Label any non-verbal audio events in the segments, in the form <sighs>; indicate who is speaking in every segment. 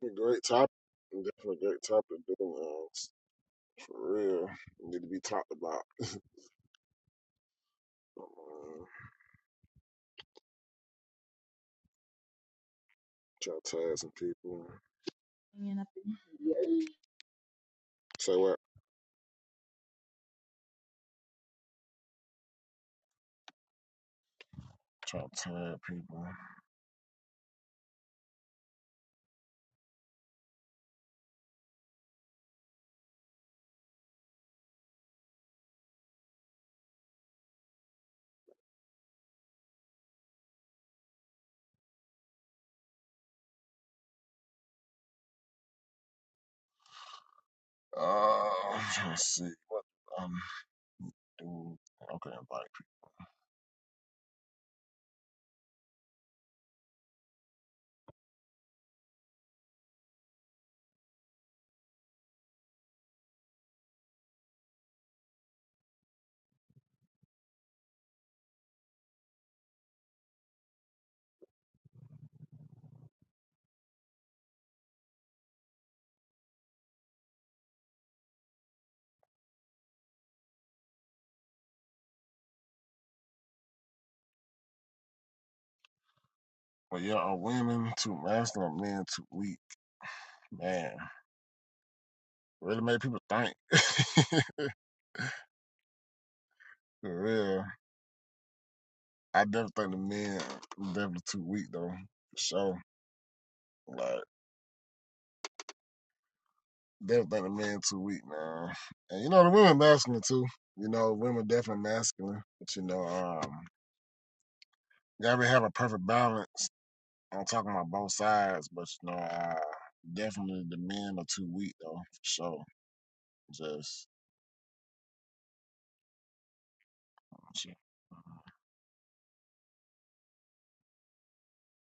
Speaker 1: A Great topic. Definitely a great topic, dude. man. It's- For real. Need to be talked about. Um, try to tag some people.
Speaker 2: hanging up in-
Speaker 1: Say what? Try to tag people. Uh, I'm trying to see. Um, dude. Okay, invite people. But yeah, are women too masculine, are men too weak? Man, really made people think. <laughs> For real. I definitely think the men definitely too weak, though. For sure. Like Definitely think the men too weak, man. And you know the women masculine too. You know, women definitely masculine. But you know, um you gotta have a perfect balance. I'm talking about both sides, but you know, uh definitely the men are too weak though, for sure. Just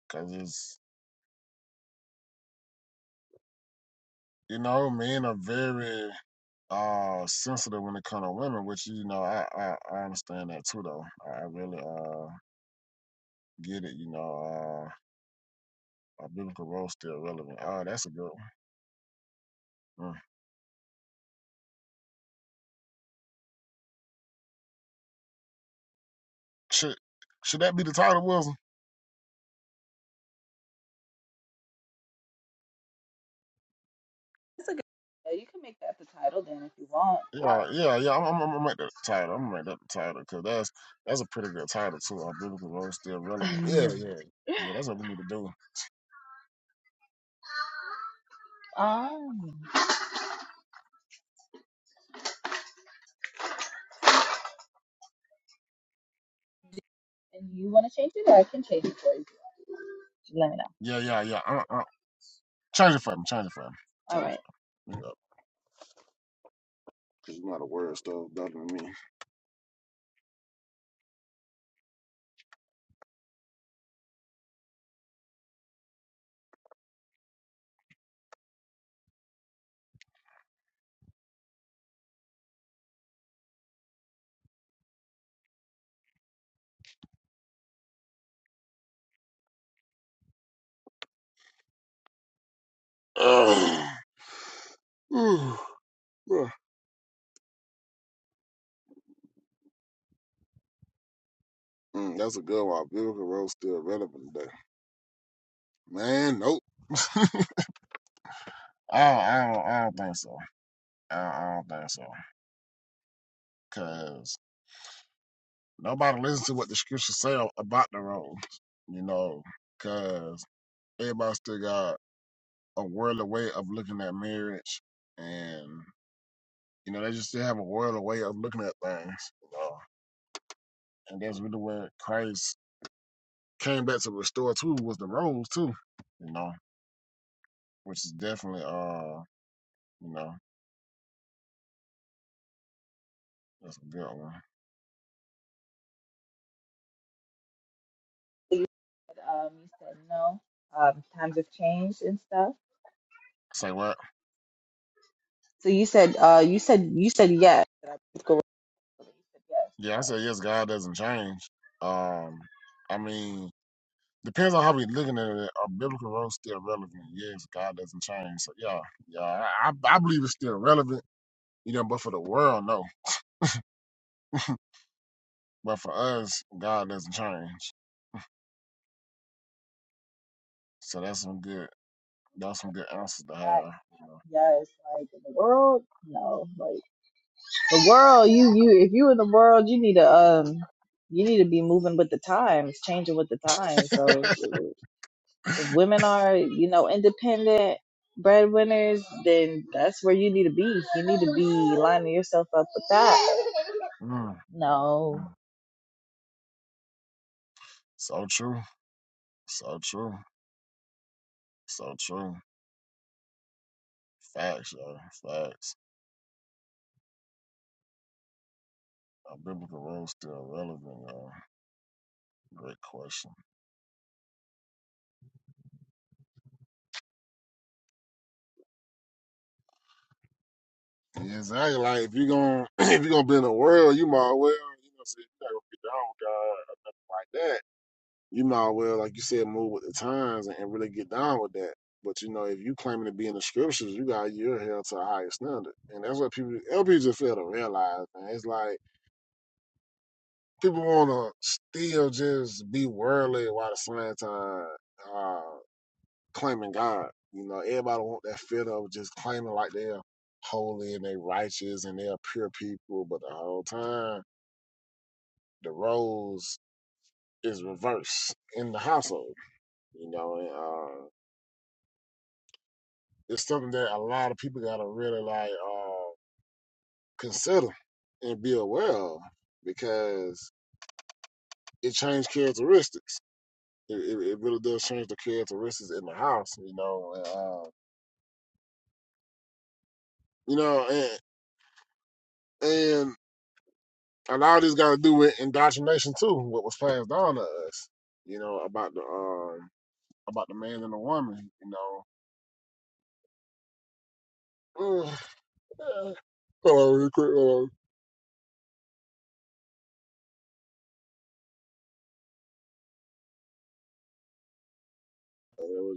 Speaker 1: Cause it's you know, men are very uh sensitive when it comes to women, which you know, I, I, I understand that too though. I really uh get it, you know, uh a biblical role still relevant. Oh, that's a good one. Mm. Should should that be the title, Wilson?
Speaker 2: That's a good idea. You can make that the title then if you want.
Speaker 1: Yeah, yeah, yeah. I'm, I'm, I'm gonna make that the title. I'm gonna make that the title because that's that's a pretty good title too. Our biblical role still
Speaker 2: <laughs>
Speaker 1: relevant. Yeah, yeah, yeah. That's what we need to do.
Speaker 2: um, and you want to change it, I can change it for you. Just Let me know.
Speaker 1: Yeah, yeah, yeah. Uh, uh, change it for me. Change it for me.
Speaker 2: All
Speaker 1: Change it
Speaker 2: right.
Speaker 1: for me. Yeah, because you know the word stuff better than me. <sighs> Ugh. Ooh, bruh. Mm, that's a good one. Our biblical role still relevant today. Man, nope. <laughs> I don't, I don't, I don't think so. I don't, I don't think so. Because. Nobody listens to what the scriptures say about the road, you know, because everybody still got a worldly way of looking at marriage, and you know they just still have a worldly way of looking at things, you know. And that's really where Christ came back to restore too was the roads too, you know, which is definitely uh, you know, that's a good one.
Speaker 2: So you said, um, you said no. Um, times have changed and stuff.
Speaker 1: Say what?
Speaker 2: So you said, uh, you said, you said yes. Did I go wrong? You said yes.
Speaker 1: Yeah, I say yes. God doesn't change. Um, I mean, Depends on how we looking at it. Are biblical roles still relevant? Yes, God doesn't change. So yeah, yeah, I, I believe it's still relevant. You know, but for the world, no. But for us, God doesn't change. So that's some good. That's some good answers to have.
Speaker 2: God, yes. Like in the world, no. Like the world, you, you, if you in the world, you need to, um, you need to be moving with the times, changing with the times. So. If women are, you know, independent breadwinners, then that's where you need to be. You need to be lining yourself up with that.
Speaker 1: Mm,
Speaker 2: No.
Speaker 1: mm. So true. So true. So true. Facts, y'all. Facts. Are biblical roles still relevant, y'all? Great question. Yeah, exactly. Like if you gonna <clears throat> if you gonna be in the world, you might as well you know say you not gonna be down with God or nothing like that. you might well, like you said, move with the times and, and really get down with that. But you know, if you claiming to be in the scriptures, you got you're held to a higher standard, and that's what people LP just fail to realize. Man, it's like people want to still just be worldly while at the same time uh, claiming God. You know, everybody want that feel of just claiming like they're holy and they righteous and they're pure people, but the whole time the roles is reversed in the household. You know, and, uh, It's something that a lot of people gotta really like uh, consider and be aware of because it changed characteristics. It, it, it really does change the characteristics in the house, you know. And, uh, you know, and, and a lot of this got to do with indoctrination too. What was passed down to us, you know, about the um, about the man and the woman, you know. Ugh. <sighs> Hold on, real quick. Hold on. Uh,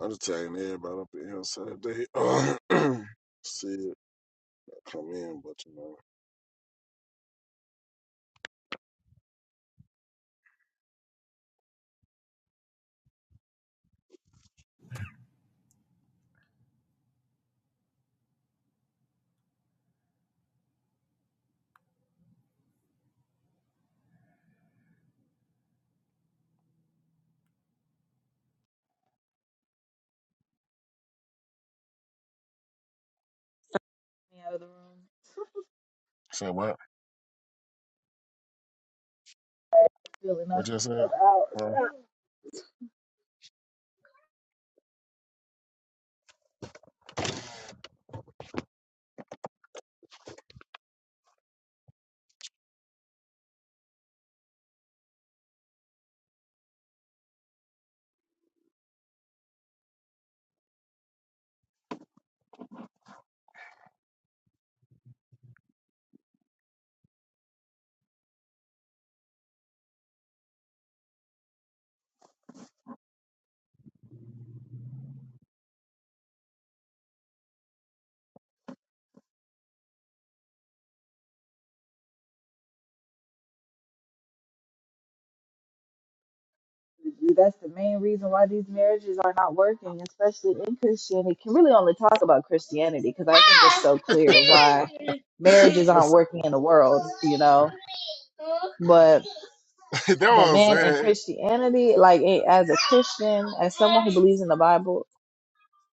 Speaker 1: I'm just tagging everybody up in here Saturday. <clears throat> See. come in, but you know.
Speaker 2: Me out of the room.
Speaker 1: Say what?
Speaker 2: Feeling knock
Speaker 1: What you said?
Speaker 2: myself out.
Speaker 1: Well,
Speaker 2: Stop. That's the main reason why these marriages are not working, especially in Christianity. Can really only talk about Christianity because I think it's so clear why marriages
Speaker 1: <laughs>
Speaker 2: aren't
Speaker 1: that's,
Speaker 2: working in the world, you know. But
Speaker 1: <laughs> that
Speaker 2: but
Speaker 1: was i
Speaker 2: man, in Christianity, like eh, as a Christian, as someone who believes in the Bible,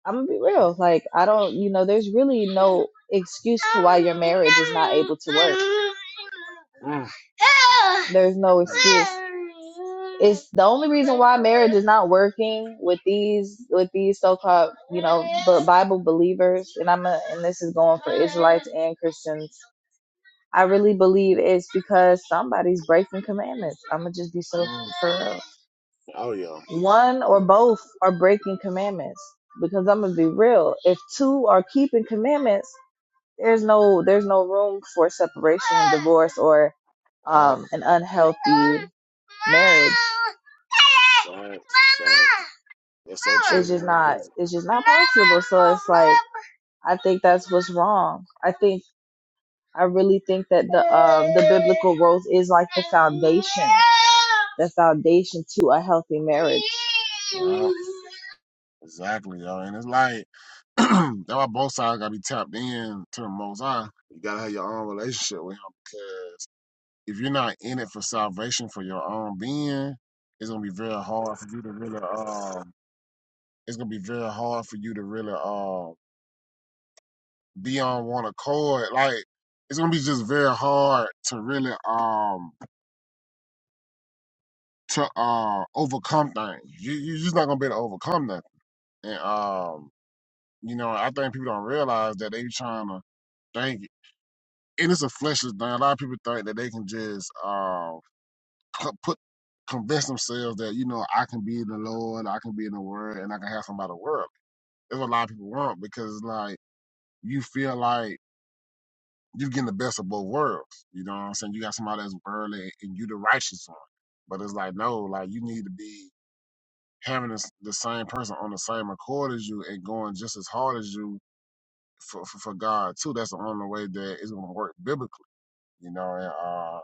Speaker 2: I'm gonna be real. Like I don't, you know, there's really no excuse to why your marriage is not able to work.
Speaker 1: Mm,
Speaker 2: There's no
Speaker 1: mm,
Speaker 2: excuse. It's the only reason why marriage is not working with these with these so-called, you know, but Bible believers, and I'm a, and this is going for Israelites and Christians. I really believe it's because somebody's breaking commandments. I'm gonna just be so
Speaker 1: mm.
Speaker 2: for real.
Speaker 1: Oh yeah,
Speaker 2: One
Speaker 1: oh
Speaker 2: or
Speaker 1: yeah.
Speaker 2: both are breaking commandments because I'm gonna be real. If two are keeping commandments, there's no there's no room for separation and divorce or
Speaker 1: Oh,
Speaker 2: um, an unhealthy marriage.
Speaker 1: Facts, facts. That's so true,
Speaker 2: It's just
Speaker 1: man.
Speaker 2: not
Speaker 1: Cause
Speaker 2: it's just not possible. So it's like I think that's what's wrong. I think I really think that the um the biblical roles is like the foundation. The foundation to a healthy marriage.
Speaker 1: yeah, exactly, yo. And it's like <clears throat> that's why both sides gotta be tapped in to the Most High. You gotta have your own relationship with Him because if you're not in it for salvation for your own being, it's gonna be very hard for you to really um. It's gonna be very hard for you to really um be on one accord. Like it's gonna be just very hard to really um to uh overcome things. You you're just not gonna be able to overcome nothing. And um, you know, I think people don't realize that they trying to think and it's a fleshless thing. A lot of people think that they can just uh cu- put convince themselves that, you know, I can be in the Lord, I can be in the world and I can have somebody world. That's what a lot of people want because like you feel like you're getting the best of both worlds. You know what I'm saying? You got somebody that's worldly and you the righteous one. But it's like, no, like you need to be having this, the same person on the same accord as you and going just as hard as you for, for, for God too. That's the only way that it's gonna work biblically, you know, and uh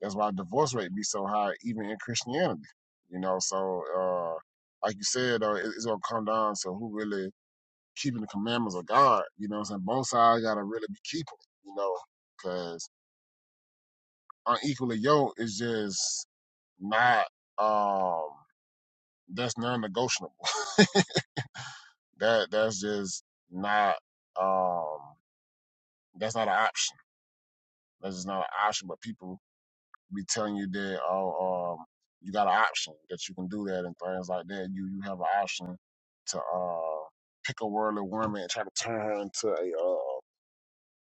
Speaker 1: that's why divorce rate be so high even in Christianity. You know, so uh like you said though, it, it's gonna come down to who really keeping the commandments of God, you know what I'm saying? Both sides gotta really be keeping, it, you know, because. on equally yoked is just not um that's non-negotiable. <laughs> that that's just not um that's not an option. That's just not an option. But people be telling you that oh um you got an option that you can do that and things like that. You you have an option to uh pick a worldly woman and try to turn her into a uh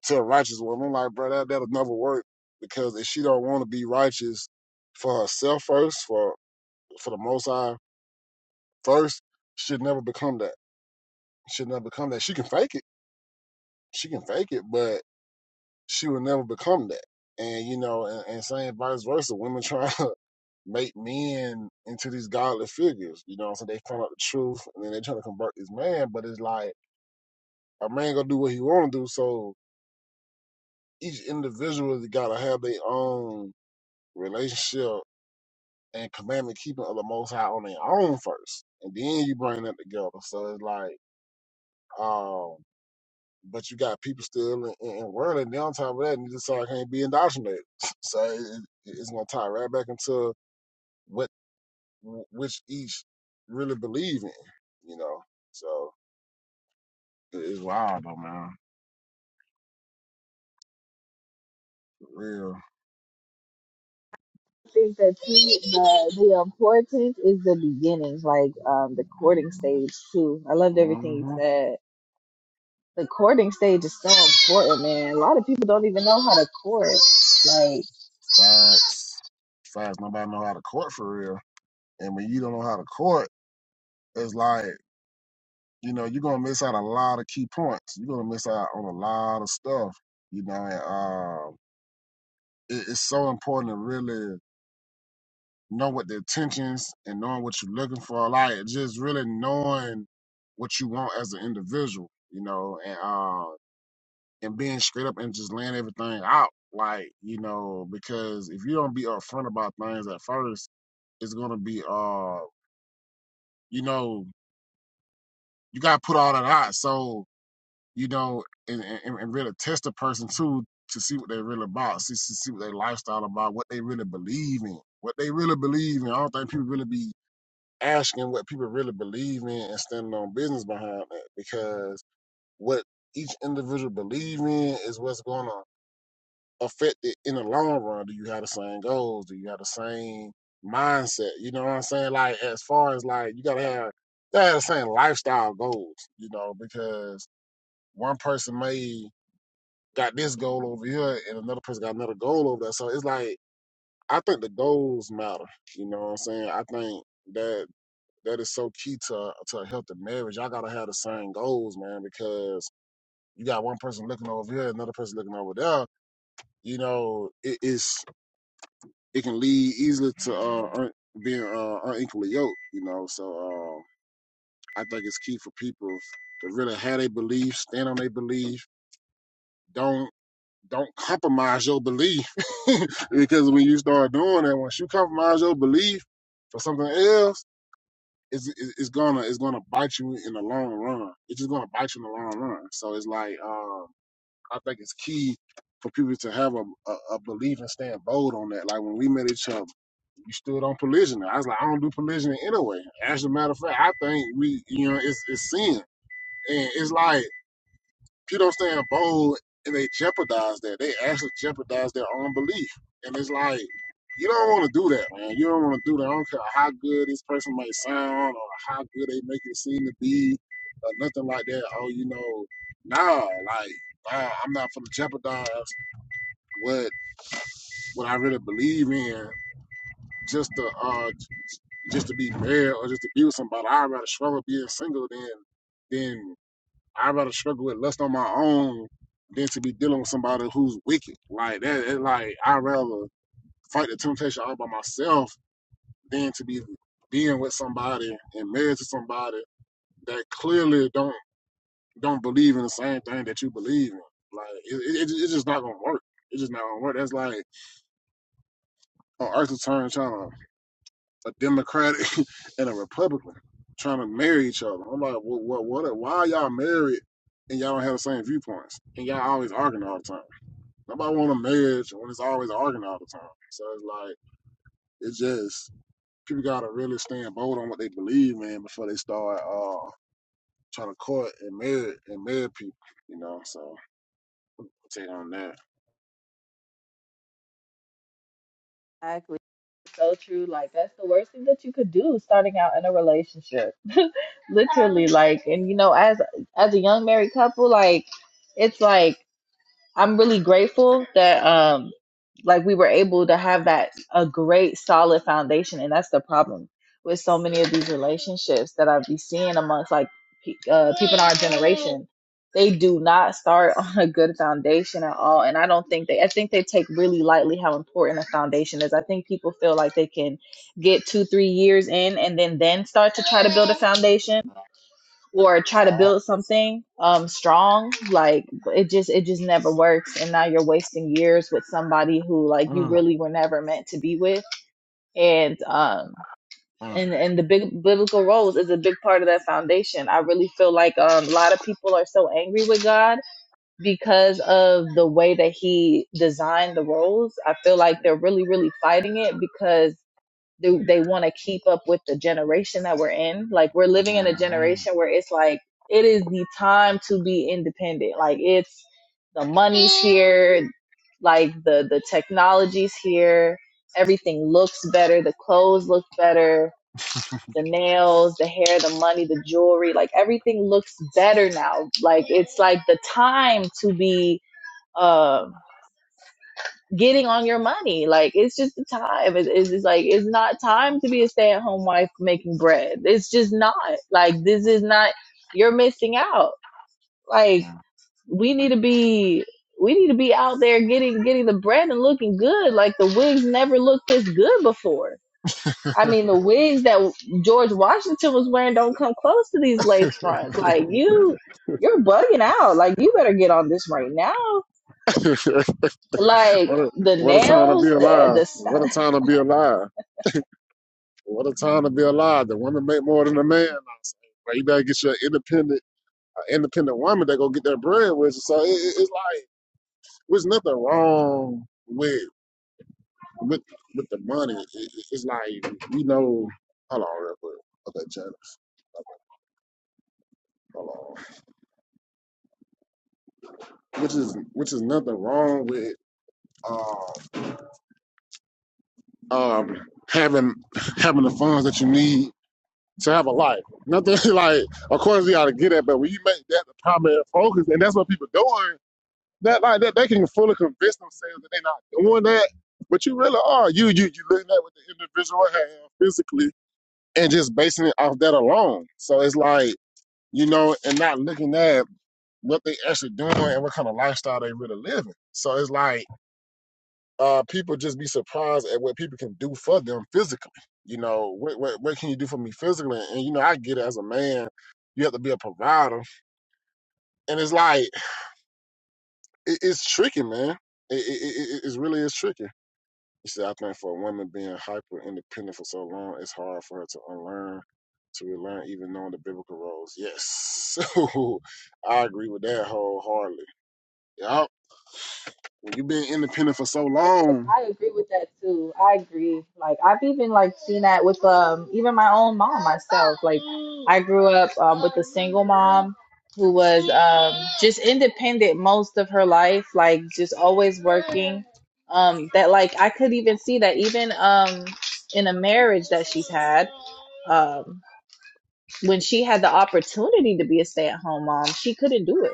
Speaker 1: to a righteous woman. I'm like, bro, that that'll never work because if she don't want to be righteous for herself first, for for the most high first should never become that. Should never become that. She can fake it. She can fake it, but she will never become that. And you know, and, and saying vice versa, women <laughs> trying to make men into these godless figures. You know, so they find out the truth and then they trying to convert this man. But it's like a man gonna do what he want to do. So each individual has gotta have their own relationship and commandment keeping of the Most High on their own first, and then you bring that together. So it's like. Um, but you got people still in, in, in world and on top of that, and you just like can't be indoctrinated. <laughs> So it, it- it's gonna tie right back into what which each really believe in, you know. So it's wild though, man. For real.
Speaker 2: think that too, the, the importance is the beginnings, like um, the courting stage too. I loved everything you
Speaker 1: hmm
Speaker 2: said. The courting stage is so important, man. A lot of people don't even know how to court. Like,
Speaker 1: Facts. Facts. Nobody know how to court for real, and when you don't know how to court, it's like you know you're gonna miss out a lot of key points. You're gonna miss out on a lot of stuff, you know. And uh, it, it's so important to really know what the intentions and knowing what you're looking for, like just really knowing what you want as an individual, you know, and uh, and being straight up and just laying everything out, like you know, because if you don't be upfront about things at first, it's gonna be uh, you know, you gotta put all that out, so you know, and and, and really test the person too to see what they're really about, see see what their lifestyle about, what they really believe in, what they really believe in. I don't think people really be asking what people really believe in and standing on business behind that because what each individual believe in is what's going to affect it in the long run. Do you have the same goals? Do you have the same mindset? You know what I'm saying? Like as far as like you gotta have you have the same lifestyle goals, you know, because one person may got this goal over here and another person got another goal over there. So it's like I think the goals matter. You know what I'm saying? I think that that is so key to to a healthy marriage. Y'all gotta have the same goals, man, because you got one person looking over here, another person looking over there. You know, it is it can lead easily to uh, un, being uh, unequally yoked. You know, so uh, I think it's key for people to really have their belief, stand on their belief. Don't don't compromise your belief <laughs> because when you start doing that, once you compromise your belief for something else it's it's gonna it's gonna bite you in the long run. It's just gonna bite you in the long run. So it's like um, I think it's key for people to have a, a a belief and stand bold on that. Like when we met each other, you stood on provisioning. I was like, I don't do provisioning anyway. As a matter of fact, I think we you know it's it's sin, and it's like. People don't stand bold and they jeopardize that. They actually jeopardize their own belief. And it's like, you don't want to do that, man. You don't want to do that. I don't care how good this person might sound or how good they make it seem to be or nothing like that. Oh, you know, nah, like, nah, I'm not going to jeopardize what what I really believe in just to uh just to be married or just to be with somebody. I'd rather struggle being single than than I'd rather struggle with lust on my own than to be dealing with somebody who's wicked. Like that, it, like I'd rather fight the temptation all by myself than to be being with somebody and married to somebody that clearly don't don't believe in the same thing that you believe in. Like it, it, it's just not gonna work. It's just not gonna work. That's like on Earth's turn trying to a Democratic <laughs> and a Republican trying to marry each other. I'm like, what, what, what? Why are y'all married and y'all don't have the same viewpoints and y'all always arguing all the time? Nobody want a marriage when it's always arguing all the time. So it's like it's just people gotta really stand bold on what they believe in before they start uh trying to court and marry and marry people. You know, so take on that.
Speaker 2: exactly. So true. Like, that's the worst thing that you could do starting out in a relationship. Literally, like, and you know, as as a young married couple, like, it's like I'm really grateful that um like we were able to have that a great solid foundation and that's the problem with so many of these relationships that I be seeing amongst like pe- uh, people in our generation they do not start <laughs> on a good foundation at all and I don't think they I think they take really lightly how important a foundation is I think people feel like they can get 2 3 years in and then then start to try to build a foundation or try to
Speaker 1: Oh.
Speaker 2: build something um strong like it just it just never works and now you're wasting years with somebody who like you
Speaker 1: Mm,
Speaker 2: really were never meant to be with and um
Speaker 1: mm,
Speaker 2: and and the big biblical roles is a big part of that foundation i really feel like um, a lot of people are so angry with god because of the way that he designed the roles i feel like they're really really fighting it because do they want to keep up with the generation that we're in like we're living in a
Speaker 1: mm,
Speaker 2: generation where it's like it is the time to be independent like it's the money's here like the the technology's here everything looks better the clothes look better the nails the hair the money the jewelry like everything looks better now like it's like the time to be um getting on your money. Like it's just the time. It- it's just like it's not time to be a stay at home wife making bread. It's just not. Like this is not. You're missing out. Like we need to be. We need to be out there getting getting the bread and looking good. Like the wigs never looked this good before. I mean, the wigs that George Washington was wearing don't come close to these lace fronts. Like you,
Speaker 1: mm.
Speaker 2: you're bugging out. Like you better get on this right now.
Speaker 1: <laughs>
Speaker 2: Like
Speaker 1: what, a,
Speaker 2: the
Speaker 1: what a time to
Speaker 2: nails,
Speaker 1: be
Speaker 2: the
Speaker 1: alive!
Speaker 2: the
Speaker 1: What a time to be alive! What a time to be alive! The women make more than the man. I you better get your independent, uh, independent woman that go get their bread with you. So it, it, it's like There's nothing wrong with with with the money. It- it- It's like we know. Hold on, real quick. Okay, Chad. Hold on. Which is which is nothing wrong with um um having having the funds that you need to have a life. Nothing <laughs> like. Of course, we gotta get it, but when you make that the primary focus, and that's what people doing. That like that they can fully convince themselves that they're not doing that, but you really are. You you you looking at what the individual have physically and just basing it off that alone. So it's like, you know, and not looking at what they actually doing and what kind of lifestyle they really living. So it's like uh people just be surprised at what people can do for them physically. You know, what what, what can you do for me physically? And you know, I get it as a man, you have to be a provider. And it's like it, it's tricky, man. It, it, it, it it really is tricky. You see, I think for a woman being hyper independent for so long, it's hard for her to unlearn, to relearn, even knowing the biblical roles. Yes. <laughs> So I agree with that wholeheartedly. Yup. When you've been independent for so
Speaker 2: Yes,
Speaker 1: long,
Speaker 2: I agree with that too. I agree. Like I've even like seen that with um even my own mom myself. Like I grew up um with a single mom who was um just independent most of her life, like just always working. Um that like I could even see that even um in a marriage that she's had, um when she had the opportunity to be a stay-at-home mom, she couldn't do it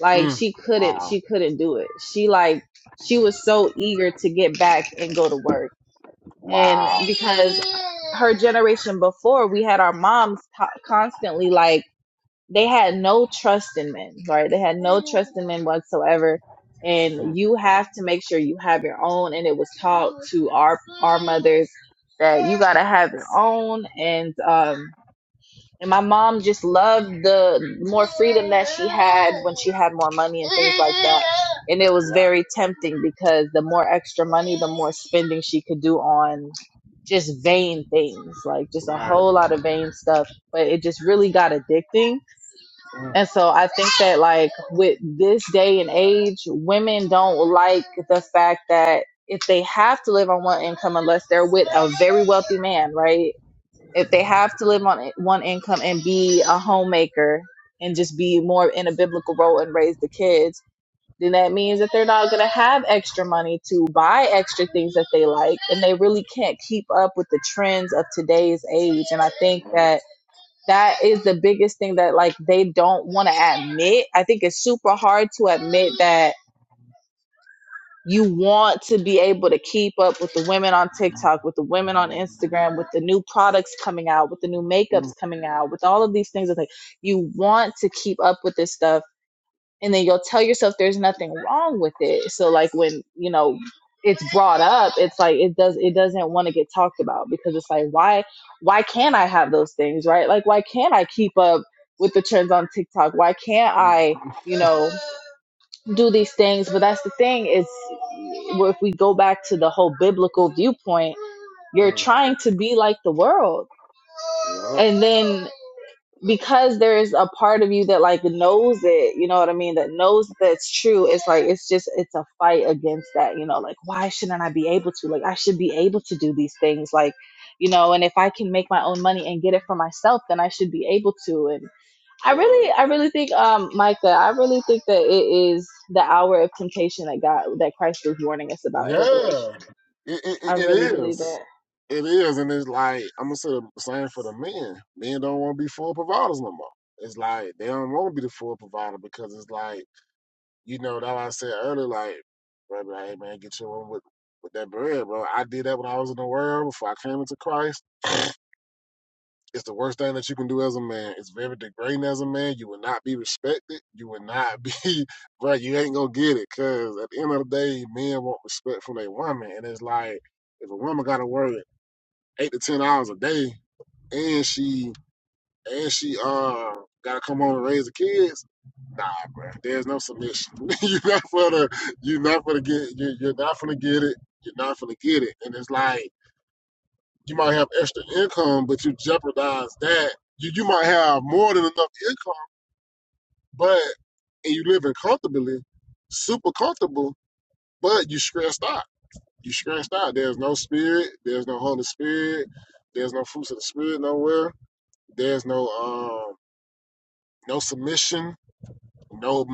Speaker 2: like
Speaker 1: mm,
Speaker 2: she couldn't
Speaker 1: wow,
Speaker 2: she couldn't do it. She like she was so eager to get back and go to work. And
Speaker 1: wow,
Speaker 2: because her generation before, we had our moms co- constantly like they had no trust in men, right? They had no trust in men whatsoever.
Speaker 1: mm,
Speaker 2: And you have to make sure you have your own. And it was taught to our our mothers that you gotta have your own. And um, and my mom just loved the more freedom that she had when she had more money and things like that. And it was
Speaker 1: right,
Speaker 2: very tempting because the more extra money, the more spending she could do on just vain things, like just a
Speaker 1: right,
Speaker 2: whole lot of vain stuff. But it just really got addicting.
Speaker 1: mm,
Speaker 2: And so I think that, like, with this day and age, women don't like the fact that if they have to live on one income, unless they're with a very wealthy man, right? if they have to live on one income and be a homemaker and just be more in a biblical role and raise the kids, then that means that they're not going to have extra money to buy extra things that they like. And they really can't keep up with the trends of today's age. And I think
Speaker 1: right,
Speaker 2: that that is the biggest thing that like they don't want to admit. I think it's super hard to admit that you want to be able to keep up with the women on TikTok, with the women on Instagram, with the new products coming out, with the new makeups
Speaker 1: mm,
Speaker 2: coming out, with all of these things. It's Like you want to keep up with this stuff, and then you'll tell yourself there's nothing wrong with it. So like when you know it's brought up, it's like it does it doesn't want to get talked about because it's like why why can't I have those things right? Like why can't I keep up with the trends on TikTok? Why can't
Speaker 1: mm,
Speaker 2: I
Speaker 1: mm,
Speaker 2: you know do these things? But that's the thing is well, if we go back to the whole biblical viewpoint, you're
Speaker 1: mm,
Speaker 2: trying to be like the world.
Speaker 1: yup,
Speaker 2: And then because there's a part of you that like knows it, you know what I mean, that knows that's true, it's like it's just it's a fight against that, you know, like why shouldn't I be able to? Like I should be able to do these things like, you know, and if I can make my own money and get it for myself, then I should be able to and I
Speaker 1: right.
Speaker 2: really, I really think, um, Micah, I really think that it is the hour of temptation that God, that Christ was warning us about in Revelation.
Speaker 1: Yeah, it, it,
Speaker 2: I
Speaker 1: it it
Speaker 2: really believe
Speaker 1: is.
Speaker 2: that.
Speaker 1: It is, and it's like I'm gonna say the same for the men. Men don't want to be full providers no more. It's like they don't want to be the full provider because it's like you know that I said earlier, like, bro, be like, hey man, get your one with with that bread, bro. I did that when I was in the world before I came into Christ. It's the worst thing that you can do as a man. It's very degrading as a man. You will not be respected. You will not be, <laughs> bro. You ain't gonna get it, cause at the end of the day, men want respect from their woman, and it's like if a woman got to work eight to ten hours a day, and she and she uh gotta come home and raise the kids. Nah, bro. There's no submission. <laughs> you're not gonna you're not gonna get you're, you're not gonna get it. You're not gonna get it. And it's like you might have extra income, but you jeopardize that. You you might have more than enough income, but and you living comfortably, super comfortable, but you stressed out. You stressed out. There's no spirit. There's no Holy Spirit. There's no fruits of the spirit nowhere. There's no um no submission. No,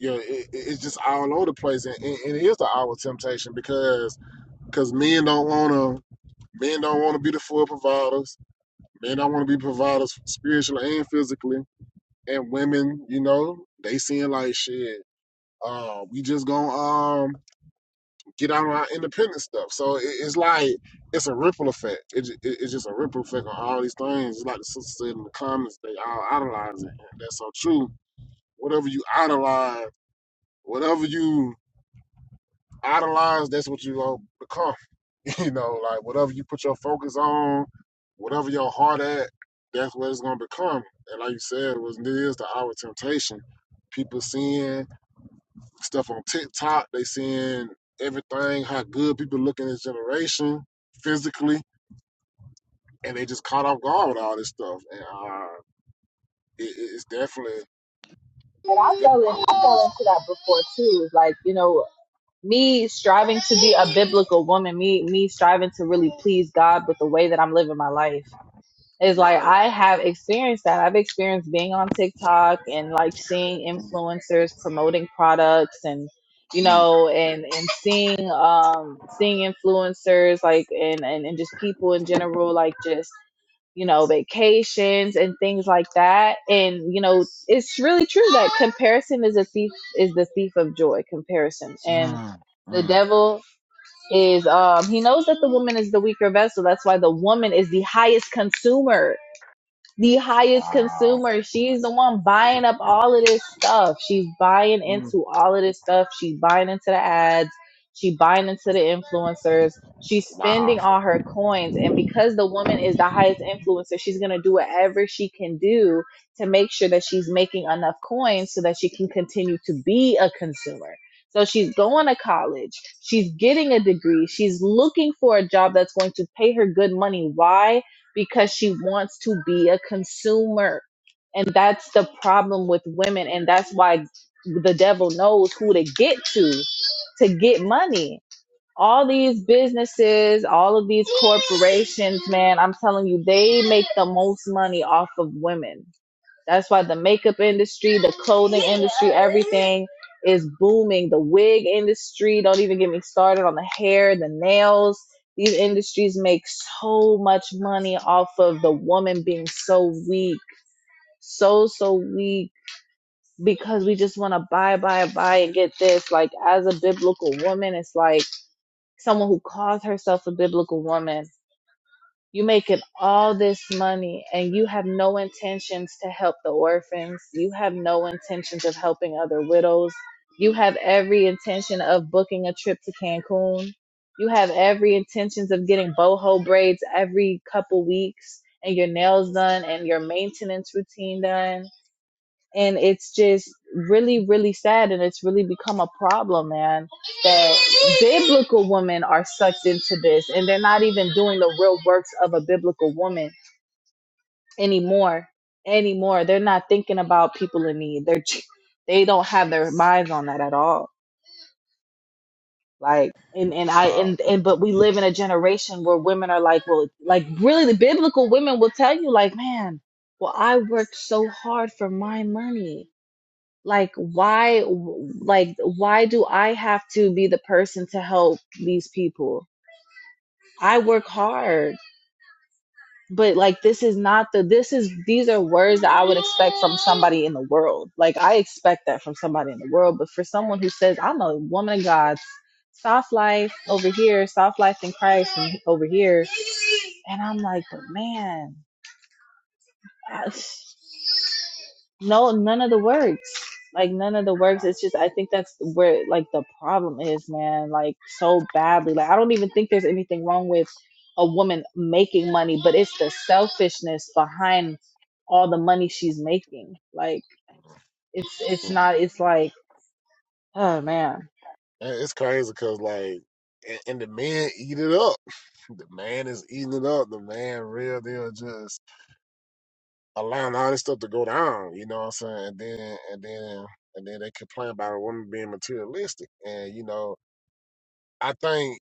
Speaker 1: you know, it, it's just all over the place, and, and and it is the hour of temptation because because men don't wanna men don't wanna be the full providers Men don't want to be providers spiritually and physically. And women, you know, they seeing like shit. Uh, we just gonna um get out on our independent stuff. So it, it's like it's a ripple effect. It, it, it's just a ripple effect on all these things. It's like the sister said in the comments, they all idolize it. And that's so true. Whatever you idolize, whatever you idolize, that's what you going become. <laughs> you know, like whatever you put your focus on, whatever your heart at, that's what it's gonna become. And like you said, it was it is the hour of temptation. People seeing stuff on TikTok, they seeing everything, how good people look in this generation physically, and they just caught off guard with all this stuff. And uh, it, it- it's definitely
Speaker 2: And
Speaker 1: it's
Speaker 2: I fell
Speaker 1: definitely an
Speaker 2: in
Speaker 1: hour of
Speaker 2: I fell
Speaker 1: temptation.
Speaker 2: into that before too. Like, you know, me striving to be a biblical woman, me me striving to really please God with the way that I'm living my life. Is like
Speaker 1: Like,
Speaker 2: I have experienced that. I've experienced being on TikTok and like seeing
Speaker 1: mm,
Speaker 2: influencers promoting products and you
Speaker 1: mm,
Speaker 2: know and and seeing um seeing influencers like and and, and just people in general like just you know, vacations and things like that. And you know, it's really true that comparison is a thief is the thief of joy, comparison. And
Speaker 1: mm,
Speaker 2: the
Speaker 1: mm.
Speaker 2: devil is um he knows that the woman is the weaker vessel. That's why the woman is the highest consumer the highest
Speaker 1: wow,
Speaker 2: consumer. She's the one buying up all of this stuff. She's buying
Speaker 1: Mm,
Speaker 2: into all of this stuff. She's buying into the ads. She buying into the influencers. She's
Speaker 1: wow.
Speaker 2: spending all her coins. And because the woman is the highest influencer, she's going to do whatever she can do to make sure that she's making enough coins so that she can continue to be a consumer. So she's going to college. She's getting a degree. She's looking for a job that's going to pay her good money. Why? because she wants to be a consumer. And that's the problem with women. And that's why the devil knows who to get to to get money. All these businesses, all of these corporations, man, I'm telling you, they make the most money off of women that's why the makeup industry, the clothing industry, everything is booming. The wig industry, don't even get me started on the hair, the nails. These industries make so much money off of the woman being so weak, so, so weak because we just want to buy, buy, buy and get this. Like, as a biblical woman, it's like someone who calls herself a biblical woman you making all this money and you have no intentions to help the orphans you have no intentions of helping other widows you have every intention of booking a trip to cancun you have every intentions of getting boho braids every couple weeks and your nails done and your maintenance routine done and it's just really really sad and it's really become a problem man that biblical women are sucked into this and they're not even doing the real works of a biblical woman anymore anymore they're not thinking about people in need they're they don't have their minds on that at all like and and i and, and but we live in a generation where women are like well like really the biblical women will tell you like man well i worked so hard for my money like why like why do i have to be the person to help these people i work hard but like this is not the this is these are words that i would expect from somebody in the world like i expect that from somebody in the world but for someone who says i'm a woman of god soft life over here soft life in christ and over here and i'm like but man uh, no none of the works like none of the works it's just i think that's where like the problem is man like so badly like i don't even think there's anything wrong with a woman making money but it's the selfishness behind all the money she's making like it's it's not it's like oh man
Speaker 1: And it's crazy because like, and, and the men eat it up. <laughs> The man is eating it up. The man real deal just allowing all this stuff to go down. You know what I'm saying? And then and then and then they complain about a woman being materialistic. And you know, I think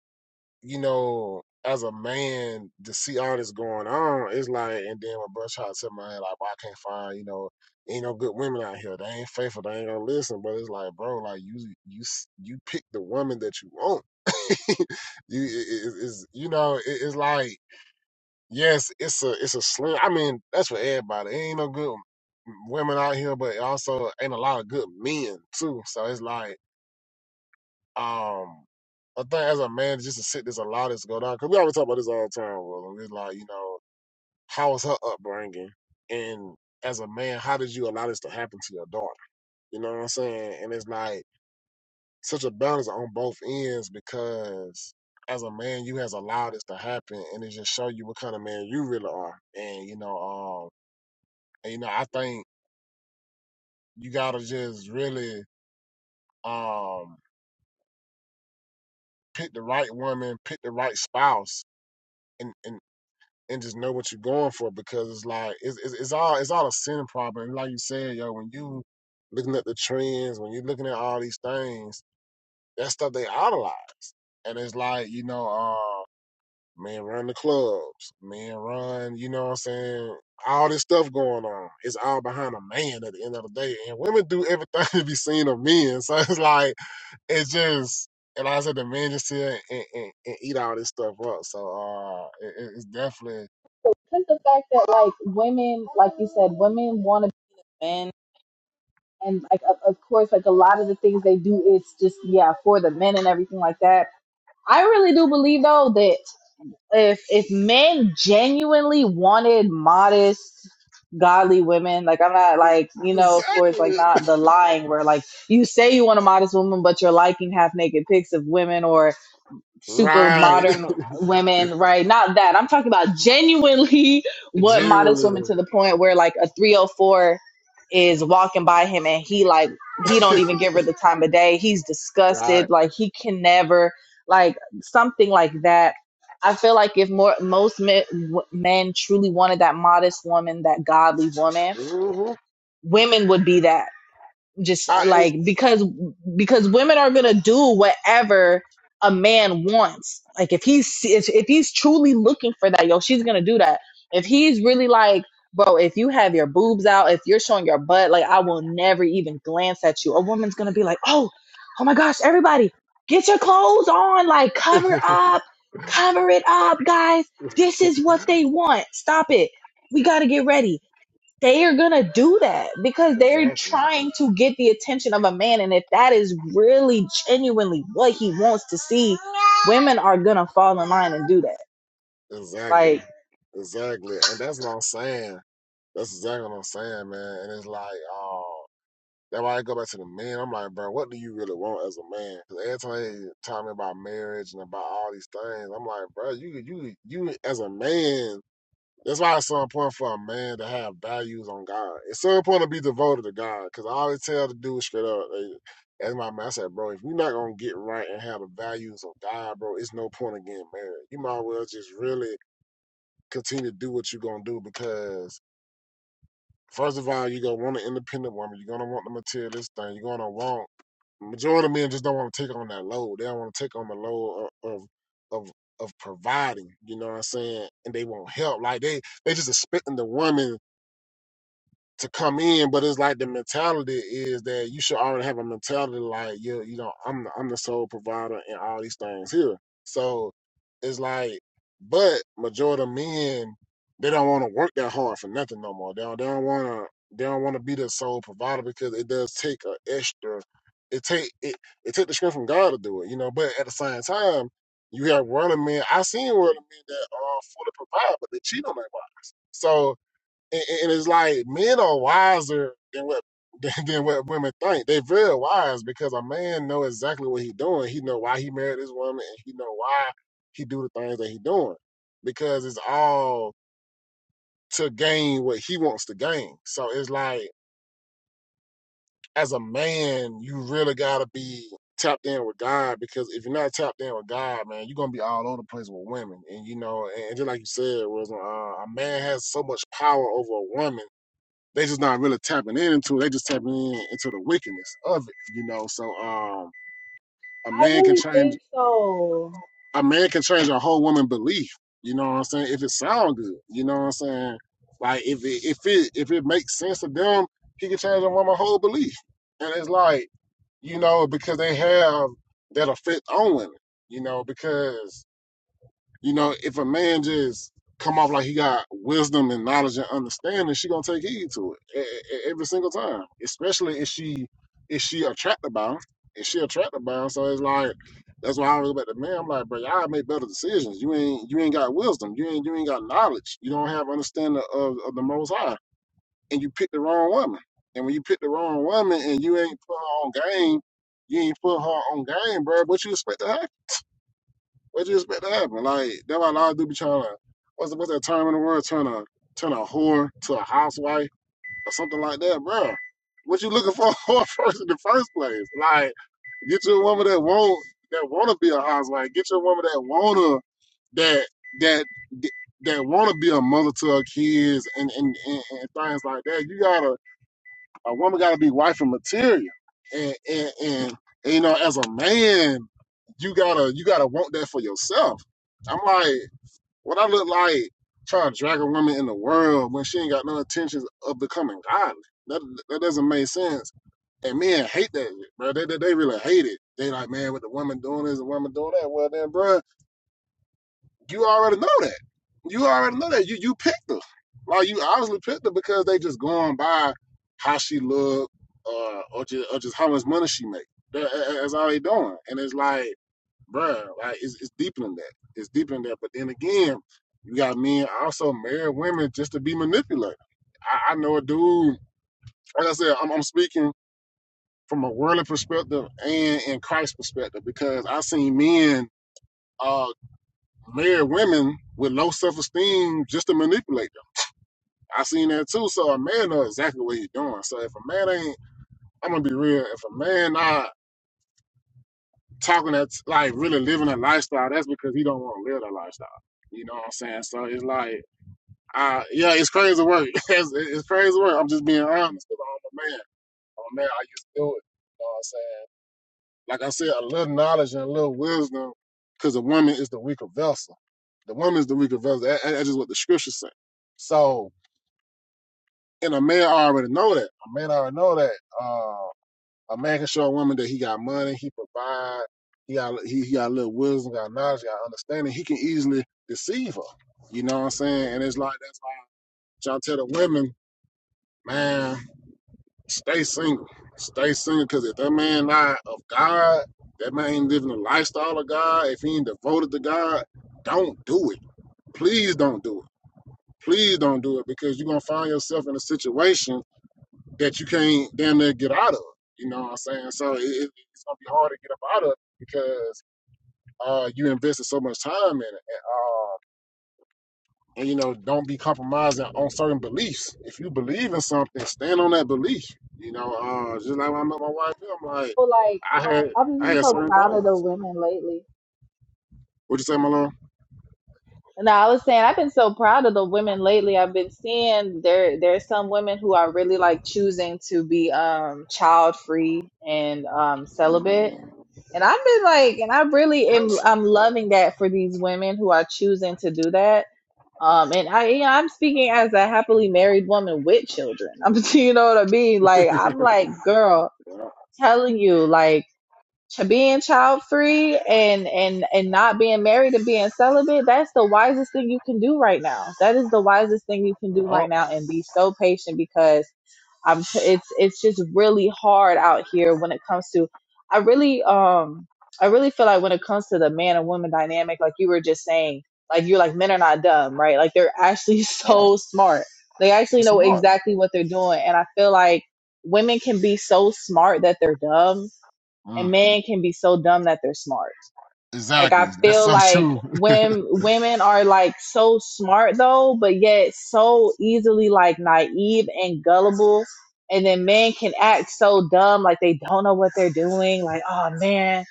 Speaker 1: you know, as a man to see all this going on, it's like, and then when Bud tried to tell my head, like, well, I can't find, you know, ain't no good women out here. They ain't faithful. They ain't gonna listen. But it's like, bro, like you, you, you pick the woman that you want. <laughs> you is, is, you know, it, it's like, yes, it's a, it's a slim. I mean, that's for everybody. It ain't no good women out here, but also ain't a lot of good men too. So it's like. Um, I think as a man, just to sit this a lot is go down because we always talk about this all the time. Roland. it's like, you know, how was her upbringing, and as a man, how did you allow this to happen to your daughter? You know what I'm saying? And it's like such a balance on both ends because as a man, you has allowed this to happen, and it just show you what kind of man you really are. And you know, um, and, you know, I think you gotta just really um pick the right woman, pick the right spouse, and and and just know what you're going for because it's like it's it's, it's all it's all a sin problem. And Like you said, yo, when you looking at the trends, when you're looking at all these things, that stuff they idolize, and it's like you know, uh, man, run the clubs, man, run, you know what I'm saying? All this stuff going on, it's all behind a man at the end of the day, and women do everything <laughs> to be seen of men, so it's like it's just. And like I said the men just sit and, and, and eat all this stuff up. So uh, it, it's definitely
Speaker 2: Because the fact that like women like you said women want to be men and like of, of course like a lot of the things they do it's just yeah for the men and everything like that I really do believe though that if if men genuinely wanted modest, godly women, like I'm not like you know, of course, like
Speaker 1: Exactly.
Speaker 2: not the lying where like you say you want a modest woman, but you're liking half naked pics of women, or super
Speaker 1: Right.
Speaker 2: modern women, right? Not that. I'm talking about genuinely <laughs> what modest women
Speaker 1: Generally.
Speaker 2: to the point where like a 304 is walking by him and he like he
Speaker 1: <laughs>
Speaker 2: don't even give her the time of day. He's
Speaker 1: Right.
Speaker 2: disgusted. Like he can never like something like that. I feel like if more most men, w- men truly wanted that modest woman, that godly woman,
Speaker 1: hmm
Speaker 2: women would be that just uh,
Speaker 1: I
Speaker 2: like
Speaker 1: ain't.
Speaker 2: because because women are gonna do whatever a man wants. Like if he's if, if he's truly looking for that, yo, she's gonna do that. If he's really like, bro, if you have your boobs out, if you're showing your butt, like I will never even glance at you. A woman's gonna be like, oh, oh my gosh, everybody, get your clothes on, like cover
Speaker 1: <laughs>
Speaker 2: up, cover it up, guys. This is what they want. Stop it. We gotta get ready they are gonna do that because they're
Speaker 1: exactly.
Speaker 2: trying to get the attention of a man and if that is really genuinely what he wants to see women are gonna fall in line and do that
Speaker 1: Exactly.
Speaker 2: like
Speaker 1: Exactly. And that's what I'm saying. That's exactly what I'm saying, man. And it's like, oh, that's why I go back to the men. I'm like, bro, what do you really want as a man? 'Cause every time they talk about marriage and about all these things, I'm like, bro, you, you, you as a man. That's why it's so important for a man to have values on God. It's so important to be devoted to God. Cause I always tell the dude straight up, like, as my man I said, bro, if you're not gonna get right and have the values of God, bro, it's no point in getting married. You might as well just really continue to do what you're gonna do because first of all, you're gonna want an independent woman, you're gonna want the materialist thing, you're gonna want majority of men just don't want to take on that load. They don't want to take on the load of of of, of providing. You know what I'm saying? And they won't help. Like they they just expecting the woman to come in, but it's like the mentality is that you should already have a mentality like you you know I'm the, I'm the sole provider and all these things here. So it's like, but majority of men they don't want to work that hard for nothing no more. They don't they don't want to they don't want to be the sole provider because it does take an extra. It take it it take the strength from God to do it, you know. But at the same time, you have worldly men. I seen worldly men that are fully provide, but they cheat on their wives. So and, and it's like men are wiser than what <laughs> than, what women think. They very wise because a man know exactly what he doing. He know why he married this woman, and he know why he do the things that he doing because it's all to gain what he wants to gain. So it's like as a man, you really gotta be tapped in with God because if you're not tapped in with God, man, you're gonna be all over the place with women. And you know, and, and just like you said, was uh, a man has so much power over a woman they just not really tapping into it. They just tapping in into the wickedness of it, you know. So um a
Speaker 2: I
Speaker 1: man can
Speaker 2: really
Speaker 1: change
Speaker 2: think so.
Speaker 1: a man can change a whole woman belief, you know what I'm saying, if it sounds good, you know what I'm saying? Like if it if it if it makes sense to them, he can change a woman's whole belief. And it's like, you know, because they have that effect on women, you know, because you know, if a man just come off like he got wisdom and knowledge and understanding, she gonna take heed to it e- e- e-, every single time. Especially if she if she attracted by him, if she attracted by him. So it's like that's why I always go back to man. I'm like, bro, y'all make better decisions. You ain't you ain't got wisdom. You ain't you ain't got knowledge. You don't have understanding of, of the Most High, and you pick the wrong woman. And when you pick the wrong woman and you ain't put her on game, you ain't put her on game, bro. What you expect to have? What you expect to happen? Like that's why a lot of dudes be trying to what's what's that term in the world? Turn a turn a whore to a housewife or something like that, bro. What you looking for <laughs> a whore first in the first place? Like get you a woman that won't that wanna be a housewife. Get you a woman that wanna that that that wanna be a mother to her kids and and, and, and things like that. You gotta a woman got to be wife and material, and, and and and you know, as a man, you gotta you gotta want that for yourself. I'm like, what I look like trying to drag a woman in the world when she ain't got no intentions of becoming godly. That that doesn't make sense. And men hate that, shit, bro. They, they they really hate it. They like, man, what the woman doing is the woman doing that. Well then, bro, you already know that. You already know that. You you picked her. Like you obviously picked her because they just going by how she look or or just, or just how much money she make. That- that's all they doing. And it's like, bruh, like it's, it's deeper than that. It's deeper than that. But then again, you got men also married women just to be manipulated. I, I know a dude. Like I said, I'm, I'm speaking from a worldly perspective and in Christ's perspective because I seen men. uh married women with low self esteem just to manipulate them. I seen that too. So a man knows exactly what he's doing. So if a man ain't, I'm gonna be real. If a man not talking that like really living a lifestyle, that's because he don't want to live that lifestyle. You know what I'm saying? So it's like, I yeah, it's crazy work. <laughs> it's, it's crazy work. I'm just being honest because I'm a man. I'm a man. I used to do it. You know what I'm saying? Like I said, a little knowledge and a little wisdom, because the woman is the weaker vessel. The woman is the weaker vessel. That, that's just what the scriptures say. So, and a man already know that. A man already know that. Uh, a man can show a woman that he got money, he provide, he got he, he got a little wisdom, got knowledge, got understanding. He can easily deceive her. You know what I'm saying? And it's like that's why I tell the women, man. Stay single. Stay single, because if that man not of God, that man ain't living the lifestyle of God, if he ain't devoted to God, don't do it. Please don't do it. Please don't do it because you're gonna find yourself in a situation that you can't damn near get out of. You know what I'm saying? So it, it- it's gonna be hard to get up out of because uh you invested so much time in it. And, uh, and you know don't be compromising on certain beliefs if you believe in something stand on that belief you know uh just like when i met my wife i'm like
Speaker 2: But like
Speaker 1: i had
Speaker 2: I've
Speaker 1: i
Speaker 2: been
Speaker 1: had
Speaker 2: so
Speaker 1: certain
Speaker 2: proud of the
Speaker 1: things
Speaker 2: women lately.
Speaker 1: what you say my love
Speaker 2: no i was saying i've been so proud of the women lately i've been seeing there there's some women who are really like choosing to be um child free and um celibate And I've been like, and I really am,
Speaker 1: yes
Speaker 2: I'm loving that for these women who are choosing to do that. Um, and I, you know, I'm speaking as a happily married woman with children. <laughs> I'm, you know what I mean? Like, I'm like, girl,
Speaker 1: yeah.
Speaker 2: telling you, like, Ch- being child free and and and not being married and being celibate that's the wisest thing you can do right now that is the wisest thing you can do
Speaker 1: oh
Speaker 2: right now and be so patient because i'm t- it's it's just really hard out here when it comes to i really um i really feel like when it comes to the man and woman dynamic like you were just saying like you're like men are not dumb right like they're actually <laughs>
Speaker 1: yeah
Speaker 2: so smart they actually
Speaker 1: that's
Speaker 2: know
Speaker 1: smart
Speaker 2: exactly what they're doing and i feel like women can be so smart that they're dumb and
Speaker 1: mm,
Speaker 2: men can be so dumb that they're smart. Like I
Speaker 1: exactly that's
Speaker 2: feel
Speaker 1: so
Speaker 2: like
Speaker 1: true <laughs>
Speaker 2: when women are like so smart though, but yet so easily like naive and gullible. And then men can act so dumb, like they don't know what they're doing. Like, oh man,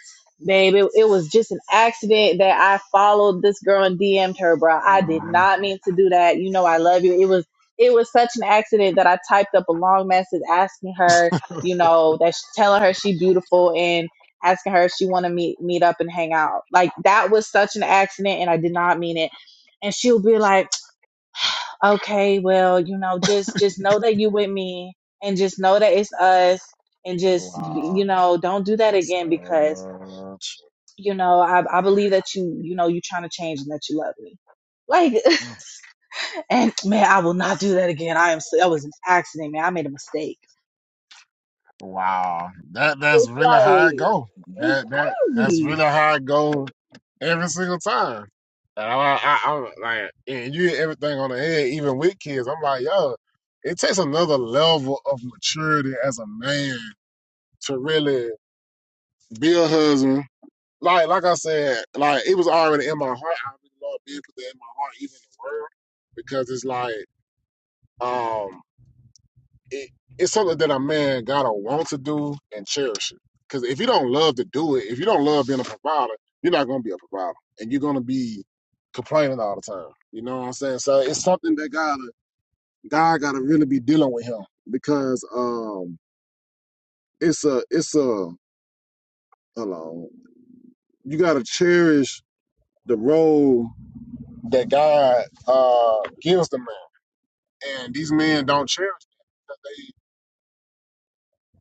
Speaker 2: babe, it, it was just an accident that I followed this girl and DM'd her, bro. I did
Speaker 1: Mhm.
Speaker 2: not mean to do that. You know, I love you. It was, it was such an accident that I typed up a long message asking her, you know, that's telling her she beautiful and asking her if she want to meet meet up and hang out. Like that was such an accident, and I did not mean it. And she'll be like, "Okay, well, you know, just just know that you with me, and just know that it's us, and just you
Speaker 1: wow
Speaker 2: know, don't do that
Speaker 1: that's
Speaker 2: again because
Speaker 1: so
Speaker 2: you know I, I believe that you you know you trying to change and that you love me." Like,
Speaker 1: true
Speaker 2: <laughs> and man, I will not do that again. I am. so- That was an accident, man. I made a mistake.
Speaker 1: Wow, that that's
Speaker 2: It's
Speaker 1: really how it
Speaker 2: like
Speaker 1: go.
Speaker 2: it's
Speaker 1: That that that's
Speaker 2: crazy.
Speaker 1: really how it go every single time. And I, I, I'm like, and you hit everything on the head, even with kids. I'm like, yo, it takes another level of maturity as a man to really be a husband. Like, like I said, like it was already in my heart. I really love being put that in my heart, even in the world, because it's like, um, it, it's something that a man gotta want to do and cherish it. Because if you don't love to do it, if you don't love being a provider, you're not gonna be a provider, and you're gonna be complaining all the time. You know what I'm saying? So it's something that got God gotta really be dealing with him because um it's a it's a hold on you gotta cherish the role that God uh gives the man, and these men don't cherish that.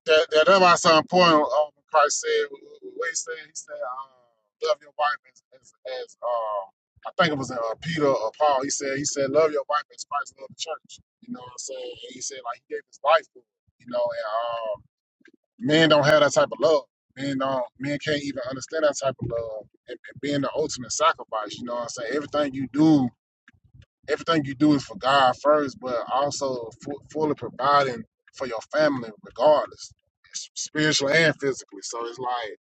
Speaker 1: that, that that's why it's so important. Um, Christ said, what he said, he said, uh, love your wife as, as, as uh, I think it was uh, Peter or Paul. He said, he said, love your wife as Christ loved the church. You know what I'm saying? And he said, like, he gave his life for it. You know, and um, men don't have that type of love. Men don't, men can't even understand that type of love and, and being the ultimate sacrifice. You know what I'm saying? Everything you do everything you do is for God first, but also fu- fully providing for your family, regardless, s- spiritually and physically. So it's like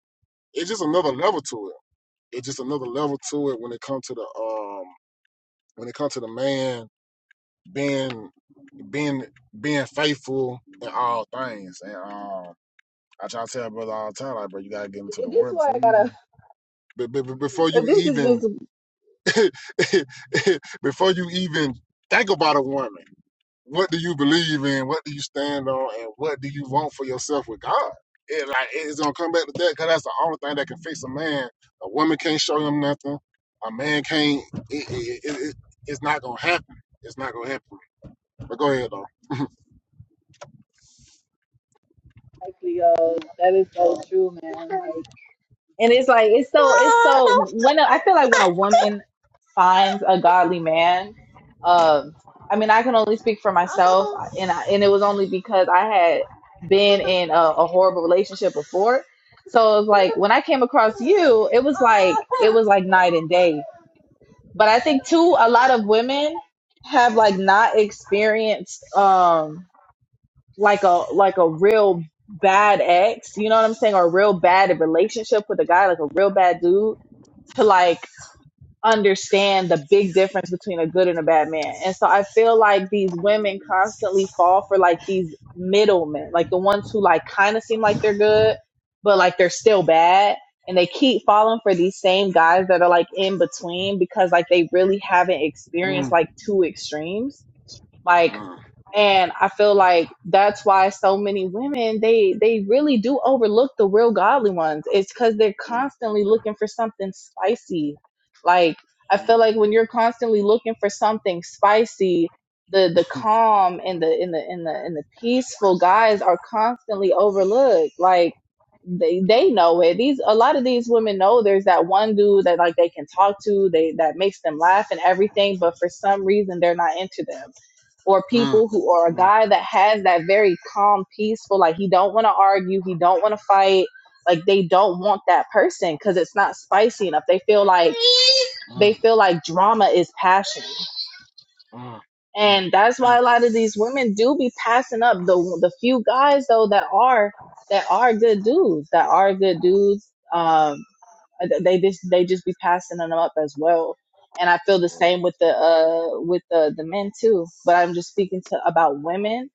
Speaker 1: it's just another level to it. It's just another level to it when it comes to the um when it comes to the man being being being faithful in all things. And um, I try to tell brother all the time, like, bro, you gotta get into the
Speaker 2: This is
Speaker 1: word
Speaker 2: why
Speaker 1: before
Speaker 2: I
Speaker 1: you even
Speaker 2: gotta.
Speaker 1: but, but, before
Speaker 2: <laughs>
Speaker 1: you
Speaker 2: This is
Speaker 1: even
Speaker 2: just
Speaker 1: <laughs> before you even think about a woman What do you believe in? What do you stand on? And what do you want for yourself with God? It like it's gonna come back to that because that's the only thing that can fix a man. A woman can't show him nothing. A man can't. It, it, it, it, it's not gonna happen. It's not gonna happen. But go ahead though.
Speaker 2: Like Leo, that is so true, man. Like, and it's like it's so it's so <laughs> when a, I feel like when a woman finds a godly man, um, I mean I can only speak for myself, and I, and it was only because I had been in a, a horrible relationship before. So it's like when I came across you, it was like it was like night and day. But I think too, a lot of women have like not experienced. Um, like a like a real bad ex, you know what I'm saying, or a real bad relationship with a guy, like a real bad dude, to like understand the big difference between a good and a bad man. And so I feel like these women constantly fall for like these middlemen, like the ones who like kind of seem like they're good, but like they're still bad. And they keep falling for these same guys that are like in between because like they really haven't experienced like two extremes. Like
Speaker 1: Mm,
Speaker 2: and i feel like that's why so many women they they really do overlook the real godly ones it's because they're
Speaker 1: mm,
Speaker 2: constantly looking for something spicy like i feel
Speaker 1: mm,
Speaker 2: like when you're constantly looking for something spicy the the calm and the in the in the and the peaceful guys are constantly overlooked like they they
Speaker 1: mm,
Speaker 2: know it these a lot of these women know there's that one dude that like they can talk to they that makes them laugh and everything but for some reason they're not into them or
Speaker 1: mm,
Speaker 2: people who or a
Speaker 1: mm,
Speaker 2: guy that has that very calm, peaceful, like he don't want to argue, he don't want to fight, like they don't want that person because it's not spicy enough. They feel like they
Speaker 1: mm,
Speaker 2: feel like drama is passion.
Speaker 1: mm, mm,
Speaker 2: And that's why
Speaker 1: mm,
Speaker 2: a lot of these women do be passing up the the few guys though that are that are good dudes, that are good dudes. Um they just they just be passing them up as well. And I feel the same with the uh with the the men too. But I'm just speaking to about women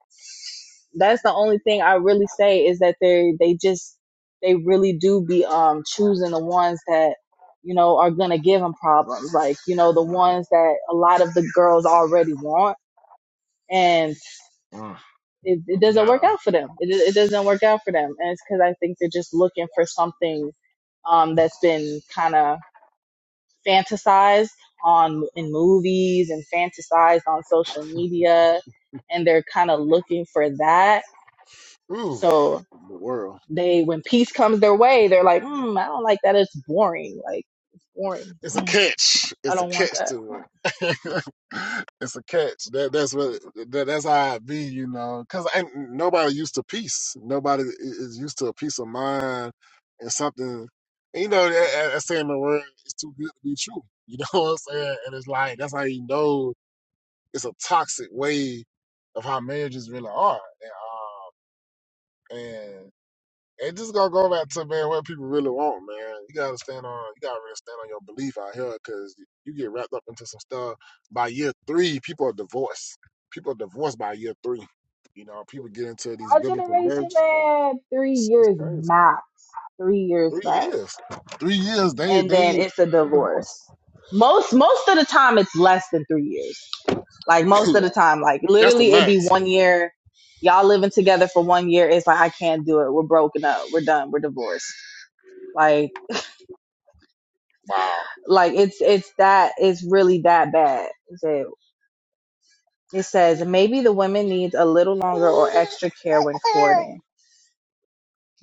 Speaker 2: that's the only thing I really say is that they they just they really do be um choosing the ones that you know are gonna give them problems, like you know the
Speaker 1: mm,
Speaker 2: ones that a lot of the girls already want, and
Speaker 1: mm.
Speaker 2: it, it doesn't work
Speaker 1: Yeah.
Speaker 2: out for them. It it doesn't work out for them, and it's because I think they're just looking for something um that's been kind of fantasized on in movies and fantasized on social media, and they're kind of looking for that. So
Speaker 1: Oof. The world.
Speaker 2: they when peace comes their way, they're like, hmm, I don't like that. It's boring. Like it's boring.
Speaker 1: It's a
Speaker 2: Hmm,
Speaker 1: catch.
Speaker 2: I
Speaker 1: It's a
Speaker 2: don't want
Speaker 1: catch
Speaker 2: that.
Speaker 1: to it. <laughs> it's a catch. That that's what that, that's how I be, you know. Cause ain't nobody used to peace. Nobody is used to a peace of mind and something. You know, that, that that saying the word is too good to be true. You know <laughs> what I'm saying? And it's like that's how you know it's a toxic way of how marriages really are. And, um, and it just gonna go back to man what people really want, man. You gotta stand on you gotta really stand on your belief out here because you get wrapped up into some stuff. By year three, people are divorced. People are divorced by year three. You know, people get into these
Speaker 2: Our
Speaker 1: biblical
Speaker 2: generation,
Speaker 1: marriages.
Speaker 2: man, three
Speaker 1: It's, it's
Speaker 2: years
Speaker 1: crazy.
Speaker 2: max. Three years
Speaker 1: Three
Speaker 2: max.
Speaker 1: years. Three years they
Speaker 2: And then
Speaker 1: they
Speaker 2: it's a
Speaker 1: they divorced.
Speaker 2: divorce. Most most of the time it's less than three years. Like
Speaker 1: <laughs>
Speaker 2: most
Speaker 1: Yeah.
Speaker 2: of the time. Like
Speaker 1: That's the
Speaker 2: literally it'd be
Speaker 1: max.
Speaker 2: one year. Y'all living together for one year, it's like I can't do it. We're broken up. We're done. We're divorced. Like
Speaker 1: Wow.
Speaker 2: like it's it's that it's really that bad It's It says maybe the women needs a little longer or extra care when courting.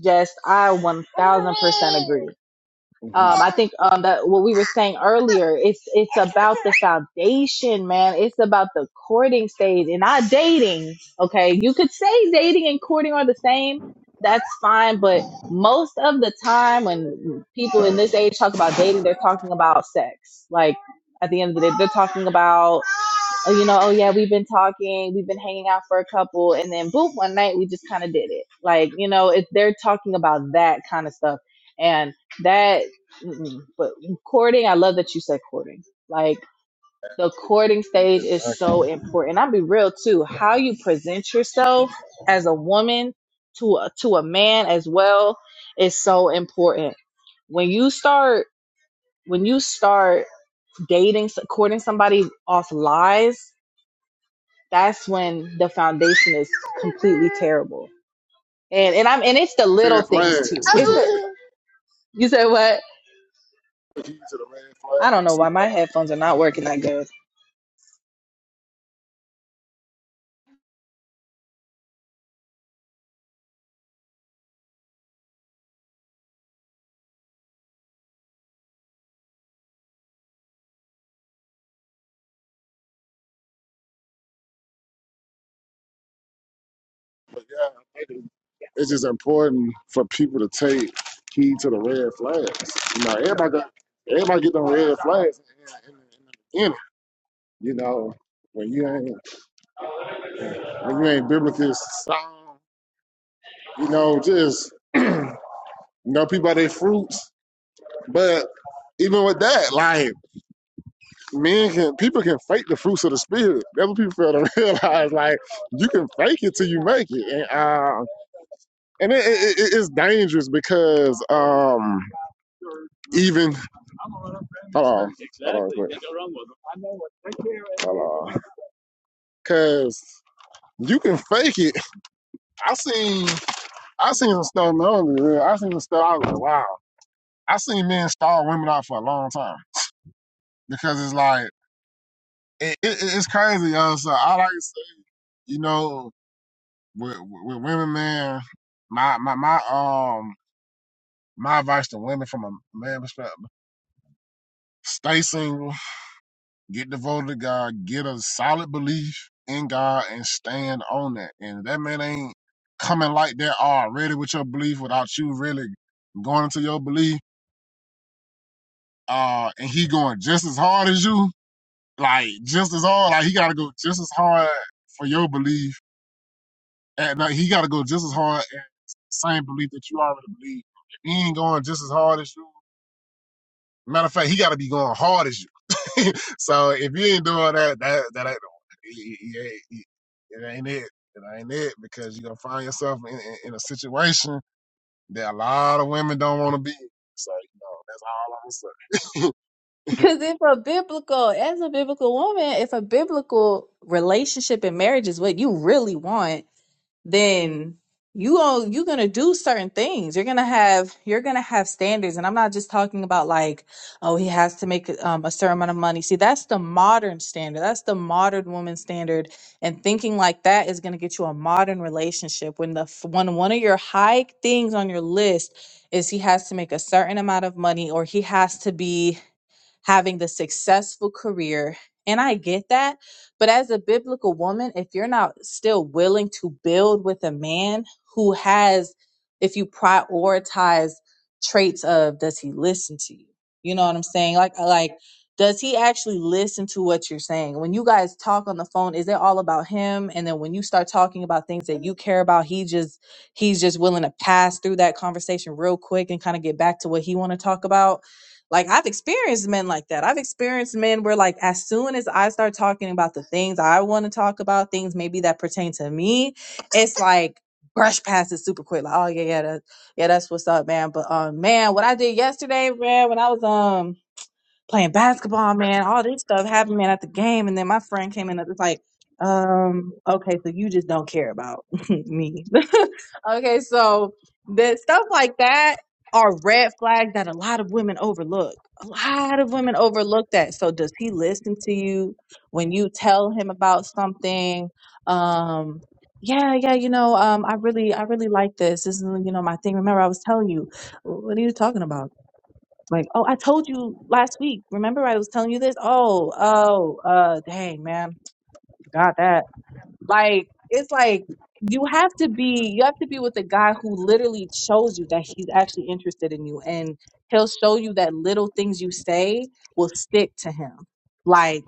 Speaker 2: Just I one thousand percent agree.
Speaker 1: Mhm.
Speaker 2: Um, I think um, that what we were saying earlier, it's it's about the foundation, man. It's about the courting stage and not dating. Okay, you could say dating and courting are the same. That's fine, but most of the time when people in this age talk about dating, they're talking about sex. Like at the end of the day, they're talking about oh, you know, oh yeah, we've been talking, we've been hanging out for a couple, and then boom, one night we just kind of did it. Like, you know, if they're talking about that kind of stuff, and that, mm-mm. but courting, I love that you said courting. Like the courting stage
Speaker 1: Exactly.
Speaker 2: is so important. I'll be real too. How you present yourself as a woman to a, to a man as well is so important. When you start when you start dating courting somebody off lies that's when the foundation is completely terrible. And and I'm and it's the little
Speaker 1: Red
Speaker 2: things too.
Speaker 1: flags. <laughs>
Speaker 2: It's
Speaker 1: Keys
Speaker 2: the, you said what?
Speaker 1: to the red
Speaker 2: I don't know why
Speaker 1: flags.
Speaker 2: my headphones are not working that good.
Speaker 1: But yeah, I think it's just important for people to take heed to the red flags. You know, everybody got everybody get them red flags in, in, in the beginning. You know, when you ain't when you ain't biblically sound, you know, just <clears throat> know people by their fruits. But even with that, like men can people can fake the fruits of the spirit. That's what people fail to <laughs> realize. Like you can fake it till you make it, and uh, and it, it, it- it's dangerous because um. Even hold on, hold on, cause you can fake it. I seen, I seen some stuff. No, I seen some stuff. I was like, wow. I seen men stall women out for a long time because it's like it, it, it's crazy, yo. So I like to say, you know, with, with women, man, my my my um my advice to women from a man perspective: stay single. Get devoted to God. Get a solid belief in God and stand on that. And if that man ain't coming like that already with your belief without you really going into your belief. Uh, and he going just as hard as you, like just as hard. Like he got to go just as hard for your belief, and like, he got to go just as hard at the same belief that you already believe. If he ain't going just as hard as you Matter of fact, he got to be going hard as you. <laughs> so if you ain't doing that, that that ain't, it, it, it ain't it. It ain't it because you're gonna find yourself in, in, in a situation that a lot of women don't want to be. in. So you know that's all I'm gonna
Speaker 2: Because if a biblical, as a biblical woman, if a biblical relationship and marriage is what you really want, then you all you're gonna do certain things. You're gonna have you're gonna have standards, and I'm not just talking about like, oh, he has to make um, a certain amount of money. See, that's the modern standard. That's the modern woman standard, and thinking like that is gonna get you a modern relationship. When the f- when one of your high things on your list is he has to make a certain amount of money, or he has to be having the successful career. And I get that. But as a biblical woman, if you're not still willing to build with a man who has, if you prioritize traits of, does he listen to you? You know what I'm saying? Like, uh, like, does he actually listen to what you're saying? When you guys talk on the phone, is it all about him? And then when you start talking about things that you care about, he just he's just willing to pass through that conversation real quick and kind of get back to what he want to talk about like I've experienced men like that. I've experienced men where like as soon as I start talking about the things I want to talk about, things maybe that pertain to me, it's like brush past it super quick. Like, oh yeah, yeah, that, yeah, that's what's up, man. But um man, what I did yesterday, man, when I was um playing basketball, man, all this stuff happened, man, at the game. And then my friend came in and was like, um, okay, so you just don't care about <laughs> me. <laughs> okay, so the stuff like that are red flags that a lot of women overlook. A lot of women overlook that. So does he listen to you when you tell him about something? Um, yeah, yeah, you know, um, I really, I really like this. This is, you know, my thing. Remember, I was telling you, "Wh- what are you talking about? Like, oh, I told you last week. Remember, I was telling you this. Oh, oh, uh, dang, man, forgot that. Like, it's like you have to be, you have to be with a guy who literally shows you that he's actually interested in you, and he'll show you that little things you say will stick to him. Like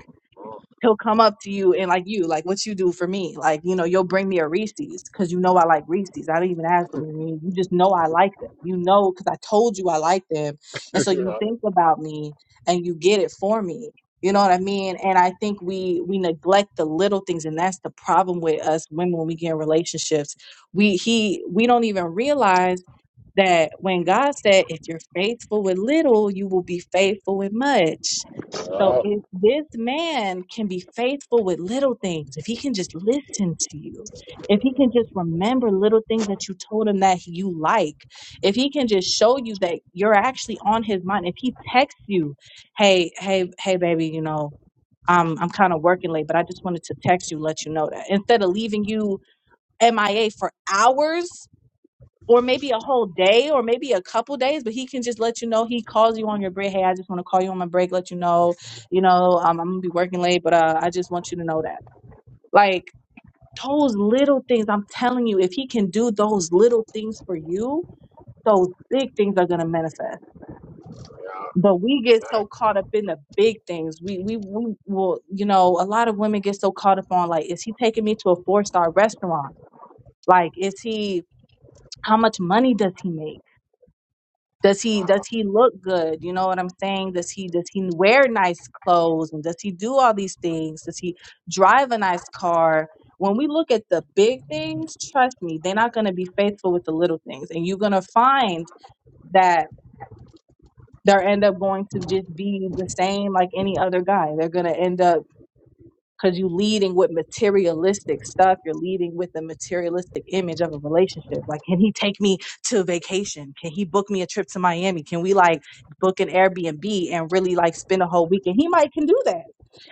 Speaker 2: he'll come up to you and like you, like what you do for me. Like, you know, you'll bring me a Reese's because you know I like Reese's. I don't even ask for them. You just know I like them. You know, because I told you I like them. And so
Speaker 1: say.
Speaker 2: you think about me and you get it for me. You know what I mean? And I think we we neglect the little things, and that's the problem with us women when we get in relationships. We he we don't even realize that when God said, if you're faithful with little, you will be faithful with much.
Speaker 1: <laughs>
Speaker 2: So
Speaker 1: oh,
Speaker 2: if this man can be faithful with little things, if he can just listen to you, if he can just remember little things that you told him that you like, if he can just show you that you're actually on his mind, if he texts you, hey, hey, hey, baby, you know, I'm I'm kind of working late, but I just wanted to text you, let you know that instead of leaving you MIA for hours or maybe a whole day or maybe a couple days, but he can just let you know he calls you on your break. Hey, I just want to call you on my break, let you know, you know, um, I'm gonna be working late, but uh, I just want you to know that. Like those little things, I'm telling you, if he can do those little things for you, those big things are gonna manifest.
Speaker 1: yeah,
Speaker 2: But we get so
Speaker 1: exactly.
Speaker 2: caught up in the big things. We we we will, you know, a lot of women get so caught up on like, is he taking me to a four star restaurant? Like, is he? How much money does he make? does he does he look good you know what i'm saying does he does he wear nice clothes and does he do all these things does he drive a nice car when we look at the big things trust me they're not going to be faithful with the little things and you're going to find that they'll end up going to just be the same like any other guy they're going to end up because you you're leading with materialistic stuff. You're leading with a materialistic image of a relationship. Like, can he take me to vacation? Can he book me a trip to Miami? Can we like book an Airbnb and really like spend a whole weekend? He might can do that.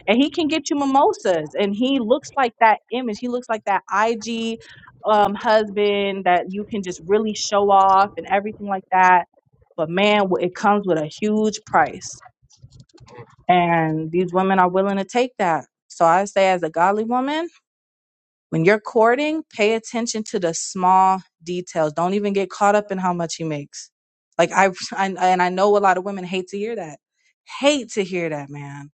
Speaker 2: And he can get you mimosas. And he looks like that image. He looks like that IG um husband that you can just really show off and everything like that. But man, wh- it comes with a huge price and these women are willing to take that. So I say, as a godly woman, when you're courting, pay attention to the small details. Don't even get caught up in how much he makes. Like I, I and I know a lot of women hate to hear that. Hate to hear that, man.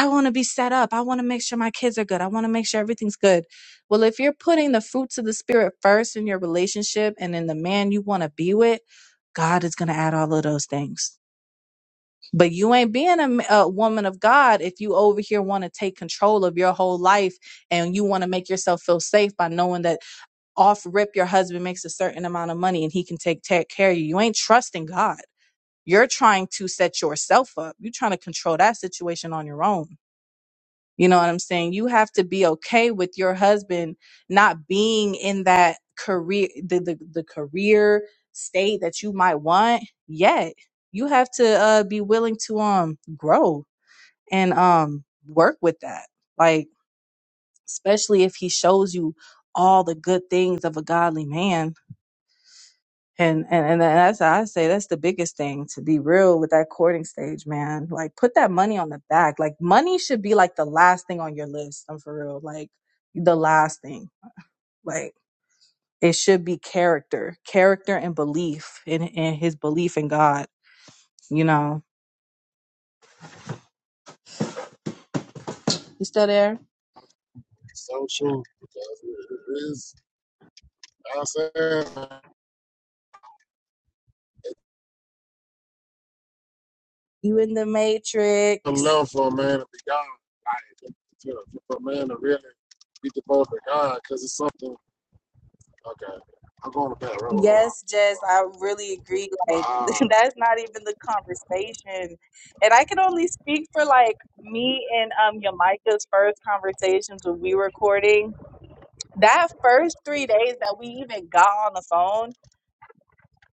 Speaker 2: I want to be set up. I want to make sure my kids are good. I want to make sure everything's good. Well, if you're putting the fruits of the spirit first in your relationship and in the man you want to be with, God is going to add all of those things. But you ain't being a a woman of God if you over here want to take control of your whole life and you want to make yourself feel safe by knowing that off rip your husband makes a certain amount of money and he can take, take care of you. You ain't trusting God. You're trying to set yourself up. You're trying to control that situation on your own. You know what I'm saying? You have to be okay with your husband not being in that career the the, the career state that you might want yet. You have to uh be willing to um grow and um work with that. Like especially if he shows you all the good things of a godly man and and and that's I say that's the biggest thing to be real with that courting stage, man. Like put that money on the back. Like money should be like the last thing on your list. I'm for real. Like the last thing. Like it should be character, character and belief in in his belief in God. You know. You still there?
Speaker 1: So true. 'Cause it is. I said,
Speaker 2: You in the
Speaker 1: I
Speaker 2: matrix?
Speaker 1: love for a man to be God. To- For a man to really be devoted to God, because it's something. Okay, I'm going to bad road. Hold on.
Speaker 2: Yes, Jess, I really agree.
Speaker 1: But,
Speaker 2: Like, <laughs>
Speaker 1: uh,
Speaker 2: that's not even the conversation. And I can only speak for like me and um Yamaika's first conversations when we recording. That first three days that we even got on the phone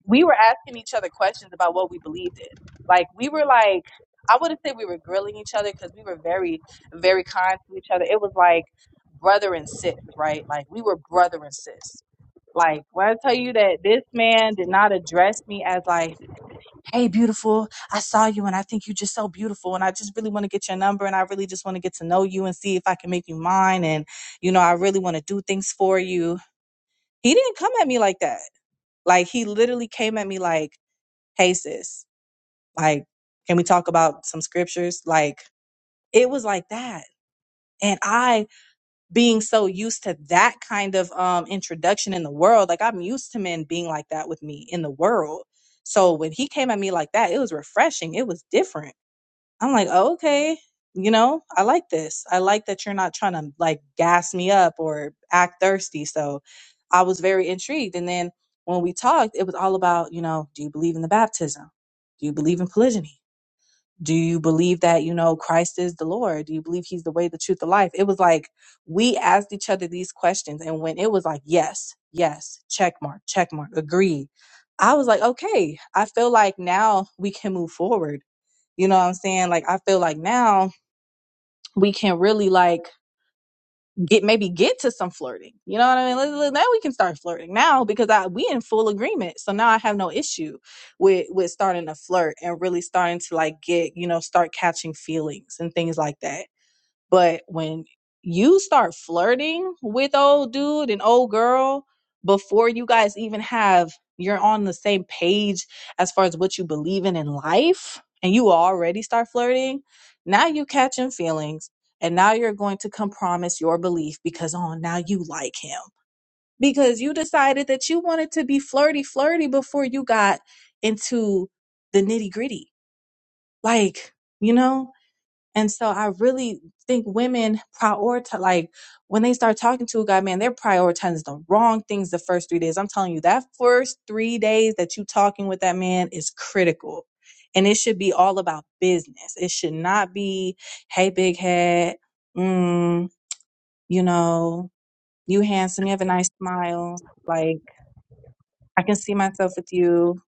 Speaker 2: we were asking each other questions about what we believed in. Like we were like, I wouldn't say we were grilling each other because we were very, very kind to each other. It was like brother and sis, right? Like we were brother and sis. Like when I tell you that this man did not address me as like, hey, beautiful, I saw you and I think you're just so beautiful and I just really want to get your number and I really just want to get to know you and see if I can make you mine and you know I really want to do things for you. He didn't come at me like that. Like he literally came at me like hey sis, like, can we talk about some scriptures? Like, it was like that. And I being so used to that kind of um introduction in the world, like I'm used to men being like that with me in the world. So when he came at me like that, it was refreshing. It was different. I'm like, oh, okay, you know, I like this. I like that you're not trying to like gas me up or act thirsty. So I was very intrigued. And then when we talked, it was all about, you know, do you believe in the baptism? Do you believe in polygyny? do you believe that you know christ is the lord do you believe he's the way the truth the life it was like we asked each other these questions and when it was like yes yes check mark check mark agree i was like okay i feel like now we can move forward you know what i'm saying like i feel like now we can really like get maybe get to some flirting. You know what I mean? Let- let- Now we can start flirting now because I we in full agreement. So now I have no issue with with starting to flirt and really starting to like get you know start catching feelings and things like that. But when you start flirting with old dude and old girl before you guys even have you're on the same page as far as what you believe in in life and you already start flirting, now you catching feelings and now you're going to compromise your belief because oh now you like him because you decided that you wanted to be flirty flirty before you got into the nitty-gritty. Like, you know, and so I really think women prioritize, like when they start talking to a guy, man, they're prioritizing the wrong things the first three days. I'm telling you, that first three days that you talking with that man is critical. And it should be all about business. It should not be, hey, big head, mm, you know, you handsome, you have a nice smile. Like I can see myself with you.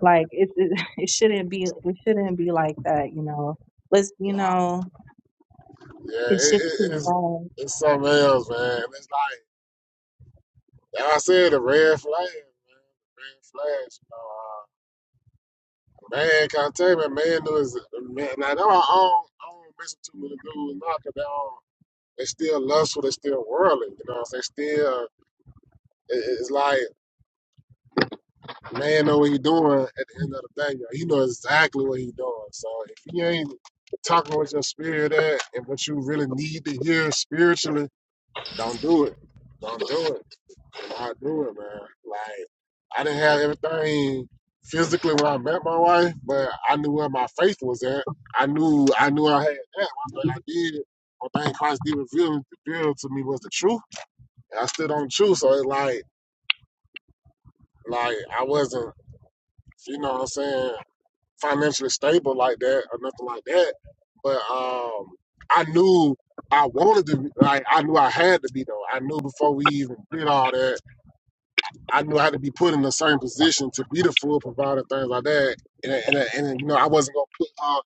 Speaker 2: Like it, it, <laughs> it shouldn't be, it shouldn't be like that, you know. Let's, you
Speaker 1: yeah.
Speaker 2: know,
Speaker 1: Yeah, it,
Speaker 2: it's just too
Speaker 1: it, it's
Speaker 2: far.
Speaker 1: it's something else, man. It's like like I said, the red flag, man. The red flags. You know, uh, man, can't tell me, man, man, do is man. Now, that's why I don't, I don't listen to many dudes now 'cause they don't. They still lustful. They still worldly. You know, what I'm saying? still. It, it's like man know what he doing at the end of the day. You know, he knows exactly what he doing. So if he ain't talking with your spirit at and what you really need to hear spiritually, don't do it. Don't do it. And I do it, man. Like I didn't have everything physically when I met my wife, but I knew where my faith was at. I knew I knew I had that. One thing I did, one thing Christ did reveal reveal to me was the truth. And I stood on truth. So it like like I wasn't, you know what I'm saying, financially stable like that or nothing like that. But um I knew I wanted to be, like I knew I had to be though. I knew before we even did all that I knew I had to be put in a certain position to be the full provider, things like that. And, and, and you know, I wasn't gonna put her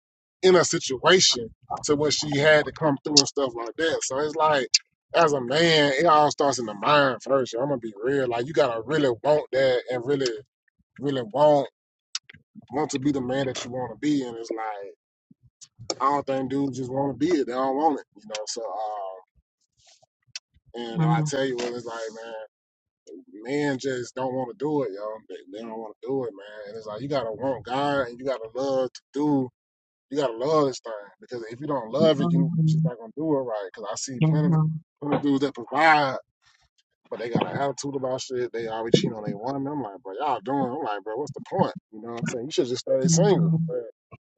Speaker 1: in a situation to where she had to come through and stuff like that. So it's like, as a man, it all starts in the mind first. I'm gonna be real. Like you gotta really want that and really, really want want to be the man that you want to be. And it's like I don't think dudes just want to be it. They don't want it. You know. So, uh, and I
Speaker 2: Mhm.
Speaker 1: tell you what, it's like, man. men just don't want to do it, yo. They, they don't want to do it, man. And it's like you gotta want God and you gotta love to do. You gotta love this thing because if you don't love it, you you just
Speaker 2: Mhm.
Speaker 1: not gonna do it right. Because I see plenty of
Speaker 2: Mhm.
Speaker 1: plenty of dudes that provide but they got an attitude about shit. They always cheat on their woman. I'm like, bro, y'all doing? I'm like, bro, what's the point? You know what I'm saying? You should just stay single.
Speaker 2: Mhm.
Speaker 1: But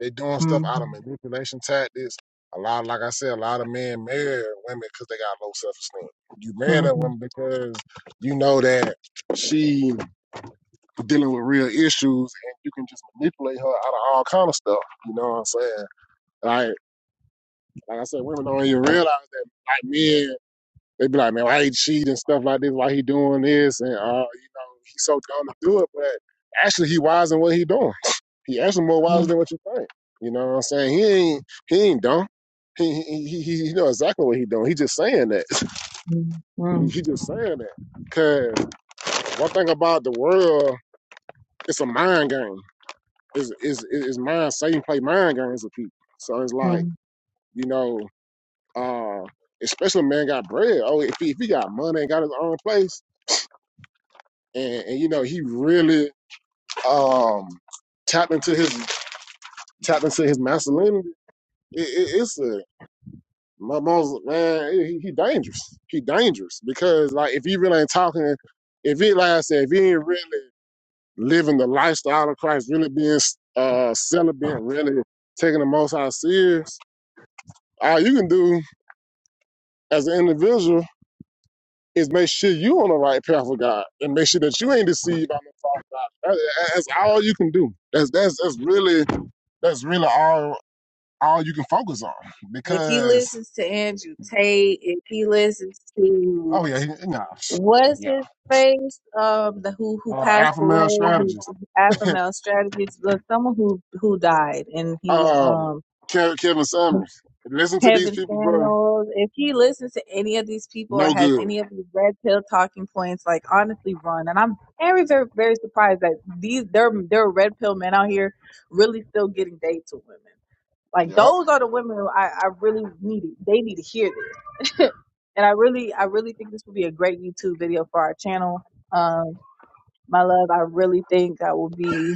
Speaker 1: they doing stuff out of
Speaker 2: Mhm.
Speaker 1: manipulation tactics. A lot, like I said, a lot of men marry women because they got low self esteem. You marry that
Speaker 2: Mhm.
Speaker 1: woman because you know that she dealing with real issues, and you can just manipulate her out of all kind of stuff. You know what I'm saying? Like, like I said, women don't even realize that. Like men they be like, man, why he cheating and stuff like this? Why he doing this? And uh, you know, he's so dumb to do it, but actually he wise in what he doing. He actually more wise than what you think. You know what I'm saying? He ain't he ain't dumb. He he he, he he know exactly what he doing. He just saying that. <laughs> He,
Speaker 2: Mhm.
Speaker 1: he just saying that. Cause one thing about the world, it's a mind game. It's it's it's mind Satan play mind games with people. So it's like
Speaker 2: Mhm.
Speaker 1: you know, uh, especially when man got bread. Oh, if he, if he got money and got his own place and, and you know he really um tapped into his tapped into his masculinity. It, it, it's a my mom's man. He, he dangerous. He dangerous because like if he really ain't talking, if he like I said, if he ain't really living the lifestyle of Christ, really being uh celibate, really taking the Most High serious, all you can do as an individual is make sure you on the right path with God and make sure that you ain't deceived by no false God. That- That's all you can do. That's that's that's really That's really all all you can focus on
Speaker 2: If he
Speaker 1: because
Speaker 2: listens to Andrew Tate, if he listens to
Speaker 1: oh yeah, he, nah,
Speaker 2: what's
Speaker 1: yeah,
Speaker 2: his face, um, the who who
Speaker 1: uh,
Speaker 2: passed
Speaker 1: alpha male
Speaker 2: away, who
Speaker 1: strategist.
Speaker 2: Alpha Male Strategist, the someone who who died and he was
Speaker 1: Um,
Speaker 2: um
Speaker 1: Ke- Kevin Summers. Listen to these
Speaker 2: Kevin
Speaker 1: people, bro.
Speaker 2: Samuels, if he listens to any of these people or
Speaker 1: No
Speaker 2: has
Speaker 1: good.
Speaker 2: any of these red pill talking points, like honestly, run. And I'm very, very, very surprised that these there there are red pill men out here really still getting dates with women. Like
Speaker 1: Yep.
Speaker 2: those are the women who I, I really need. They need to hear this. <laughs> and I really, I really think this would be a great YouTube video for our channel. Um, my love, I really think that will be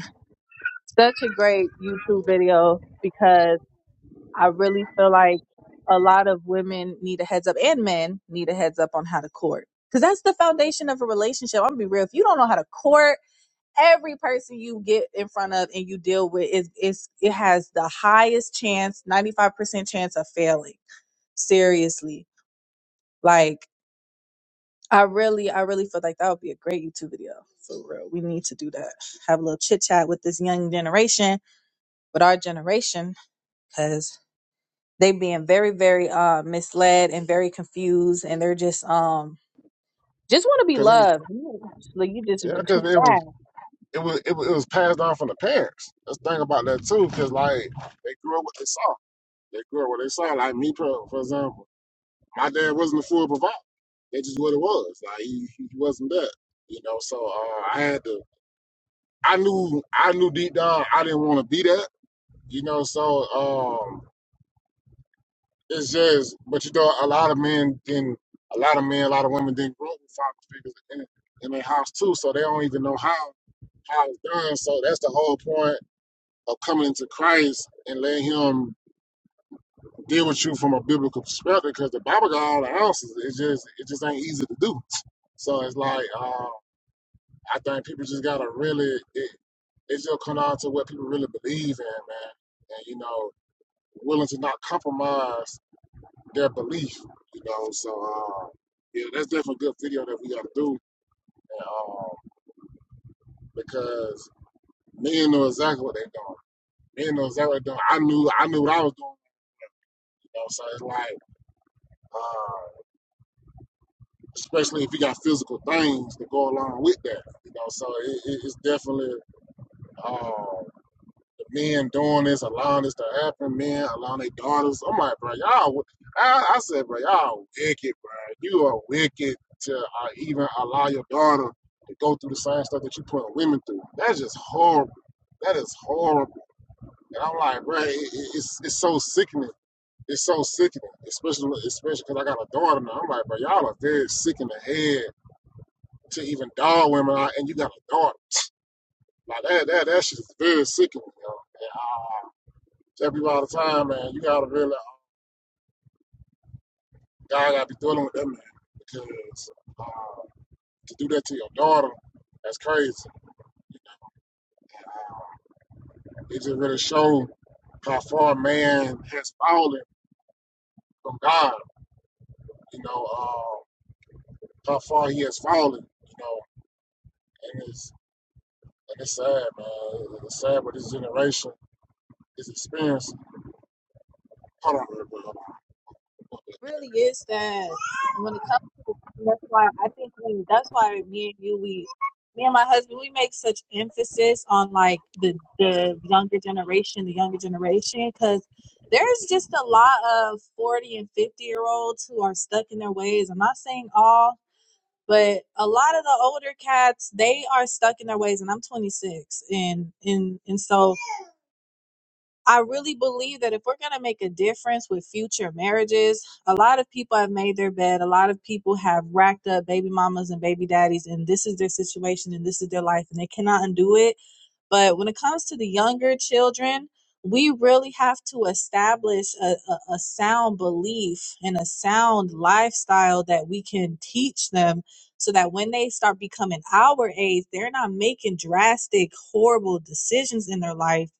Speaker 2: such a great YouTube video because. I really feel like a lot of women need a heads up and men need a heads up on how to court. Because that's the foundation of a relationship. I'm gonna be real. If you don't know how to court, every person you get in front of and you deal with is is it has the highest chance, 95% chance of failing. Seriously. Like I really, I really feel like that would be a great YouTube video. For real. We need to do that. Have a little chit chat with this young generation, with our generation, because. they being very very uh misled and very confused and they're just um just want to be
Speaker 1: Because it was
Speaker 2: loved You- like you just
Speaker 1: yeah, because
Speaker 2: too
Speaker 1: it was
Speaker 2: fast
Speaker 1: it was it was, it was passed on from the parents. That's the thing about that too, because like they grew up what they saw. They grew up what they saw. Like me, pro- for example, my dad wasn't a full provider. That's just what it was. Like he, he wasn't that. You know, so uh, I had to. I knew I knew deep down I didn't want to be that, you know. So um, it's just, but you know, a lot of men didn't, a lot of men, a lot of women didn't grow up with father figures in, in their house too, so they don't even know how how it's done. So that's the whole point of coming into Christ and letting Him deal with you from a biblical perspective, because the Bible got all the answers. It just it just ain't easy to do. So it's like. uh, I think people just gotta really it, it just come down to what people really believe in, man. And you know, willing to not compromise their belief, you know. So uh, yeah, that's definitely a good video that we gotta do. And, um, because men know exactly what they're doing. Men know exactly what they're doing. I knew I knew what I was doing, you know, so it's like uh, especially if you got physical things to go along with that, you know, so it, it, it's definitely um, men doing this, allowing this to happen, men allowing their daughters. I'm like, bro, y'all, I, I said, bro, y'all wicked, bro. You are wicked to uh, even allow your daughter to go through the same stuff that you put women through. That's just horrible. That is horrible. And I'm like, bro, it, it- it's it's so sickening. It's so sickening, especially especially because I got a daughter now. I'm like, bro, y'all are very sick in the head to even dog women out, and you got a daughter. <tsk> Like that, that, that shit is very sickening, yo tell people all the time, man, you gotta really, God gotta be dealing with them, man, because uh, to do that to your daughter, that's crazy. You know? It just really shows how far man has fallen from God, you know, uh, how far he has fallen, you know, and it's, and it's sad, man. It's sad what this generation is experiencing. Hold on, hold on.
Speaker 2: really is that when it comes to that's why i think we, that's why me and you we me and my husband we make such emphasis on like the the younger generation the younger generation because there's just a lot of 40 and 50 year olds who are stuck in their ways i'm not saying all But a lot of the older cats, they are stuck in their ways, and I'm 26, and and and so I really believe that if we're gonna make a difference with future marriages, a lot of people have made their bed. A lot of people have racked up baby mamas and baby daddies, and this is their situation, and this is their life, and they cannot undo it but when it comes to the younger children, we really have to establish a, a, a sound belief and a sound lifestyle that we can teach them so that when they start becoming our age, they're not making drastic, horrible decisions in their life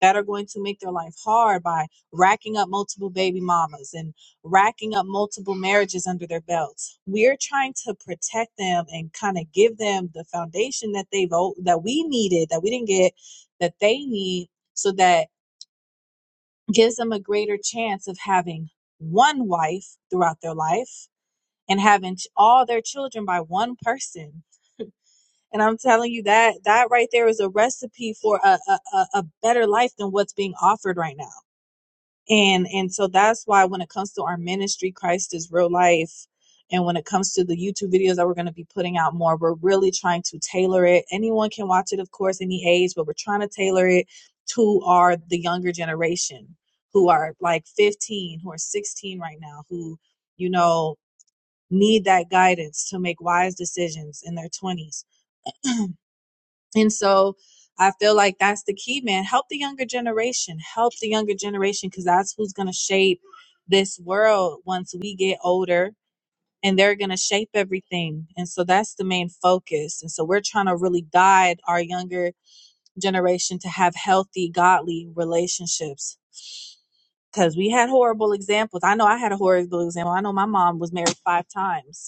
Speaker 2: that are going to make their life hard by racking up multiple baby mamas and racking up multiple marriages under their belts. We're trying to protect them and kind of give them the foundation that they've o- that we needed that we didn't get that they need so that gives them a greater chance of having one wife throughout their life and having ch- all their children by one person. And I'm telling you that that right there is a recipe for a, a, a a better life than what's being offered right now and and so that's why when it comes to our ministry christ is real life and when it comes to the youtube videos that we're going to be putting out more we're really trying to tailor it anyone can watch it of course any age but we're trying to tailor it to our the younger generation who are like 15 who are 16 right now who you know need that guidance to make wise decisions in their 20s and so I feel like that's the key, man. Help the younger generation. Help the younger generation because that's who's going to shape this world once we get older and they're going to shape everything. And so that's the main focus. And so we're trying to really guide our younger generation to have healthy, godly relationships. Because we had horrible examples. I know I had a horrible example. I know my mom was married five times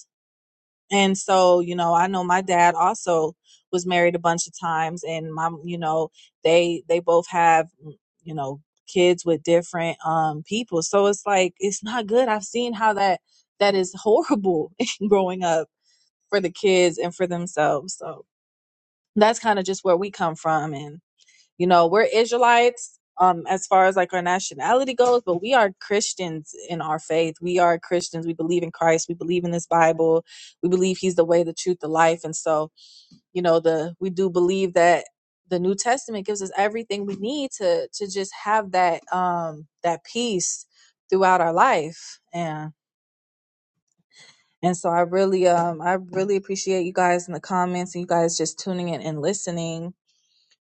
Speaker 2: and so, you know, I know my dad also was married a bunch of times and mom, you know, they they both have, mm, you know, kids with different um people. So it's like it's not good. I've seen how that that is horrible <laughs> growing up for the kids and for themselves. So that's kind of just where we come from and you know we're israelites um as far as like our nationality goes but we are christians in our faith we are christians we believe in christ we believe in this bible we believe he's the way the truth the life and so you know the we do believe that the new testament gives us everything we need to to just have that um that peace throughout our life and and so i really um i really appreciate you guys in the comments and you guys just tuning in and listening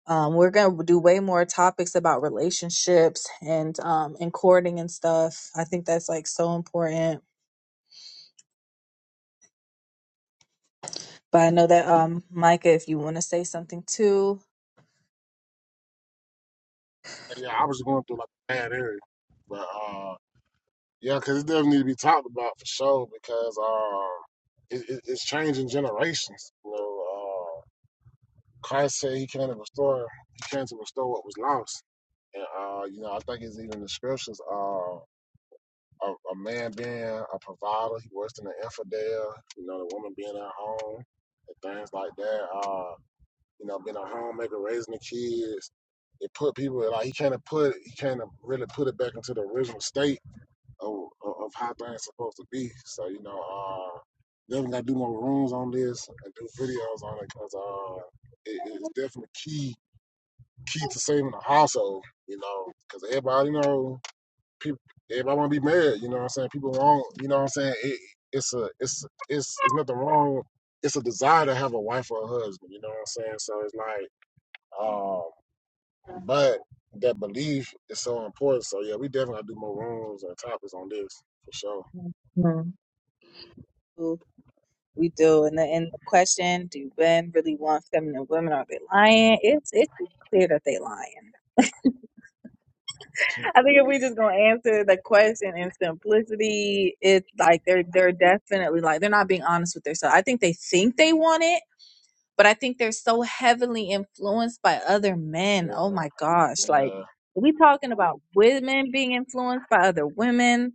Speaker 2: um, we're going to do way more topics about relationships and um, and courting and stuff. I think that's like so important. But I know that um, Micah, if you want to say something too,
Speaker 1: Yeah, I was going through like a bad area, but uh, Yeah, because it does need to be talked about for sure because uh, it, it, it's changing generations. You know, uh, Christ said he came to restore, he came to restore what was lost. And, uh, you know, I think it's even in the scriptures, uh, a, a man being a provider, he works in the infidel, you know, the woman being at home and things like that. Uh, you know, being a homemaker, raising the kids. It put people, like, he can't put, he can't really put it back into the original state of, of how things supposed to be. So you know, uh, definitely got to do more rooms on this and do videos on it because uh, it, it's definitely key key to saving the household. You know, because everybody you know people everybody want to be married. You know what I'm saying? People want you know what I'm saying. It, it's a it's it's it's nothing wrong. It's a desire to have a wife or a husband. You know what I'm saying? So it's like, um, but that belief is so important. So yeah, we definitely got to do more rooms and topics on this for sure.
Speaker 2: Mhm. we do. And the, and the question: Do men really want feminine women? Are they lying? It's it's clear that they lying. I think if we just gonna answer the question in simplicity, it's like they're they're definitely like they're not being honest with themselves. I think they think they want it but I think they're so heavily influenced by other
Speaker 1: Yeah,
Speaker 2: men. Oh my gosh. Like,
Speaker 1: yeah,
Speaker 2: we talking about women being influenced by other women.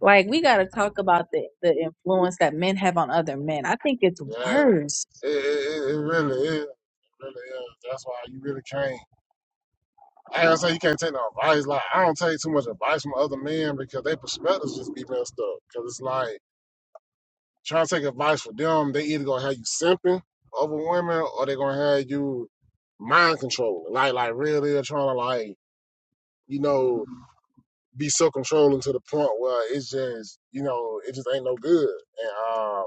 Speaker 2: Like, we got to talk about the, the influence that men have on other men. I think it's
Speaker 1: yeah.
Speaker 2: worse.
Speaker 1: It, it, it it really is. It really is. That's why you really can't. I ain't gonna say you can't take no advice. Like I don't take too much advice from other men because their perspectives just be messed up. Cause it's like trying to take advice from them, they either gonna have you simping over women or they gonna have you mind controlling. Like like really trying to like you know be so controlling to the point where it's just you know it just ain't no good. And um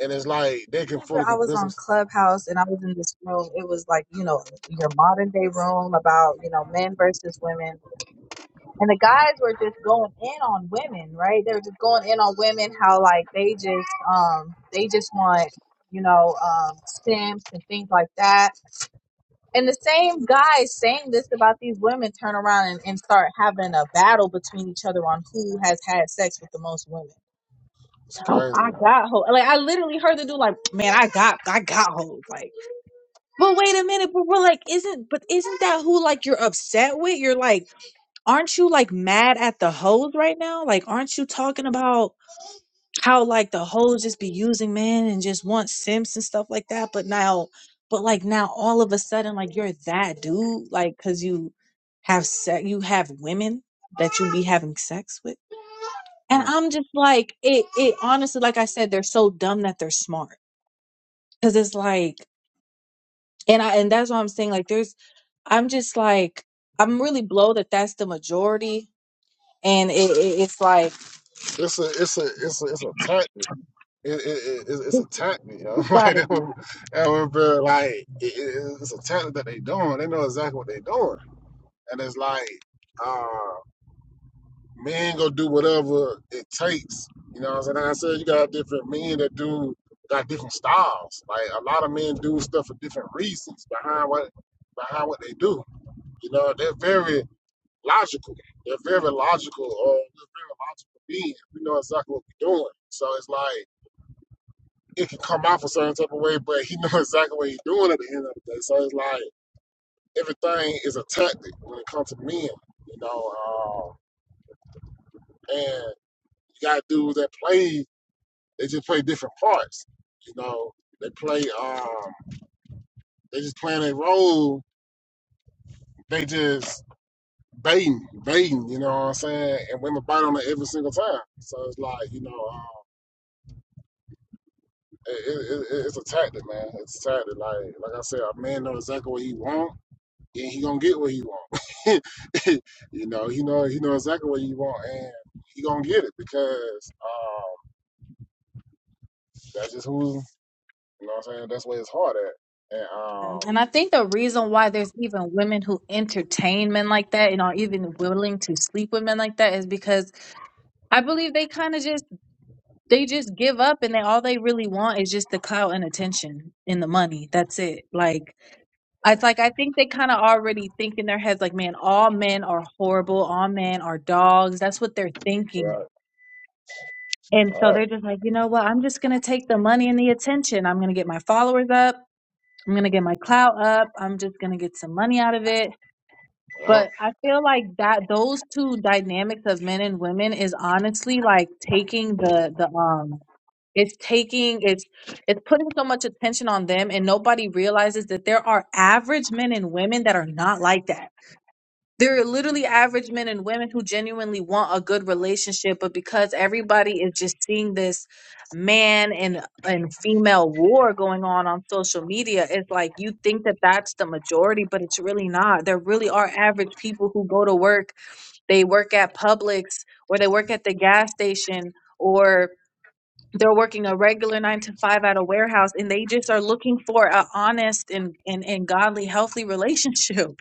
Speaker 1: and it's like they
Speaker 2: I
Speaker 1: can
Speaker 2: remember
Speaker 1: fully
Speaker 2: I was
Speaker 1: convince them.
Speaker 2: on Clubhouse and I was in this room. It was like, you know, your modern day room about, you know, men versus women And the guys were just going in on women, right? They were just going in on women, how like they just um they just want, you know, um stamps and things like that. And the same guys saying this about these women turn around and, and start having a battle between each other on who has had sex with the most women.
Speaker 1: It's
Speaker 2: Oh,
Speaker 1: crazy.
Speaker 2: I
Speaker 1: huh?
Speaker 2: got hoes. Like I literally heard the dude like, man, I got I got hoes. Like, but wait a minute, but we're like, isn't but isn't that who like you're upset with? You're like aren't you like mad at the hoes right now? Like, aren't you talking about how like the hoes just be using men and just want simps and stuff like that? But now, but like now, all of a sudden, like you're that dude, like because you have sex, you have women that you be having sex with, and
Speaker 1: Mm.
Speaker 2: I'm just like, it, it honestly, like I said, they're so dumb that they're smart because it's like, and I, and that's what I'm saying. Like, there's, I'm just like, I'm really blow that that's the majority, and it, it, it's like.
Speaker 1: It's a it's a it's a it's a tactic. It, it, it, it's it's a tactic, yo. <laughs> like
Speaker 2: Gotta
Speaker 1: that
Speaker 2: be.
Speaker 1: would, that would be like it, it- it's a tactic that they doing. They know exactly what they doing, and it's like uh, men gonna do whatever it takes. You know what I'm saying? Like I said you got different men that do got different styles. Like a lot of men do stuff for different reasons behind what behind what they do. You know, they're very logical. They're very logical, or we're very logical being. We know exactly what we're doing. So it's like it can come off a certain type of way, but he <laughs> knows exactly what he's doing at the end of the day. So it's like everything is a tactic when it comes to men, you know. Uh, and you got dudes that play, they just play different parts, you know. They play, um, they just playing their role. They just baiting, baiting, you know what I'm saying? And women bite on it every single time. So it's like, you know, um, it, it, it's a tactic, man. It's a tactic. Like like I said, a man know exactly what he want, and he gonna get what he want. <laughs> you know, he know he know exactly what he want, and he gonna get it because um, that's just who you know. what I'm saying that's where his heart at. And um,
Speaker 2: And I think the reason why there's even women who entertain men like that and are even willing to sleep with men like that is because I believe they kind of just they just give up and they all they really want is just the clout and attention and the money. That's it. Like I it's like I think they kind of already think in their heads like, man, all men are horrible, all men are dogs. That's what they're thinking.
Speaker 1: right,
Speaker 2: And
Speaker 1: all
Speaker 2: so
Speaker 1: right,
Speaker 2: they're just like, you know what? I'm just gonna take the money and the attention. I'm gonna get my followers up. I'm gonna get my clout up. I'm just gonna get some money out of it.
Speaker 1: yep,
Speaker 2: But I feel like that those two dynamics of men and women is honestly like taking the the um it's taking it's it's putting so much attention on them and nobody realizes that there are average men and women that are not like that there are literally average men and women who genuinely want a good relationship, but because everybody is just seeing this man and and female war going on on social media, it's like you think that that's the majority, but it's really not. There really are average people who go to work, they work at Publix or they work at the gas station or they're working a regular nine to five at a warehouse and they just are looking for a honest and, and, and godly, healthy <laughs> relationship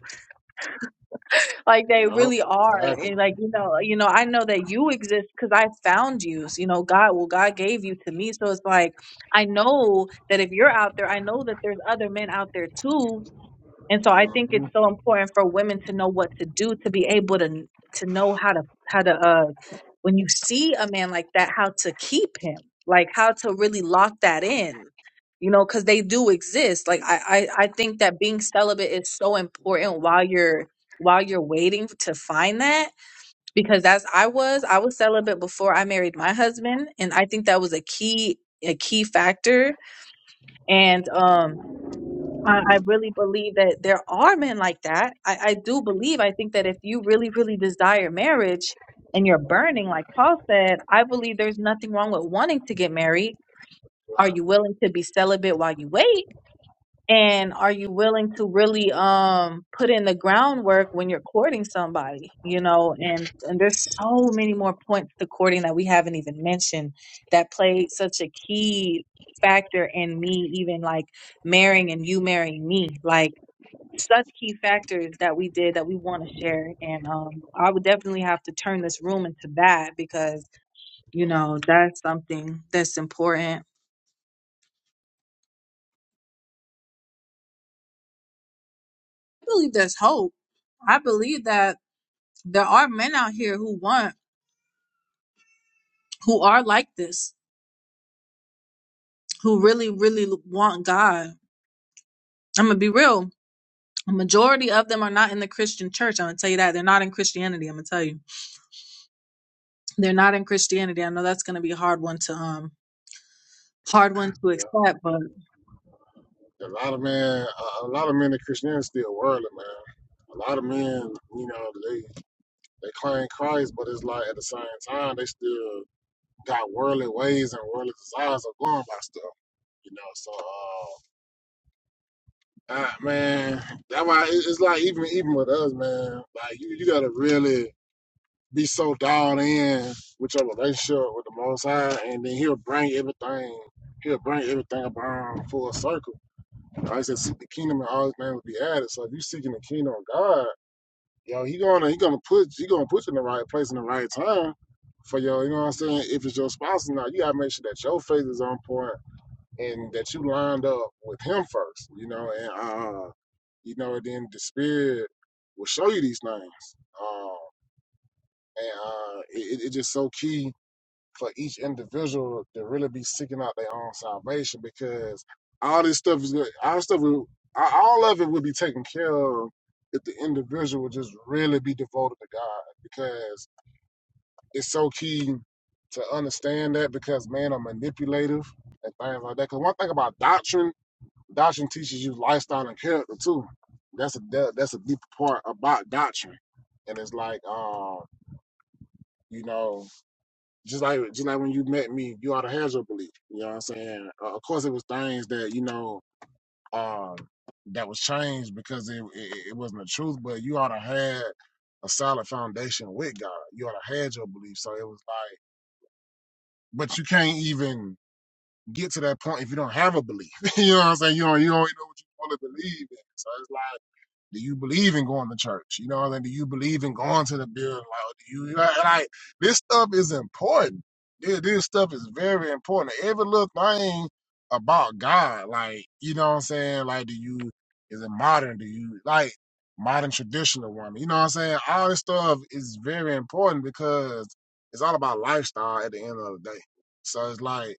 Speaker 2: like they
Speaker 1: yep,
Speaker 2: really are
Speaker 1: exactly.
Speaker 2: and like you know you know i know that you exist because i found you so, you know god well god gave you to me so it's like i know that if you're out there i know that there's other men out there too and so I think it's
Speaker 1: hmm
Speaker 2: so important for women to know what to do to be able to to know how to how to uh when you see a man like that how to keep him like how to really lock that in you know because they do exist like I, I I think that being celibate is so important while you're while you're waiting to find that because that's I was I was celibate before I married my husband and I think that was a key a key factor and um I, I really believe that there are men like that. I, I do believe, I think that if you really, really desire marriage and you're burning, like Paul said, I believe there's nothing wrong with wanting to get married. Are you
Speaker 1: Right,
Speaker 2: willing to be celibate while you wait? and are you willing to really um put in the groundwork when you're courting somebody you know and and there's so many more points to courting that we haven't even mentioned that played such a key factor in me even like marrying and you marrying me like such key factors that we did that we want to share and um I would definitely have to turn this room into that because you know that's something that's important I believe there's hope I believe that there are men out here who want who are like this who really really want god i'm gonna be real a majority of them are not in the christian church i'm gonna tell you that they're not in christianity i'm gonna tell you they're not in christianity i know that's gonna be a hard one to um hard one to
Speaker 1: yeah.
Speaker 2: accept but
Speaker 1: A lot of men, a, a lot of men in Christianity still worldly, man. A lot of men, you know, they they claim Christ, but it's like at the same time they still got worldly ways and worldly desires of going by stuff. You know, so uh, uh man, that why it- it's like even even with us, man, like you, you gotta really be so dialed in with your relationship with the most high and then he'll bring everything he'll bring everything around full circle. Like I said seek the kingdom and all these things will be added. So if you seeking the kingdom of God, yo, he gonna he gonna put he gonna put you in the right place in the right time for your you know what I'm saying, if it's your spouse or not, you gotta make sure that your faith is on point and that you lined up with him first, you know, and uh, you know, and then the spirit will show you these things. Um, and uh, it, it's just so key for each individual to really be seeking out their own salvation because all this stuff is good. All this stuff, will, all of it will be taken care of if the individual would just really be devoted to God because it's so key to understand that because man are manipulative and things like that. Because one thing about doctrine Doctrine teaches you lifestyle and character too. That's a that, that's a deep part about doctrine, and it's like um you know just like just like when you met me, you ought to have your belief. You know what I'm saying? Uh, of course, it was things that you know um that was changed because it, it it wasn't the truth, but you ought to have a solid foundation with God. You ought to have your belief. So it was like, but you can't even get to that point if you don't have a belief. <laughs> you know what I'm saying? You don't you don't even know what you want to believe in. So it's like. Do you believe in going to church? You know what I mean? Do you believe in going to the building? Like, do you like like, this stuff is important. This, this stuff is very important. Every little thing about God, like you know what I'm saying? Like, do you is it modern? Do you like modern traditional one? You know what I'm saying? All this stuff is very important because it's all about lifestyle at the end of the day. So it's like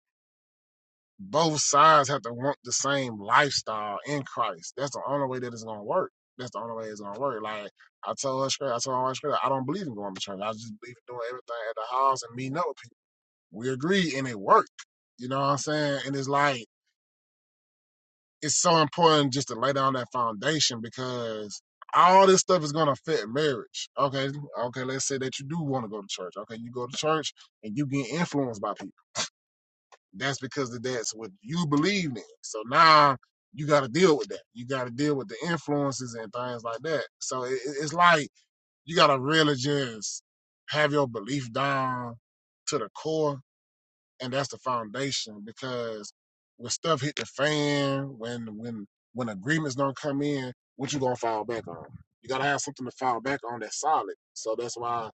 Speaker 1: both sides have to want the same lifestyle in Christ. That's the only way that it's gonna work. That's the only way it's gonna work. Like I told her straight, I told her straight, I don't believe in going to church. I just believe in doing everything at the house and meeting up with people. We agreed and it worked. You know what I'm saying? And it's like it's so important just to lay down that foundation because all this stuff is gonna affect marriage. Okay, okay, let's say that you do want to go to church. Okay, you go to church and you get influenced by people that's because that's what you believed in. So now you got to deal with that. You got to deal with the influences and things like that. So it, it- it's like you got to really just have your belief down to the core, and that's the foundation. Because when stuff hit the fan, when when when agreements don't come in, what you gonna fall back on? You gotta have something to fall back on that's solid. So that's why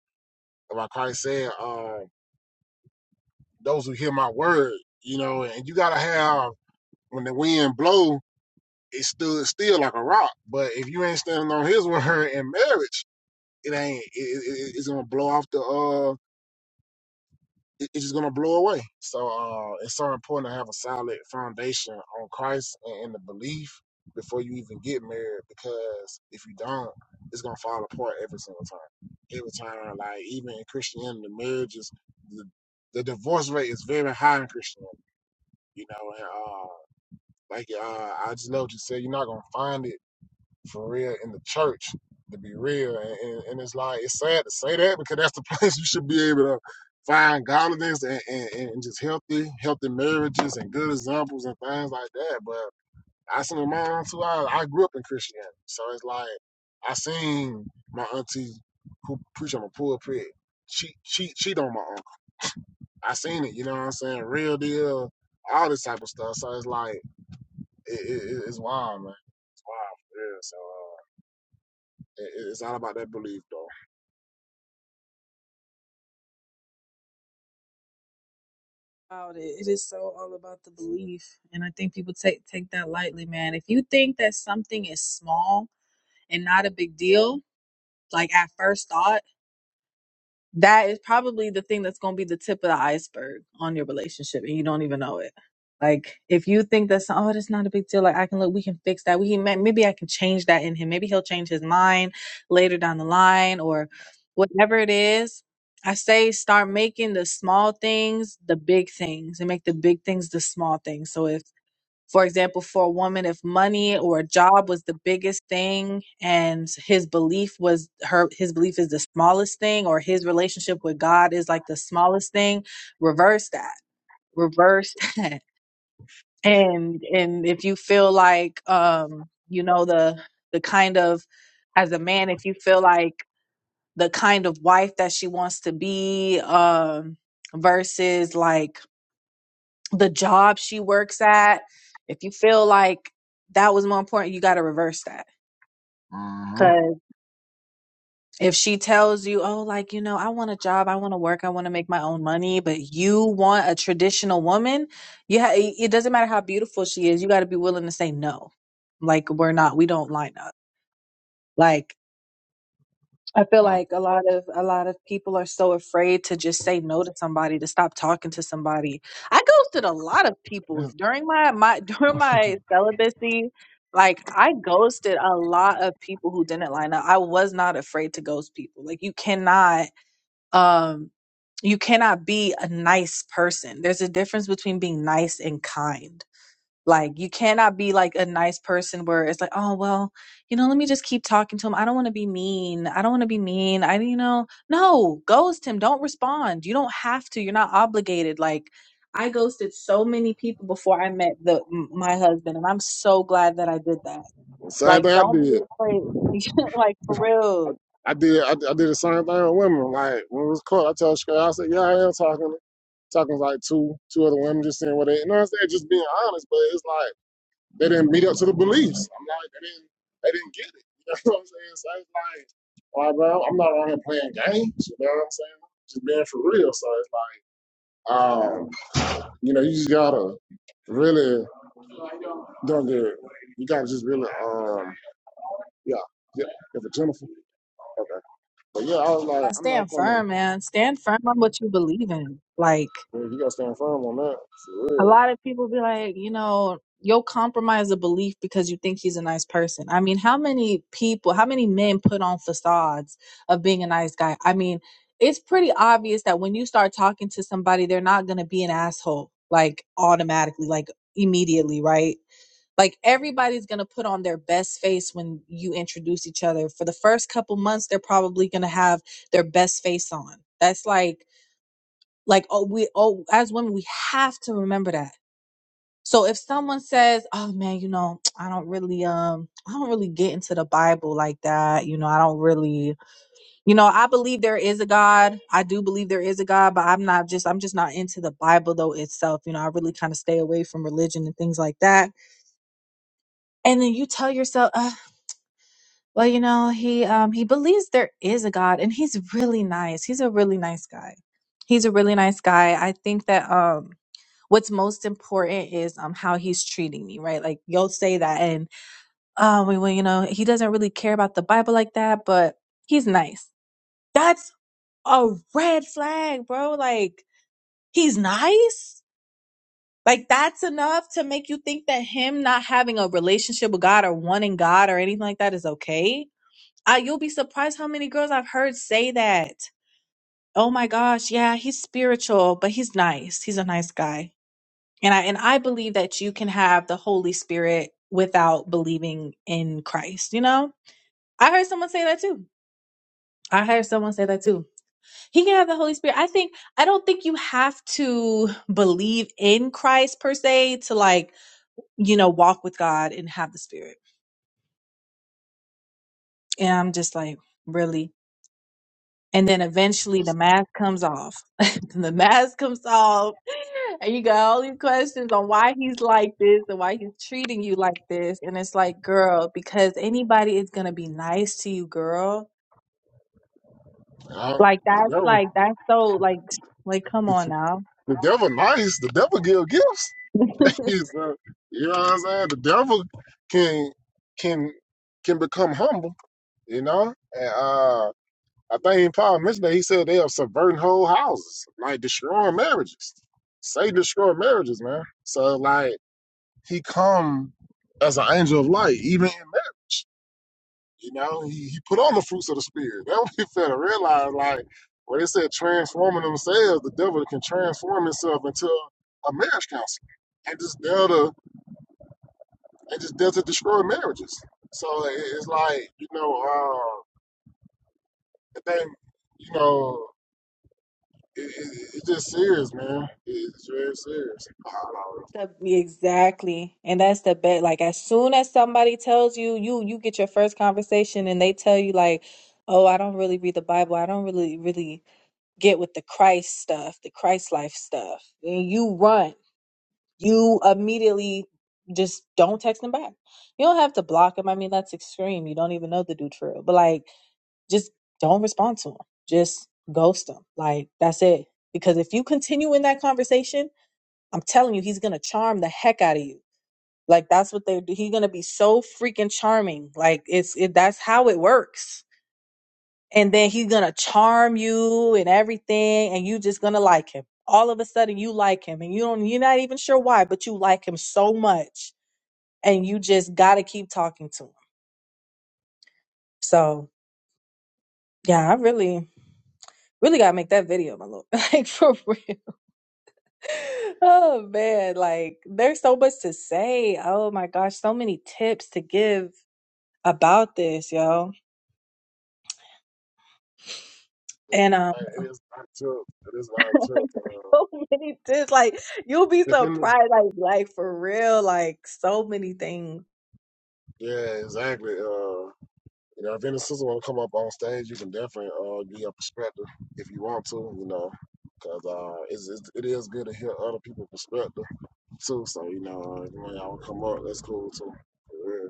Speaker 1: why Christ said, uh, "Those who hear my word," you know, and you gotta have when the wind blow, it stood still like a rock. But if you ain't standing on His <laughs> word in marriage, it ain't. It, it, it's gonna blow off the. uh it- It's just gonna blow away. So uh it's so important to have a solid foundation on Christ and in the belief before you even get married. Because if you don't, it's gonna fall apart every single time. Every time, like even in Christianity, marriages, the, the divorce rate is very high in Christianity. You know, and uh, like uh, I just love what you said. You're not gonna find it for real in the church to be real and, and, and it's like it's sad to say that because that's the <laughs> place you should be able to find godliness and, and, and just healthy healthy marriages and good examples and things like that but i seen my own too I, I grew up in christianity so it's like i seen my auntie who preach on the pulpit cheat cheat cheat on my uncle i seen it you know what i'm saying real deal all this type of stuff so it's like it, it- it's wild man it's wild for real so uh, It, it's all about that belief, though.
Speaker 2: about it. it is so all about the belief and i think people take take that lightly man if you think that something is small and not a big deal like at first thought that is probably the thing that's going to be the tip of the iceberg on your relationship and you don't even know it like if you think that's oh that's not a big deal like i can look we can fix that we can ma- maybe i can change that in him maybe he'll change his mind later down the line or whatever it is i say start making the small things the big things and make the big things the small things so if for example, for a woman, if money or a job was the biggest thing and his belief was her, his belief is the smallest thing, or his relationship with God is like the smallest thing, reverse that, reverse <laughs> that. And, and if you feel like, um, you know, the, the kind of, as a man, if you feel like the kind of wife that she wants to be, um, versus like the job she works at, if you feel like that was more important, you got to reverse that.
Speaker 1: Mm-hmm.
Speaker 2: Because if she tells you, oh, like, you know, I want a job, I want to work, I want to make my own money, but you want a traditional woman, you ha- it it doesn't matter how beautiful she is, you got to be willing to say no. Like, we're not, we don't line up. Like. I feel
Speaker 1: mm
Speaker 2: like a lot of a lot of people are so afraid to just say no to somebody, to stop talking to somebody. I ghosted a lot of people
Speaker 1: It's-
Speaker 2: during my my <laughs> during my celibacy. Like I ghosted a lot of people who didn't line up. I was not afraid to ghost people. Like you cannot um you cannot be a nice person. There's a difference between being nice and kind. Like you cannot be like a nice person where it's like, oh well, you know, let me just keep talking to him. I don't want to be mean. I don't want to be mean. I you know, no, ghost him. Don't respond. You don't have to. You're not obligated. Like I ghosted so many people before I met the m- my husband, and I'm so glad that I did that.
Speaker 1: Same
Speaker 2: Like,
Speaker 1: thing I
Speaker 2: don't be
Speaker 1: did.
Speaker 2: afraid. <laughs> like for real,
Speaker 1: I did. I, did- I did the same thing with women. Like when it was caught, I tell straight. I said, "Yeah, I am talking, talking to like two, two other women, just saying what they." You know what I'm saying? Just being honest, but it's like they didn't meet up to the beliefs. I'm like, they didn't, they didn't get it. <laughs> You know what I'm saying? So it's like, all right, bro, I'm not around here playing games. You know what I'm saying? Just being for real. So it's like, um, you know, you just gotta really don't get. You gotta just really, um. Yeah, yeah, if it's Jennifer. Okay, but yeah, I was like,
Speaker 2: I
Speaker 1: I'm not
Speaker 2: stand
Speaker 1: gonna. man,
Speaker 2: firm, man. Stand firm on what you believe in. Like.
Speaker 1: You gotta stand firm on that for
Speaker 2: A
Speaker 1: real.
Speaker 2: lot of people be like, you know, you'll compromise a belief because you think he's a nice person. I mean, how many people, how many men put on facades of being a nice guy? I mean, it's pretty obvious that when you start talking to somebody, they're not going to be an asshole like automatically, like immediately, right? Like everybody's going to put on their best face when you introduce each other. For the first couple months, they're probably going to have their best face on. That's like like oh we oh as women we have to remember that so if someone says, "Oh man, you know, I don't really um I don't really get into the Bible like that. You know, I don't really, you know, I believe there is a God. I do believe there is a God, but I'm not just I'm just not into the Bible though itself. You know, I really kind of stay away from religion and things like that. And then you tell yourself, uh, well, you know, he um he believes there is a God and he's really nice. He's a really nice guy. He's a really nice guy. I think that um what's most important is um how he's treating me, right? Like you'll say that and oh, we- well, you know, he doesn't really care about the Bible like that, but he's nice. That's a red flag, bro. Like, he's nice? Like, that's enough to make you think that him not having a relationship with God or wanting God or anything like that is okay? Uh, you'll be surprised how many girls I've heard say that. Oh my gosh, yeah, he's spiritual, but he's nice. He's a nice guy. And I and I believe that you can have the Holy Spirit without believing in Christ, you know? I heard someone say that too I heard someone say that too. He can have the Holy Spirit. I think I don't think you have to believe in Christ per se to like, you know, walk with God and have the spirit. And I'm just like, really? And then eventually the
Speaker 1: That's,
Speaker 2: mask comes off. <laughs> the mask comes off. And you got all these questions on why he's like this and why he's treating you like this. And it's like, girl, because anybody is gonna be nice to you, girl.
Speaker 1: I,
Speaker 2: Like
Speaker 1: the
Speaker 2: that's
Speaker 1: devil,
Speaker 2: like that's so like like come on now.
Speaker 1: the devil, nice. The devil give gifts.
Speaker 2: <laughs>
Speaker 1: <laughs> He's, uh, you know what I'm saying? The devil can can can become humble. You know, and uh, I think Paul mentioned that he said they are subverting whole houses, like destroying marriages. Say destroy marriages, man. So like he come as an angel of light, even in marriage. You know, he, he put on the fruits of the spirit. That we you to realize. <laughs> Like when they said transforming themselves, the devil can transform himself into a marriage counselor and just there to and just there to destroy marriages. So it, it's like you know, uh, the thing, you know, it, it, it's just serious, man. It's very serious. I don't know.
Speaker 2: The, exactly. And that's the bet. Like as soon as somebody tells you, you you get your first conversation and they tell you like, "Oh, I don't really read the Bible. I don't really really get with the Christ stuff, the Christ life stuff." And you run. You immediately just don't text them back. You don't have to block them. I mean, that's extreme. You don't even know the dude for real. But like just don't respond to them. Just ghost them. Like that's it. Because if you continue in that conversation, I'm telling you, he's gonna charm the heck out of you like that's what they do. He's gonna be so freaking charming. Like it's it, that's how it works. And then he's gonna charm you and everything, and you just gonna like him. All of a sudden, you like him, and you don't. You're not even sure why, but you like him so much, and you just gotta keep talking to him. So yeah, I really, really gotta make that video, my lord. <laughs> Like for real. Oh man, like there's so much to say. Oh my gosh, so many tips to give about this, yo.
Speaker 1: Like,
Speaker 2: and
Speaker 1: It is not tough. It is not tough. Uh,
Speaker 2: <laughs> so many things. Like you'll be surprised. Like like for real. Like so many things.
Speaker 1: <laughs> yeah, exactly. Uh, You know, if any sister want to come up on stage, you can definitely uh, give your perspective if you want to, you know, because uh, it's, it's, it is good to hear other people's perspective too. So, you know, uh, if one of y'all wanna come up, that's cool too. For real.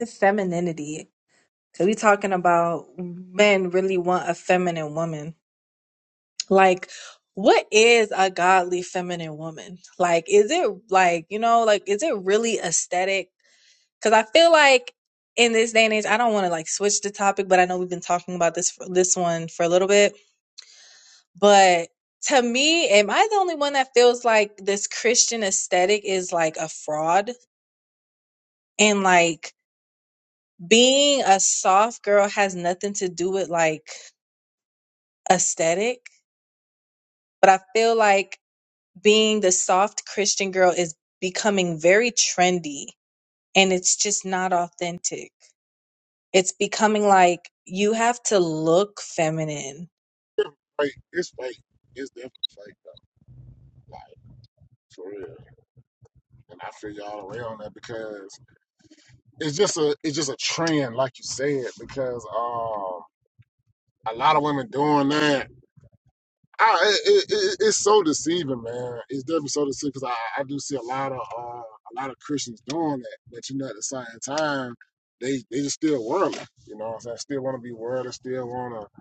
Speaker 2: It's femininity. So we talking about men really want a feminine woman. Like what is a godly feminine woman? Like is it like you know like is it really aesthetic? Cause I feel like in this day and age, I don't want to like switch the topic, but I know we've been talking about this this one for a little bit But to me, am I the only one that feels like this Christian aesthetic is like a fraud? And like being a soft girl has nothing to do with like aesthetic. But I feel like being the soft Christian girl is becoming very trendy and it's just not authentic. It's becoming like you have to look feminine.
Speaker 1: Fake, it's fake. It's definitely fake, though. Like, for real. And I feel y'all the way on that because it's just a it's just a trend, like you said, because uh, a lot of women doing that I, it, it, it's so deceiving, man. It's definitely so deceiving because I, I do see a lot of uh, a lot of Christians doing that, but you know, at the same time, they they just still worldly. You know, what I'm saying still want to be worldly, still want to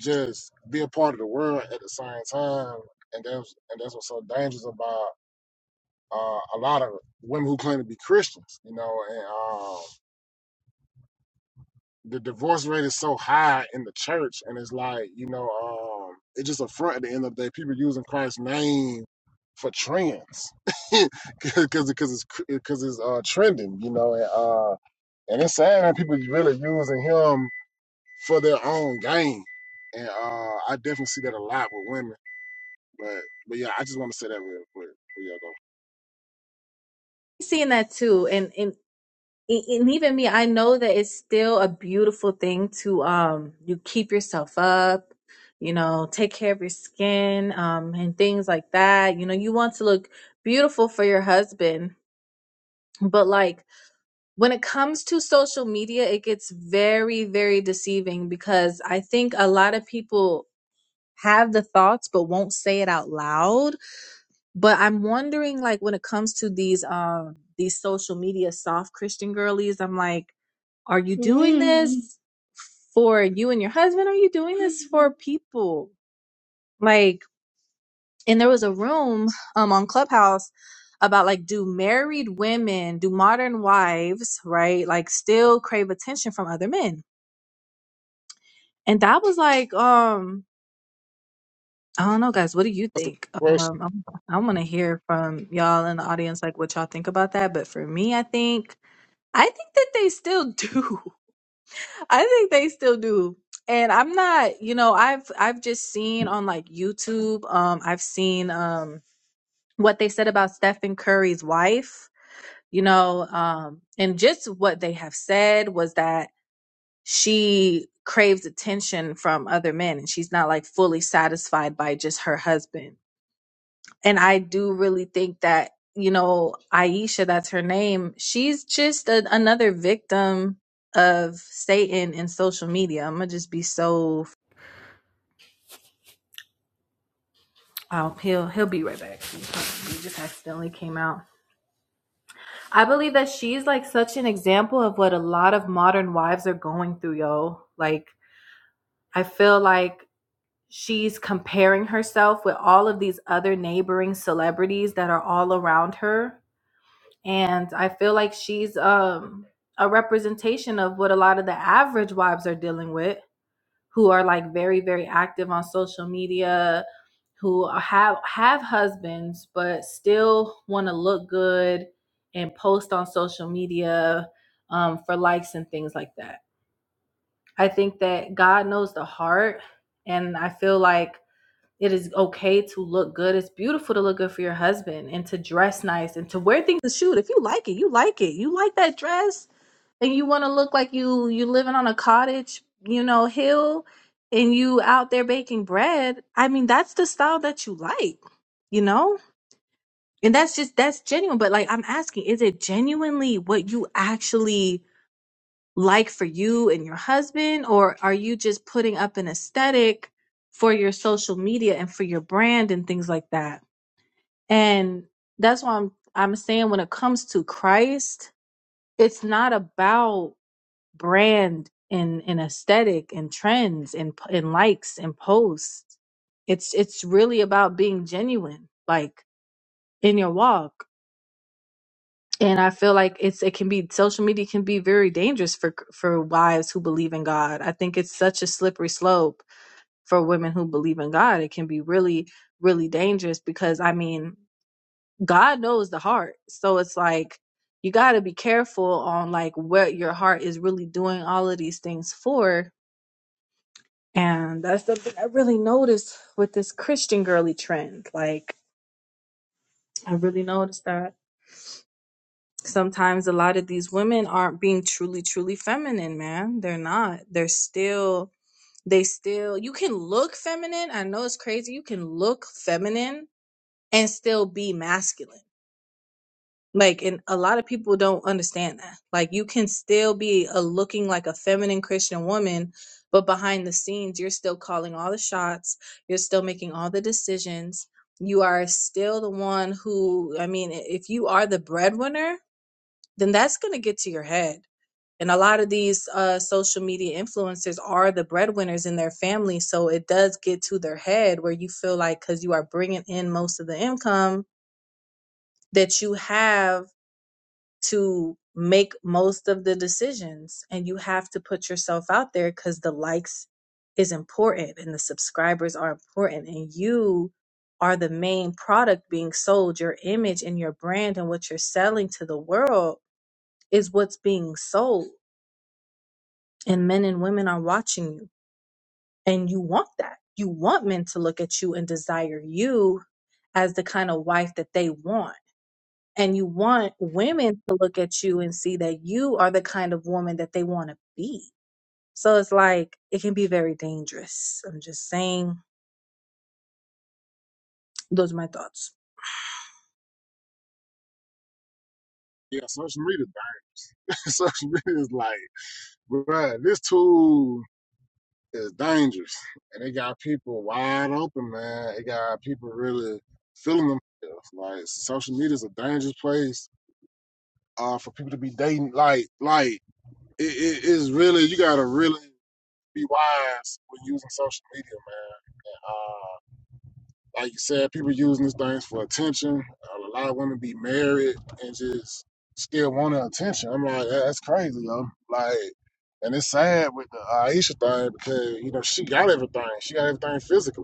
Speaker 1: just be a part of the world at the same time, and that's and that's what's so dangerous about uh, a lot of women who claim to be Christians. You know, and um, the divorce rate is so high in the church, and it's like you know, um, it's just a front at the end of the day. People using Christ's name for trends <laughs> because because it's because it's uh, trending, you know, and uh, and it's sad that people really using him for their own gain, and uh, I definitely see that a lot with women. But but yeah, I just want to say that real quick. But yeah, go.
Speaker 2: Seeing that too. and and. and and even me, I know that it's still a beautiful thing to um you keep yourself up, you know, take care of your skin, um, and things like that. You know, you want to look beautiful for your husband, but like when it comes to social media, it gets very, very deceiving because I think a lot of people have the thoughts but won't say it out loud. But I'm wondering, like, when it comes to these um these social media soft Christian girlies, I'm like are you doing Mm. this for you and your husband? Are you doing this for people? Like, and there was a room um on Clubhouse about like do married women, do modern wives, right? Like still crave attention from other men. And that was like um I don't know guys, what do you
Speaker 1: That's a
Speaker 2: think?
Speaker 1: good question.
Speaker 2: Um I'm, I want to hear from y'all in the audience like what y'all think about that, but for me I think I think that they still do. <laughs> I think they still do. And I'm not, you know, I've I've just seen on like YouTube, um, I've seen um what they said about Stephen Curry's wife, you know, um, and just what they have said was that she craves attention from other men and she's not like fully satisfied by just her husband and I do really think that you know Aisha, that's her name. She's just a, another victim of Satan and social media. I'm gonna just be so. Oh, he'll he'll be right back. He he just accidentally came out. I believe that she's like such an example of what a lot of modern wives are going through, yo. Like I feel like she's comparing herself with all of these other neighboring celebrities that are all around her and I feel like she's um a representation of what a lot of the average wives are dealing with who are like very very active on social media who have have husbands but still want to look good and post on social media um, for likes and things like that i think that god knows the heart and i feel like it is okay to look good. It's beautiful to look good for your husband and to dress nice and to wear things to shoot. If you like it, you like it. You like that dress and you want to look like you you living on a cottage, you know, hill and you out there baking bread. I mean, that's the style that you like, you know? And that's just that's genuine, but like I'm asking, is it genuinely what you actually like for you and your husband or are you just putting up an aesthetic for your social media and for your brand and things like that and that's why I'm I'm saying when it comes to Christ it's not about brand and and aesthetic and trends and p- and likes and posts it's it's really about being genuine like in your walk and i feel like it's it can be social media can be very dangerous for for wives who believe in god i think it's such a slippery slope for women who believe in god it can be really really dangerous because i mean god knows the heart so it's like you got to be careful on like what your heart is really doing all of these things for and that's something i really noticed with this christian girly trend like i really noticed that sometimes a lot of these women aren't being truly truly feminine man they're not they're still they still you can look feminine i know it's crazy you can look feminine and still be masculine like and a lot of people don't understand that like you can still be a looking like a feminine christian woman but behind the scenes you're still calling all the shots you're still making all the decisions you are still the one who i mean i- if you are the breadwinner then that's going to get to your head and a lot of these uh, social media influencers are the breadwinners in their family. So it does get to their head where you feel like because you are bringing in most of the income that you have to make most of the decisions and you have to put yourself out there because the likes is important and the subscribers are important and you are the main product being sold your image and your brand and what you're selling to the world is what's being sold and men and women are watching you And you want that. You want men to look at you and desire you as the kind of wife that they want. And you want women to look at you and see that you are the kind of woman that they want to be. So it's like, it can be very dangerous. I'm just saying, those are my thoughts.
Speaker 1: Yeah, social media. <laughs> social media is like, bruh, this tool. is dangerous. And they got people wide open, man. They got people really feeling themselves. Like social media is a dangerous place uh, for people to be dating. Like, like it, it is really you gotta really be wise when using social media, man. And, uh, like you said, people using these things for attention. A lot of women be married and just still want the attention. I'm like, "Yeah, that's crazy, yo. Like, and it's sad with the Aisha thing because you know she got everything. She got everything physically,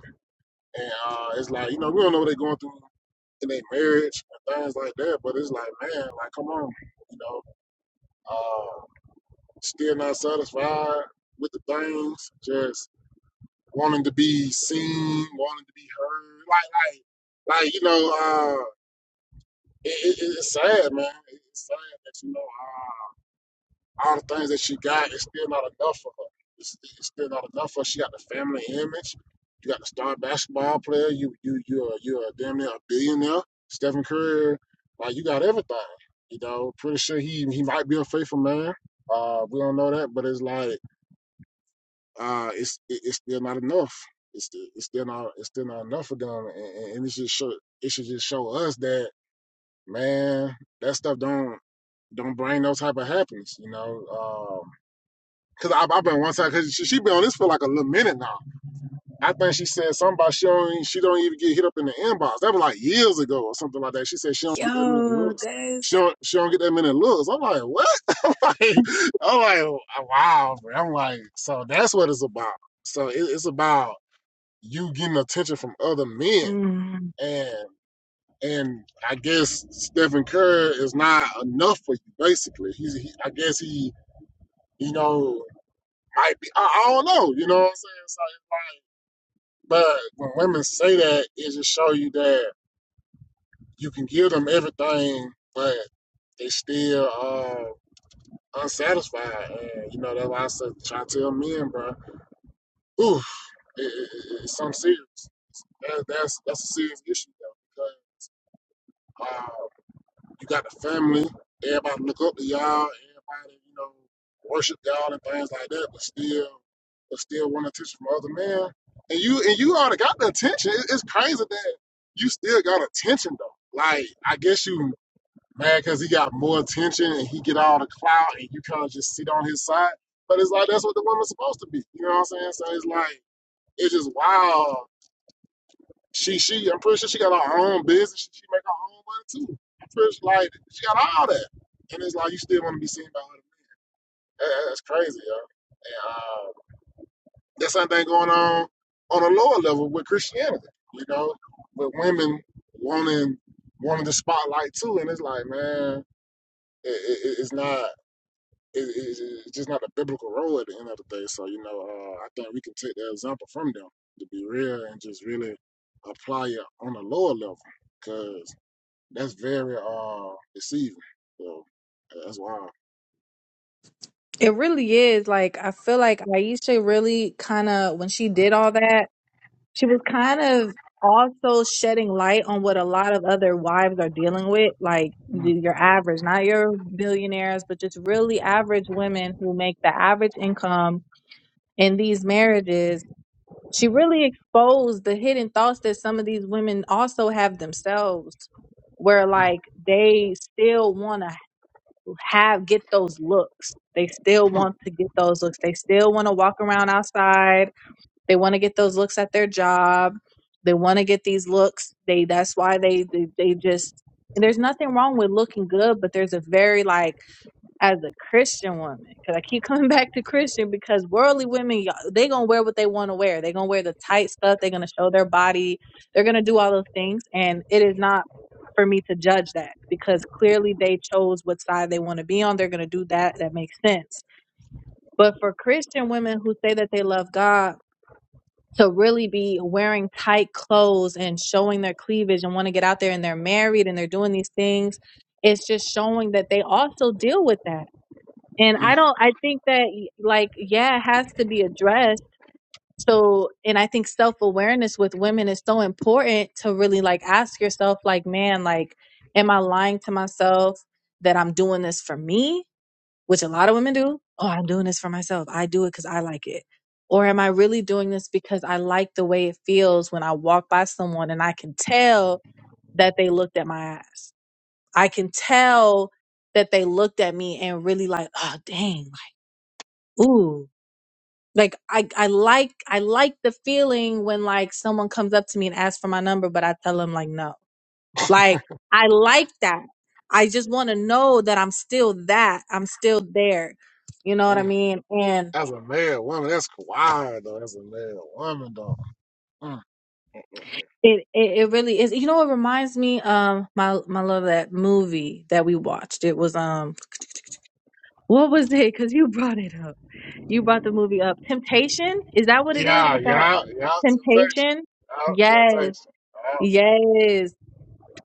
Speaker 1: and uh, it's like you know we don't know what they're going through in their marriage and things like that. But it's like, man, like come on, you know, uh, still not satisfied with the things. Just wanting to be seen, wanting to be heard. Like, like, like you know, uh, it, it, it's sad, man. It's sad that you know uh, all the things that she got is still not enough for her. It's, it's still not enough for her. She got the family image. You got the star basketball player. You you you're you're a damn near a billionaire. Stephen Curry, like you got everything. You know, pretty sure he he might be a faithful man. Uh, we don't know that, but it's like uh, it's it- it's still not enough. It's sti- it's still not it's still not enough for them, and, and it should show it should just show us that man that stuff don't don't bring no type of happiness, you know. Um, cause I, I've been one time, cause she, she been on this for like a little minute now. I think she said something about she don't e, she don't even get hit up in the inbox. That was like years ago or something like that. She said she don't get that many
Speaker 2: Yo,
Speaker 1: looks. She
Speaker 2: that's
Speaker 1: don't, she don't get that many looks. I'm like, what? <laughs> I'm like, I'm like, "Oh, wow, bro. I'm like, so that's what it's about. So it, it's about you getting attention from other men,
Speaker 2: Mm,
Speaker 1: and and I guess Stephen Curry is not enough for you. Basically, he's he, I guess he you know might be I, I don't know. You know what I'm saying? So it's like but when women say that, it just show you that you can give them everything, but they still uh, unsatisfied. And you know that's why I said, try to tell men, bro. Oof, it, it, it's something serious. That, that's that's a serious issue though. because uh, You got the family. Everybody look up to y'all. Everybody, you know, worship y'all and things like that. But still, but still want attention from other men. And you and you already got the attention. It- It's crazy that you still got attention though. Like I guess you mad because he got more attention and he get all the clout and you kind of just sit on his side. But it's like that's what the woman's supposed to be. You know what I'm saying? So it's like it's just wild she she I'm pretty sure she got her own business. She, she make her own money too. I'm pretty sure, like she got all that. And it's like you still want to be seen by other people. That, that's crazy, yo. And uh, that's something going on on a lower level with Christianity, you know, with women wanting wanting the spotlight too. And it's like, man, it, it, it's not. It, it, it's just not a biblical role at the end of the day. So you know, uh, I think we can take that example from them to be real and just really apply it on a lower level. cause. That's very uh deceiving. So yeah, that's wild.
Speaker 2: It really is. Like, I feel like Aisha really kind of, when she did all that, she was kind of also shedding light on what a lot of other wives are dealing with like
Speaker 1: Mm,
Speaker 2: your average not your billionaires but just really average women who make the average income in these marriages she really exposed the hidden thoughts that some of these women also have themselves where like they still want to have get those looks they still want to get those looks they still want to walk around outside they want to get those looks at their job. They want to get these looks. They that's why they they, they just and there's nothing wrong with looking good, but there's a very like as a Christian woman because I keep coming <laughs> back to Christian because worldly women y'all, they gonna wear what they want to wear. They gonna wear the tight stuff. They're gonna show their body. They're gonna do all those things, and it is not for me to judge that because clearly they chose what side they want to be on. They're gonna do that. That makes sense. But for Christian women who say that they love God to really be wearing tight clothes and showing their cleavage and want to get out there and they're married and they're doing these things it's just showing that they also deal with that and
Speaker 1: mm,
Speaker 2: i don't i think that y- like yeah it has to be addressed so and i think self-awareness with women is so important to really like ask yourself like man like am i lying to myself that i'm doing this for me which a lot of women do. Oh, I'm doing this for myself. I do it because I like it. Or am I really doing this because I like the way it feels when I walk by someone and I can tell that they looked at my ass? I can
Speaker 1: mm,
Speaker 2: tell that they looked at me and really like, oh dang, like, ooh. Like I, I like I like the feeling when like someone comes up to me and asks for my number, but I tell them like no. Like I like that. I just want to know that I'm still that. I'm still there. You know what I
Speaker 1: mm.
Speaker 2: mean? And
Speaker 1: As a male woman, that's wild though. As a male woman though. Mm.
Speaker 2: it, it it really is. You know, it reminds me um my my love that movie that we watched. It was um what was it? Because you <laughs> brought it up. You brought the movie up. Temptation is that what it is
Speaker 1: Yeah,
Speaker 2: with that
Speaker 1: yeah, yeah. Temptation.
Speaker 2: temptation?
Speaker 1: Yeah,
Speaker 2: Yes,
Speaker 1: temptation.
Speaker 2: yes.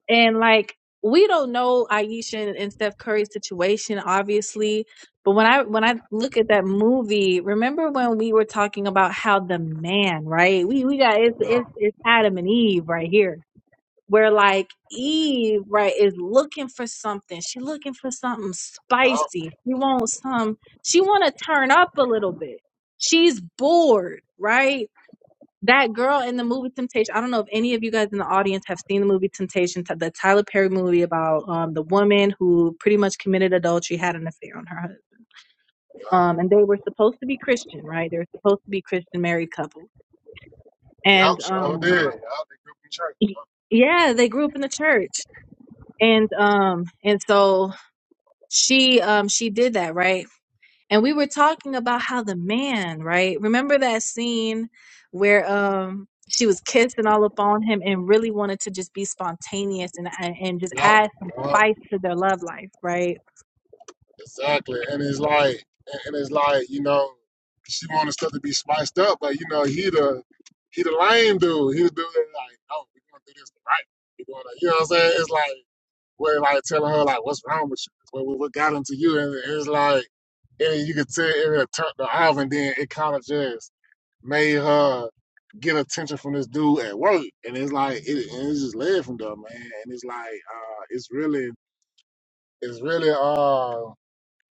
Speaker 2: And like we don't know Aisha and Steph Curry's situation, obviously. But when I when I look at that movie, remember when we were talking about how the man, right? We we got it's
Speaker 1: Yeah,
Speaker 2: it's, it's Adam and Eve right here. Where like Eve, right, is looking for something. She looking for something
Speaker 1: yeah,
Speaker 2: spicy. She wants some. She want to turn up a little bit. She's bored, right? That girl in the movie Temptation, I don't know if any of you guys in the audience have seen the movie Temptation, the Tyler Perry movie about um, the woman who pretty much committed adultery, had an affair on her husband. Um, and they were supposed to be Christian, right? They were supposed to be Christian married couple.
Speaker 1: yeah.
Speaker 2: And
Speaker 1: Sure did.
Speaker 2: um,
Speaker 1: Yeah, they could be church.
Speaker 2: y- yeah, they grew up in the church. And um, and so she um, she did that, right? and we were talking about how the man right remember that scene where um she was kissing all up on him and really wanted to just be spontaneous and and, and just
Speaker 1: Yeah,
Speaker 2: add some
Speaker 1: yeah.
Speaker 2: spice to their love life right
Speaker 1: Exactly. And it's like and it's like, you know, she wanted stuff to be spiced up, but you know, he the he the lame dude. He the dude that like, no, we're gonna do this right. We're gonna you know what I'm saying? It's like we're like telling her like what's wrong with you? What, what what got into you? And it's like and you could tell it had turned her off and then it kinda just made her get attention from this dude at work. And it's like it, and it just led from there, man. And it's like uh it's really it's really uh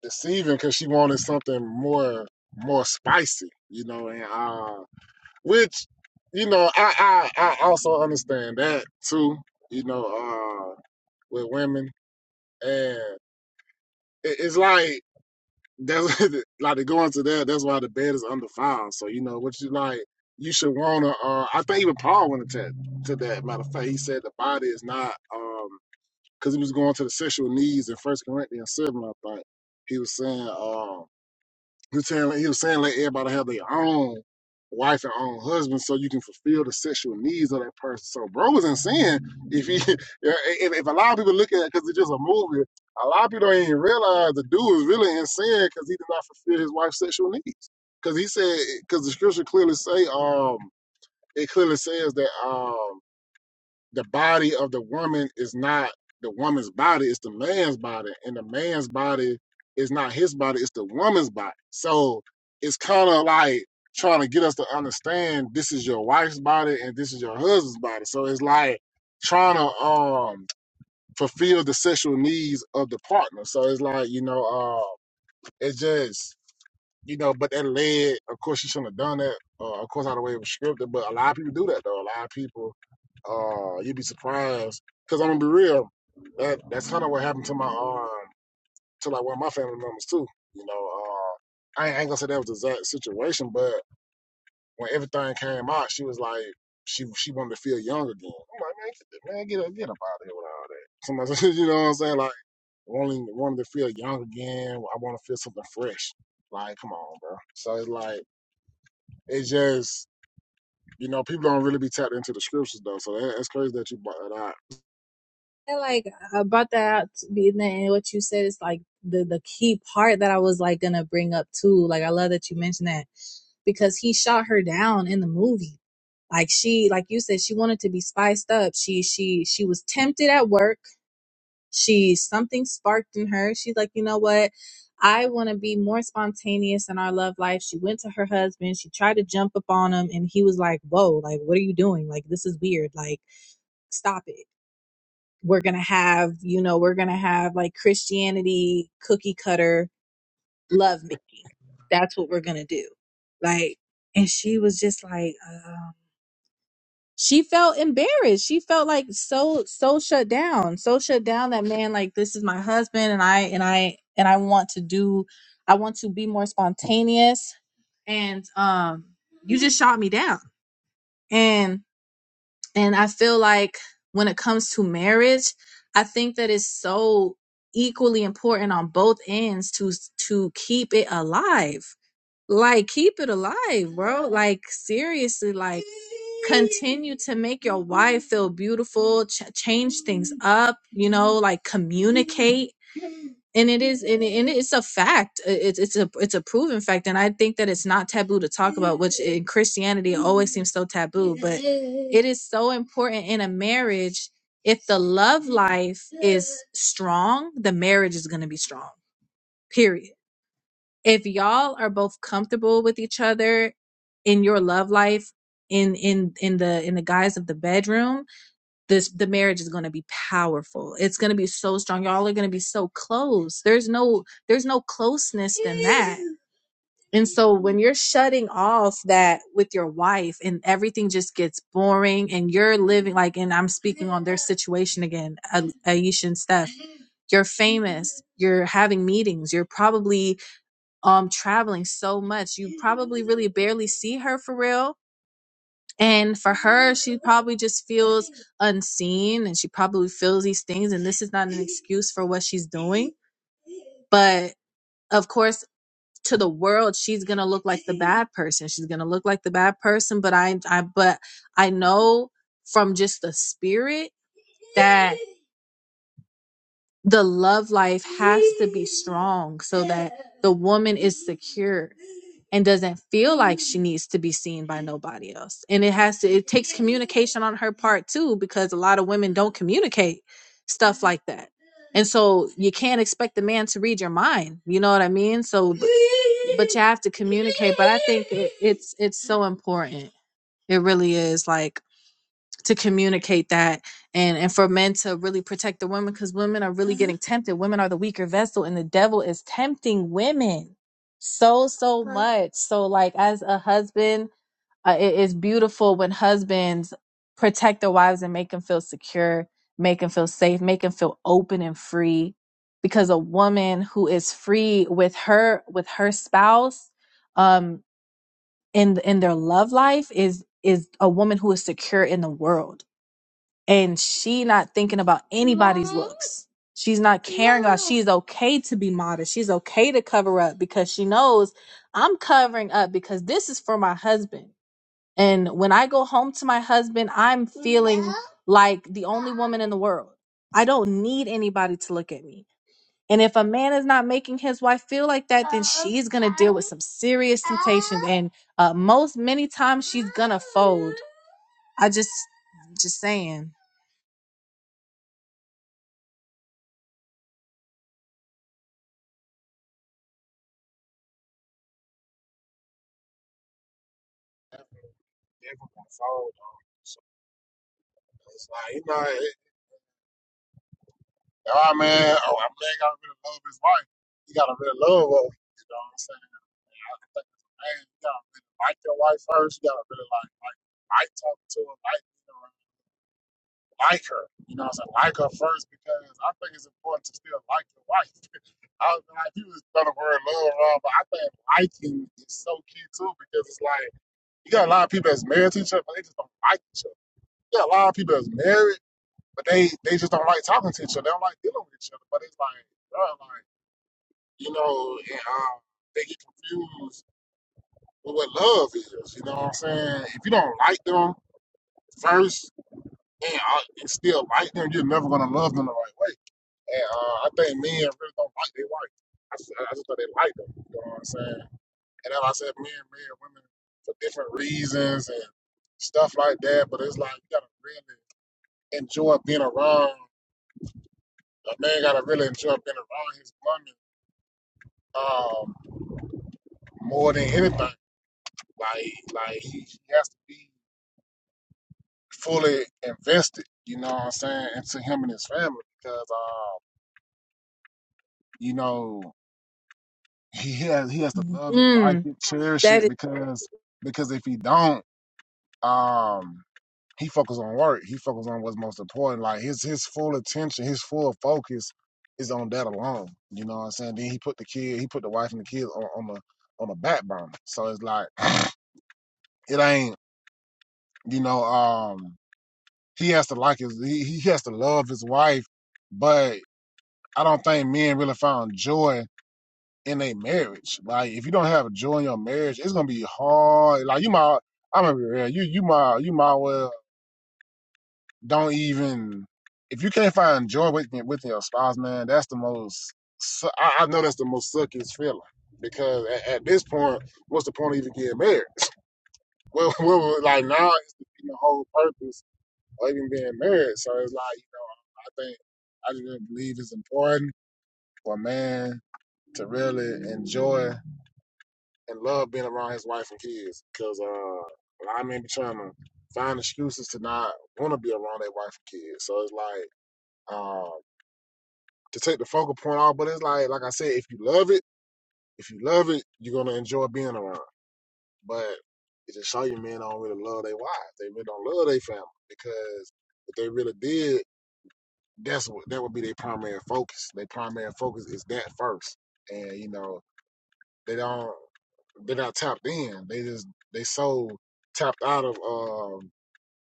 Speaker 1: deceiving because she wanted something more more spicy, you know, and uh which, you know, I I, I also understand that too, you know, uh with women. And it, it's like that's <laughs> like to go into that, that's why the bed is undefiled. So, you know, what you like you should wanna uh I think even Paul went into to that matter of fact. He said the body is not um because he was going to the sexual needs in First Corinthians seven, I think. He was saying um He was saying like, he was saying let everybody have their own wife and own husband so you can fulfill the sexual needs of that person. So bro was insane. If he <laughs> if, if a lot of people look at it because it's just a movie, a lot of people don't even realize the dude was really insane because he did not fulfill his wife's sexual needs. Because he said because the scripture clearly say um it clearly says that um the body of the woman is not the woman's body, it's the man's body. And the man's body is not his body, it's the woman's body. So it's kind of like trying to get us to understand this is your wife's body and this is your husband's body. So it's like trying to um fulfill the sexual needs of the partner. So it's like, you know, uh, it's just you know, but that led. Of course, you shouldn't have done that. Uh, of course, out of the way it was scripted, but a lot of people do that though. A lot of people, uh, you'd be surprised. Cause I'm gonna be real. That that's kind of what happened to my um to like one of my family members too. You know, uh, I ain't, I ain't gonna say that was the exact situation, but when everything came out, she was like, she she wanted to feel young again. I'm like, man, get, man, get get up out of here with all that. Somebody, said, <laughs> you know what I'm saying? Like, wanting wanting to feel young again. I want to feel something fresh. Like, come on, bro. So it's like it's just you know people don't really be tapped into the scriptures though. So that, that's crazy that you brought that out.
Speaker 2: And like I brought that out to and what you said is like the the key part that I was like gonna bring up too. Like I love that you mentioned that because he shot her down in the movie. Like she, like you said, she wanted to be spiced up. She she she was tempted at work. she something sparked in her she's like you know what i want to be more spontaneous in our love life she went to her husband she tried to jump up on him and he was like whoa like what are you doing like this is weird like stop it we're gonna have you know we're gonna have like christianity cookie cutter love making that's what we're gonna do like and she was just like um, she felt embarrassed. She felt like so so shut down, so shut down that man like this is my husband and I and I and I want to do I want to be more spontaneous and um you just shot me down. And and I feel like when it comes to marriage, I think that it's so equally important on both ends to to keep it alive like keep it alive bro like seriously like continue to make your wife feel beautiful ch- change things up you know like communicate and it is and, it- and it's a fact I- it's it's a it's a proven fact and i think that it's not taboo to talk about which in christianity it always seems so taboo but it is so important in a marriage if the love life is strong the marriage is going to be strong period if y'all are both comfortable with each other in your love life in in in the in the guise of the bedroom this the marriage is going to be powerful it's going to be so strong y'all are going to be so close there's no there's no closeness than that and so when you're shutting off that with your wife and everything just gets boring and you're living like and i'm speaking on their situation again A- aisha and steph you're famous you're having meetings you're probably um traveling so much. You probably really barely see her for real. And for her, she probably just feels unseen and she probably feels these things. And this is not an excuse for what she's doing. But of course, to the world, she's gonna look like the bad person. She's gonna look like the bad person. But I, I, but I know from just the spirit that the love life has to be strong so that the woman is secure and doesn't feel like she needs to be seen by nobody else. And it has to, it takes communication on her part too, because a lot of women don't communicate stuff like that. And so you can't expect the man to read your mind. You know what I mean? So, but, but you have to communicate. But I think it, it's, it's so important. It really is. Like, to communicate that and and for men to really protect the women because women are really getting tempted women are the weaker vessel and the devil is tempting women so so Right. much so like as a husband uh, it is beautiful when husbands protect their wives and make them feel secure make them feel safe make them feel open and free because a woman who is free with her with her spouse um in in their love life is is a woman who is secure in the world and she not thinking about anybody's looks. She's not caring about. She's okay to be modest. She's okay to cover up because she knows I'm covering up because this is for my husband. And when I go home to my husband, I'm feeling like the only woman in the world. I don't need anybody to look at me. And if a man is not making his wife feel like that, then she's gonna deal with some serious temptations. And uh, most many times she's gonna fold. I just, just saying.
Speaker 1: Everyone followed though. So it's like you know, it, all right, man. Oh, I'm glad I really love his wife. You gotta really love her. You know what I'm saying? think as a man, you gotta really like your wife first. You gotta really like like like talking to her, like being around, like her. You know what I'm saying? Like her first because I think it's important to still like your wife. <laughs> I was like, you just throw the word love around, but I think liking is so key too because it's like you got a lot of people that's married to each other, but they just don't like each other. You got a lot of people that's married, but they they just don't like talking to each other. They don't like dealing with each other. But it's like, bro, like you know, and, um, they get confused But what love is, you know what I'm saying? If you don't like them first and, uh, and still like them, you're never gonna love them the right way. And uh, I think men really don't like their wife. I, just- just thought they like them. You know what I'm saying? And as I said, men marry women for different reasons and stuff like that. But it's like you gotta really enjoy being around. A man gotta really enjoy being around his woman um, more than anything. Like, like he, he has to be. fully invested, you know what I'm saying, into him and his family because, uh, you know, he has he has to love it,
Speaker 2: Mm.
Speaker 1: like it, cherish
Speaker 2: That
Speaker 1: it
Speaker 2: is
Speaker 1: because because if he don't, um, he focus on work. He focus on what's most important. Like his his full attention, his full focus is on that alone. You know what I'm saying? Then he put the kid, he put the wife and the kids on, on the on the back burner. So it's like it ain't, you know, um, he has to like his he, he has to love his wife, but I don't think men really found joy in a marriage. Like if you don't have joy in your marriage, it's gonna be hard. Like you might, I'm gonna be real. You you might you might well don't even if you can't find joy with with your spouse, man. That's the most. su- I, I know that's the most suckiest feeling because at, at this point, what's the point of even getting married? <laughs> Well, well like now it's defeating the whole purpose of even being married. So it's like you know, I think I just really believe it's important for a man to really enjoy and love being around his wife and kids because uh, a lot of men be trying to find excuses to not want to be around their wife and kids. So it's like um, to take the focal point off, but it's like like I said, if you love it, if you love it, you're gonna enjoy being around. But it just show you men don't really love their wives. They really don't love their family because if they really did, that's what that would be their primary focus. Their primary focus is that first. And you know, they don't they not tapped in. They just they so tapped out of um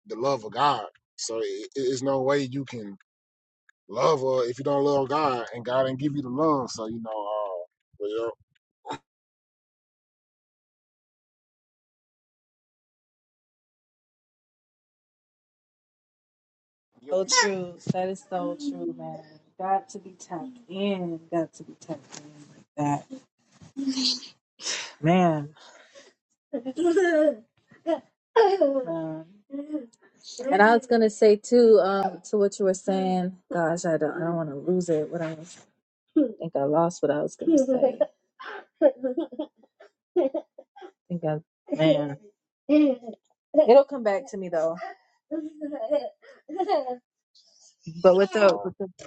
Speaker 1: the love of God. So it, it's no way you can love uh if you don't love God and God didn't give you the love. So you know, uh, well, you
Speaker 2: so true. That is so true, man. Got to be tapped in. Got to be tapped in like that. Man. <laughs> Man. And I was gonna say too, um, to what you were saying. Gosh, I don't, I don't want to lose it. What I was, I think I lost what I was gonna say. I think I, man, it'll come back to me though. <laughs> But with
Speaker 1: know,
Speaker 2: the,
Speaker 1: um,
Speaker 2: with the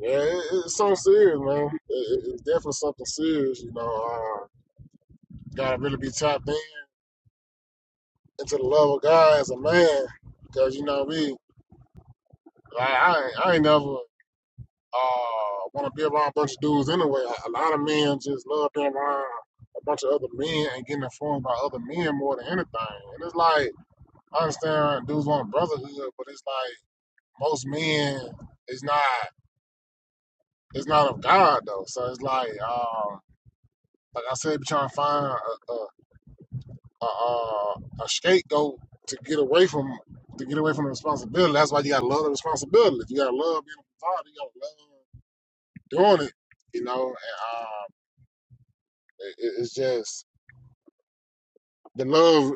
Speaker 1: yeah, it, it's so serious, man. It, it's definitely something serious. You know, uh, you gotta really be tapped in into the love of God as a man because you know me. I, I, I ain't never. uh want to be around a bunch of dudes anyway. A, lot of men just love being around a bunch of other men and getting informed by other men more than anything. And it's like I understand dudes want brotherhood, but it's like most men it's not it's not of God though. So it's like um like I said, be trying to find a a, a, uh, a scapegoat to get away from to get away from the responsibility. That's why you gotta love the responsibility. If you gotta love being a father, you gotta love doing it. You know, and uh. It- It's just the love.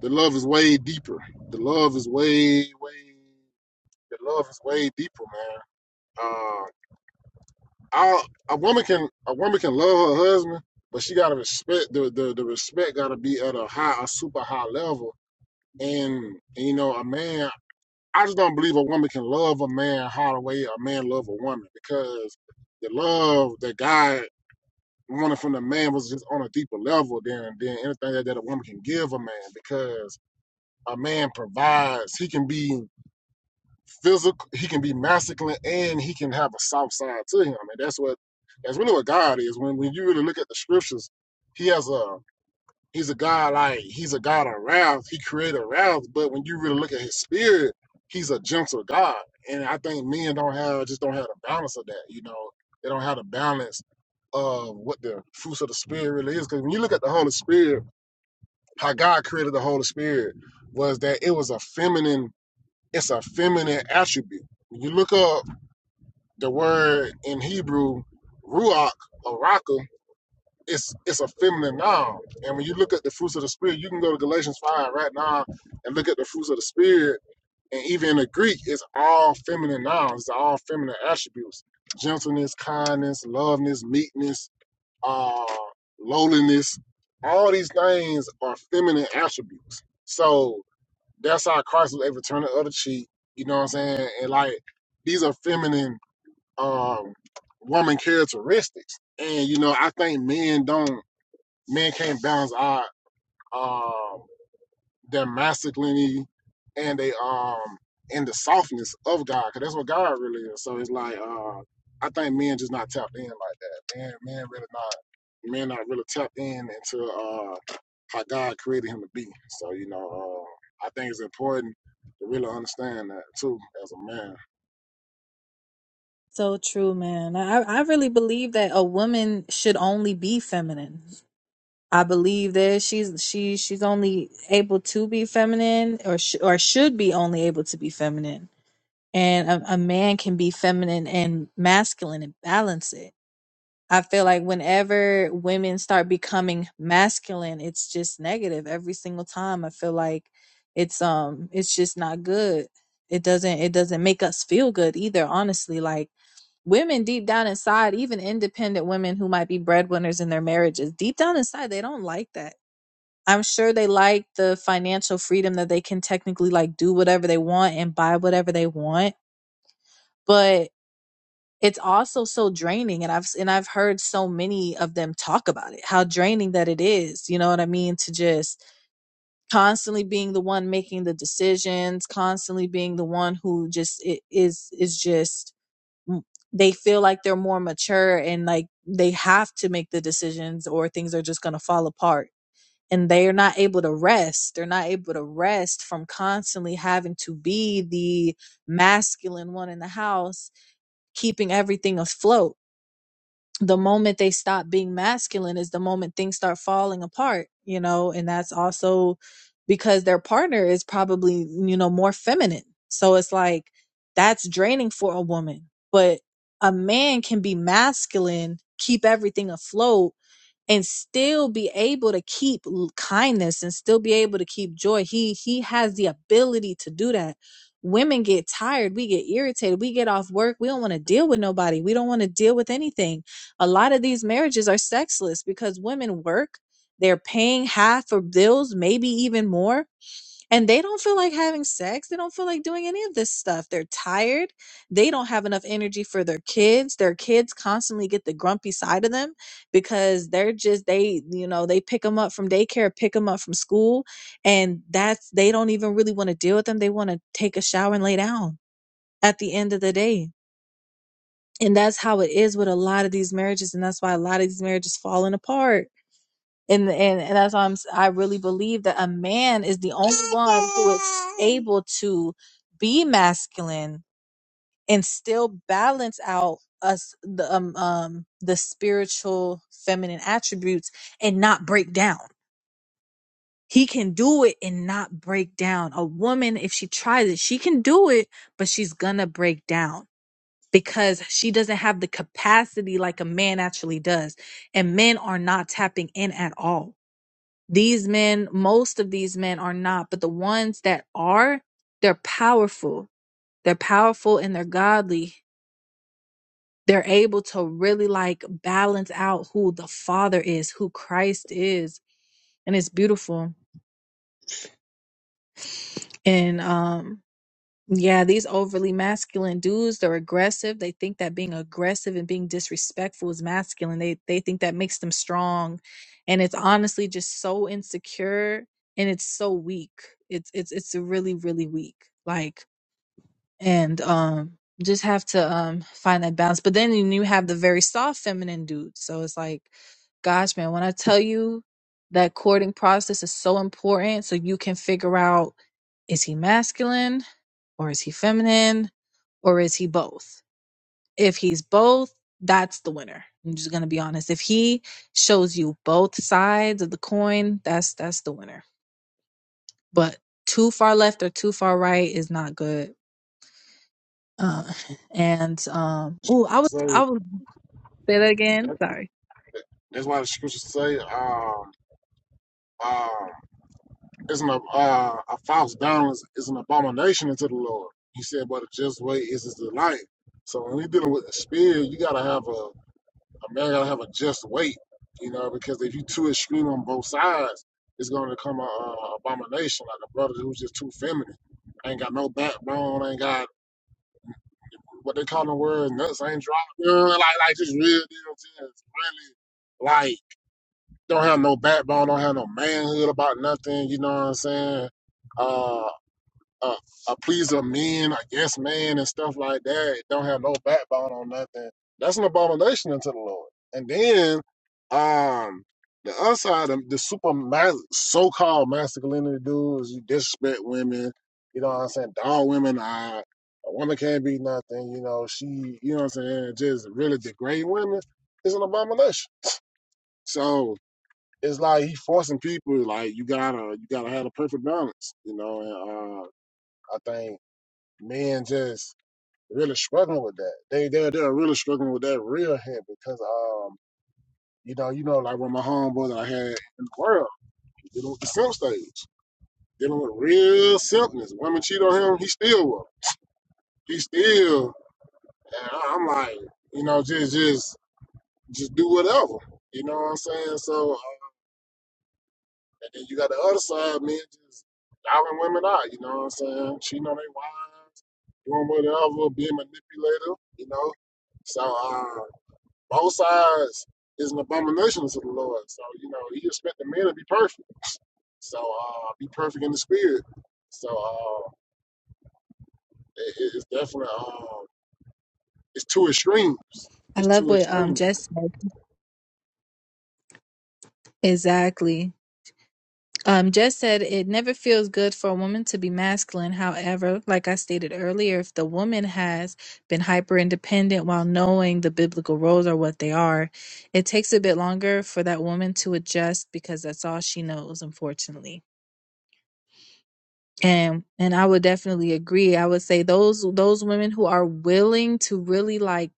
Speaker 1: The love is way deeper. The love is way, way. The love is way deeper, man. Uh, I, a woman can a woman can love her husband, but she gotta respect the the, the respect gotta be at a high, a super high level. And you know, a man. I just don't believe a woman can love a man how the way a man love a woman because the love that God wanted from the man was just on a deeper level than than anything that, that a woman can give a man because a man provides. He can be physical, he can be masculine, and he can have a soft side to him. And that's what that's really what God is. When when you really look at the scriptures, he has a he's a God like he's a God of wrath. He created wrath, but when you really look at his spirit, he's a gentle God. And I think men don't have just don't have the balance of that. You know, they don't have the balance of what the fruits of the spirit really is. Because when you look at the Holy Spirit, how God created the Holy Spirit was that it was a feminine it's a feminine attribute. When you look up the word in Hebrew, ruach or raka, it's it's a feminine noun. And when you look at the fruits of the spirit, you can go to Galatians five right now and look at the fruits of the spirit. And even in the Greek, it's all feminine nouns, it's all feminine attributes: gentleness, kindness, loveness, meekness, uh, lowliness. All these things are feminine attributes. So that's how Christ was able to turn the other cheek. You know what I'm saying? And like these are feminine um woman characteristics. And you know, I think men don't men can't balance our um their masculinity and they um and the softness of God, because that's what God really is. So it's like uh, I think men just not tapped in like that. Man, men really not men not really tapped in into uh how God created him to be. So you know, uh, I think it's important to really understand that too as a man.
Speaker 2: So true, man. I, I really believe that a woman should only be feminine. I believe that she's she she's only able to be feminine, or sh- or should be only able to be feminine. And a, a man can be feminine and masculine and balance it. I feel like whenever women start becoming masculine, it's just negative every single time. I feel like it's um it's just not good. It doesn't it doesn't make us feel good either. Honestly, like women deep down inside, even independent women who might be breadwinners in their marriages, deep down inside, they don't like that. I'm sure they like the financial freedom that they can technically like do whatever they want and buy whatever they want, but it's also so draining and I've and I've heard so many of them talk about it, how draining that it is, you know what I mean, to just constantly being the one making the decisions, constantly being the one who just it is is just m- they feel like they're more mature and like they have to make the decisions or things are just going to fall apart and they're not able to rest they're not able to rest from constantly having to be the masculine one in the house keeping everything afloat the moment they stop being masculine is the moment things start falling apart, you know, and that's also because their partner is probably, you know, more feminine. So it's like that's draining for a woman. But a man can be masculine, keep everything afloat, and still be able to keep l- kindness and still be able to keep joy he he has the ability to do that women get tired we get irritated we get off work we don't want to deal with nobody we don't want to deal with anything a lot of these marriages are sexless because women work they're paying half for bills maybe even more and they don't feel like having sex. They don't feel like doing any of this stuff. They're tired. They don't have enough energy for their kids. Their kids constantly get the grumpy side of them because they're just they, you know, they pick them up from daycare, pick them up from school, and that's they don't even really want to deal with them. They want to take a shower and lay down at the end of the day. And that's how it is with a lot of these marriages, and that's why a lot of these marriages falling apart and and, and that's why I'm s- i am I really believe that a man is the only one who is able to be masculine and still balance out us the um, um the spiritual feminine attributes and not break down. He can do it and not break down. A woman, if she tries it, she can do it, but she's gonna break down because she doesn't have the capacity like a man actually does. And men are not tapping in at all these men, most of these men are not, but the ones that are, they're powerful. They're powerful and they're godly. They're able to really like balance out who the Father is, who Christ is. And it's beautiful. And um Yeah, these overly masculine dudes, they're aggressive. They think that being aggressive and being disrespectful is masculine. They they think that makes them strong. And it's honestly just so insecure and it's so weak. It's it's it's really, really weak. Like and um just have to um find that balance. But then you have the very soft feminine dudes. So it's like, gosh, man, when I tell you that courting process is so important so you can figure out is he masculine? or is he feminine or is he both? If he's both, that's the winner. I'm just going to be honest. If he shows you both sides of the coin, that's that's the winner. But too far left or too far right is not good. Uh, <laughs> and um oh, I was
Speaker 1: So
Speaker 2: I was say that again.
Speaker 1: that-
Speaker 2: Sorry.
Speaker 1: that's why the scriptures say um um is an, uh, a false balance is an abomination unto the Lord. He said, but a just way is his delight. So when we dealing with the spirit, you gotta have a, a man gotta have a just weight, you know, because if you too extreme on both sides, it's gonna become a, a abomination, like a brother who's just too feminine. Ain't got no backbone, ain't got what they call the word nuts, ain't dropped. Like like just real deal, just really like don't have no backbone, don't have no manhood about nothing, you know what I'm saying? Uh a, a pleaser of men, a yes man, and stuff like that. It don't have no backbone on nothing. That's an abomination unto the Lord. And then, um, the other side of the super mas- so-called masculinity dudes, you disrespect women. You know what I'm saying? Dog women are. A woman can't be nothing. You know she. You know what I'm saying? Just really degrade women is an abomination. So. It's like he forcing people like you gotta you gotta have a perfect balance, you know. And uh, I think men just really struggling with that. They they they're really struggling with that real head because um you know you know like with my homeboy that I had in the world dealing with the simp stage, dealing with real simpness. Women cheat on him, he still will. He still. And I- I'm like you know just just just do whatever. You know what I'm saying? So uh, and then you got the other side, men just dialing women out. You know what I'm saying? Cheating on their wives, doing whatever, being manipulative. You know. So. uh, Both sides is an abomination to the Lord. So, you know, he expected men to be perfect. So, uh, be perfect in the spirit. So, uh, it, it- it's definitely, uh, it's two extremes.
Speaker 2: I
Speaker 1: It's
Speaker 2: love
Speaker 1: two
Speaker 2: what um
Speaker 1: extremes.
Speaker 2: Jess said. Exactly. Um, Jess said it never feels good for a woman to be masculine. However, like I stated earlier, if the woman has been hyper independent while knowing the biblical roles are what they are, it takes a bit longer for that woman to adjust because that's all she knows, unfortunately and and I would definitely agree. I would say those those women who are willing to really like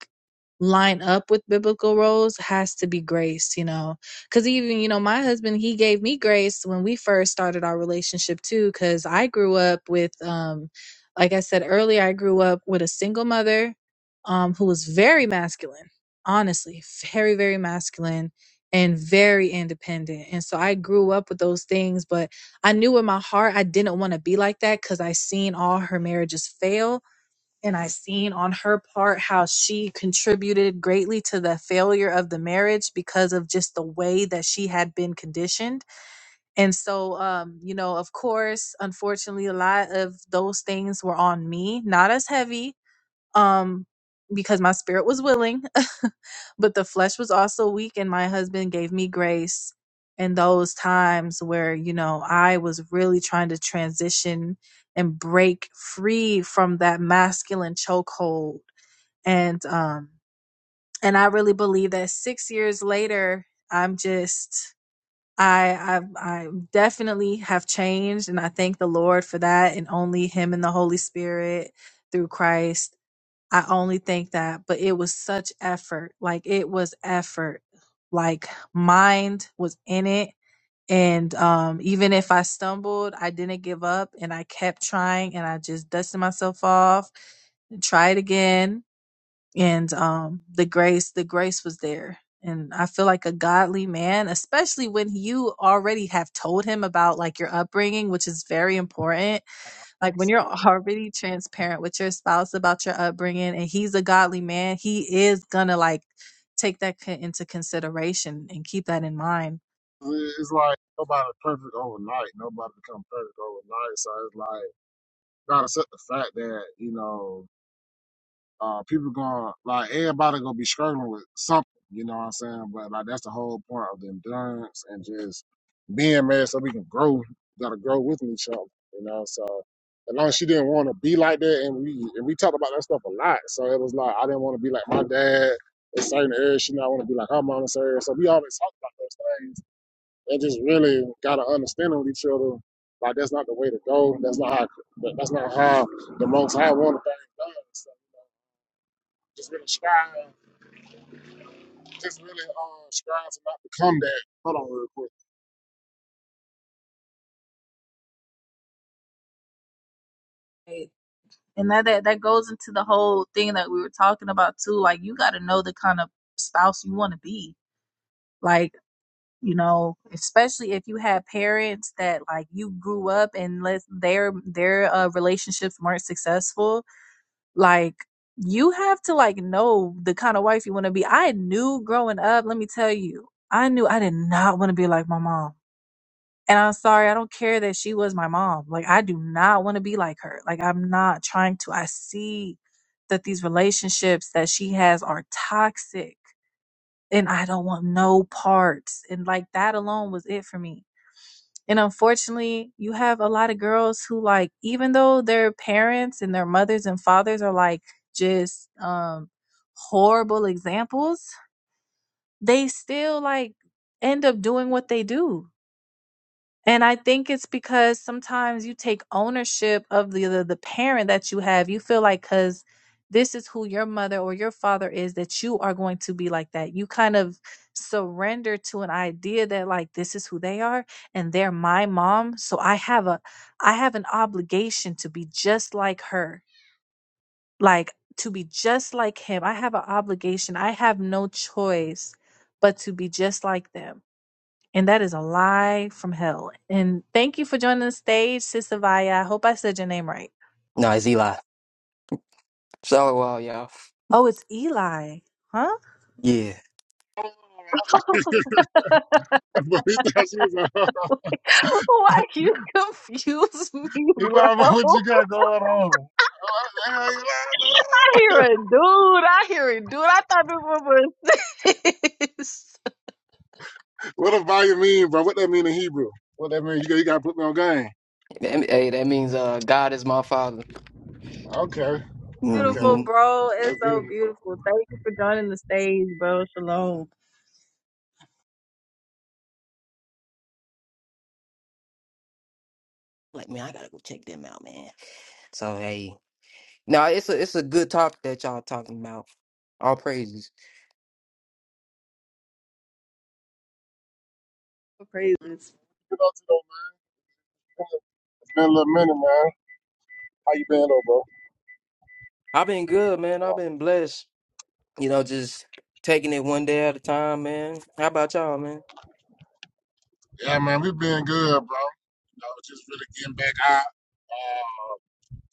Speaker 2: line up with biblical roles has to be graced, you know. Cuz even, you know, my husband, he gave me grace when we first started our relationship too cuz I grew up with um like I said earlier, I grew up with a single mother um who was very masculine. Honestly, very very masculine and very independent. And so I grew up with those things, but I knew in my heart I didn't want to be like that because I seen all her marriages fail. And I seen on her part how she contributed greatly to the failure of the marriage because of just the way that she had been conditioned. And so, um, you know, of course, unfortunately, a lot of those things were on me, not as heavy, um because my spirit was willing <laughs> but the flesh was also weak and my husband gave me grace in those times where you know i was really trying to transition and break free from that masculine chokehold and um and i really believe that six years later i'm just I, I I definitely have changed and I thank the Lord for that and only him and the Holy Spirit through Christ I only think that, but it was such effort. Like it was effort. Like mind was in it. And um, even if I stumbled, I didn't give up and I kept trying and I just dusted myself off and tried again. And um, the grace, the grace was there. And I feel like a godly man, especially when you already have told him about like your upbringing, which is very important
Speaker 1: I
Speaker 2: like
Speaker 1: I
Speaker 2: when
Speaker 1: say
Speaker 2: you're
Speaker 1: that.
Speaker 2: already transparent with your spouse about your upbringing and he's a godly man, he is gonna like take that co- into consideration and keep that in mind.
Speaker 1: It- It's like nobody perfect overnight. Nobody become perfect overnight. So it's like gotta accept the fact that you know Uh, people going to like everybody gonna be struggling with something, you know what I'm saying? But like that's the whole point of the endurance and just being mad so we can grow. We Gotta grow with each other, you know. So as long as she didn't want to be like that, and we and we talked about that stuff a lot, so it was like I didn't want to be like my dad in certain areas. She not want to be like her mom in certain areas. So we always talked about those things and just really gotta understand with each other. Like that's not the way to go. That's not how. That's not how the Most High wanted things done. So just really strive. Just really um, strive to not become that. Hold on real quick.
Speaker 2: Right. And that, that that goes into the whole thing that we were talking about too. Like you got to know the kind of spouse you want to be. Like you know, especially if you had parents that like you grew up and let their their uh, relationships weren't successful Like you have to like know the kind of wife you want to be. I knew growing up, let me tell you, I knew I did not want to be like my mom. And I'm sorry, I don't care that she was my mom. Like I do not want to be like her. Like I'm not trying to. I see that these relationships that she has are toxic and I don't want no parts. And like that alone was it for me and unfortunately, you have a lot of girls who like, even though their parents and their mothers and fathers are like just um horrible examples, they still like end up doing what they do. And I think it's because sometimes you take ownership of the the, the parent that you have. You feel like cuz this is who your mother or your father is that you are going to be like that. You kind of surrender to an idea that like this is who they are and they're my mom, so I have a I have an obligation to be just like her. Like to be just like him. I have an obligation. I have no choice but to be just like them and that is a lie from hell. And thank you for joining the stage, Sister Vaya. I hope I said your name right.
Speaker 3: No, it's Eli. So, well, y'all.
Speaker 2: Oh, it's Eli. Huh?
Speaker 3: Yeah.
Speaker 1: <laughs> Hold on, hold on. <laughs> he thought she was a
Speaker 2: <laughs> Why you confuse <laughs> me, bro?
Speaker 1: Eli, bro, what you got going on? <laughs>
Speaker 2: I hear a dude. I hear a dude. I thought this was a sis.
Speaker 1: What a volume mean, bro? What that mean in Hebrew? What that mean? You got, you got to put me on game.
Speaker 3: That- Hey, that means uh, God is my father.
Speaker 1: Okay.
Speaker 2: <laughs>
Speaker 1: Okay.
Speaker 3: Mm-hmm.
Speaker 2: Beautiful, bro.
Speaker 1: That's
Speaker 2: It's so
Speaker 1: beautiful, bro.
Speaker 2: beautiful. Thank you for joining the stage, bro. Shalom.
Speaker 3: Like, man, I gotta go check them out, man. So hey. No, it's a it's a good topic that y'all talking about. All praises.
Speaker 2: Praises.
Speaker 1: Get out It's been a little minute, man. How you been, though, bro?
Speaker 3: I've been good, man. I've been blessed. You know, just taking it one day at a time, man. How about y'all, man?
Speaker 1: Yeah, man, we been good, bro. You know, just really getting back out. Uh,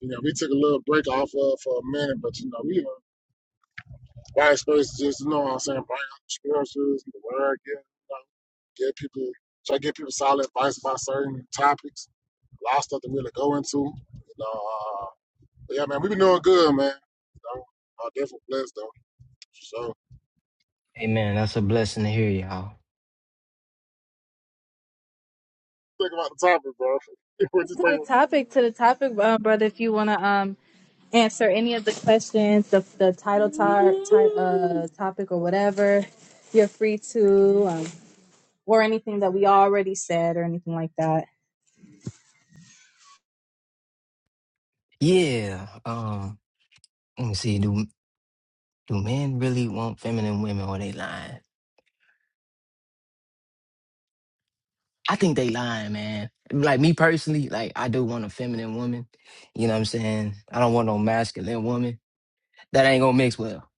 Speaker 1: you know, we took a little break off of for a minute, but you know, we uh, White space is just you know what I'm saying, bring out the scriptures, the word, get you know, get people try to get people solid advice about certain topics, a lot of stuff to really go into. You know, uh, but yeah, man, we've been doing good, man. You know, uh, definitely blessed though. So
Speaker 3: Amen. That's a blessing to hear, y'all.
Speaker 1: think about the topic, bro. <laughs> We're just thinking
Speaker 2: Topic to the topic, uh, brother. Wanna um answer any of the questions, the, the title tar, ti- uh, topic or whatever, you're free to, um, or anything that we already said or anything like that.
Speaker 3: Yeah. Um, let me see, do do men really want feminine women or they lying? I think they lying, man. Like me personally, like I do want a feminine woman. You know what I'm saying? I don't want no masculine woman. That ain't gonna mix well.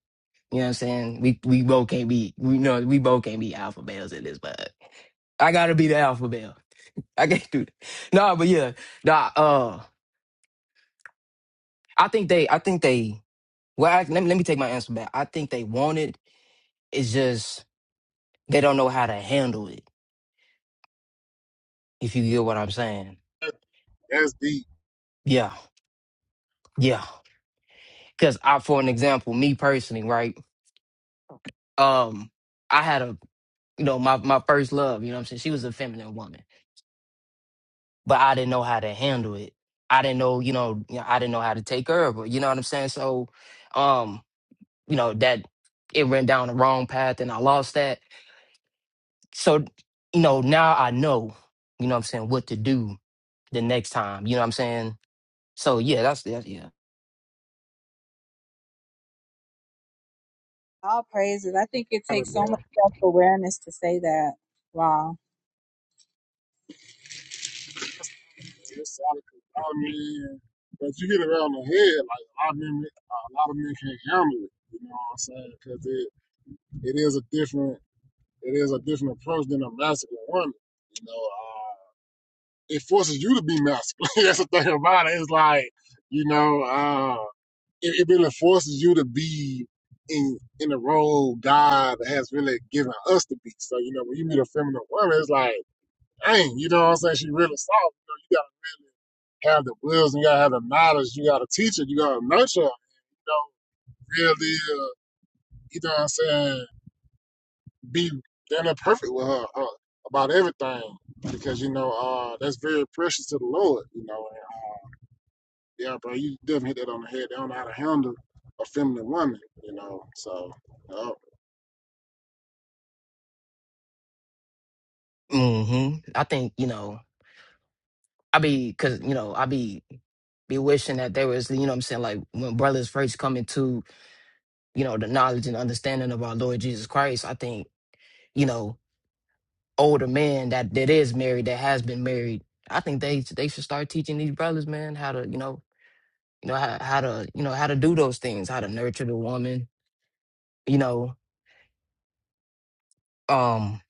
Speaker 3: You know what I'm saying? We we both can't be we know we both can't be alpha males in this, but I gotta be the alpha male. I can't do that. Nah, but yeah. Nah, uh I think they I think they well I, let, me, let me take my answer back. I think they want it. It's just they don't know how to handle it, if you get what I'm saying.
Speaker 1: that's deep,
Speaker 3: Yeah, yeah. Cause I for an example, me personally, right? um I had a you know my my first love, you know what I'm saying? She was a feminine woman, but I didn't know how to handle it. I didn't know, you know, you know, I didn't know how to take care of her, but you know what I'm saying? So um, you know, that it went down the wrong path and I lost that. So, you know, now I know, you know what I'm saying, what to do the next time, you know what I'm saying? So yeah, that's that's yeah.
Speaker 2: All praises. I think it's
Speaker 1: bro.
Speaker 2: that.
Speaker 1: That's, that's solid. 'cause a lot of men, but you get around the head, like a lot of men, a lot of men can't handle it. You know what I'm saying? Because it, it is a different it is a different approach than a masculine woman. You know, uh, it forces you to be masculine. <laughs> That's the thing about it. It's like, you know, uh, it, it really forces you to be in in the role God has really given us to be. So, you know, when you meet a feminine woman, it's like, dang, you know what I'm saying? She really soft. You, know, you gotta have the wisdom, you gotta have the knowledge, you gotta teach it, you gotta nurture her, you know, really, uh, you know what I'm saying? be damn near perfect with her uh, about everything because you know uh, that's very precious to the Lord. You know, and, yeah, bro, you definitely hit that on the head. They don't know how to handle a feminine woman. You know, so uh,
Speaker 3: Mhm. I think, you know, I be cuz you know, I be be wishing that there was, you know what I'm saying, like when brothers first come into you know, the knowledge and understanding of our Lord Jesus Christ, I think, you know, older men that that is married, that has been married, I think they they should start teaching these brothers, man, how to, you know, you know, how, how to, you know, how to do those things, how to nurture the woman, you know, um,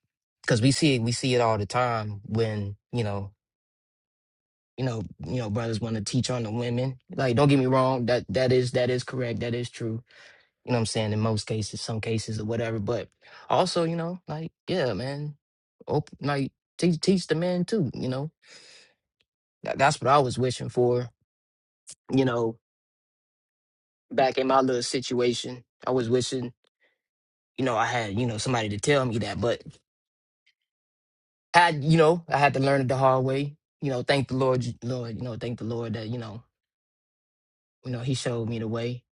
Speaker 3: because we see it, we see it all the time when, you know, you know, you know, brothers want to teach on the women. Like, don't get me wrong, that that is that is correct, that is true You know what I'm saying? In most cases, some cases or whatever. But also, you know, like, yeah, man. Op- like teach teach the man too, you know. That, that's what I was wishing for, you know, back in my little situation. I was wishing, you know, I had, you know, somebody to tell me that. But had, you know, I had to learn it the hard way. You know, thank the Lord j- Lord, you know, thank the Lord that, you know, you know, he showed me the way.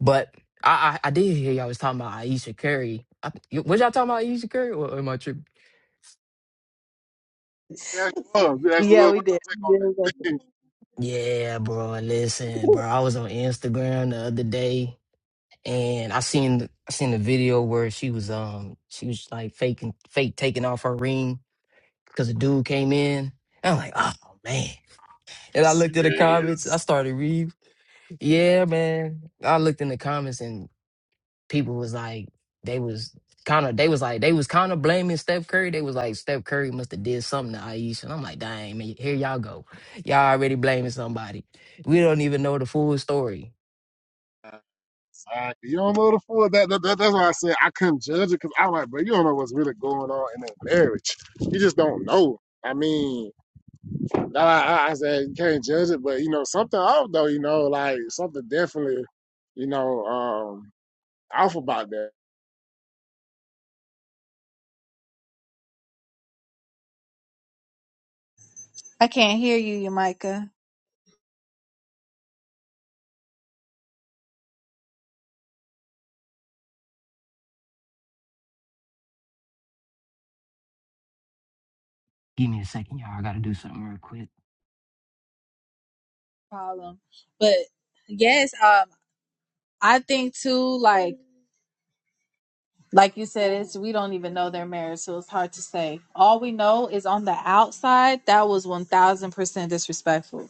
Speaker 3: But I, I, I did hear y'all was talking about Aisha Curry. I, y- was y'all talking about Aisha Curry or am I tripping?
Speaker 1: yeah, love, yes,
Speaker 2: Yeah,
Speaker 1: love.
Speaker 2: we
Speaker 1: What's your
Speaker 2: did. <laughs>
Speaker 1: take on
Speaker 2: We did like
Speaker 1: that? <laughs>
Speaker 3: Yeah, bro. Listen,
Speaker 2: that.
Speaker 3: bro. I was on Instagram the other day, and I seen I seen a video where she was um she was like faking fake taking off her ring because a dude came in. And I'm like, oh man.
Speaker 1: you
Speaker 3: And I looked at the comments. I
Speaker 1: serious?
Speaker 3: started reading. Yeah, man. I looked in the comments, and people was like they was kind of they was like they was kind of blaming Steph Curry. They was like Steph Curry must have did something to Aisha. And I'm like, dang man, here y'all go. Y'all already blaming somebody. We don't even know the full story.
Speaker 1: Like, you don't know the full that, that, that- that's why I said I couldn't judge it because I'm like, bro, you don't know what's really going on in that marriage. You just don't know. I mean. No, I, I said you can't judge it, but you know something off though. You know, like something definitely, you know, um, off about that.
Speaker 2: <laughs> I can't hear you, Yamika.
Speaker 3: Give me a second, y'all. I gotta do something real quick.
Speaker 2: Problem. But yes, um, I think too, like, like you said, it's we don't even know their marriage, so it's hard to say. All we know is on the outside, that was one thousand percent disrespectful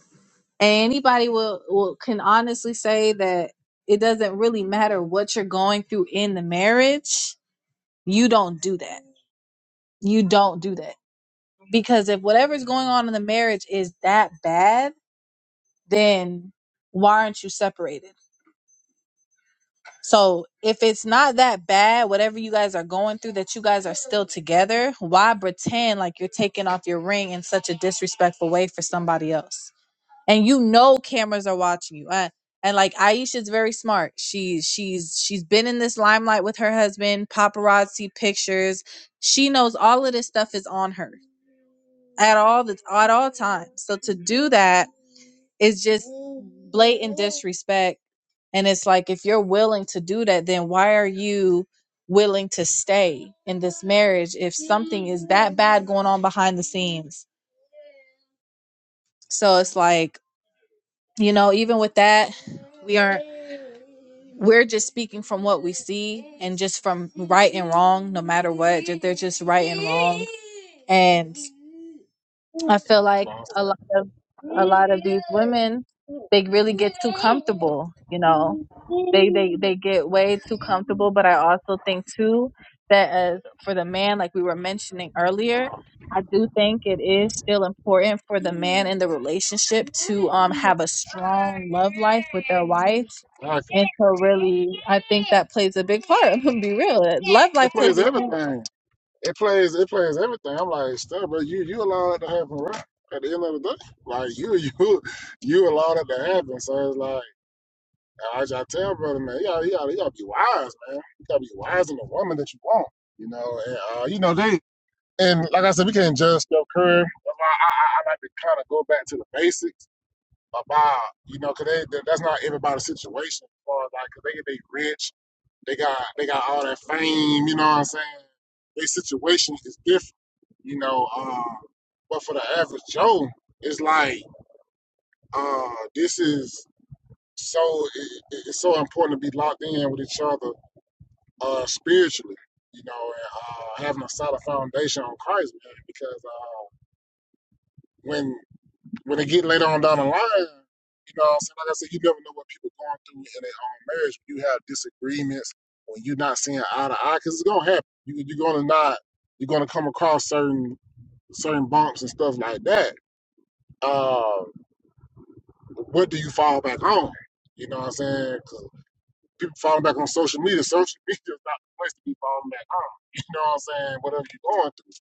Speaker 2: And anybody will, will can honestly say that it doesn't really matter what you're going through in the marriage. You don't do that. You don't do that. Because if whatever's going on in the marriage is that bad, then why aren't you separated? So if it's not that bad, whatever you guys are going through, that you guys are still together, why pretend like you're taking off your ring in such a disrespectful way for somebody else? and you know cameras are watching you. And, and like Aisha's very smart. She's she's she's been in this limelight with her husband, paparazzi pictures. She knows all of this stuff is on her at all the at all times. So to do that is just blatant disrespect. And it's like if you're willing to do that, then why are you willing to stay in this marriage if something is that bad going on behind the scenes? So it's like you know even with that we are we're just speaking from what we see and just from right and wrong no matter what ju- they're just right and wrong and i feel like
Speaker 1: You know what I'm
Speaker 2: a
Speaker 1: saying?
Speaker 2: lot of a lot of these women they really get too comfortable you know they they they get way too comfortable but i also think too that as for the man like we were mentioning earlier I do think it is still important for the man in the relationship to um have a strong love life with their wife.
Speaker 1: Like,
Speaker 2: And so really I think that plays a big part. <laughs> I'm gonna be real. Love life
Speaker 1: it
Speaker 2: plays
Speaker 1: plays
Speaker 2: a huge
Speaker 1: everything. It plays. It plays everything. I'm like, stuff, bro. You you allow that to happen, right? At the end of the day, like you <laughs> you you allow that to happen. So it's like I just tell brother, man, you gotta, you gotta you gotta be wise, man. You gotta be wise in the woman that you want. You know, and uh, you know they. And like I said, we can't judge Steph Curry. That's why I, I, I like to kind of go back to the basics about, you know, 'cause they, that's not everybody's situation. As far as like, 'cause they get they rich, they got they got all that fame. You know what I'm saying? Their situation is different. You know, uh, but for the average Joe, it's like uh, this is so it, it- it's so important to be locked in with each other uh, spiritually. You know, and uh, having a solid foundation on Christ, man, because. Uh, when when they get later on down the line, you know, what I'm saying, like I said, you never know what people are going through in their own marriage. When you have disagreements, when you're not seeing eye to eye, because it's gonna happen. You, you're gonna not, you're gonna come across certain certain bumps and stuff like that. Uh, what do you fall back on? You know what I'm saying? 'Cause people falling back on social media. Social <laughs> media is not the place to be falling back on. You know what I'm saying? Whatever you're going through,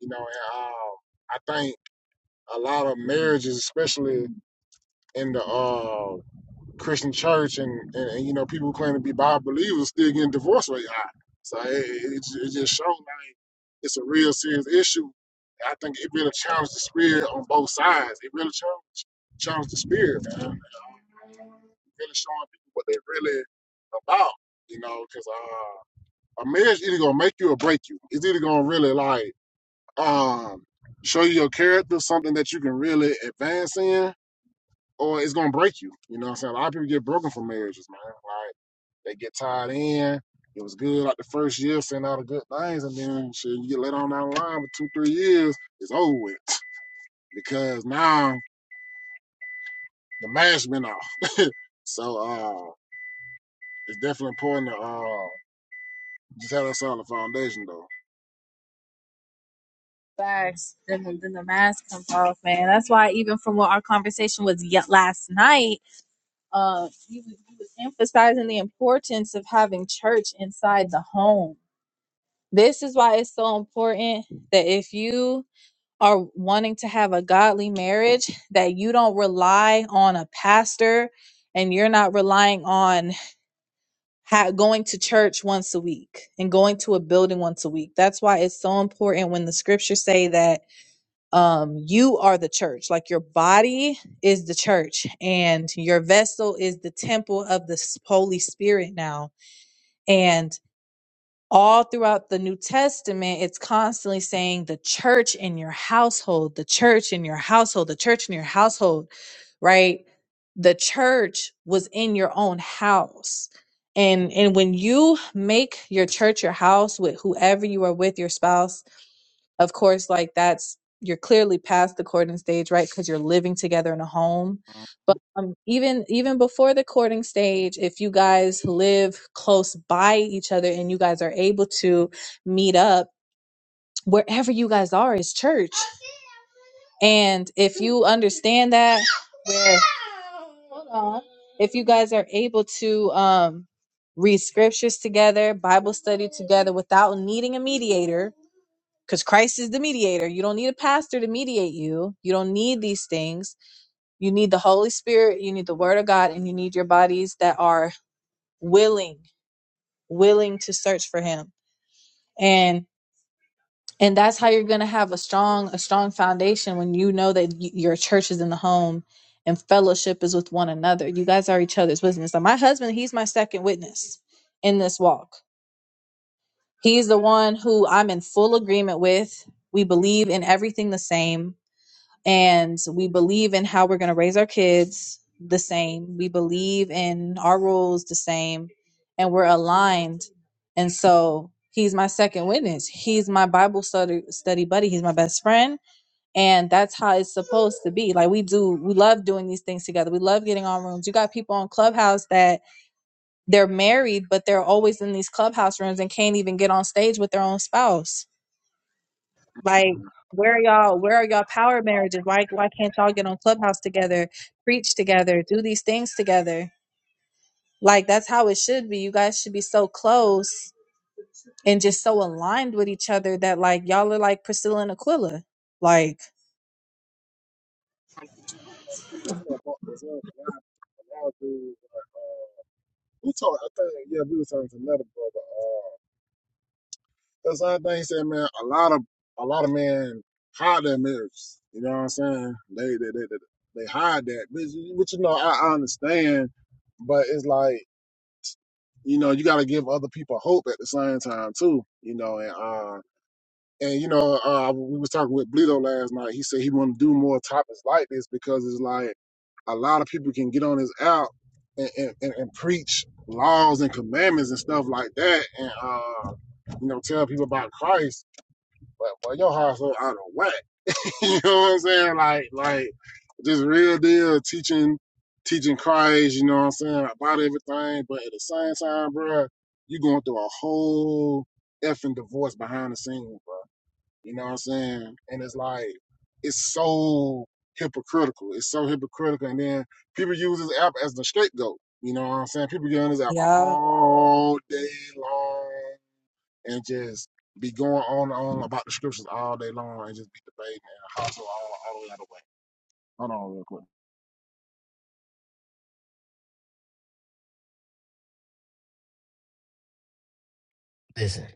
Speaker 1: you know. And um, I think a lot of marriages, especially in the uh, Christian church and, and, and you know people who claim to be Bible believers still getting divorced rate high. So it, it, it just shows like it's a real serious issue. I think it really challenged the spirit on both sides. It really challenged, challenged the spirit, man. Um, really showing people what they're really about, you know, because uh, a marriage either gonna make you or break you. It's either gonna really like um, show you your character, something that you can really advance in, or it's gonna break you. You know what I'm saying? A lot of people get broken from marriages, man. Like they get tied in. It was good like the first year, saying all the good things, and then shit, you get let on down the line for two, three years, it's over with. <tsk> Because now the mask been off. So uh it's definitely important to uh just have that solid foundation though.
Speaker 2: facts. Then the, then the mask comes off, man. That's why even from what our conversation was yet last night, uh you, was- you was emphasizing the importance of having church inside the home. This is why it's so important that if you are wanting to have a godly marriage that you don't rely on a pastor and you're not relying on ha- going to church once a week and going to a building once a week that's why it's so important when the scriptures say that um, you are the church like your body is the church and your vessel is the temple of the s- holy spirit now and all throughout the New Testament, it's constantly saying the church in your household, the church in your household, the church in your household, right? The church was in your own house. And and when you make your church your house with whoever you are with, your spouse, of course, like that's you're clearly past the courting stage, right? Because you're living together in a home.
Speaker 1: I
Speaker 2: But um, even even before the courting stage, if you guys live close by each other and you guys are able to meet up, wherever you guys are is church. And if you understand that, where hold on, if you guys are able to um, read scriptures together, Bible study together without needing a mediator because Christ is the mediator. You don't need a pastor to mediate you. You don't need these things. You need the Holy Spirit, you need the Word of God, and you need your bodies that are willing, willing to search for Him. And and that's how you're going to have a strong a strong foundation when you know that y- your church is in the home and fellowship is with one another. You guys are each other's witness. So my husband, he's my second witness in this walk. He's the one who I'm in full agreement with. We believe in everything the same and we believe in how we're going to raise our kids the same. We believe in our roles the same, and we're aligned. And so he's my second witness. He's my Bible study study buddy. He's my best friend, and that's how it's supposed to be. Like we do, we love doing these things together. We love getting on rooms. You got people on Clubhouse that they're married, but they're always in these clubhouse rooms and can't even get on stage with their own spouse like, where are y'all? Where are y'all power marriages? Why why can't y'all get on Clubhouse together, preach together, do these things together? Like that's how it should be. You guys should be so close and just so aligned with each other that like y'all are like Priscilla and Aquila. Like,
Speaker 1: definitely going this up a lot, a lot of dudes, like, uh, we talked I think yeah, we were talking to another brother. uh That's the other thing he said, man. A lot of a lot of men hide their mirrors. You know what I'm saying? They they they, they, they hide that, which, which you know I, I understand, but it's like you know you got to give other people hope at the same time too. You know, and uh and you know uh we was talking with Bleedo last night. He said he want to do more topics like this because it's like a lot of people can get on his app and, and, and, and preach laws and commandments and stuff like that and uh, you know tell people about christ but boy, your heart so out of whack. <laughs> you know what I'm saying? Like, like just real deal teaching, teaching Christ. You know what I'm saying about everything, but at the same time, bro, you going through a whole effing divorce behind the scenes, bro. You know what I'm saying? And it's like it's so hypocritical. It's so hypocritical, and then people use this app as the scapegoat. You know what I'm saying? People get on this app
Speaker 2: yeah.
Speaker 1: all day long and just be going on and on about the scriptures all day long and just be debating and hustle all, all the way out of the way. Hold on real quick.
Speaker 3: Listen,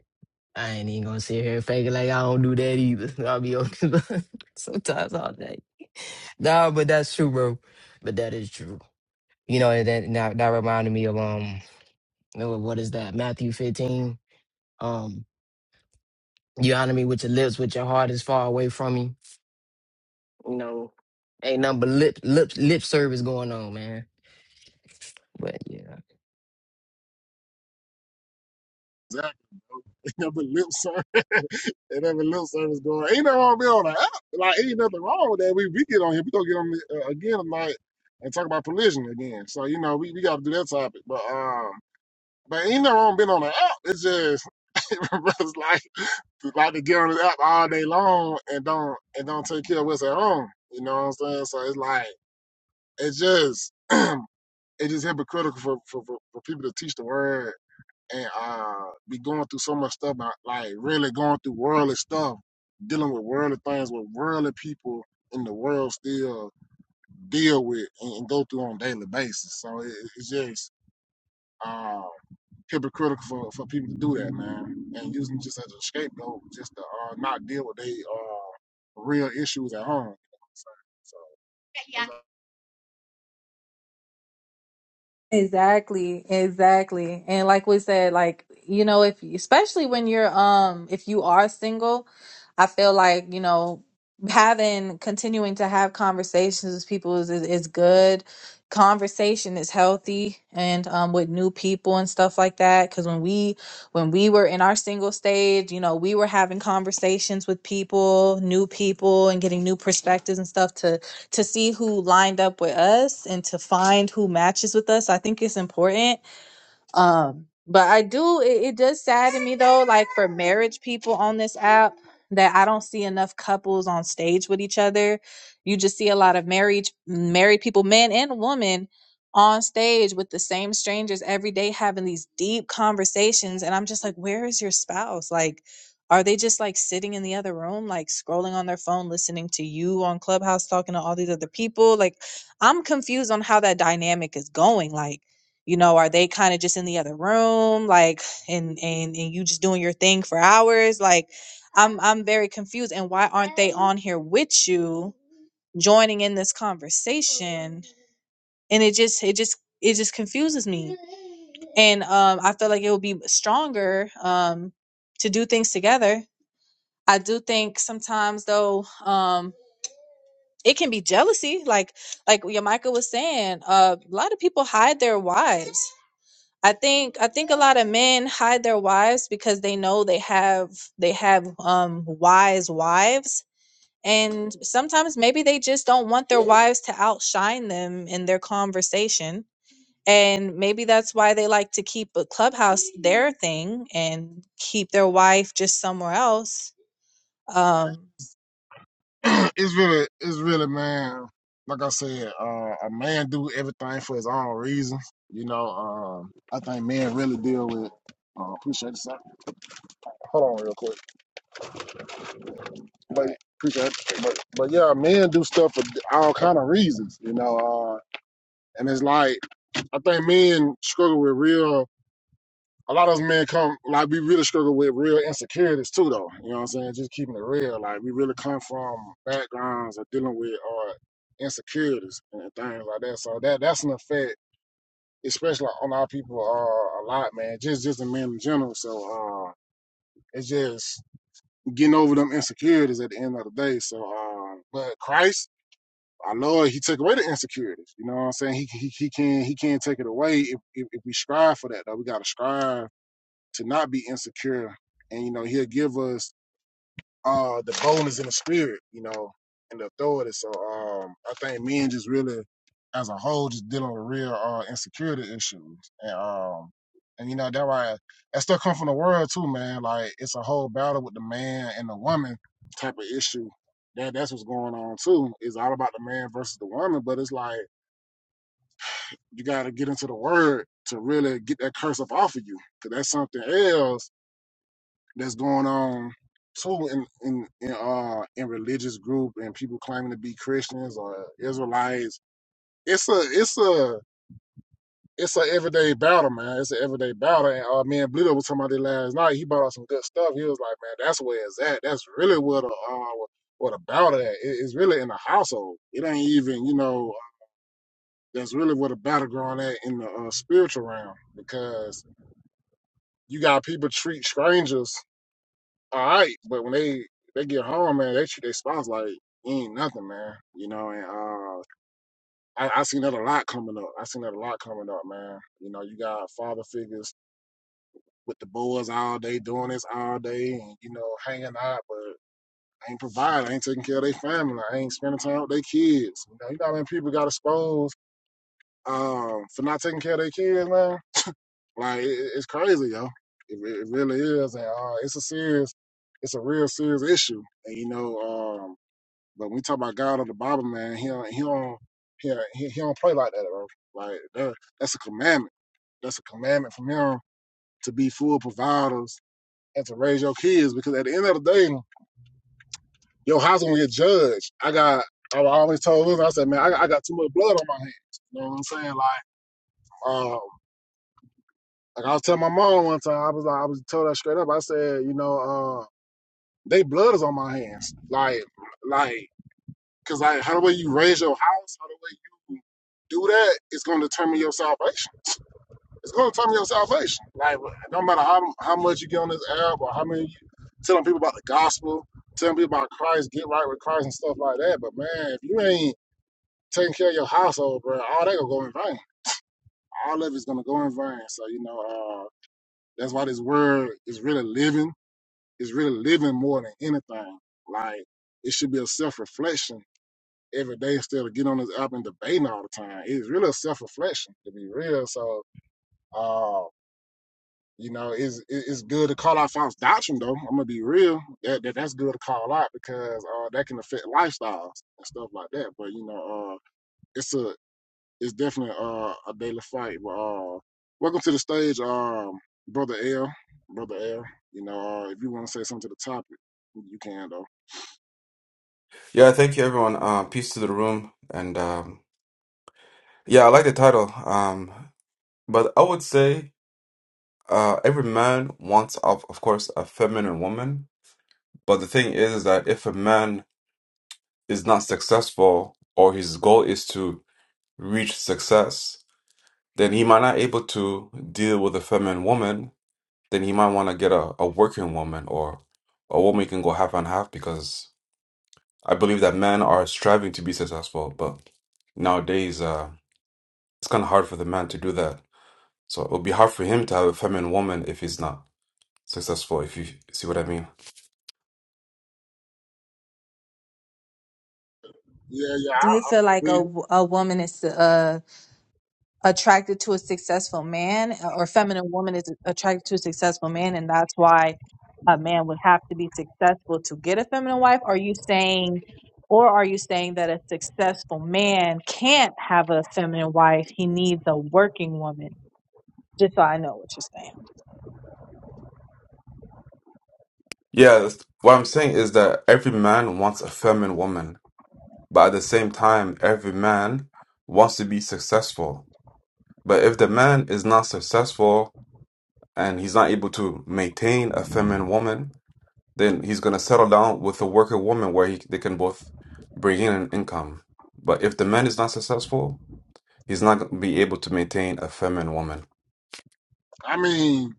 Speaker 3: I ain't even gonna sit here and fake it like I don't do that either. <laughs> I'll be on <laughs> sometimes all day. Nah, but that's true, bro. But that is true. You know, and that now that reminded me of um you know, what is that, Matthew 15? Um. You honor me with your lips, with your heart is far away from me. You know, ain't nothing but lip lip lip service going on, man. But yeah.
Speaker 1: Exactly. bro. <laughs> Ain't nothing lip service. <laughs> ain't nothing lip service going. Ain't nothing wrong with being on the app. Like ain't nothing wrong with that. We we get on here. We gonna get on the, uh, again tonight and talk about pollution again. So you know we, we got to do that topic. But um, but ain't nothing wrong being on the app. It's just <laughs> brothers like like to get on the app all day long and don't and don't take care of what's at home. You know what I'm saying? So it's like. it's just <clears throat> it is hypocritical for, for, for, for people to teach the word and uh be going through so much stuff about like really going through worldly stuff, dealing with worldly things with worldly people in the world still deal with and, and go through on a daily basis. So it, it's just uh hypocritical for, for people to do that, man. And using just as a scapegoat just to uh not deal with their uh real issues at home. So, so yeah.
Speaker 2: Exactly, exactly. And like we said, like, you know, if especially when you're um if you are single, I feel like, you know, having continuing to have conversations with people is is, is good. Conversation is healthy and um with new people and stuff like that cuz when we when we were in our single stage, you know, we were having conversations with people, new people and getting new perspectives and stuff to to see who lined up with us and to find who matches with us. I think it's important um, but I do it, it does sadden me though, like for marriage people on this app, that I don't see enough couples on stage with each other. You just see a lot of married married people, men and women, on stage with the same strangers every day having these deep conversations. And I'm just like, where is your spouse? Like, are they just like sitting in the other room, like scrolling on their phone, listening to you on Clubhouse, talking to all these other people? Like, I'm confused on how that dynamic is going. Like you know are they kind of just in the other room like and and and you just doing your thing for hours like i'm i'm very confused and why aren't they on here with you joining in this conversation and it just it just it just confuses me and um i feel like it would be stronger um to do things together i do think sometimes though um it can be jealousy like like Yamika was saying uh, a lot of people hide their wives I think I think a lot of men hide their wives because they know they have they have um wise wives and sometimes maybe they just don't want their wives to outshine them in their conversation and maybe that's why they like to keep a clubhouse their thing and keep their wife just somewhere else um
Speaker 1: <clears throat> it's really, it's really, man. Like I said, uh, a man do everything for his own reasons. You know, um, I think men really deal with. Uh, appreciate this. Hold on, real quick. But appreciate, it. but but yeah, men do stuff for all kind of reasons. You know, uh, and it's like I think men struggle with real a lot of us men come like we really struggle with real insecurities too though. You know what I'm saying? Just keeping it real. Like we really come from backgrounds of dealing with uh insecurities and things like that. So that that's an effect, especially on our people uh a lot, man. Just just the men in general. So uh it's just getting over them insecurities at the end of the day. So um but Christ our Lord, He took away the insecurities. You know what I'm saying? He he, he can he can't take it away if, if if we strive for that. Though we gotta strive to not be insecure. And you know, he'll give us uh the boldness and the spirit, you know, and the authority. So um I think men just really as a whole just dealing with real uh insecurity issues. And um and you know that why that stuff come from the world too, man. Like it's a whole battle with the man and the woman type of issue. That that's what's going on too. It's all about the man versus the woman, but it's like you gotta get into the word to really get that curse up off of you. Cause that's something else that's going on too in in in, uh, in religious group and people claiming to be Christians or Israelites. It's a it's a it's a everyday battle, man. It's an everyday battle. And uh, me and Blito was talking about it last night. He bought us some good stuff. He was like, man, that's where it's at. That's really where the uh, where the battle at. It, it's really in the household. It ain't even you know. That's really where the battleground at in the uh, spiritual realm because you got people treat strangers all right, but when they they get home, man, they treat their spouse like he ain't nothing, man. You know, and uh, I I seen that a lot coming up. I seen that a lot coming up, man. You know, you got father figures with the boys all day doing this all day, and you know, hanging out, but ain't providing, ain't taking care of their family, ain't spending time with their kids. You know, you know how many people got exposed um for not taking care of their kids, man. Like it, it- it's crazy, yo. It, re- it really is, and uh, it's a serious, it's a real serious issue, and you know, um But when we talk about God of the Bible, man, he don't, he don't he he, he don't play like that, bro. Like that, that's a commandment. That's a commandment from him to be full providers and to raise your kids. Because at the end of the day, your house gonna get judged. I got I always told him, I said, man, I, I got too much blood on my hands. You know what I'm saying? Like um, like I was telling my mom one time, I was like, I was told her straight up. I said, you know, uh, they blood is on my hands. Like, like. Because like, how the way you raise your house, how the way you do that, it's going to determine your salvation. It's going to determine your salvation. Like, no matter how how much you get on this app or how many you telling people about the gospel, telling people about Christ, get right with Christ and stuff like that. But man, if you ain't taking care of your household, bro, all that gonna go in vain. All of it's gonna go in vain. So you know, uh, that's why this word is really living. It's really living more than anything. Like, it should be a self reflection every day instead of getting on this app and debating all the time. It's really a self reflection, to be real. So, uh, you know, it's it's good to call out false doctrine, though. I'm gonna be real. That, that that's good to call out because uh, that can affect lifestyles and stuff like that. But you know, uh, it's a it's definitely uh, a daily fight. But uh, welcome to the stage, um, brother L, brother L. You know, uh, if you want to say something to the topic, you can though.
Speaker 4: Yeah, thank you, everyone. Uh, peace to the room. And um, yeah, I like the title. Um, but I would say uh, every man wants, of, of course, a feminine woman. But the thing is, is that if a man is not successful or his goal is to reach success, then he might not able to deal with a feminine woman. Then he might want to get a, a working woman or a woman can go half and half because I believe that men are striving to be successful, but nowadays. uh, it's kind of hard for the man to do that. So it would be hard for him to have a feminine woman if he's not successful, if you see what I mean.
Speaker 1: Yeah, yeah.
Speaker 2: do you feel like a, w- a woman is uh attracted to a successful man uh, or feminine woman is attracted to a successful man and that's why a man would have to be successful to get a feminine wife are you saying or are you saying that a successful man can't have a feminine wife he needs a working woman just so i know what you're saying
Speaker 4: Yeah, that's- what I'm saying is that every man wants a feminine woman, but at the same time, every man wants to be successful. But if the man is not successful and he's not able to maintain a feminine woman, then he's going to settle down with a worker woman where he, they can both bring in an income. But if the man is not successful, he's not going to be able to maintain a feminine woman.
Speaker 1: I mean,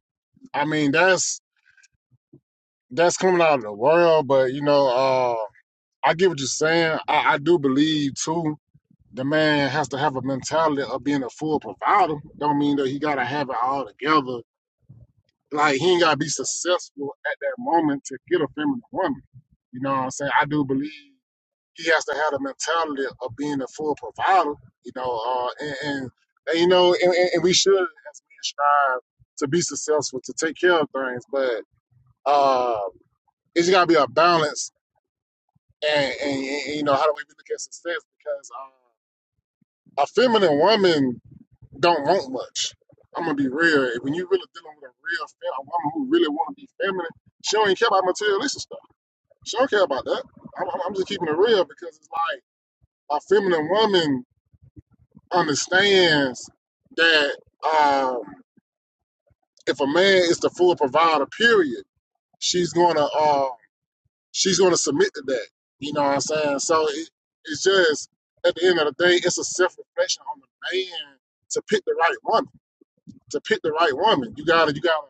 Speaker 1: I mean, that's that's coming out of the world, but you know, uh, I get what you're saying. I, I do believe too. The man has to have a mentality of being a full provider. Don't mean that he gotta have it all together. Like he ain't gotta be successful at that moment to get a feminine woman. You know what I'm saying? I do believe he has to have the mentality of being a full provider. You know, uh, and, and, and you know, and, and and we should as men strive to be successful to take care of things, but uh, it's gotta be a balance and, and, and you know how do we look at success because uh, a feminine woman don't want much i'm gonna be real when you really dealing with a real fem- a woman who really want to be feminine she don't even care about materialistic stuff she don't care about that i'm, I'm I'm just keeping it real because it's like a feminine woman understands that um, if a man is the full provider period she's gonna uh, she's going to submit to that. You know what I'm saying? So it, it's just at the end of the day, it's a self reflection on the man to pick the right woman. To pick the right woman, you gotta, you gotta,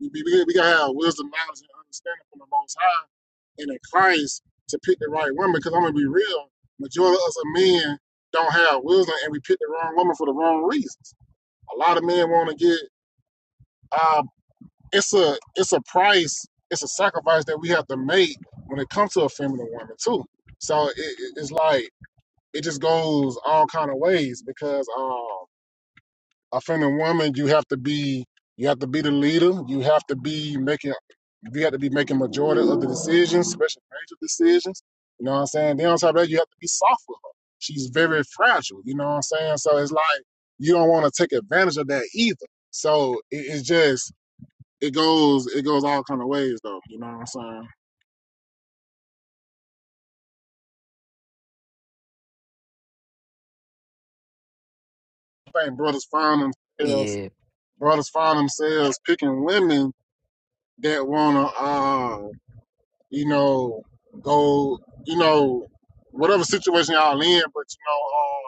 Speaker 1: we, we, we gotta have wisdom, knowledge, and understanding from the Most High and in Christ to pick the right woman. Because I'm gonna be real, majority of us are men don't have wisdom, and we pick the wrong woman for the wrong reasons. A lot of men want to get uh, it's a it's a price, it's a sacrifice that we have to make when it comes to a feminine woman too. So it, it- it's like it just goes all kind of ways because um, a feminine woman, you have to be you have to be the leader, you have to be making you have to be making majority of the decisions, especially major decisions. You know what I'm saying? Then on top of that, you have to be soft with her. She's very fragile. You know what I'm saying? So it's like you don't want to take advantage of that either. So it, it's just it goes it goes all kind of ways though. You know what I'm saying? I think brothers find themselves
Speaker 3: Yeah.
Speaker 1: brothers find themselves picking women that wanna uh you know go you know whatever situation y'all in, but you know uh.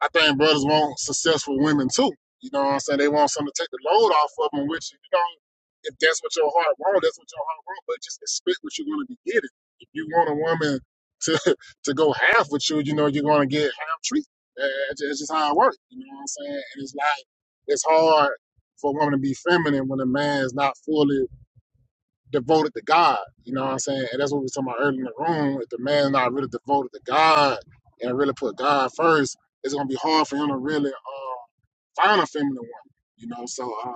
Speaker 1: I think brothers want successful women too. You know what I'm saying? They want something to take the load off of them, which, you know, if that's what your heart wants, that's what your heart wants, but just expect what you're going to be getting. If you want a woman to <laughs> to go half with you, you know, you're going to get half treatment. Uh, It's it's just how it works. You know what I'm saying? And it's like, it's hard for a woman to be feminine when a man is not fully devoted to God. You know what I'm saying? And that's what we were talking about earlier in the room. If the man's not really devoted to God and really put God first, it's gonna be hard for him to really uh, find a feminine woman. You know, so uh,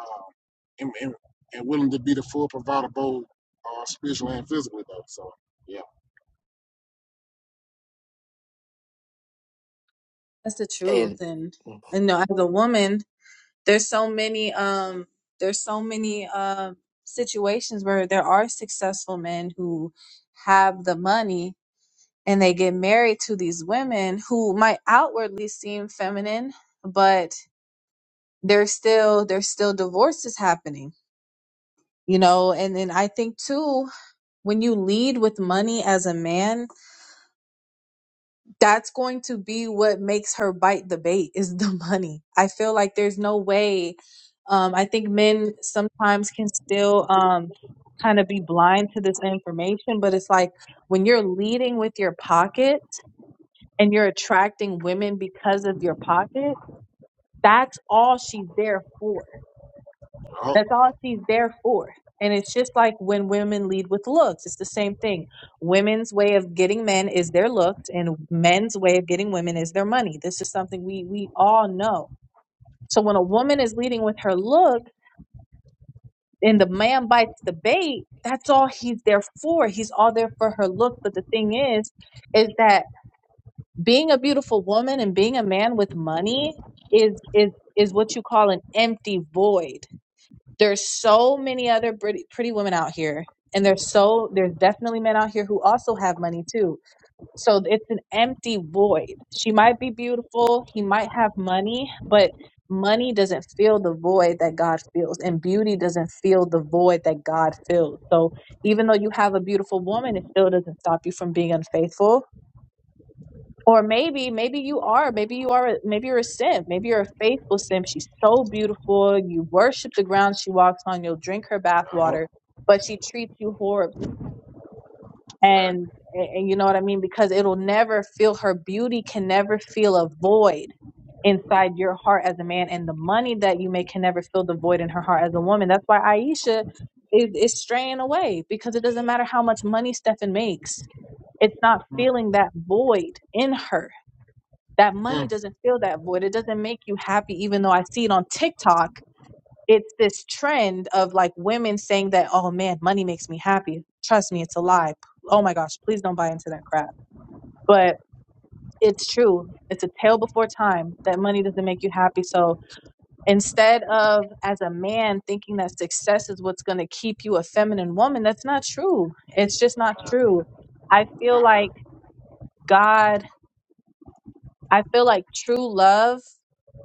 Speaker 1: and, and, and willing to be the full provider both uh, spiritually and physically though. So yeah,
Speaker 2: that's the truth
Speaker 3: And
Speaker 2: and you know as a woman there's so many um there's so many um situations where there are successful men who have the money and they get married to these women who might outwardly seem feminine but there's still there's still divorces happening you know and then i think too when you lead with money as a man that's going to be what makes her bite the bait is the <laughs> money i feel like there's no way um i think men sometimes can still um kind of be blind to this information but it's like when you're leading with your pocket and you're attracting women because of your pocket, that's all she's there for.
Speaker 1: oh,
Speaker 2: That's all she's there for. And it's just like when women lead with looks, it's the same thing. Women's way of getting men is their looks, and men's way of getting women is their money. This is something we we all know. So when a woman is leading with her look and the man bites the bait, that's all he's there for. He's all there for her look. But the thing is, is that being a beautiful woman and being a man with money is is is what you call an empty void. There's so many other pretty, pretty women out here and there's so there's definitely men out here who also have money too. So it's an empty void. She might be beautiful, he might have money, but money doesn't fill the void that God fills and beauty doesn't fill the void that God fills. So even though you have a beautiful woman, it still doesn't stop you from being unfaithful or maybe, maybe you are, maybe you are, maybe you're a simp, maybe you're a faithful simp. She's so beautiful. You worship the ground she walks on. You'll drink her bath
Speaker 1: oh,
Speaker 2: water, but she treats you horribly.
Speaker 1: exactly.
Speaker 2: And, and you know what I mean? Because it'll never feel, her beauty can never feel a void inside your heart as a man. And the money that you make can never fill the void in her heart as a woman. That's why Aisha is, is straying away because it doesn't matter how much money Stefan makes. It's not
Speaker 1: Mm,
Speaker 2: feeling that void in her that money
Speaker 1: mm.
Speaker 2: doesn't fill that void. It doesn't make you happy, even though I see it on TikTok. It's this trend of like women saying that, oh man, money makes me happy. Trust me, it's a lie. Oh my gosh, please don't buy into that crap. But it's true. It's a tale before time that money doesn't make you happy. So instead of as a man thinking that success is what's going to keep you a feminine woman, that's not true. It's just not true. I feel like God I feel like true love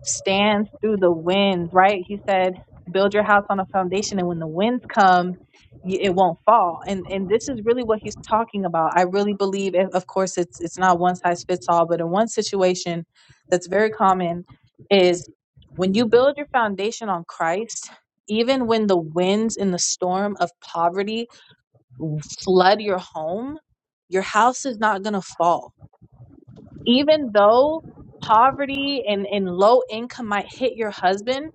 Speaker 2: stands through the wind, right? He said, build your house on a foundation, and when the winds come, y- it won't fall. And and this is really what he's talking about. I really believe, and of course, it's it's not one size fits all, but in one situation that's very common is when you build your foundation on Christ, even when the winds and the storm of poverty flood your home, your house is not going to fall even though poverty and, and low income might hit your husband,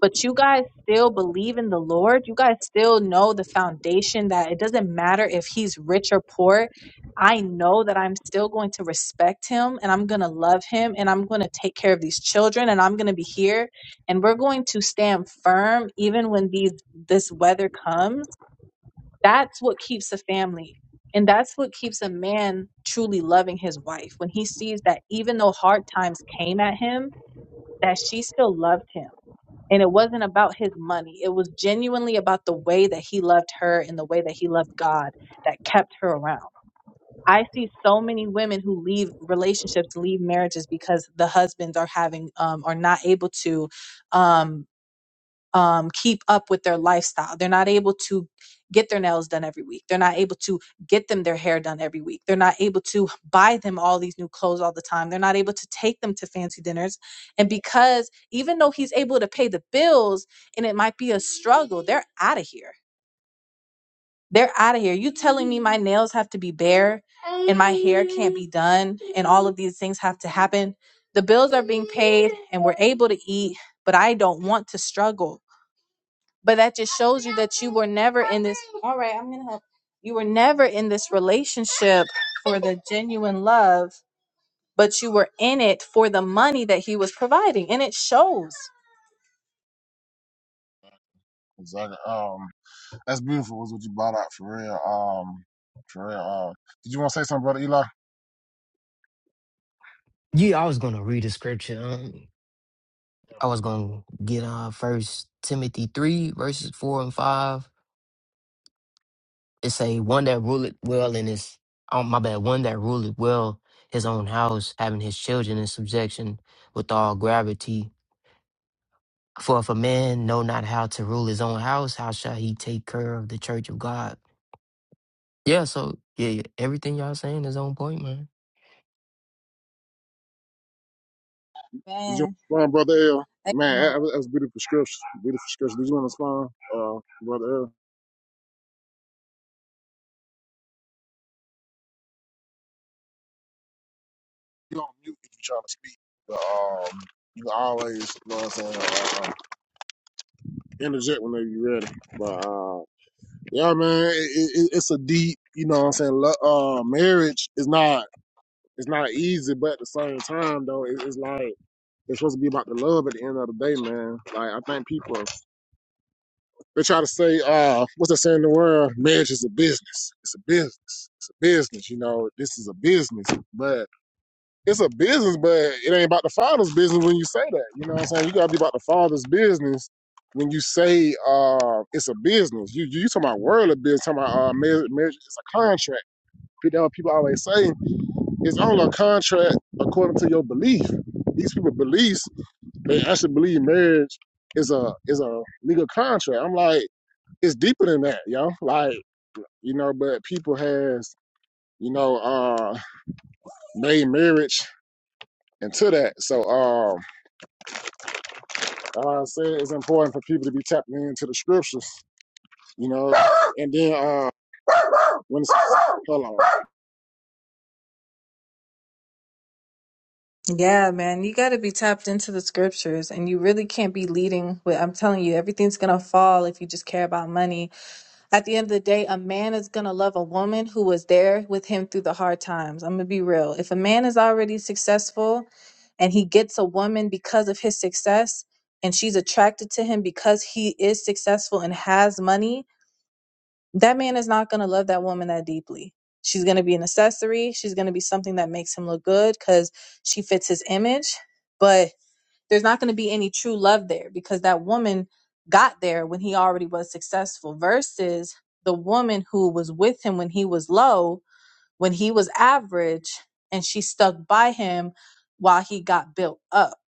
Speaker 2: but you guys still believe in the Lord. You guys still know the foundation that it doesn't matter if he's rich or poor. I know that I'm still going to respect him and I'm going to love him and I'm going to take care of these children and I'm going to be here and we're going to stand firm even when these this weather comes that's what keeps a family. And that's what keeps a man truly loving his wife when he sees that even though hard times came at him, that she still loved him. And it wasn't about his money. It was genuinely about the way that he loved her and the way that he loved God that kept her around. I see so many women who leave relationships, leave marriages because the husbands are having um, are not able to um, um, keep up with their lifestyle. They're not able to get their nails done every week. They're not able to get them their hair done every week. They're not able to buy them all these new clothes all the time. They're not able to take them to fancy dinners. And because even though he's able to pay the bills and it might be a struggle, they're out of here. They're out of here. You telling me my nails have to be bare and my hair can't be done and all of these things have to happen. The bills are being paid and we're able to eat, but I don't want to struggle but that just shows you that you were never in this <laughs> all right i'm gonna help you were never in this relationship for the genuine love but you were in it for the money that he was providing and it shows
Speaker 1: Exactly. Um, that's beautiful. Was what you brought out for real. Um, for real. Uh, did you want to say something, brother Eli?
Speaker 3: yeah, I was gonna read a scripture. Um, I was gonna get uh first Timothy three, verses four and five. It say one that ruleth well in his oh my bad, one that ruleth well his own house, having his children in subjection with all gravity. For if a man know not how to rule his own house, how shall he take care of the church of God? Yeah, so yeah, yeah, everything y'all saying is on point, man.
Speaker 1: Did you
Speaker 2: man
Speaker 1: want to respond, Brother L?
Speaker 2: I
Speaker 1: Man, that that
Speaker 2: remember.
Speaker 1: was, that was beautiful scripture. Beautiful scripture. Did you want to respond, uh, Brother L? You on mute if you trying to speak. But, um, you can always, you know what I'm saying, uh, uh, interject whenever you're ready. But, uh, yeah, man, it, it, it's a deep, you know what I'm saying, lo- uh, marriage is not, it's not easy, but at the same time, though, it, it's like, it's supposed to be about the love at the end of the day, man. Like, I think people They try to say, uh, what's that saying in the world? Marriage is a business. It's a business. It's a business. You know, this is a business. But it's a business, but it ain't about the father's business when you say that. You know what I'm saying? You gotta be about the father's business when you say uh, it's a business. You you, you talking about worldly business, talking about uh, marriage, marriage is a contract. People, what people always say it's only a contract according to your belief. These people beliefs, they actually believe marriage is a is a legal contract. I'm like, it's deeper than that, yo. Like, you know, but people has, you know, uh made marriage into that. So um like I said it's important for people to be tapping into the scriptures, you know. And then uh when it's hold on.
Speaker 2: yeah man you got to be tapped into the scriptures and you really can't be leading with i'm telling you everything's gonna fall if you just care about money At the end of the day, a man is going to love a woman who was there with him through the hard times. I'm going to be real. If a man is already successful and he gets a woman because of his success and she's attracted to him because he is successful and has money, that man is not going to love that woman that deeply. She's going to be an accessory. She's going to be something that makes him look good because she fits his image. But there's not going to be any true love there because that woman got there when he already was successful versus the woman who was with him when he was low, when he was average, and she stuck by him while he got built up.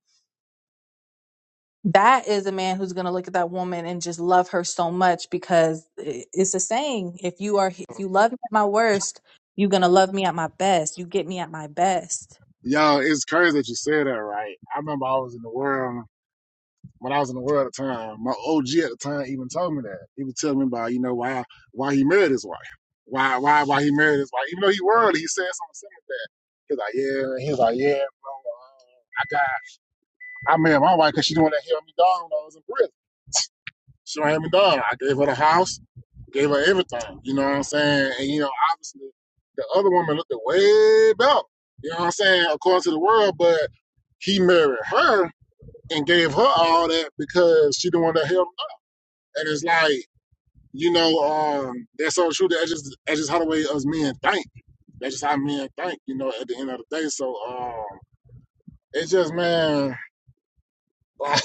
Speaker 2: That is a man who's going to look at that woman and just love her so much because i- it's a saying if you are if you love me at my worst, you're going to love me at my best. You get me at my best
Speaker 1: Yo, it's crazy that you said that, right? I remember I was in the world when I was in the world at the time, my OG at the time even told me that. He was telling me about, you know, why why he married his wife. Why why why he married his wife. Even though he worldly, he said something similar to that. He was like, yeah, he was like, yeah, bro, uh, I got I married my wife because she didn't want to help me down when I was in prison. She don't help me down. I gave her the house, gave her everything. You know what I'm saying? And you know, obviously the other woman looked way better. You know what I'm saying? According to the world, but he married her and gave her all that because she didn't want to help and it's like, you know, um, that's so true. That's just that's just how the way us men think. That's just how men think, you know, at the end of the day. So um it's just man, <laughs> like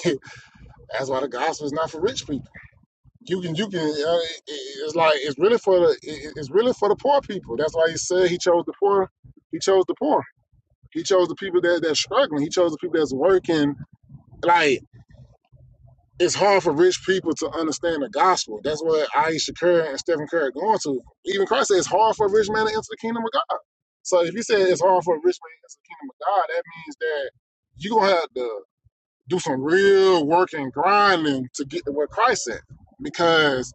Speaker 1: that's why the gospel is not for rich people. You can you can uh, it- it's like it's really for the it- it's really for the poor people. That's why he said he chose the poor. He chose the poor. He chose the people that that's struggling. He chose the people that's working. Like it's hard for rich people to understand the gospel. That's what Aisha Curry and Stephen Curry are going to. Even Christ said it's hard for a rich man to enter the kingdom of God. So if you say it's hard for a rich man to enter the kingdom of God, that means that you're going to have to do some real work and grinding to get to what Christ said. Because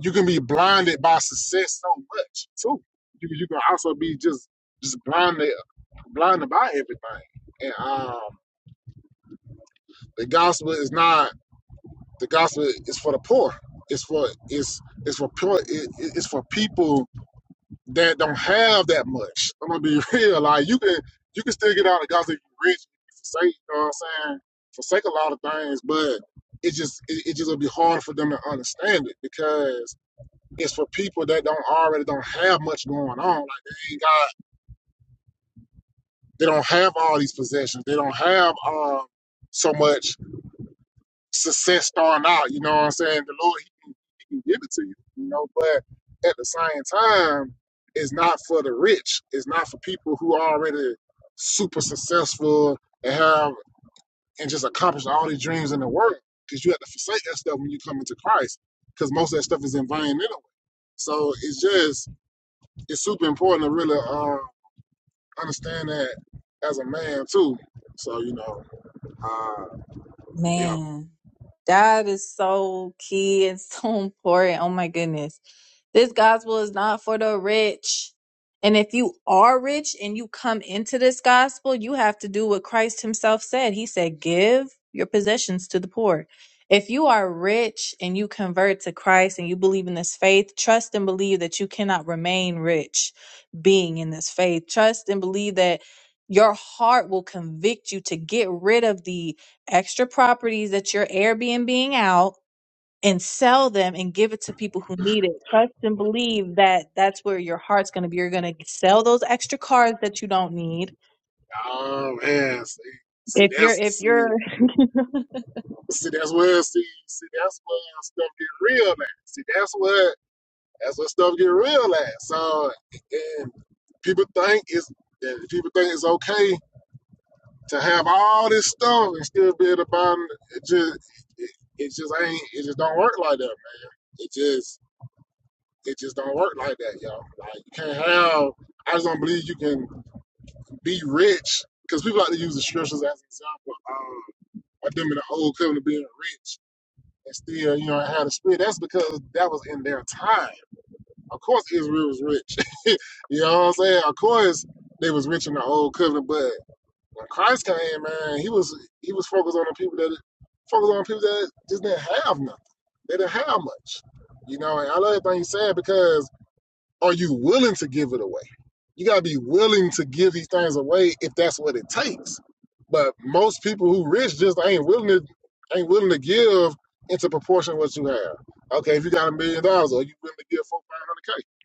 Speaker 1: you can be blinded by success so much too. You, you can also be just just blinded blinded by everything. And um, the gospel is not The gospel is for the poor. It's for it's it's for poor. It, it's for people that don't have that much. I'm gonna be <laughs> real. Like you can you can still get out of the gospel if you're rich. if you Forsake, you know what I'm saying? Forsake a lot of things, but it just it, it just will be hard for them to understand it because it's for people that don't already don't have much going on. Like they ain't got they don't have all these possessions. They don't have um so much. success starting out. You know what I'm saying? The Lord, he can, he can give it to you, you know, but at the same time, it's not for the rich. It's not for people who are already super successful and have and just accomplish all these dreams in the world. Because you have to forsake that stuff when you come into Christ. Because most of that stuff is in vain anyway. So it's just it's super important to really uh, understand that as a man too. So you know, uh, yeah.
Speaker 2: Man, that is so key and <laughs> so important. Oh my goodness. This gospel is not for the rich. And if you are rich and you come into this gospel, you have to do what Christ himself said. He said, Give your possessions to the poor. If you are rich and you convert to Christ and you believe in this faith, trust and believe that you cannot remain rich being in this faith. Trust and believe that your heart will convict you to get rid of the extra properties that you're Airbnbing out and sell them and give it to people who need it. Trust and believe that that's where your heart's going to be. You're going to sell those extra cars that you don't need.
Speaker 1: Oh man, see, see
Speaker 2: If you're,
Speaker 1: that's
Speaker 2: if
Speaker 1: see.
Speaker 2: you're, <laughs> you
Speaker 1: See, that's where see, see, that's where stuff get real at. See, that's where that's where stuff get real at. So, and people think it's that people think it's okay to have all this stuff and still be able to buy. 'em. It just it, it just ain't it just don't work like that, man. It just it just don't work like that, y'all. Like you can't have. I just don't believe you can be rich because people like to use the scriptures as an example um, of them in the old covenant being rich and still, you know, had a split. That's because that was in their time. Of course, Israel was rich. <laughs> you know what I'm saying? Of course, they was rich in the old covenant, but when Christ came, man, he was he was focused on the people that focused on people that just didn't have nothing. They didn't have much. You know, and I love everything you said because are you willing to give it away? You gotta be willing to give these things away if that's what it takes. But most people who rich just ain't willing to ain't willing to give into proportion what you have. Okay, if you got a million dollars, are you willing to give four five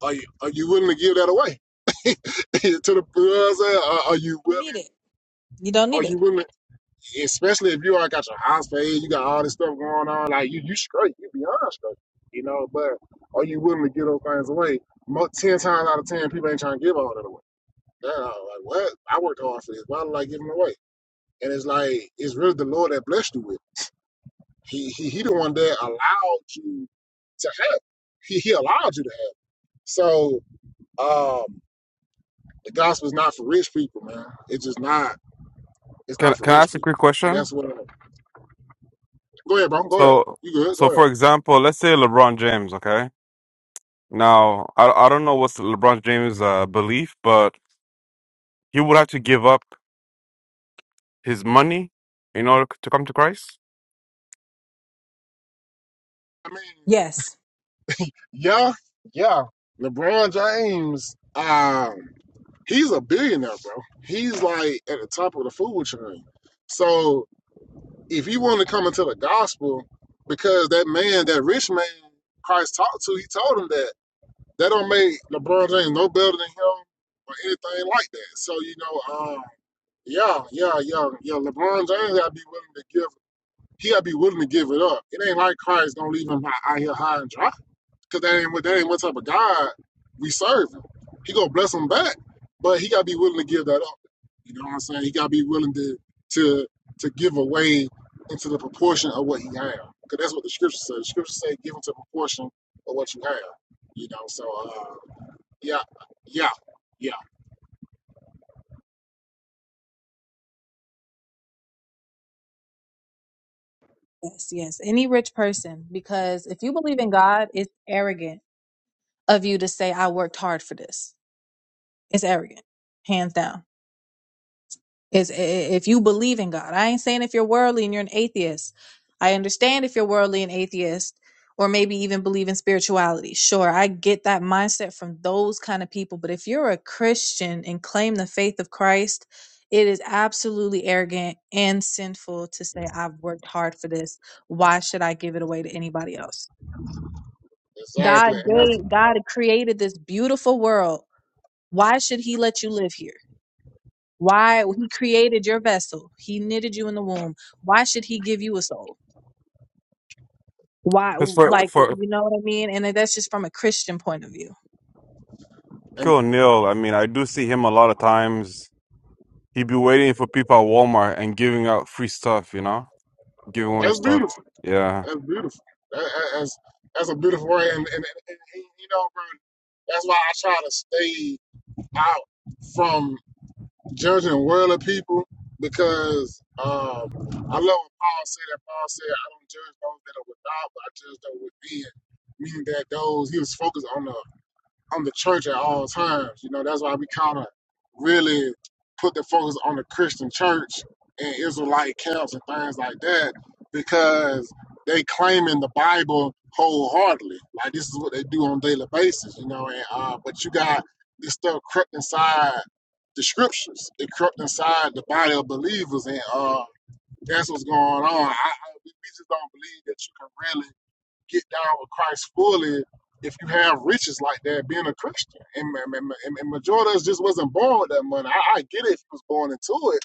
Speaker 1: hundred k? Are you are you willing to give that away <laughs> to the you know what I'm saying? Are, are you
Speaker 2: don't need
Speaker 1: willing?
Speaker 2: it. You don't
Speaker 1: Are
Speaker 2: need it.
Speaker 1: you willing especially if you already got your house paid, you got all this stuff going on, like you you straight, you beyond straight, you know. But are you willing to give those things away? Mo- ten times out of ten, people ain't trying to give all that away. They're like, what? I worked hard for this. Why did I give them away? And it's like it's really the Lord that blessed you with. it. He he he the one that allowed you to have. it. He he allowed you to have. it. So um, the gospel is not for rich people, man. It's just not. It's
Speaker 4: Can
Speaker 1: not for
Speaker 4: can I
Speaker 1: rich
Speaker 4: ask a
Speaker 1: people,
Speaker 4: quick
Speaker 1: and
Speaker 4: question?
Speaker 1: that's what. Go ahead, bro. Go ahead.
Speaker 4: So
Speaker 1: You good? Go
Speaker 4: so
Speaker 1: ahead.
Speaker 4: for example, let's say LeBron James, okay? Now, I I don't know what's LeBron James' uh, belief, but he would have to give up his money in order to come to Christ.
Speaker 1: I mean,
Speaker 2: Yes.
Speaker 1: yeah, yeah. LeBron James, um, he's a billionaire, bro. He's like at the top of the food chain. So if you want to come into the gospel, because that man, that rich man Christ talked to, he told him that that don't make LeBron James no better than him or anything like that. So you know, um, yeah, yeah, yeah, yeah. LeBron James gotta be willing to give. He gotta be willing to give it up. It ain't like Christ gonna leave him out out here high and dry. Cause that ain't what that ain't what type of God we serve. He gonna bless them back, but he gotta be willing to give that up. You know what I'm saying? He gotta be willing to to to give away into the proportion of what he have. Cause that's what the scripture says. The scripture say give into proportion of what you have. You know, so uh, yeah, yeah, yeah,
Speaker 2: Yes. Yes. Any rich person, because if you believe in God, it's arrogant of you to say, I worked hard for this. It's arrogant, hands down. is i- i- if you believe in God. I ain't saying if you're worldly and you're an atheist. I understand if you're worldly and atheist or maybe even believe in spirituality. Sure, I get that mindset from those kind of people, but if you're a Christian and claim the faith of Christ, it is absolutely arrogant and sinful to say I've worked hard for this. Why should I give it away to anybody else? God
Speaker 1: exactly. And that's
Speaker 2: gave God created this beautiful world. Why should he let you live here? Why he created your vessel. He knitted you in the womb. Why should he give you a soul? Why
Speaker 4: Because for
Speaker 2: like
Speaker 4: for
Speaker 2: you know what I mean? And that's just from a Christian point of view.
Speaker 1: and
Speaker 4: Shaquille O'Neal, I mean, I do see him a lot of times. He'd be waiting for people at Walmart and giving out free stuff, you know, giving away
Speaker 1: that's
Speaker 4: stuff.
Speaker 1: beautiful.
Speaker 4: Yeah.
Speaker 1: That's beautiful. That, that- that's that's a beautiful word. And, and, and, and you know, bro, that's why I try to stay out from judging the world of people because um, I love what Paul said. That Paul said, I don't judge those that are without, but I judge those within. Meaning that those, he was focused on the on the church at all times. You know, that's why we kind of really put the focus on the Christian church and Israelite camps and things like that because they claiming the Bible wholeheartedly. Like this is what they do on a daily basis, you know. And uh, but you got this stuff crept inside the scriptures. It crept inside the body of believers, and uh, that's what's going on. I, I, we we just don't believe that you can really get down with Christ fully if you have riches like that being a Christian. And, and, and, and majority of us just wasn't born with that money. I, I get it if you was born into it.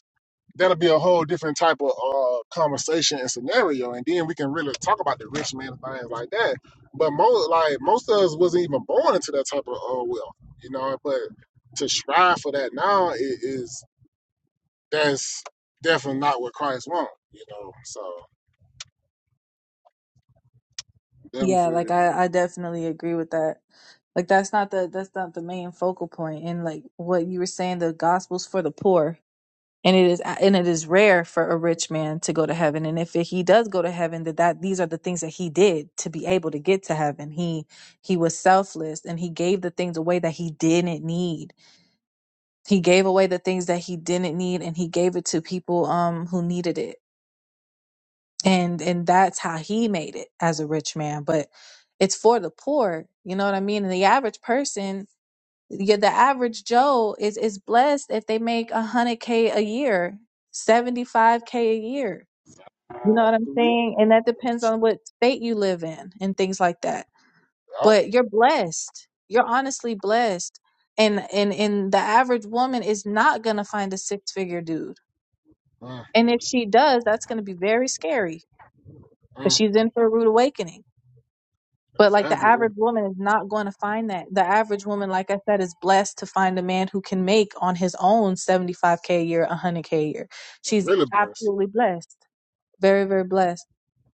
Speaker 1: That'll be a whole different type of uh, conversation and scenario. And then we can really talk about the rich man and things like that. But most like most of us wasn't even born into that type of uh, wealth, you know. But to strive for that now i- is, that's definitely not what Christ wants, you know. So
Speaker 2: Yeah, like
Speaker 1: definitely,
Speaker 2: I, I
Speaker 1: uh,
Speaker 2: definitely agree with that. Like that's not the that's not the main focal point. And like what you were saying, the gospel's for the poor. And it is and it is rare for a rich man to go to heaven. And if he does go to heaven, that, that these are the things that he did to be able to get to heaven. He he was selfless and he gave the things away that he didn't need he gave away the things that he didn't need and he gave it to people um who needed it and and that's how he made it as a rich man but it's for the poor you know what i mean and the average person yeah, the average joe is is blessed if they make a 100k a year 75k a year you know what i'm saying and that depends on what state you live in and things like that
Speaker 1: oh,
Speaker 2: but you're blessed you're honestly blessed and and and the average woman is not gonna find a six figure dude
Speaker 1: mm,
Speaker 2: And if she does, that's going to be very scary because
Speaker 1: mm.
Speaker 2: she's in for a rude awakening. But like the
Speaker 1: Exactly.
Speaker 2: average woman is not going to find that. The average woman, like I said, is blessed to find a man who can make on his own 75K a year, 100K a year. She's
Speaker 1: Really blessed.
Speaker 2: absolutely blessed. Very, very blessed.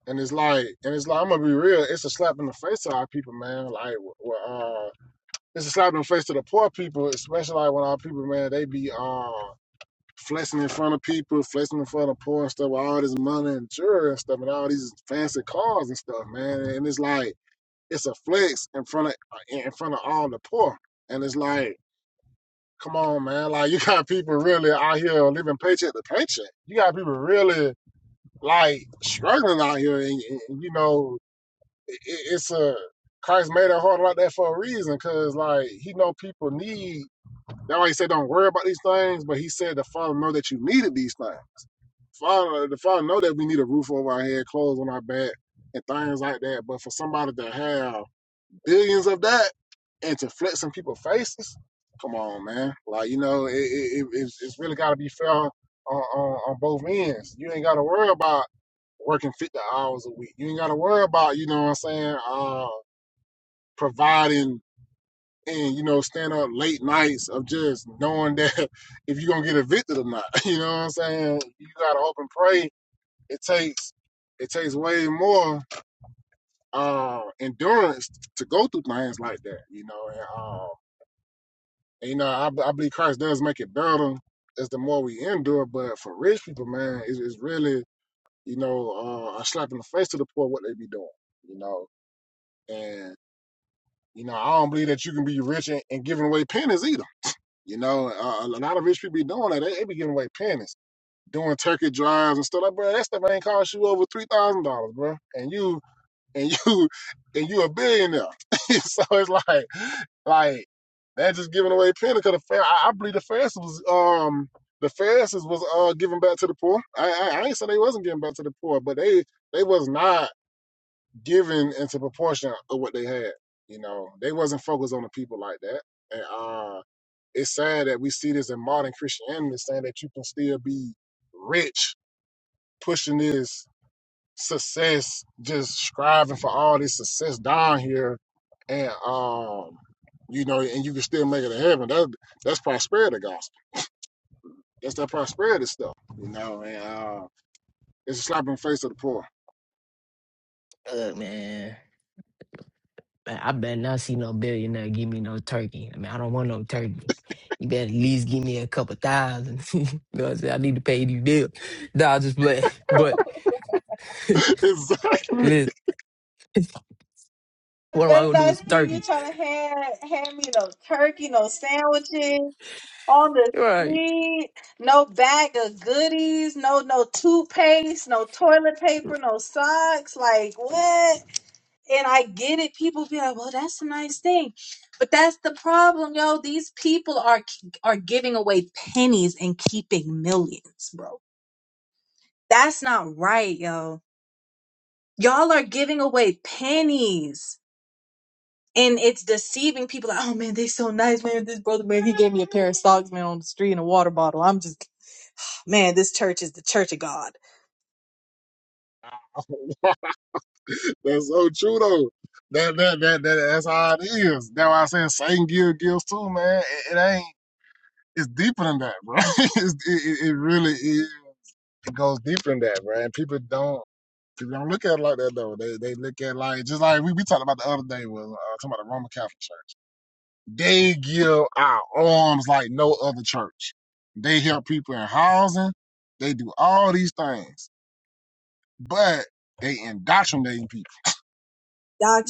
Speaker 1: And it's like, and it's like, I'm gonna be real. It's a slap in the face to our people, man. Like, w- w- uh, it's a slap in the face to the poor people, especially like when our people, man, they be uh flexing in front of people, flexing in front of poor and stuff with all this money and jewelry and stuff, and all these fancy cars and stuff, man. And it's like, it's a flex in front of uh, in front of all the poor. And it's like, come on, man. Like, you got people really out here living paycheck to paycheck. You got people really. like struggling out here, and, and you know, it, it's a Christ made it hard like that for a reason, cause like he know people need. That's why he said don't worry about these things, but he said the Father know that you needed these things. Father, the Father know that we need a roof over our head, clothes on our back, and things like that. But for somebody to have billions of that and to flex in people's faces. Come on, man. Like you know, it, it, it, it's, it's really got to be fair on, on on both ends. You ain't got to worry about working 50 hours a week. You ain't got to worry about, you know what I'm saying, uh, providing and, you know, staying up late nights of just knowing <laughs> that if you're going to get evicted or not. <laughs> You know what I'm saying? You got to hope and pray. It takes, it takes way more uh, endurance to go through things like that, you know. and uh, And, you know, I, I believe Christ does make it better as the more we endure. But for rich people, man, it's, it's really, you know, uh, a slap in the face to the poor what they be doing, you know. And, you know, I don't believe that you can be rich and, and giving away pennies either. You know, uh, a lot of rich people be doing that. They, they be giving away pennies, doing turkey drives and stuff like, that. that stuff ain't cost you over $3,000, bro. And you and <laughs> you and you a billionaire. <laughs> so it's like like that's just giving away penny because the fair I, I believe the Pharisees was um the Pharisees was uh giving back to the poor. I, I I ain't say they wasn't giving back to the poor, but they they was not giving into proportion of what they had. You know, they wasn't focused on the people like that. And uh it's sad that we see this in modern Christianity saying that you can still be rich pushing this success, just striving for all this success down here, and um, you know, and you can still make it to heaven. That that's prosperity gospel. That's that prosperity stuff, you know. And uh, it's a slap in the face of the poor.
Speaker 3: Look, man, man, I better not see no billionaire give me no turkey. I mean, I don't want no turkey. You better at least give me a couple thousand. <laughs> you know what I'm saying? I need to pay these bills. Nah, i just play. <laughs> But
Speaker 1: <laughs> exactly.
Speaker 3: listen, what am I
Speaker 2: better
Speaker 3: gonna do
Speaker 2: not
Speaker 3: with some
Speaker 2: see you
Speaker 3: turkey?
Speaker 2: trying to hand hand me no turkey, no sandwiches on the
Speaker 3: Right.
Speaker 2: street, no bag of goodies, no no toothpaste, no toilet paper, no socks. Like what? and I get it. People be like, "Well, that's a nice thing," but that's the problem, yo. These people are are giving away pennies and keeping millions, bro. That's not right, yo. Y'all are giving away pennies, and it's deceiving people. Like, oh man, they so nice, man. This brother, man, he gave me a pair of socks, man, on the street and a water bottle. I'm just, man, this church is the church of God.
Speaker 1: That's so true though. That that that, that that's how it is. That's why I saying Satan give gifts too, man. It, it ain't. It's deeper than that, bro. <laughs> it's, it it it really is. It goes deeper than that, bro. And people don't. People don't look at it like that though. They they look at it like just like we, we talked about the other day was uh, talking about the Roman Catholic Church. They give out arms like no other church. They help people in housing. They do all these things, but they indoctrinating people.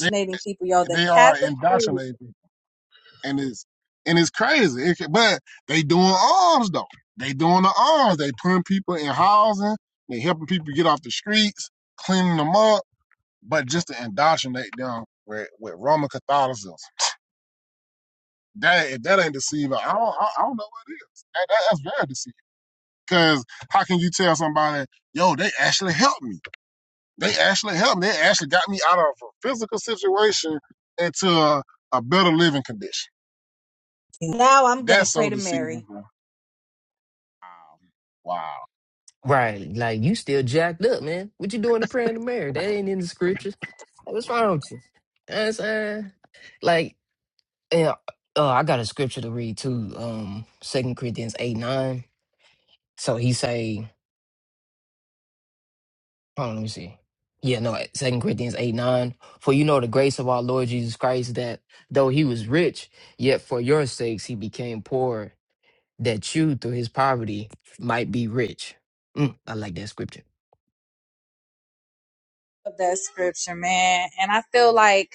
Speaker 1: They
Speaker 2: people, yo. The
Speaker 1: they are
Speaker 2: Catholic Church.
Speaker 1: indoctrinating people, and it's and it's crazy. It, but they doing arms though. They doing the arms. They putting people in housing. They helping people get off the streets, cleaning them up but just to indoctrinate them with, with Roman Catholicism. That if that ain't deceiving, I don't I, I don't know what it is. That, that- that's very deceiving. Because how can you tell somebody, yo, they actually helped me? They actually helped me. They actually got me out of a physical situation into a, a better living condition.
Speaker 2: Now I'm gonna
Speaker 1: That's
Speaker 2: pray
Speaker 1: so
Speaker 2: to
Speaker 1: deceiving.
Speaker 2: Mary
Speaker 1: bro. Wow.
Speaker 3: Right. Like you still jacked up, man. What you doing to praying to Mary? That ain't in the scriptures. Like, what's wrong with you? You know what I'm saying? Like, yeah, uh, I got a scripture to read too. Um, Second Corinthians eight nine. So he say, hold on, let me see. Yeah, no, Second Corinthians eight nine. For you know the grace of our Lord Jesus Christ, that though he was rich, yet for your sakes he became poor, that you through his poverty might be rich. Mm, I like that scripture.
Speaker 2: of that scripture, man. And I feel like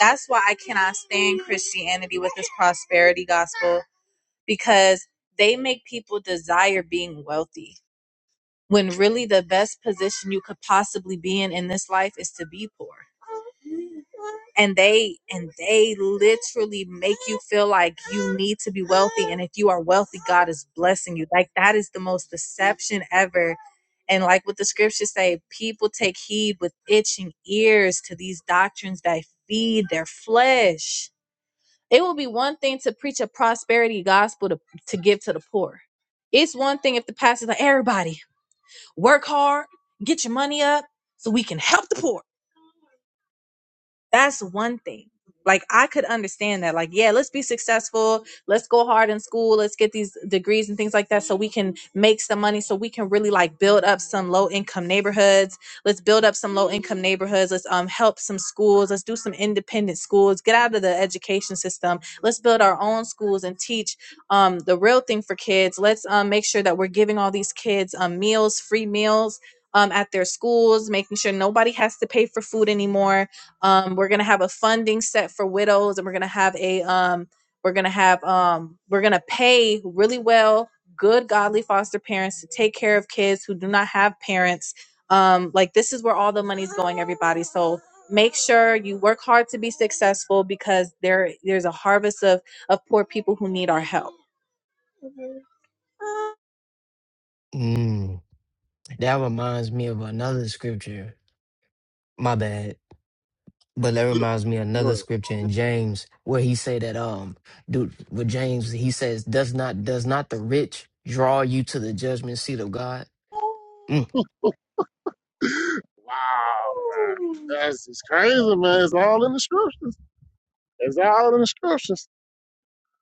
Speaker 2: That's why I cannot stand Christianity with this prosperity gospel because they make people desire being wealthy when really the best position you could possibly be in in this life is to be poor and they and they literally make you feel like you need to be wealthy and if you are wealthy god is blessing you like that is the most deception ever and like what the scriptures say people take heed with itching ears to these doctrines that feed their flesh it will be one thing to preach a prosperity gospel to, to give to the poor it's one thing if the pastor's like everybody Work hard, get your money up so we can help the poor. That's one thing. Like I could understand that. Like, yeah, let's be successful. Let's go hard in school. Let's get these degrees and things like that so we can make some money so we can really like build up some low income neighborhoods. Let's build up some low income neighborhoods. Let's um help some schools. Let's do some independent schools. Get out of the education system. Let's build our own schools and teach um the real thing for kids. Let's um make sure that we're giving all these kids um meals, free meals um at their schools, making sure nobody has to pay for food anymore um, we're gonna have a funding set for widows, and we're gonna have a um, we're gonna have um, we're gonna pay really well, good godly foster parents to take care of kids who do not have parents. Um, like this is where all the money's going, everybody. So make sure you work hard to be successful because there there's a harvest of of poor people who need our help.
Speaker 3: Mm, that reminds me of another scripture. My bad, but that reminds me of another
Speaker 1: <laughs>
Speaker 3: scripture in James where he say that um, dude, with James he says, does not does not the rich draw you to the judgment seat of God? Mm,
Speaker 1: Wow, man. That's it's crazy, man. It's all in the scriptures. It's all in the scriptures.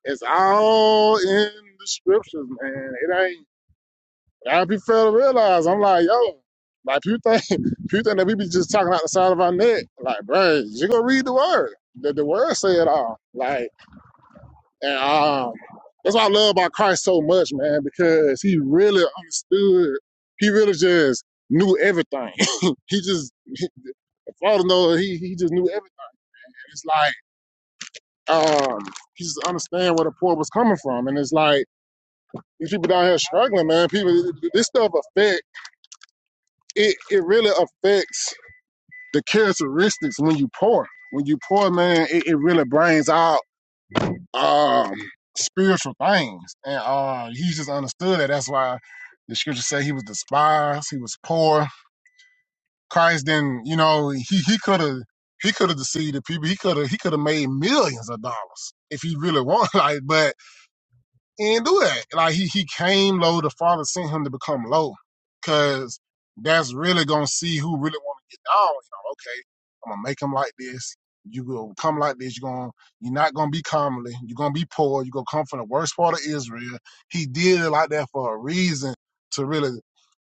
Speaker 1: It's all in the scriptures, man. It ain't. I be fair to realize. I'm like, yo, like you think, <laughs> you think that we be just talking out the side of our neck, like, bro, you gonna read the word. The, the word say it all. Like, and um, that's what I love about Christ so much, man, because he really understood. He really just knew everything. <laughs> he just, he, Father know he he just knew everything. It's like, um, he just understand where the poor was coming from, and it's like. These people down here struggling, man. People, this stuff affect it. It really affects the characteristics when you pour. When you pour, man, it, it really brings out um, spiritual things, and uh, he just understood that. That's why the scripture say he was despised, he was poor. Christ didn't, you know, he he could have. He could have deceived the people. He could have he could have made millions of dollars if he really <laughs> wanted. Like, but He didn't do that. Like he he came low. The father sent him to become low, cause that's really gonna see who really want to get down. You know, okay, I'm gonna make him like this. You will come like this. You're gonna you're not gonna be commonly. You're gonna be poor. You're gonna come from the worst part of Israel. He did it like that for a reason to really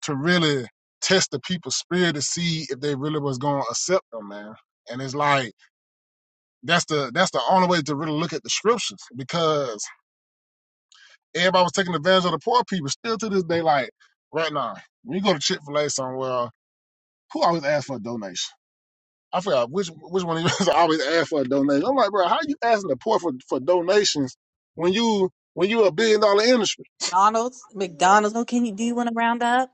Speaker 1: to really test the people's spirit to see if they really was gonna accept them, man. And it's like that's the that's the only way to really look at the scriptures because Everybody was taking advantage of the poor people. Still to this day, like right now, when you go to Chick Fil A somewhere, who always asks for a donation? I forgot which which one of you guys <laughs> always ask for a donation. I'm like, bro, how you asking the poor for, for donations when you when you a billion dollar industry?
Speaker 2: McDonald's, McDonald's. Oh, can you do you want to round up?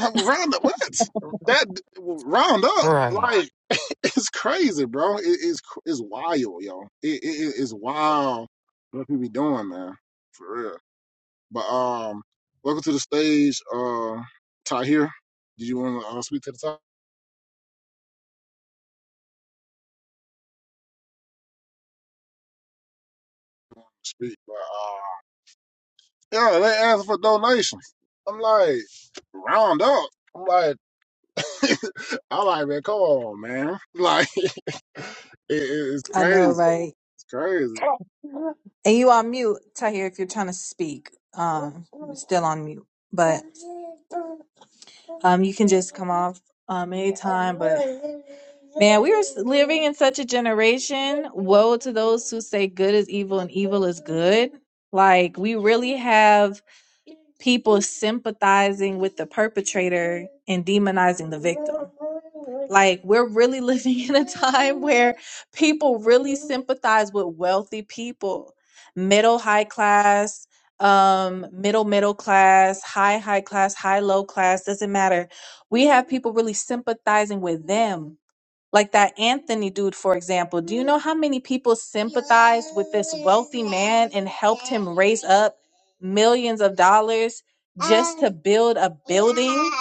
Speaker 1: <laughs> round up what? That round up
Speaker 3: right.
Speaker 1: like <laughs> it's crazy, bro. It, it's cr- it's wild, yo. It, it it- it's wild what people be doing, man. For real. But um, welcome to the stage, uh, Tahir. Did you want to uh, speak to the top? Speak, but uh, yeah, they asked for donations. I'm like, round up. I'm like, <laughs> I'm like, man, come on, man. Like, <laughs> it, it's
Speaker 2: I know,
Speaker 1: crazy.
Speaker 2: right?
Speaker 1: It's crazy.
Speaker 2: And you are mute, Tahir, if you're trying to speak. Um, you're still on mute, but. Um, you can just come off um, anytime. But man, we are s- living in such a generation. Woe to those who say good is evil and evil is good. Like we really have people sympathizing with the perpetrator and demonizing the victim. Like we're really <laughs> living in a time where people really sympathize with wealthy people, middle high class um middle middle class high high class high low class doesn't matter we have people really sympathizing with them like that anthony dude for example do you know how many people sympathized with this wealthy man and helped him raise up millions of dollars just to build a building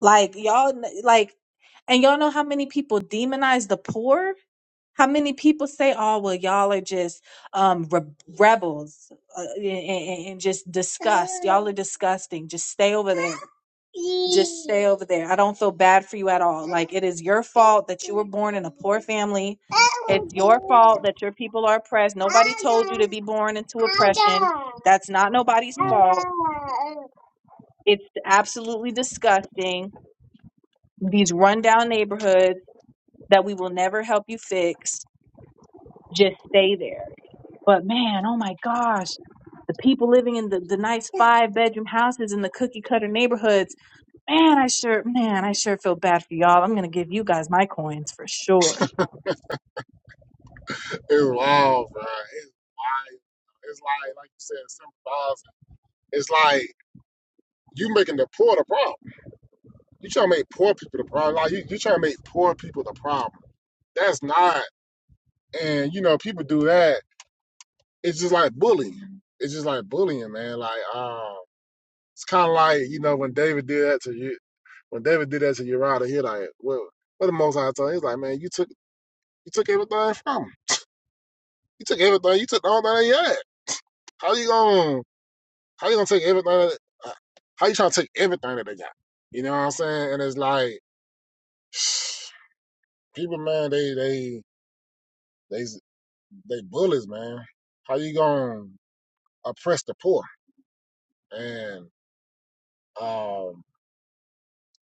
Speaker 2: like y'all like and y'all know how many people demonize the poor how many people say, "Oh, well, y'all are just um, re- rebels uh, and, and and just disgust. Y'all are disgusting. Just stay over there. Just stay over there. I don't feel bad for you at all. Like it is your fault that you were born in a poor family. It's your fault that your people are oppressed. Nobody told you to be born into oppression. That's not nobody's fault. It's absolutely disgusting. These rundown neighborhoods that we will never help you fix. Just stay there." But man, oh my gosh, the people living in the, the nice five bedroom houses in the cookie cutter neighborhoods, man, I sure, man, I sure feel bad for y'all. I'm going to give you guys my coins for sure.
Speaker 1: It's wild, bro. It's wild. It's like, like you said, seven thousand. It's like you making the poor the problem. You trying to make poor people the problem. Like you, you trying to make poor people the problem. That's not. and you know people do that it's just like bullying it's just like bullying man like um it's kind of like you know when david did that to you when david did that to uriah he like well for the most high told him he's like man you took you took everything from him you took everything you took all that he had how you gonna how you gonna take everything that- uh, how you trying to take everything that they got you know what i'm saying and it's like <sighs> people man they they they they bullies man how you gonna oppress the poor and um,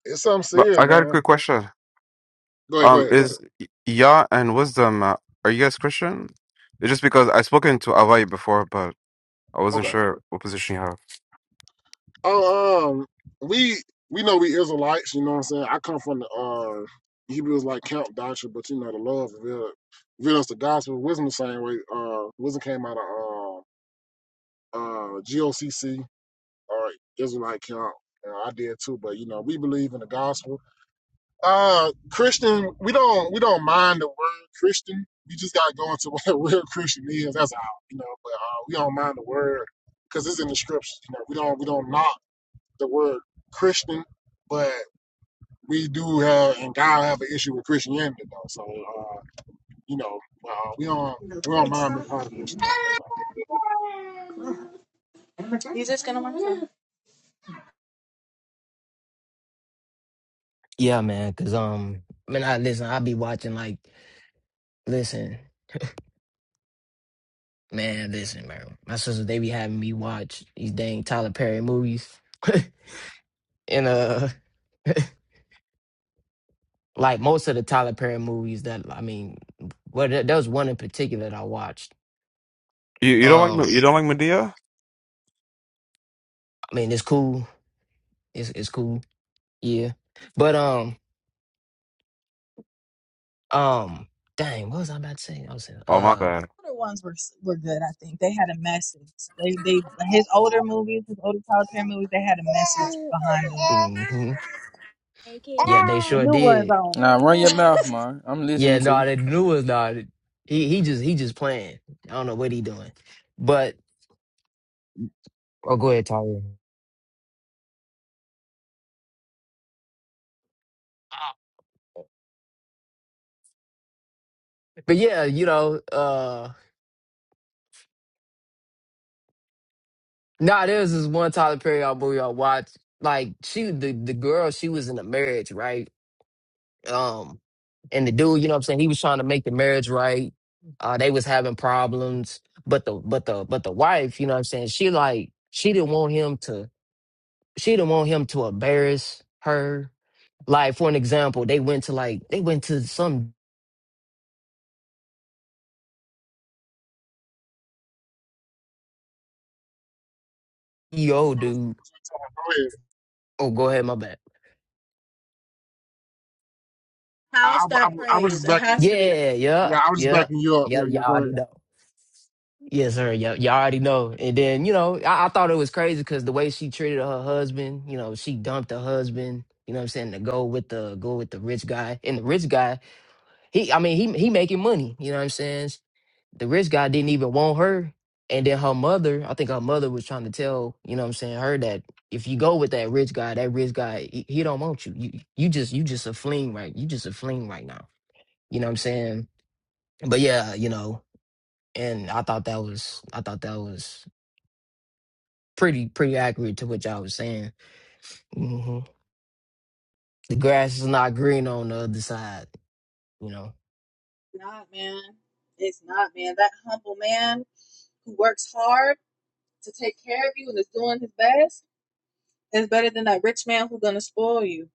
Speaker 1: it's something
Speaker 4: But
Speaker 1: serious,
Speaker 4: I got a
Speaker 1: man.
Speaker 4: quick question.
Speaker 1: Go ahead, go
Speaker 4: Um,
Speaker 1: ahead, go ahead.
Speaker 4: is Y- Yah and Wisdom, uh, are you guys Christian? It's just because I've spoken to Avai before, but. I wasn't
Speaker 1: Okay.
Speaker 4: sure what position you have.
Speaker 1: Oh, um, we we know we Israelites. You know what I'm saying? I come from the uh, Hebrews like camp doctrine, but you know the love, revealed revealed us the gospel. Wisdom the same way. Uh, wisdom came out of uh, uh, GOCC or Israelite camp. And I did too, but you know we believe in the gospel. Uh, Christian, we don't we don't mind the word Christian. We just gotta go into <laughs> what a real Christian is. That's all, you know. But uh, we don't mind the word because it's in the scriptures. You know, we don't we don't knock the word Christian, but we do have and God have an issue with Christianity though. So uh, you know, uh, we don't we don't mind being part of Christian though.
Speaker 2: <laughs>
Speaker 1: That's all.
Speaker 2: He's just going to watch them?
Speaker 3: Yeah, man, cause um, man, I listen. I be watching like, listen, man, listen, man. My sisters they be having me watch these dang Tyler Perry movies, <laughs> and uh, like most of the Tyler Perry movies that I mean, well, there, there was one in particular that I watched.
Speaker 4: You you don't like Me-
Speaker 3: Um,
Speaker 4: you don't like Medea?
Speaker 3: I mean, it's cool. It's it's cool. Yeah, but um, um, dang, what was I about to say? I was saying,
Speaker 4: Oh my
Speaker 3: uh,
Speaker 4: bad.
Speaker 2: older ones were were good. I think they had a message. They they his older movies, his older Tyler Perry movies, they had a message behind them.
Speaker 3: hmm yeah, they
Speaker 2: The
Speaker 3: sure
Speaker 2: new ones
Speaker 3: did
Speaker 5: Nah, run your mouth,
Speaker 2: on
Speaker 5: man. I'm
Speaker 3: Yeah,
Speaker 5: listening to
Speaker 3: no,
Speaker 5: you.
Speaker 3: that new was not. He he just he just playing. I don't know what he doing, but Oh, go ahead, Tyler. but yeah, you know, uh, nah, there was this one Tyler Perry album movie I watched. Like she, the the girl, she was in a marriage, right? Um, and the dude, you know what I'm saying, he was trying to make the marriage right. Uh, they was having problems, but the but the but the wife, you know what I'm saying, she like she didn't want him to she didn't want him to embarrass her Like for an example, they went to like they went to some EO
Speaker 1: Go
Speaker 3: dude.
Speaker 1: ahead.
Speaker 3: Oh, go ahead, my bad.
Speaker 2: <laughs> house
Speaker 1: I, I,
Speaker 2: that
Speaker 1: I was
Speaker 2: prays.
Speaker 1: just
Speaker 2: It
Speaker 1: backing
Speaker 2: has
Speaker 1: you.
Speaker 2: to be that.
Speaker 3: Yeah, yeah,
Speaker 1: Yeah, I was just
Speaker 3: yeah,
Speaker 1: backing you up.
Speaker 3: yeah.
Speaker 1: Yeah, yeah.
Speaker 3: Y'all
Speaker 1: Go ahead.
Speaker 3: already know. Yes, sir. Yeah, y'all already know. And then you know, I, I thought it was crazy because the way she treated her husband. You know, she dumped her husband. You know what I'm saying to go with the go with the rich guy. And the rich guy, he, I mean, he he making money. You know what I'm saying? the rich guy didn't even want her. And then her mother, I think her mother was trying to tell, you know what I'm saying, her that if you go with that rich guy, that rich guy, he, he don't want you. You you just you just a fling right. You just a fling right now. You know what I'm saying? But yeah, you know, and I thought that was I thought that was pretty pretty accurate to what y'all was saying. hmm The grass is not green on the other side, you know.
Speaker 2: It's not man. It's not man. That humble man who works hard to take care of you and is doing his best is better than that rich man who's gonna spoil you.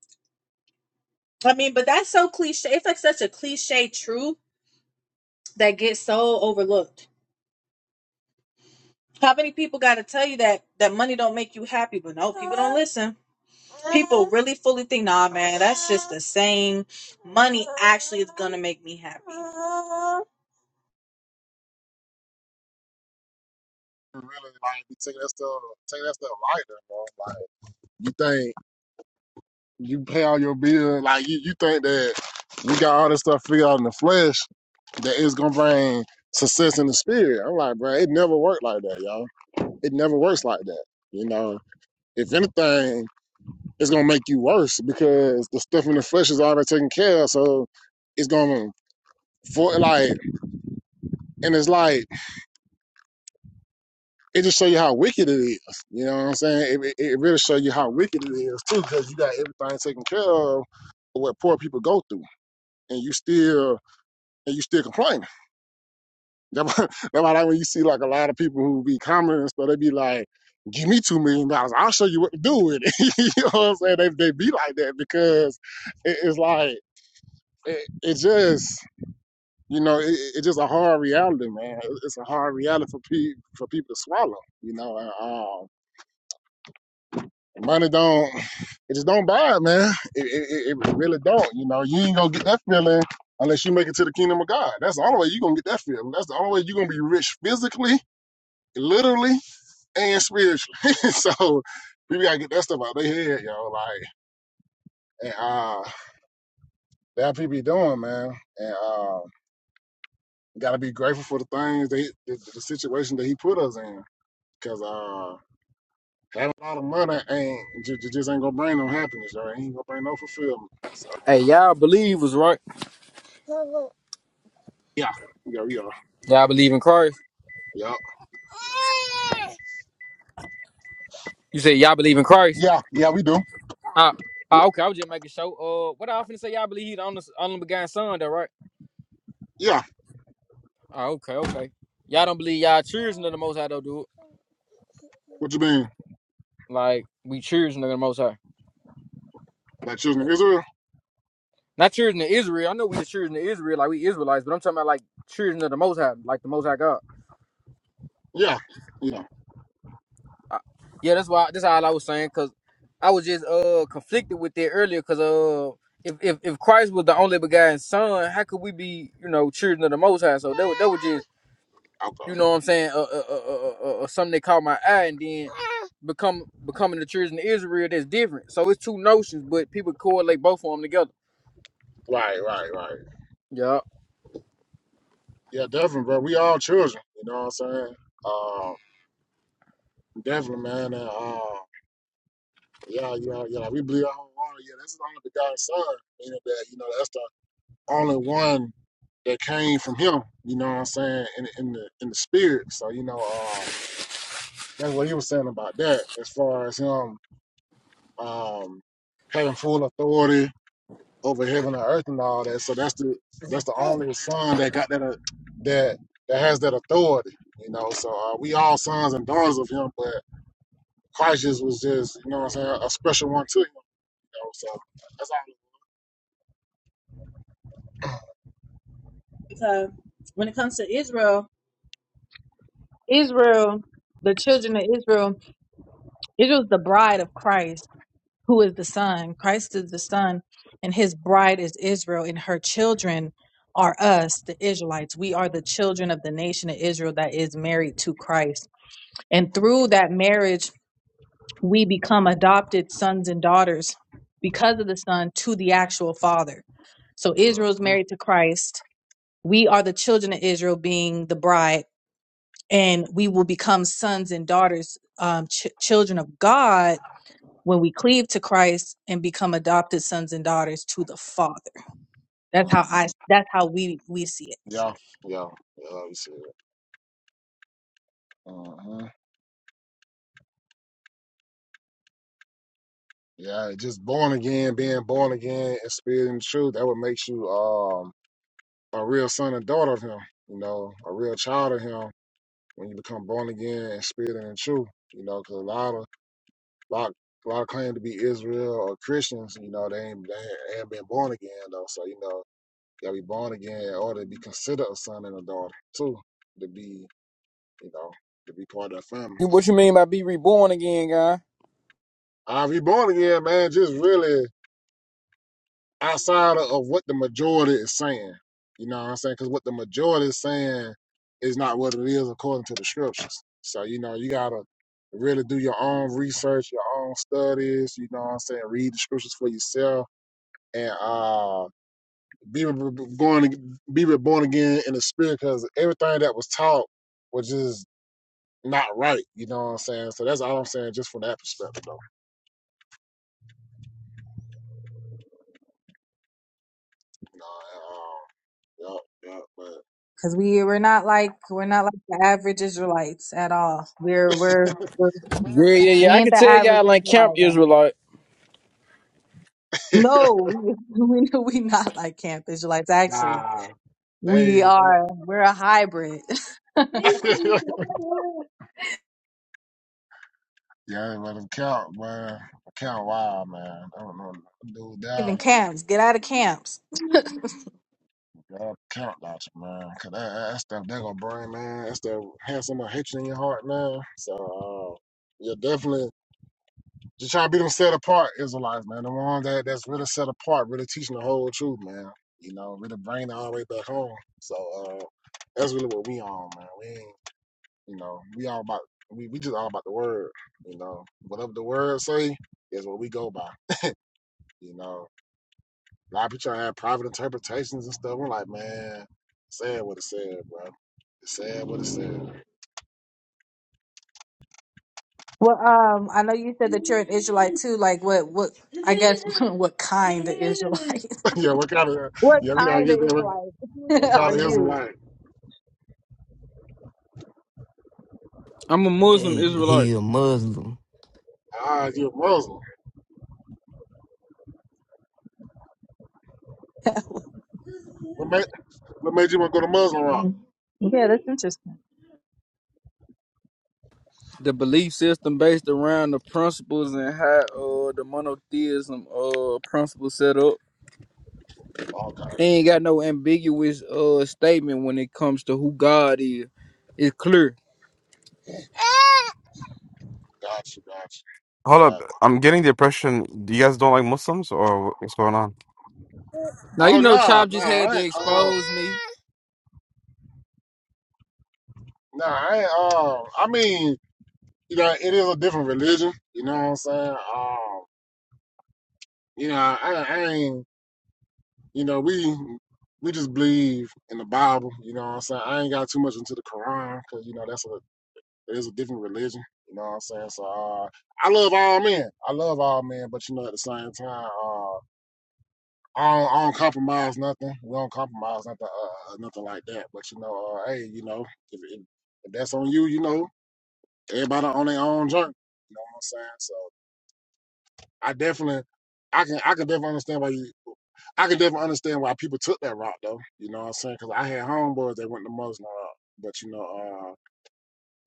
Speaker 2: I mean, but that's so cliche. It's like such a cliche truth that gets so overlooked. How many people got to tell you that that money don't make you happy? But no, people don't listen. People really fully think, nah, man, that's just the same. Money actually is gonna make me happy.
Speaker 1: Really, like, be taking that stuff, taking that stuff lighter, bro. Like, You think you pay all your bills, like you, you think that we got all this stuff figured out in the flesh that it's gonna bring success in the spirit. I'm like, bro, it never worked like that, y'all. It never works like that. You know, if anything, it's gonna make you worse because the stuff in the flesh is already taken care of. So it's gonna for like, and it's like it just show you how wicked it is. You know what I'm saying? It, it, it really show you how wicked it is too, because you got everything taken care of. What poor people go through. and you still and you still complaining. <laughs> That's why that's why like when you see like a lot of people who be commenting and they be like, "Give me two million dollars, I'll show you what to do with it." <laughs> you know what I'm saying? They they be like that because it, it's like it, it just you know it, it's just a hard reality, man. It's a hard reality for people for people to swallow. You know, and, um, Money don't, it just don't buy it, man. It, it, it really don't. You know, you ain't gonna get that feeling unless you make it to the kingdom of God. That's the only way you're gonna get that feeling. That's the only way you're gonna be rich physically, literally, and spiritually. <laughs> so people gotta get that stuff out of their head, all Like, and uh, that people be doing, man. And uh, gotta be grateful for the things that he- the, the situation that he put us in, because uh. Having a lot of money ain't ju- ju- just ain't gonna bring no happiness, you or ain't gonna bring no fulfillment. So,
Speaker 5: Hey, y'all believe was right. Y'all
Speaker 1: Yeah, yeah, we are.
Speaker 5: believe in Christ.
Speaker 1: yeah,
Speaker 5: You said y'all believe in Christ.
Speaker 1: Yeah, yeah, we do.
Speaker 5: Ah, ah, okay. I was just making sure. Uh, what I often say, y'all believe he's the only the begotten son, though, right?
Speaker 1: yeah.
Speaker 5: Ah, okay, okay. Y'all don't believe y'all children of the Most High, though, dude.
Speaker 1: What you mean?
Speaker 5: Like we children of the Most High,
Speaker 1: Like children of Israel?
Speaker 5: not children of Israel. I know we the children of Israel, like we Israelites, but I'm talking about like children of the Most High, like the Most High God.
Speaker 1: Yeah, yeah.
Speaker 5: I, yeah, that's why that's all I was saying because I was just uh conflicted with that earlier because uh if, if if Christ was the only begotten Son, how could we be you know children of the Most High? So that was that was just
Speaker 1: Okay.
Speaker 5: you know what I'm saying uh uh uh, uh, uh, uh uh, something that caught my eye and then become becoming the children of Israel that's different. So it's two notions, but people correlate both of them together.
Speaker 1: Right, right, right.
Speaker 5: Yeah.
Speaker 1: Yeah, definitely, bro. We all children. You know what I'm saying? Uh, definitely, man. And, uh, yeah, yeah, yeah. like, We believe our whole heart. Yeah, this is the only begotten son. Meaning that you know that's the only one that came from him. You know what I'm saying? In in the in the spirit. So you know, um, that's what he was saying about that. As far as him, um, having full authority over heaven and earth and all that. So that's the that's the only son that got that uh, that that has that authority, you know. So uh, we all sons and daughters of him, but Christ just was just you know what I'm saying a special one to him, you know. So that's
Speaker 2: Because when it comes to Israel, Israel, the children of Israel, Israel is the bride of Christ, who is the son. Christ is the son, and his bride is Israel, and her children are us, the Israelites. We are the children of the nation of Israel that is married to Christ. And through that marriage we become adopted sons and daughters because of the son to the actual father. So
Speaker 1: all.
Speaker 2: Israel's married to Christ. We are the children of Israel, being the bride, and we will become sons and daughters, um, ch- children of God, when we cleave to Christ and become adopted sons and daughters to the Father. That's
Speaker 1: Mm-hmm.
Speaker 2: how
Speaker 1: hmm
Speaker 2: I. That's how we we see it.
Speaker 1: Yeah, yeah, yeah. Obviously. hmm Yeah, just born again, being born again in spirit and truth, that would make you um a real son and daughter of him, you know, a real child of him when you become born again and spirit and in truth, you cause a lot of lot a lot of claim to be Israel or Christians, you know, they ain't they ain't been born again though. So you know, you gotta be born again in order to be considered a son and a daughter too, to be you know to be part of that family.
Speaker 5: What you mean by be reborn again, guy?
Speaker 1: I be born again, man. Just really. outside of of what the majority is saying. You know what I'm saying? Because what the majority is saying is not what it is according to the scriptures. So, you know, you got to really do your own research, your own studies, you know what I'm saying? Read the scriptures for yourself and uh, be, re- going, be reborn again in the spirit because everything that was taught was just not right. You know what I'm saying? So that's all I'm saying just from that perspective, though. You know, and, um, yup,
Speaker 2: Because we we're not like we're not like the average Israelites at all. We're we're, we're
Speaker 5: Yeah, yeah,
Speaker 2: we
Speaker 5: yeah. I
Speaker 2: ain't
Speaker 5: can
Speaker 2: the
Speaker 5: tell
Speaker 2: average
Speaker 5: y'all like camp
Speaker 2: Israelite.
Speaker 5: Israelite.
Speaker 1: yup, but
Speaker 2: No, we <laughs> we we not like camp Israelites.
Speaker 1: <laughs>
Speaker 2: Actually,
Speaker 1: nah,
Speaker 2: we
Speaker 1: they, they
Speaker 2: are we're a hybrid. <laughs>
Speaker 1: <laughs> Yeah, let him count, man. Count wild, man. I don't know. Dude down.
Speaker 2: Even camps, get out of camps. <laughs>
Speaker 1: God count out you, man. Cause that, that that stuff that gonna burn, man. That stuff has some hatred in your heart, man. So uh, yeah, definitely just trying to be them set apart Israelites, man. The ones that that's really set apart, really teaching the whole truth, man. You know, really bring it all the way back home. So uh, that's really what we on, man. We ain't, you know, we all about we, we just all about the word, you know. Whatever the word say is what we go by. You know, a lot of people try to have private interpretations and stuff. I'm like, man, said what it said, bro. It said what it said.
Speaker 2: Well, um, I know you said that you're an Israelite too. Like, what what? I guess <laughs> what kind of Israelite?
Speaker 1: <laughs> yeah, what kind of
Speaker 2: <laughs> What
Speaker 1: yeah, we gotta
Speaker 2: kind of
Speaker 1: get there. What,
Speaker 2: Israelite
Speaker 1: what
Speaker 2: <laughs> are
Speaker 1: kind of
Speaker 2: you?
Speaker 1: Israelite?
Speaker 5: I'm a Muslim
Speaker 3: Hey,
Speaker 5: Israelite.
Speaker 3: he a Muslim.
Speaker 1: Ah, you're a Muslim. What made what made you want to go to Muslim rock?
Speaker 2: Yeah, that's interesting.
Speaker 5: the belief system based around the principles and how uh the monotheism uh principle set up.
Speaker 1: Okay,
Speaker 5: They ain't got no ambiguous uh statement when it comes to who God is. It's clear.
Speaker 1: gotcha, gotcha,
Speaker 4: Hold
Speaker 1: gotcha.
Speaker 4: up, I'm getting the impression you guys don't like Muslims or what's going on?
Speaker 5: Now you
Speaker 1: Oh
Speaker 5: know
Speaker 1: nah,
Speaker 5: Chop
Speaker 1: nah,
Speaker 5: just had
Speaker 1: I
Speaker 5: to
Speaker 1: ain't. Uh,
Speaker 5: expose me.
Speaker 1: nah, I ain't. Uh, I mean, you know, it is a different religion. You know what I'm saying? Um, you know, I, I ain't. You know, we we just believe in the Bible. You know what I'm saying? I ain't got too much into the Quran because you know that's a it is a different religion. You know what I'm saying? So uh, I love all men. I love all men, but you know at the same time, uh, I don't, I don't compromise nothing. We don't compromise nothing, uh, uh, nothing like that. But you know, uh, hey, you know, if, if if that's on you, you know, everybody on their own journey. You know what I'm saying? So I definitely, I can I can definitely understand why you I can definitely understand why people took that route though. You know what I'm saying? Because I had homeboys that went the Muslim route. But you know, uh,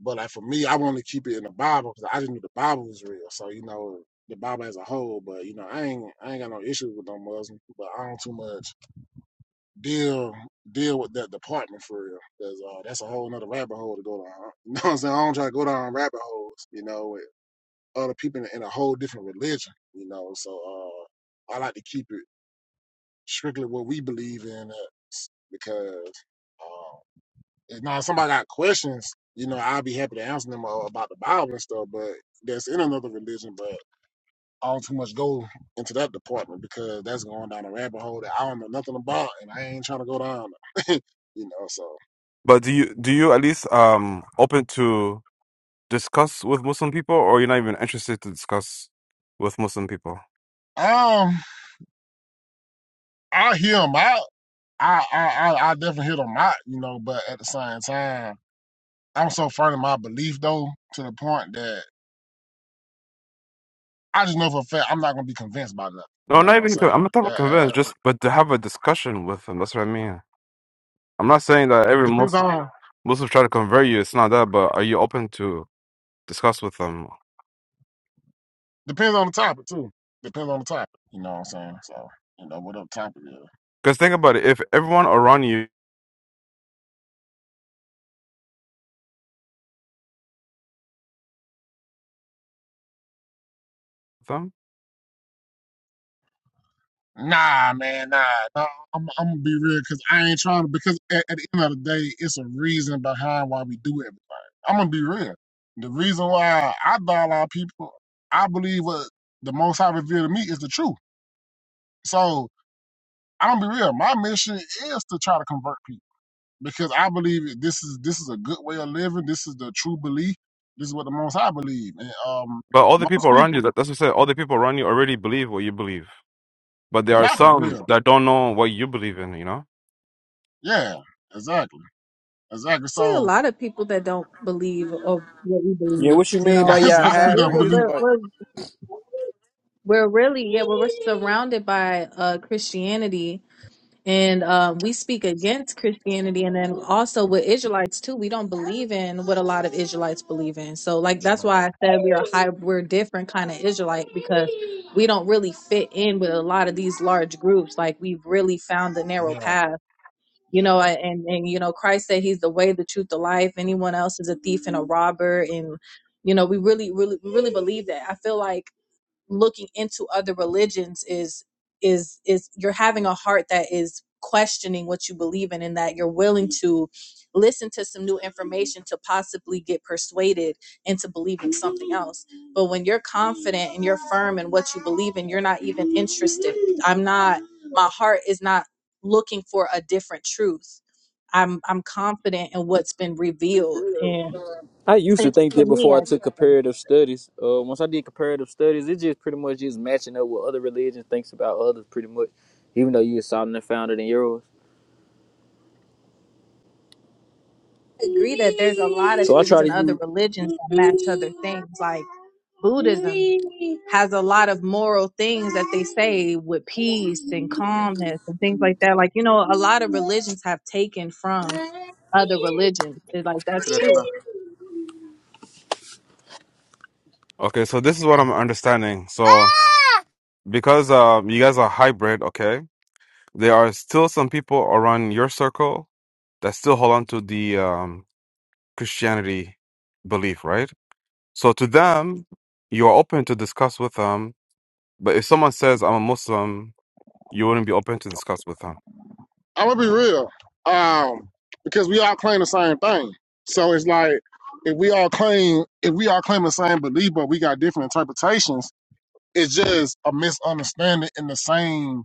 Speaker 1: but like for me, I wanted to keep it in the Bible because I just knew the Bible was real. So you know, the Bible as a whole. But you know, I ain't I ain't got no issues with no Muslim, but I don't too much deal deal with that department for real. Cause uh, that's a whole nother rabbit hole to go down. huh? <laughs> You know what I'm saying? I don't try to go down rabbit holes. You know, with other people in, in a whole different religion. You know, so uh, I like to keep it strictly what we believe in uh, because um, if now if somebody got questions, you know, I'll be happy to answer them uh, about the Bible and stuff, but that's in another religion, but I don't too much go into that department because that's going down a rabbit hole that I don't know nothing about and I ain't trying to go down. <laughs> you know, so
Speaker 4: But do you do you at least um open to discuss with Muslim people, or you're not even interested to discuss with Muslim people?
Speaker 1: um I hear them out. I, I I I definitely hear them out, you know, but at the same time, I'm so firm in my belief though, to the point that I just know for a fact I'm not gonna be convinced by nothing. You
Speaker 4: No,
Speaker 1: know
Speaker 4: not
Speaker 1: what I'm
Speaker 4: even. co- I'm
Speaker 1: saying?
Speaker 4: not talking
Speaker 1: That uh,
Speaker 4: convince.
Speaker 1: uh, uh,
Speaker 4: Just but to have a discussion with them. That's what I mean. I'm not saying that every
Speaker 1: depends
Speaker 4: Muslim
Speaker 1: on
Speaker 4: Muslim try to convert you. It's not that. But are you open to discuss with them?
Speaker 1: depends on the topic too. Depends on the topic. You know what I'm saying? So you know whatever topic is.
Speaker 4: Because think about it. If everyone around you, them,
Speaker 1: Nah, man, nah, nah. I'm, I'm gonna be real because I ain't trying to. Because at, at the end of the day, it's a reason behind why we do everything. I'm gonna be real. The reason why I dial out people, I believe what the Most High revealed to me is the truth. So I'm gonna be real. My mission is to try to convert people. because I believe this is this is a good way of living. This is the true belief. This is what the Most High believe. And um,
Speaker 4: but all the
Speaker 1: most
Speaker 4: people around you.
Speaker 1: people,
Speaker 4: That, that's what I said. All the people around you already believe what you believe. But there are
Speaker 1: not for
Speaker 4: some
Speaker 1: real.
Speaker 4: that don't know what you believe in. You know.
Speaker 1: Yeah, exactly, exactly.
Speaker 2: So a
Speaker 1: So
Speaker 2: lot of people that don't believe of what we
Speaker 5: Yeah,
Speaker 2: believe,
Speaker 5: what you
Speaker 2: you
Speaker 1: <laughs>
Speaker 5: mean
Speaker 1: now
Speaker 5: by
Speaker 2: know,
Speaker 1: it's a
Speaker 5: y'all
Speaker 1: lot
Speaker 2: because
Speaker 1: of
Speaker 2: I
Speaker 1: people
Speaker 2: we're,
Speaker 1: don't
Speaker 5: hybrid
Speaker 1: believe.
Speaker 2: we're
Speaker 5: Israelite?
Speaker 2: we're we're really yeah, well, we're surrounded by uh Christianity And um, we speak against Christianity, and then also with Israelites too. We don't believe in what a lot of Israelites believe in. So, like that's
Speaker 1: Yeah,
Speaker 2: why I said we are high, we're different kind of Israelite because we don't really fit in with a lot of these large groups. Like we've really found the narrow
Speaker 1: yeah,
Speaker 2: path, you know.
Speaker 1: yeah.
Speaker 2: I- And and you know, Christ said He's the way, the truth, the life. Anyone else is a thief and a robber, and you know, we really, really, we really believe that. I feel like looking into other religions is is is you're having a heart that is questioning what you believe in and that you're willing to listen to some new information to possibly get persuaded into believing something else but when you're confident and you're firm in what you believe in you're not even interested i'm not my heart is not looking for a different truth i'm i'm confident in what's been revealed and
Speaker 5: I used to
Speaker 2: it,
Speaker 5: think
Speaker 2: to
Speaker 5: that
Speaker 2: me
Speaker 5: before I
Speaker 2: i
Speaker 5: took
Speaker 2: just
Speaker 5: comparative studies. Uh, once I did comparative studies, it just pretty much just matching up what other religions thinks about others, pretty much. Even though you saw and found it in yours,
Speaker 2: agree that there's a lot of
Speaker 5: so I
Speaker 2: things
Speaker 5: try
Speaker 2: in
Speaker 5: to
Speaker 2: other religions that match other things. Like Buddhism has a lot of moral things that they say with peace and calmness and things like that. Like, you know, a lot of religions have taken from other religions. It's like that's true.
Speaker 5: use.
Speaker 4: Okay. So this is what I'm understanding. So because um, you guys are hybrid. Okay. There are still some people around your circle that still hold on to the um, Christianity belief, right? So to them, you are open to discuss with them. But if someone says, I'm a Muslim, you wouldn't be open to discuss with them.
Speaker 1: I'm gonna be real, um, because we all claim the same thing. So it's like if we all claim if we all claim the same belief, but we got different interpretations. It's just a misunderstanding in the same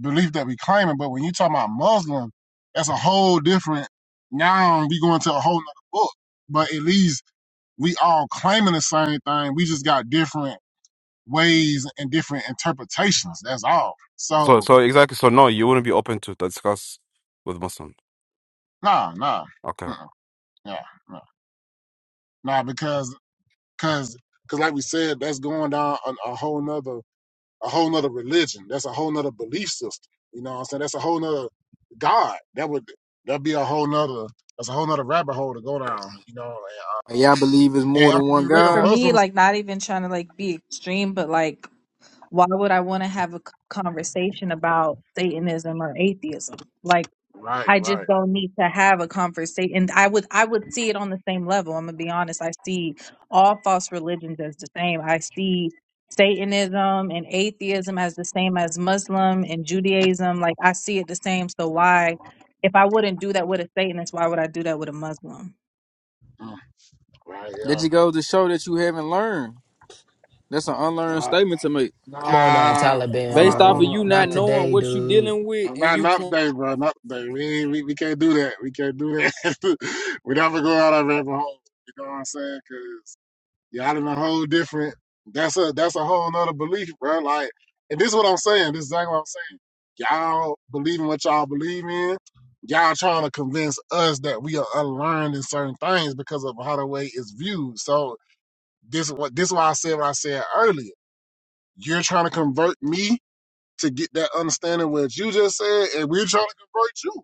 Speaker 1: belief that we claiming. But when you talk about Muslim, that's a whole different. Now we going to a whole nother book. But at least we all claiming the same thing. We just got different ways and different interpretations. That's all.
Speaker 4: So,
Speaker 1: So
Speaker 4: so exactly. So no, you wouldn't be open to discuss with Muslim.
Speaker 1: nah, nah,
Speaker 4: Okay.
Speaker 1: uh-uh, nah, nah, nah, because because because like we said, that's going down a, a whole nother a whole nother religion. That's a whole nother belief system. You know what I'm saying? That's a whole nother God. That would that'd be a whole nother that's a whole nother rabbit hole to go down, you know. And, uh,
Speaker 5: And Y'all believe it's
Speaker 1: and
Speaker 5: more
Speaker 1: I'm
Speaker 5: than
Speaker 1: gonna be
Speaker 5: one
Speaker 2: Like
Speaker 1: real,
Speaker 2: for
Speaker 5: God?
Speaker 2: me,
Speaker 1: Muslims
Speaker 2: like not even trying to like be extreme, but like why would I want to have a c- conversation about Satanism or atheism? Like
Speaker 1: Right,
Speaker 2: I just
Speaker 1: right.
Speaker 2: don't need to have a conversation. And I would I would see it on the same level. I'm gonna be honest. I see all false religions as the same. I see Satanism and atheism as the same as Muslim and Judaism. Like I see it the same. So why if I wouldn't do that with a Satanist, why would I do that with a Muslim?
Speaker 1: Mm, Right,
Speaker 5: That
Speaker 1: yeah.
Speaker 5: just goes to show that you haven't learned. That's an unlearned
Speaker 1: Uh,
Speaker 5: statement to make.
Speaker 3: Come on now,
Speaker 1: nah,
Speaker 3: Taliban,
Speaker 1: hold
Speaker 5: Based
Speaker 1: on,
Speaker 5: off
Speaker 1: hold
Speaker 5: of
Speaker 3: bro.
Speaker 1: on,
Speaker 5: you not
Speaker 3: Not
Speaker 1: hold on.
Speaker 5: knowing
Speaker 3: today,
Speaker 5: what you
Speaker 3: dude.
Speaker 5: dealing with
Speaker 1: Uh,
Speaker 5: and
Speaker 1: Not,
Speaker 5: you
Speaker 1: not
Speaker 5: cl-
Speaker 1: today, bro. Not today. We, ain't- we we can't do that. We can't do that. <laughs> we never go out of rabbit hole. You know what I'm saying? Y'all in a whole different. That's a that's a whole nother belief, bro. Like, and this is what I'm saying. This is exactly what I'm saying. Y'all believe in what y'all believe in. Y'all trying to convince us that we are unlearned in certain things because of how the way it's viewed. So this is what this is why I said what I said earlier. You're trying to convert me to get that understanding of what you just said, and we're trying to convert you.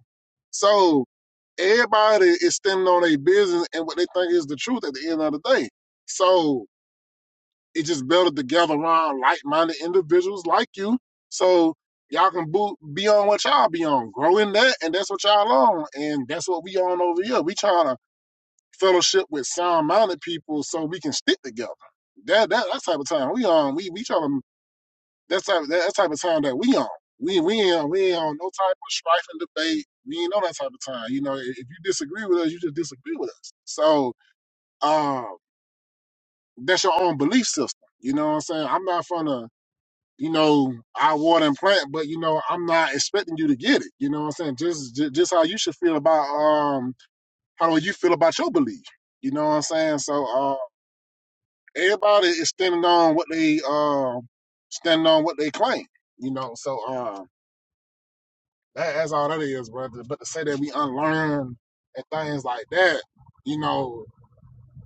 Speaker 1: So everybody is standing on their business and what they think is the truth at the end of the day. So it's just better to gather around like-minded individuals like you, so y'all can bo- be on what y'all be on, grow in that, and that's what y'all on, and that's what we on over here. We trying to fellowship with sound-minded people so we can stick together. That that that type of time we on. We we trying to that's type that, that type of time that we on. We we ain't we ain't on no type of strife and debate. We ain't on that type of time. You know, if, you disagree with us, you just disagree with us. So um, that's your own belief system. You know what I'm saying? I'm not to. you know, I water and plant, but you know, I'm not expecting you to get it. You know what I'm saying? Just ju- just how you should feel about um how do you feel about your belief. You know what I'm saying? So uh everybody is standing on what they uh standing on what they claim, you know. So uh that, that's all that is, brother. But to say that we unlearn and things like that, you know,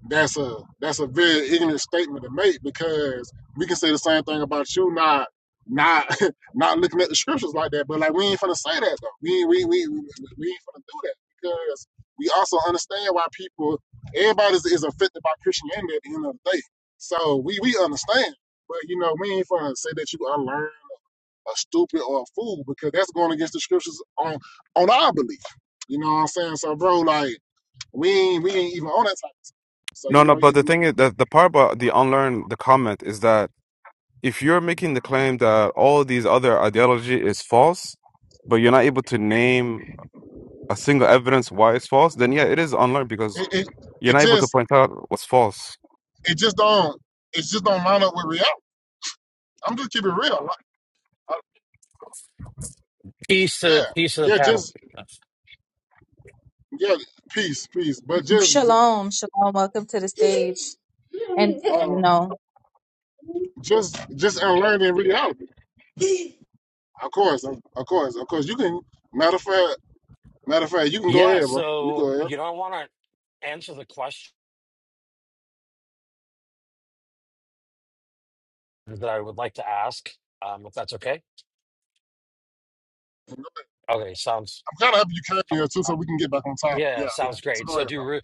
Speaker 1: That's a that's a very ignorant statement to make because we can say the same thing about you not not <laughs> not looking at the scriptures like that. But like we ain't finna say that though. We we we we we ain't finna do that because we also understand why people everybody is, is affected by Christianity at the end of the day. So we we understand, but you know we ain't finna say that you unlearned, a stupid, or a fool because that's going against the scriptures on on our belief. You know what I'm saying? So bro, like we ain't we ain't even on that type of stuff. So
Speaker 4: No,
Speaker 1: you
Speaker 4: no.
Speaker 1: know
Speaker 4: But
Speaker 1: it
Speaker 4: the thing is that the part about the unlearn the comment is that if you're making the claim that all these other ideology is false, but you're not able to name a single evidence why it's false, then yeah, it is unlearned because
Speaker 1: it, it
Speaker 4: you're
Speaker 1: it
Speaker 4: not able to
Speaker 1: just
Speaker 4: point out what's false.
Speaker 1: it just don't it just don't line up with reality. I'm just keeping it real. Like, uh,
Speaker 6: Piece to
Speaker 1: yeah,
Speaker 6: piece of the
Speaker 1: yeah,
Speaker 6: panel.
Speaker 1: just yeah, peace, peace. But just
Speaker 2: Shalom, shalom, welcome to the stage. And you
Speaker 1: uh,
Speaker 2: know,
Speaker 1: just just unlearn in reality. Of course, of of course, of course. You can matter of fact, matter of fact, you can go
Speaker 6: Yeah,
Speaker 1: ahead, bro. You
Speaker 6: so
Speaker 1: go ahead.
Speaker 6: you know, I want to answer the question that I would like to ask, um, if that's okay.
Speaker 1: I'm
Speaker 6: Okay, sounds
Speaker 1: kind of happy you came here too, so we can get back on top.
Speaker 6: yeah,
Speaker 1: Yeah, yeah.
Speaker 6: sounds
Speaker 1: So
Speaker 6: great.
Speaker 1: go
Speaker 6: So
Speaker 1: ahead, bro.
Speaker 6: do re-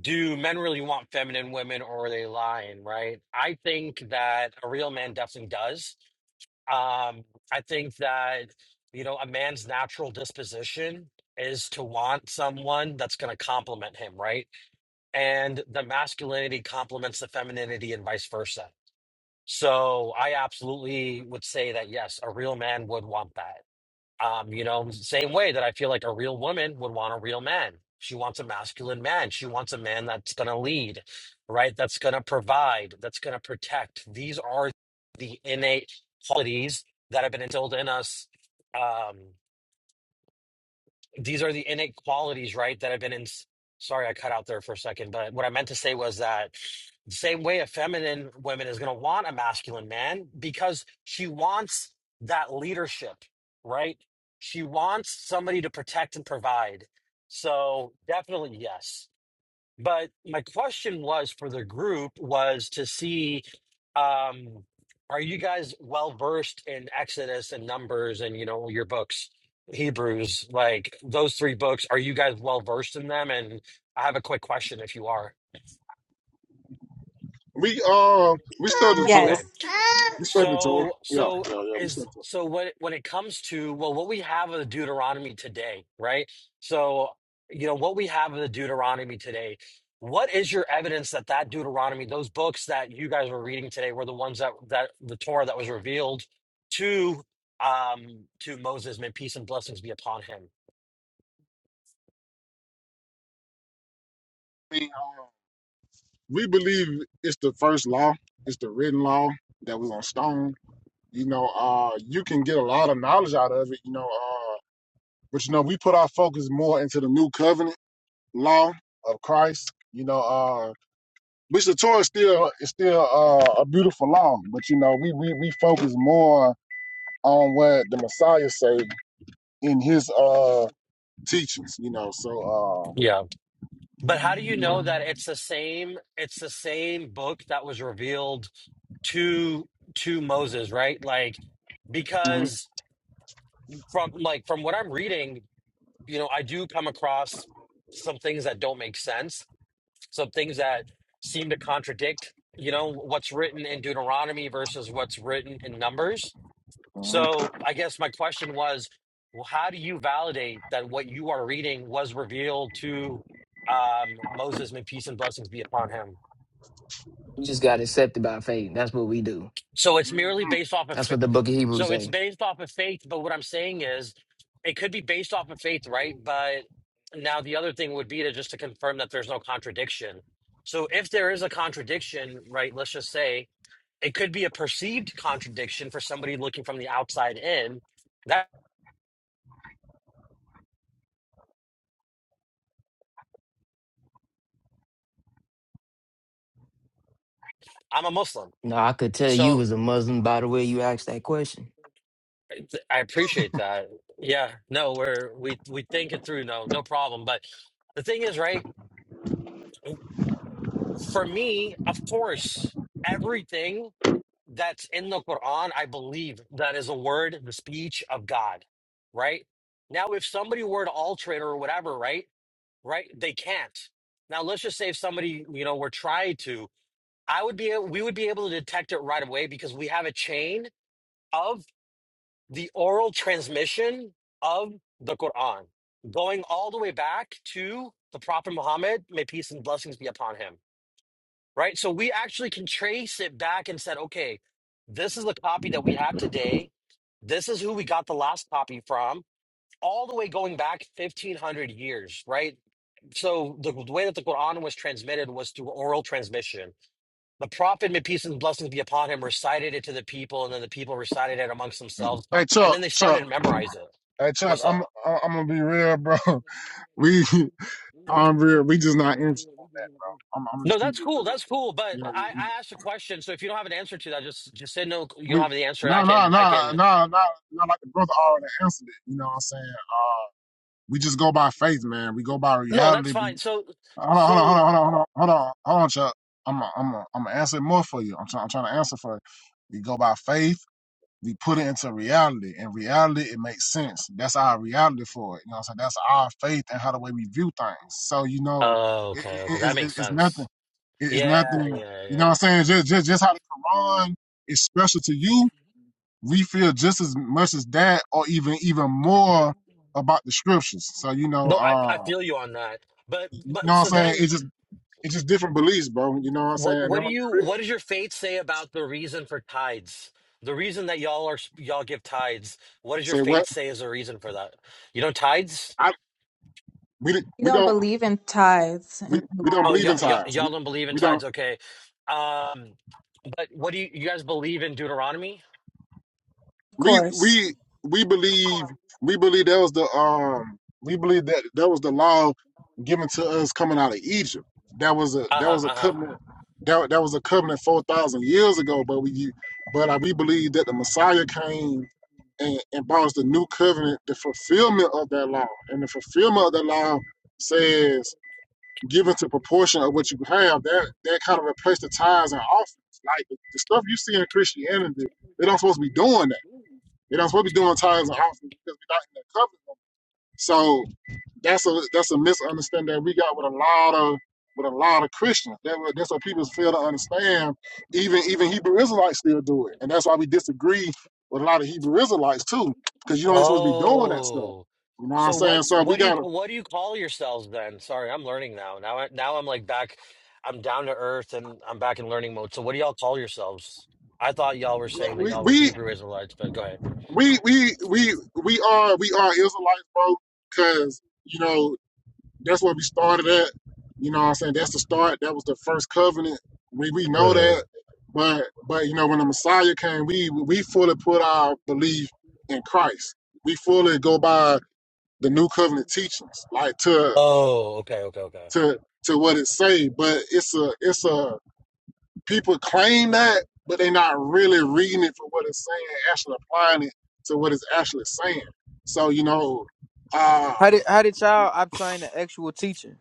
Speaker 6: do men really want feminine women, or are they lying? Right? I think that a real man definitely does. Um, I think that, you know, a man's natural disposition is to want someone that's going to complement him, right? And the masculinity complements the femininity and vice versa. So I absolutely would say that, yes, a real man would want that. Um, you know, same way that I feel like a real woman would want a real man. She wants a masculine man. She wants a man that's going to lead, right? That's going to provide, that's going to protect. These are the innate qualities that have been instilled in us. Um, these are the innate qualities, right, that have been in. Sorry, I cut out there for a second, but what I meant to say was that the same way a feminine woman is going to want a masculine man because she wants that leadership, right? She wants somebody to protect and provide. So definitely yes. But my question was for the group was to see um, are you guys well versed in Exodus and Numbers and you know your books, Hebrews, like those three books, are you guys well versed in them? And I have a quick question if you are.
Speaker 1: We um we studied the tour.
Speaker 6: Okay,
Speaker 2: yes.
Speaker 1: We studied the tour.
Speaker 6: So,
Speaker 1: Yeah,
Speaker 6: so
Speaker 1: yeah, yeah. We
Speaker 6: is
Speaker 1: studied
Speaker 6: so when when it comes to well, what we have of the Deuteronomy today, right? So, you know, what we have of the Deuteronomy today. What is your evidence that that Deuteronomy, those books that you guys were reading today, were the ones that that the Torah that was revealed to um to Moses? May peace and blessings be upon him.
Speaker 1: the tour. we believe it's the first law, it's the written law that was on stone. You know, uh, you can get a lot of knowledge out of it, you know, uh, but you know, we put our focus more into the new covenant law of Christ, you know, uh, which the Torah is still is still uh, a beautiful law, but you know, we, we we focus more on what the Messiah said in his uh teachings, you know. So uh
Speaker 6: Yeah, but how do you
Speaker 1: you
Speaker 6: know
Speaker 1: know
Speaker 6: that it's the same? It's the same book that was revealed to to Moses, right? Like
Speaker 1: mhm,
Speaker 6: because from like from what I'm reading, you know, I do come across some things that don't make sense, some things that seem to contradict, you know, what's written in Deuteronomy versus what's written in Numbers.
Speaker 1: mhm,
Speaker 6: So I guess my question was, well, how do you validate that what you are reading was revealed to um, Moses? May peace and blessings be upon him.
Speaker 3: You just got accepted by faith. That's what we do.
Speaker 6: So it's merely
Speaker 1: mhm.
Speaker 6: based off of,
Speaker 3: That's
Speaker 6: fa-
Speaker 3: what the book of Hebrews
Speaker 6: so it's
Speaker 3: say.
Speaker 6: based off of faith. But what I'm saying is, it could be based off of faith, right? But now the other thing would be to just to confirm that there's no contradiction. So if there is a contradiction, right? Let's just say it could be a perceived contradiction for somebody looking from the outside in. That I'm a Muslim,
Speaker 3: No, I could tell you
Speaker 6: so
Speaker 3: was a Muslim by the way you asked that question.
Speaker 6: I appreciate that. Yeah, no, we're we we think it through. No, no problem. But the thing is, right? for me, of course, everything that's in the Quran, I believe that is a word, the speech of God, right? Now, if somebody were to alter it or whatever, right? Right? They can't. Now, let's just say if somebody, you know, were trying to, I would be, we would be able to detect it right away because we have a chain of the oral transmission of the Quran going all the way back to the Prophet Muhammad, may peace and blessings be upon him right? So we actually can trace it back and said, okay, this is the copy that we have today. This is who we got the last copy from, all the way going back 1500 years, right? So the, the way that the Quran was transmitted was through oral transmission. The Prophet, may peace and blessings be upon him, recited it to the people, and then the people recited it amongst themselves,
Speaker 1: Hey
Speaker 6: and
Speaker 1: Chuck,
Speaker 6: then they started
Speaker 1: Chuck,
Speaker 6: to memorize it.
Speaker 1: hey Chuck,
Speaker 6: What's up?
Speaker 1: I'm I'm gonna be real, bro. <laughs> We, <laughs> I'm real. We just not interested in that, bro. I'm, I'm
Speaker 6: No,
Speaker 1: just keep
Speaker 6: that's
Speaker 1: it
Speaker 6: cool.
Speaker 1: real.
Speaker 6: That's cool. But
Speaker 1: You know,
Speaker 6: I, I asked a question, so if you don't have an answer to that, just just say no. You
Speaker 1: we,
Speaker 6: don't
Speaker 1: we-
Speaker 6: have the answer, and I
Speaker 1: nah, nah,
Speaker 6: can I
Speaker 1: nah,
Speaker 6: can
Speaker 1: nah, nah, not like the brother already answered it. You know what I'm saying? Uh, we just go by faith, man. We go by
Speaker 6: No, that's
Speaker 1: reality. We
Speaker 6: fine. So,
Speaker 1: hold on, hold on, hold
Speaker 6: so,
Speaker 1: on, hold on, hold on, hold on, hold on, Chuck. I'm, a, I'm, a, I'm gonna answer more for you. I'm trying, I'm trying to answer for you. We go by faith. We put it into reality. In reality, it makes sense. That's our reality for it. You know what I'm saying? That's our faith and how the way we view things. So you know,
Speaker 6: oh,
Speaker 1: it,
Speaker 6: okay, okay,
Speaker 1: it, it,
Speaker 6: that makes
Speaker 1: it's it's nothing.
Speaker 6: sense.
Speaker 1: It- it's
Speaker 6: Yeah,
Speaker 1: nothing.
Speaker 6: yeah,
Speaker 1: You
Speaker 6: yeah.
Speaker 1: know what I'm saying? Just, just, just how the Quran is special to you, we feel just as much as that, or even, even more about the scriptures. So you know,
Speaker 6: No, I I
Speaker 1: uh,
Speaker 6: feel you on that. But
Speaker 1: you know
Speaker 6: but so
Speaker 1: what I'm saying?
Speaker 6: then,
Speaker 1: It's just, it's just different beliefs, bro. You know what I'm
Speaker 6: what
Speaker 1: saying? And then
Speaker 6: what
Speaker 1: I'm
Speaker 6: do
Speaker 1: gonna
Speaker 6: you
Speaker 1: be real.
Speaker 6: what does your faith say about the reason for tides? The reason that y'all are y'all give tides. What does your
Speaker 1: Say
Speaker 6: faith
Speaker 1: what?
Speaker 6: say is the reason for that? You know, tides.
Speaker 1: I we
Speaker 2: You
Speaker 1: we
Speaker 2: don't
Speaker 1: don't
Speaker 2: believe in tithes and
Speaker 1: we, we don't
Speaker 6: Oh,
Speaker 1: believe
Speaker 6: y'all
Speaker 1: in
Speaker 2: of
Speaker 6: y'all
Speaker 1: ties. We
Speaker 6: y'all don't believe in
Speaker 1: we don't.
Speaker 6: tides. Okay. Um, but what do you you guys believe in Deuteronomy?
Speaker 1: we
Speaker 2: course.
Speaker 1: we we believe we believe that was the um we believe that that was the law given to us coming out of Egypt. That was a
Speaker 6: Uh
Speaker 1: that
Speaker 6: huh.
Speaker 1: was a
Speaker 6: Uh huh.
Speaker 1: covenant that that was a covenant four thousand years ago. But we but uh, we believe that the Messiah came and, and brought us the new covenant, the fulfillment of that law, and the fulfillment of that law says given to proportion of what you have. That that kind of replaced the tithes and offerings. Like the, the stuff you see in Christianity, they don't supposed to be doing that you're not supposed to be doing tithes and offerings because we're not in that covenant. So that's a that's a misunderstanding that we got with a lot of with a lot of Christians. That, that's what people fail to understand. Even even Hebrew Israelites still do it, and that's why we disagree with a lot of Hebrew Israelites too, because you ain't supposed to be doing that stuff.
Speaker 6: Oh,
Speaker 1: You know what I'm
Speaker 6: so
Speaker 1: saying?
Speaker 6: what's
Speaker 1: So we
Speaker 6: what do you
Speaker 1: gotta
Speaker 6: what do you call yourselves then? Sorry, I'm learning now. Now I now I'm like back. I'm down to earth and I'm back in learning mode. So what do y'all call yourselves? I thought y'all were saying that
Speaker 1: we
Speaker 6: y'all were
Speaker 1: we
Speaker 6: Hebrew Israelites, but go ahead.
Speaker 1: we we we, we are we are Israelites, bro, because you know That's where we started at. You know what I'm saying? That's the start. That was the first covenant. We we know
Speaker 6: Hmm.
Speaker 1: that. But but you know, when the Messiah came, we we fully put our belief in Christ. We fully go by the new covenant teachings, like to
Speaker 6: Oh, okay, okay, okay.
Speaker 1: to to what it say. But it's a it's a people claim that, but they're not really reading it for what it's saying, actually applying it to what it's actually saying. So, you know, uh
Speaker 5: how did how did y'all obtain the actual teachings?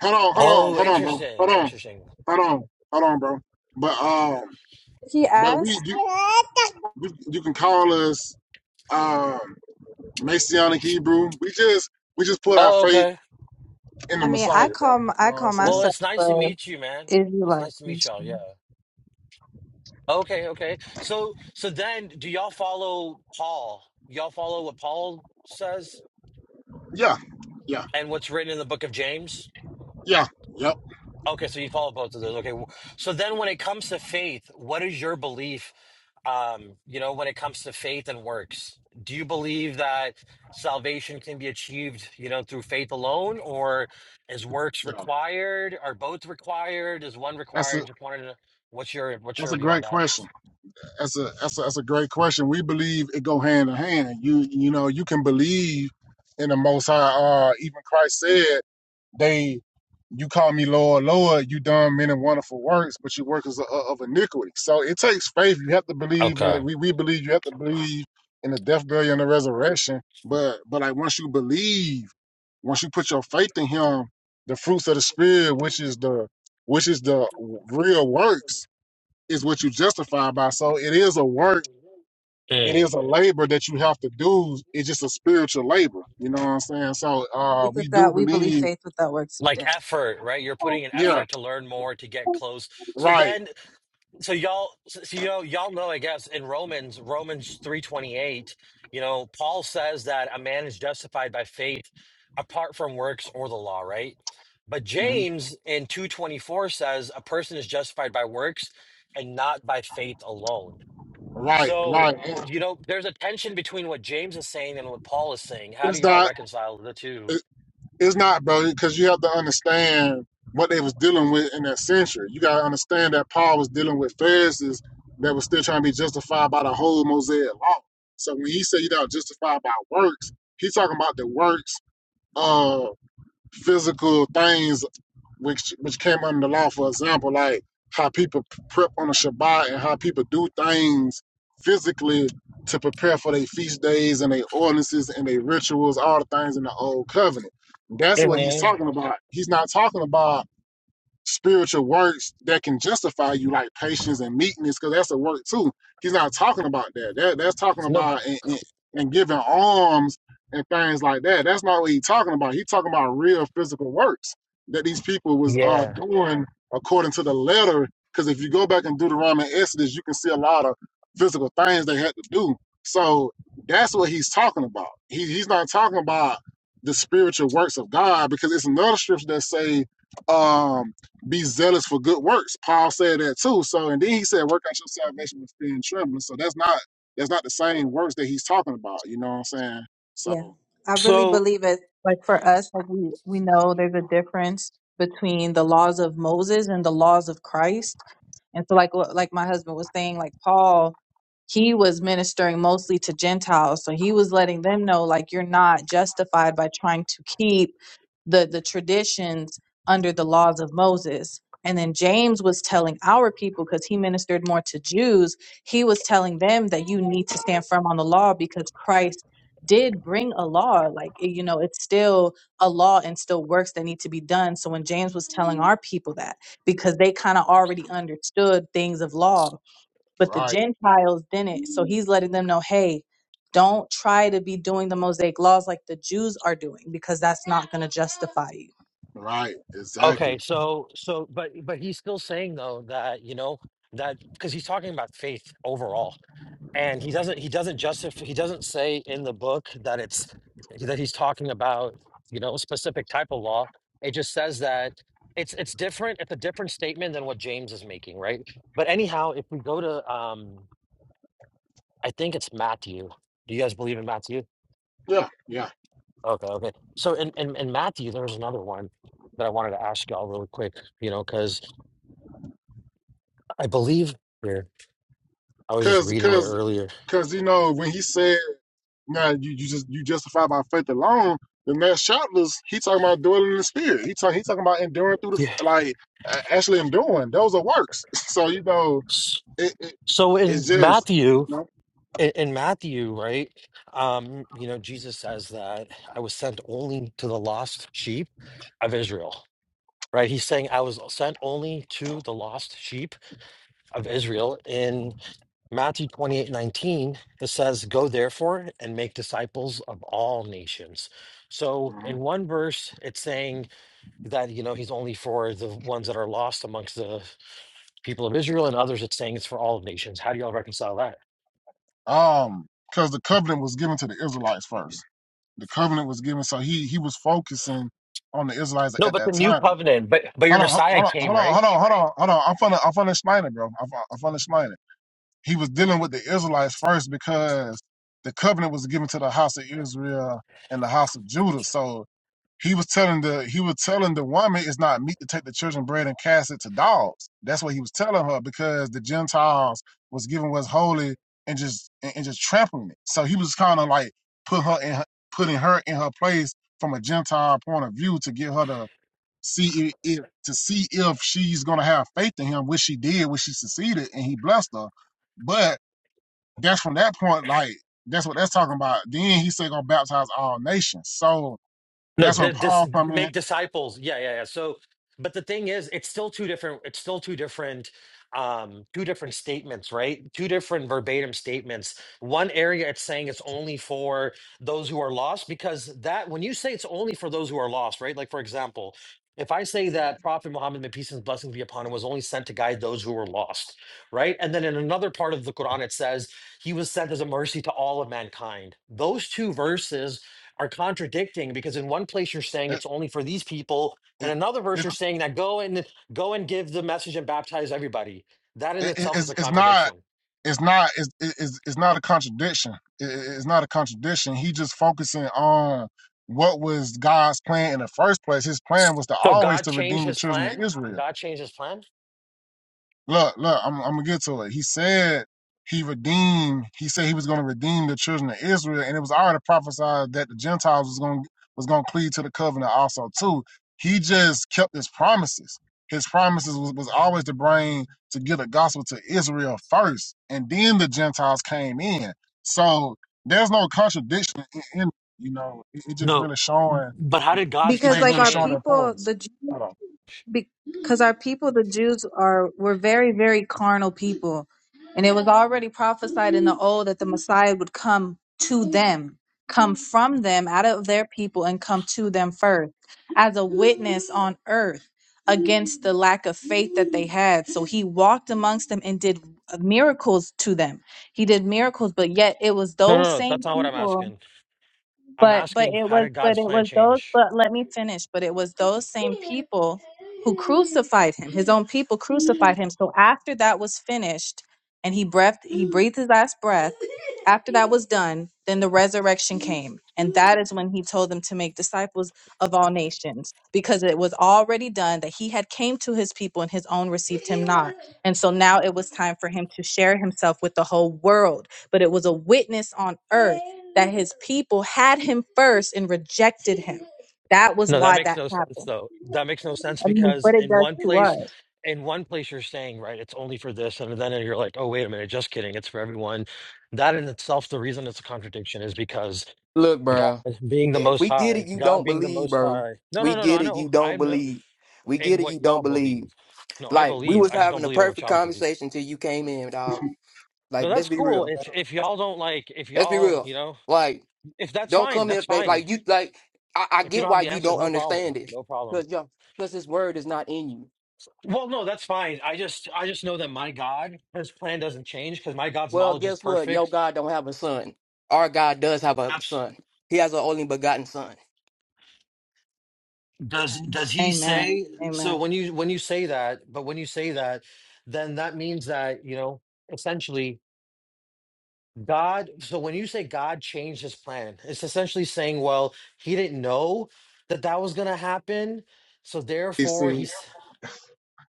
Speaker 1: hold on, hold on,
Speaker 6: Oh,
Speaker 1: hold on, bro.
Speaker 6: interesting,
Speaker 1: Hold on.
Speaker 6: interesting.
Speaker 1: Hold on, hold on, bro. But um,
Speaker 2: He
Speaker 1: but we
Speaker 2: asked.
Speaker 1: you you, you can call us um Messianic Hebrew. We just we just put our
Speaker 6: Oh,
Speaker 1: faith
Speaker 6: okay.
Speaker 1: in the
Speaker 2: I mean,
Speaker 1: Messiah,
Speaker 2: I
Speaker 1: bro.
Speaker 2: call
Speaker 1: You
Speaker 2: m-
Speaker 1: know
Speaker 2: I
Speaker 1: what I'm
Speaker 2: call
Speaker 6: Well,
Speaker 1: saying?
Speaker 2: myself
Speaker 6: it's nice to
Speaker 2: a
Speaker 6: meet you, man. It's
Speaker 2: Israelite
Speaker 6: nice to meet y'all. Yeah.
Speaker 2: Christian.
Speaker 6: Okay, okay. So so then do y'all follow Paul? Y'all follow what Paul says?
Speaker 1: Yeah, yeah,
Speaker 6: and what's written in the book of James?
Speaker 1: yeah, yep,
Speaker 6: Okay, so you follow both of those. Okay, so then when it comes to faith, what is your belief? Um, you know, when it comes to faith and works, do you believe that salvation can be achieved, you know, through faith alone, or is works
Speaker 1: yeah.
Speaker 6: required? Are both required? Is one
Speaker 1: That's a
Speaker 6: required? Just wanted to. What's your What's
Speaker 1: that's
Speaker 6: your
Speaker 1: a
Speaker 6: view on
Speaker 1: great
Speaker 6: that?
Speaker 1: question. That's a that's a, that's a great question. We believe it go hand in hand. You you know you can believe in the Most High. Uh, even Christ said, "They, you call me Lord, Lord. You done many wonderful works, but you workers of, of iniquity." So it takes faith. You have to believe, and
Speaker 6: Okay.
Speaker 1: we we believe you have to believe in the death, burial, and the resurrection. But but like once you believe, once you put your faith in Him, the fruits of the Spirit, which is the which is the real works is what you justify by. So it is a work, it is
Speaker 6: Mm.
Speaker 1: a labor that you have to do. It's just a spiritual labor. You know what I'm saying? So uh
Speaker 2: Faith
Speaker 1: we do
Speaker 2: without we believe
Speaker 1: believe,
Speaker 2: faith without works is
Speaker 6: Like
Speaker 2: dead.
Speaker 6: effort, right? You're putting an
Speaker 1: yeah,
Speaker 6: effort to learn more, to get close. So
Speaker 1: right,
Speaker 6: then so y'all so y'all y'all know i guess in romans romans 328 you know paul says that a man is justified by faith apart from works or the law right but
Speaker 1: mhm,
Speaker 6: james in 224 says a person is justified by works and not by faith alone
Speaker 1: right,
Speaker 6: so
Speaker 1: right. It-
Speaker 6: you know there's a tension between what james is saying and what paul is saying how do
Speaker 1: It's
Speaker 6: y'all
Speaker 1: not,
Speaker 6: reconcile the two
Speaker 1: it- it's not, bro, because you have to understand what they was dealing with in that century. You gotta understand that Paul was dealing with Pharisees that was still trying to be justified by the whole Mosaic law. So when he said you got justified by works, he's talking about the works of physical things which which came under the law. For example, like how people prep on the Shabbat and how people do things physically to prepare for their feast days and their ordinances and their rituals, all the things in the old covenant. That's what he's talking about. He's not talking about spiritual works that can justify you, like patience and meekness, because that's a work too. He's not talking about that. That that's talking
Speaker 6: No,
Speaker 1: about and, and, and giving alms and things like that. That's not what he's talking about. He's talking about real physical works that these people was uh, doing according to the letter. Because if you go back and do the Roman Exodus, you can see a lot of physical things they had to do. So that's what he's talking about. He, he's not talking about the spiritual works of God because it's another scripture that say um be zealous for good works. Paul said that too. So and then he said, work out your salvation with fear and trembling. So that's not that's not the same works that he's talking about. You know what I'm saying? So
Speaker 2: Yeah, I really
Speaker 6: so.
Speaker 2: believe it. Like for us, like we we know there's a difference between the laws of Moses and the laws of Christ. And so, like like my husband was saying, like Paul, he was ministering mostly to Gentiles, so he was letting them know, like you're not justified by trying to keep the the traditions under the laws of Moses. And then James was telling our people because he ministered more to Jews. He was telling them that you need to stand firm on the law because Christ did bring a law. Like you know, it's still a law and still works that need to be done. So when James was telling our people that because they kind of already understood things of law, but the
Speaker 1: right,
Speaker 2: Gentiles didn't. So he's letting them know, hey, don't try to be doing the Mosaic laws like the Jews are doing because that's not going to justify you.
Speaker 1: right, exactly.
Speaker 6: Okay, so so but but he's still saying though that you know that because he's talking about faith overall, and he doesn't he doesn't justify he doesn't say in the book that it's that he's talking about you know a specific type of law. It just says that it's it's different. It's a different statement than what James is making, right? But anyhow, if we go to um, I think it's Matthew. Do you guys believe in Matthew?
Speaker 1: Yeah, yeah.
Speaker 6: Okay, okay. So in in, in Matthew, there's another one that I wanted to ask y'all really quick, you know, because. I believe here. I was just
Speaker 1: Cause
Speaker 6: reading it
Speaker 1: cause
Speaker 6: earlier.
Speaker 1: cause you know when he said now you, you just you justify by faith alone. The next chapters, he talking about dwelling in the spirit. He talk, he talking about enduring through the
Speaker 6: Yeah.
Speaker 1: f- like a- actually enduring. Those are works. <laughs> So you know,
Speaker 6: S-
Speaker 1: it, it
Speaker 6: So
Speaker 1: it's
Speaker 6: in
Speaker 1: just you
Speaker 6: Matthew,
Speaker 1: know.
Speaker 6: in, in Matthew, right? Um, you know, Jesus says that I was sent only to the lost sheep of Israel. Right? He's saying I was sent only to the lost sheep of Israel. In Matthew 28 19, it says, Go therefore and make disciples of all nations. So
Speaker 1: mm-hmm.
Speaker 6: in one verse, it's saying that you know he's only for the ones that are lost amongst the people of Israel, and others it's saying it's for all of nations. How do y'all reconcile that?
Speaker 1: um because the covenant was given to the israelites first the covenant was given so he he was focusing on the israelites
Speaker 6: No,
Speaker 1: at
Speaker 6: but
Speaker 1: that
Speaker 6: the new
Speaker 1: time
Speaker 6: covenant, but but your
Speaker 1: hold on
Speaker 6: Messiah
Speaker 1: hold on hold
Speaker 6: came,
Speaker 1: on
Speaker 6: right?
Speaker 1: hold on hold on hold on i'm finna i'm finna explain it bro i'm, fin- I'm finna explain it he was dealing with the israelites first because the covenant was given to the house of israel and the house of judah so he was telling the he was telling the woman it's not meat to take the children's bread and cast it to dogs. That's what he was telling her because the Gentiles was giving what's holy and just and, and just trampling it. So he was kind of like put her in her, putting her in her place from a Gentile point of view to get her to see if, if to see if she's gonna have faith in him, which she did, which she succeeded, and he blessed her. But that's from that point, like that's what that's talking about. Then he said gonna baptize all nations. So
Speaker 6: No,
Speaker 1: that's when
Speaker 6: di- dis-
Speaker 1: Paul come in
Speaker 6: make disciples. Yeah, yeah, yeah. So, but the thing is, it's still two different. It's still two different, um, two different statements, right? Two different verbatim statements. One area it's saying it's only for those who are lost, because that when you say it's only for those who are lost, right? Like for example, if I say that Prophet Muhammad, may peace and blessings be upon him, was only sent to guide those who were lost, right? And then in another part of the Quran, it says he was sent as a mercy to all of mankind. Those two verses are contradicting because in one place you're saying
Speaker 1: it,
Speaker 6: it's only for these people and
Speaker 1: it,
Speaker 6: another verse
Speaker 1: it,
Speaker 6: you're saying that go and go and give the message and baptize everybody that in
Speaker 1: it,
Speaker 6: itself is
Speaker 1: it's,
Speaker 6: a
Speaker 1: it's not
Speaker 6: contradiction
Speaker 1: it's not it's, it's, it's not a contradiction it, it's not a contradiction he just focusing on what was god's plan in the first place his plan was to
Speaker 6: so
Speaker 1: always
Speaker 6: god
Speaker 1: to
Speaker 6: changed
Speaker 1: redeem the
Speaker 6: his
Speaker 1: children of
Speaker 6: plan
Speaker 1: israel
Speaker 6: god changed his plan
Speaker 1: Look, look, I'm, I'm gonna get to it. He said he redeemed. He said he was gonna redeem the children of Israel, and it was already prophesied that the Gentiles was gonna was gonna cleave to the covenant also too. He just kept his promises. His promises was, was always to bring to get the gospel to Israel first, and then the Gentiles came in. So there's no contradiction in, in you know. It, it just
Speaker 6: no
Speaker 1: really showing.
Speaker 6: but how did god's
Speaker 1: It, it
Speaker 2: Because
Speaker 1: just
Speaker 6: plan
Speaker 2: like
Speaker 1: really
Speaker 2: our
Speaker 1: showing
Speaker 6: change
Speaker 1: their
Speaker 2: people,
Speaker 1: points.
Speaker 2: the Jews
Speaker 1: Hold on.
Speaker 2: because our people, the Jews, are were very, very carnal people, and it was already prophesied in the old that the Messiah would come to them, come from them, out of their people, and come to them first as a witness on earth against the lack of faith that they had. So he walked amongst them and did miracles to them. He did miracles, but yet it was
Speaker 6: no
Speaker 2: those
Speaker 6: no no
Speaker 2: same
Speaker 6: that's not what i'm
Speaker 2: people
Speaker 6: asking i'm
Speaker 2: but but
Speaker 6: asking
Speaker 2: it
Speaker 6: how
Speaker 2: was
Speaker 6: did
Speaker 2: but
Speaker 6: god's
Speaker 2: it
Speaker 6: plan
Speaker 2: was those
Speaker 6: change
Speaker 2: but let me finish but it was those same people who crucified him his own people crucified him so after that was finished and he breathed he breathed his last breath after that was done then the resurrection came and that is when he told them to make disciples of all nations because it was already done that he had came to his people and his own received him not and so now it was time for him to share himself with the whole world but it was a witness on earth that his people had him first and rejected him. That was
Speaker 6: No, that
Speaker 2: why
Speaker 6: makes
Speaker 2: that
Speaker 6: no sense
Speaker 2: happened.
Speaker 6: though. That makes no sense
Speaker 2: I mean,
Speaker 6: because
Speaker 2: what it
Speaker 6: in
Speaker 2: does
Speaker 6: one
Speaker 2: to
Speaker 6: place,
Speaker 2: us.
Speaker 6: in one place you're saying, right, it's only for this, and then you're like, oh, wait a minute, just kidding, it's for everyone. That in itself, the reason it's a contradiction is because
Speaker 3: Look,
Speaker 6: God
Speaker 3: bro,
Speaker 6: being the
Speaker 3: eh,
Speaker 6: most
Speaker 3: we get
Speaker 6: high,
Speaker 3: it. You
Speaker 6: God
Speaker 3: don't
Speaker 6: being the
Speaker 3: believe,
Speaker 6: most
Speaker 3: bro.
Speaker 6: high. No,
Speaker 3: We
Speaker 6: no, no, no,
Speaker 3: get
Speaker 6: I
Speaker 3: it. You
Speaker 6: know.
Speaker 3: don't
Speaker 6: I know
Speaker 3: believe. We
Speaker 6: in
Speaker 3: get it.
Speaker 6: what
Speaker 3: You don't
Speaker 6: y'all
Speaker 3: believe.
Speaker 6: believe. No, I
Speaker 3: Like we
Speaker 6: believe.
Speaker 3: was
Speaker 6: I just don't
Speaker 3: having a
Speaker 6: believe in what
Speaker 3: perfect
Speaker 6: y'all believe.
Speaker 3: conversation till you came in, dog.
Speaker 6: No,
Speaker 3: Like let's
Speaker 6: that's
Speaker 3: be
Speaker 6: cool.
Speaker 3: real.
Speaker 6: If if y'all don't like, if
Speaker 3: Let's be
Speaker 6: y'all,
Speaker 3: real.
Speaker 6: you know,
Speaker 3: Like
Speaker 6: if that's
Speaker 3: don't
Speaker 6: fine,
Speaker 3: come
Speaker 6: that's
Speaker 3: in. Like,
Speaker 6: fine.
Speaker 3: like you. Like I, I
Speaker 6: If you
Speaker 3: get
Speaker 6: don't have
Speaker 3: why
Speaker 6: the
Speaker 3: you
Speaker 6: answers,
Speaker 3: don't
Speaker 6: no problem.
Speaker 3: understand it.
Speaker 6: No problem.
Speaker 3: Cause yo, cause this word is not in you.
Speaker 6: Well, no, that's fine. I just I just know that my God, his plan doesn't change because my God's
Speaker 3: Well,
Speaker 6: knowledge is
Speaker 3: guess what? Your
Speaker 6: perfect.
Speaker 3: God don't have a son. Our God does have a
Speaker 6: Abs-
Speaker 3: son. He has an only begotten son.
Speaker 6: Does does he
Speaker 2: Amen.
Speaker 6: say so
Speaker 2: Amen.
Speaker 6: when you when you say that, but when you say that, then that means that, you know, essentially God, so when you say God changed his plan, it's essentially saying, well, he didn't know that that was going to happen. So
Speaker 1: You
Speaker 6: therefore, he
Speaker 1: see,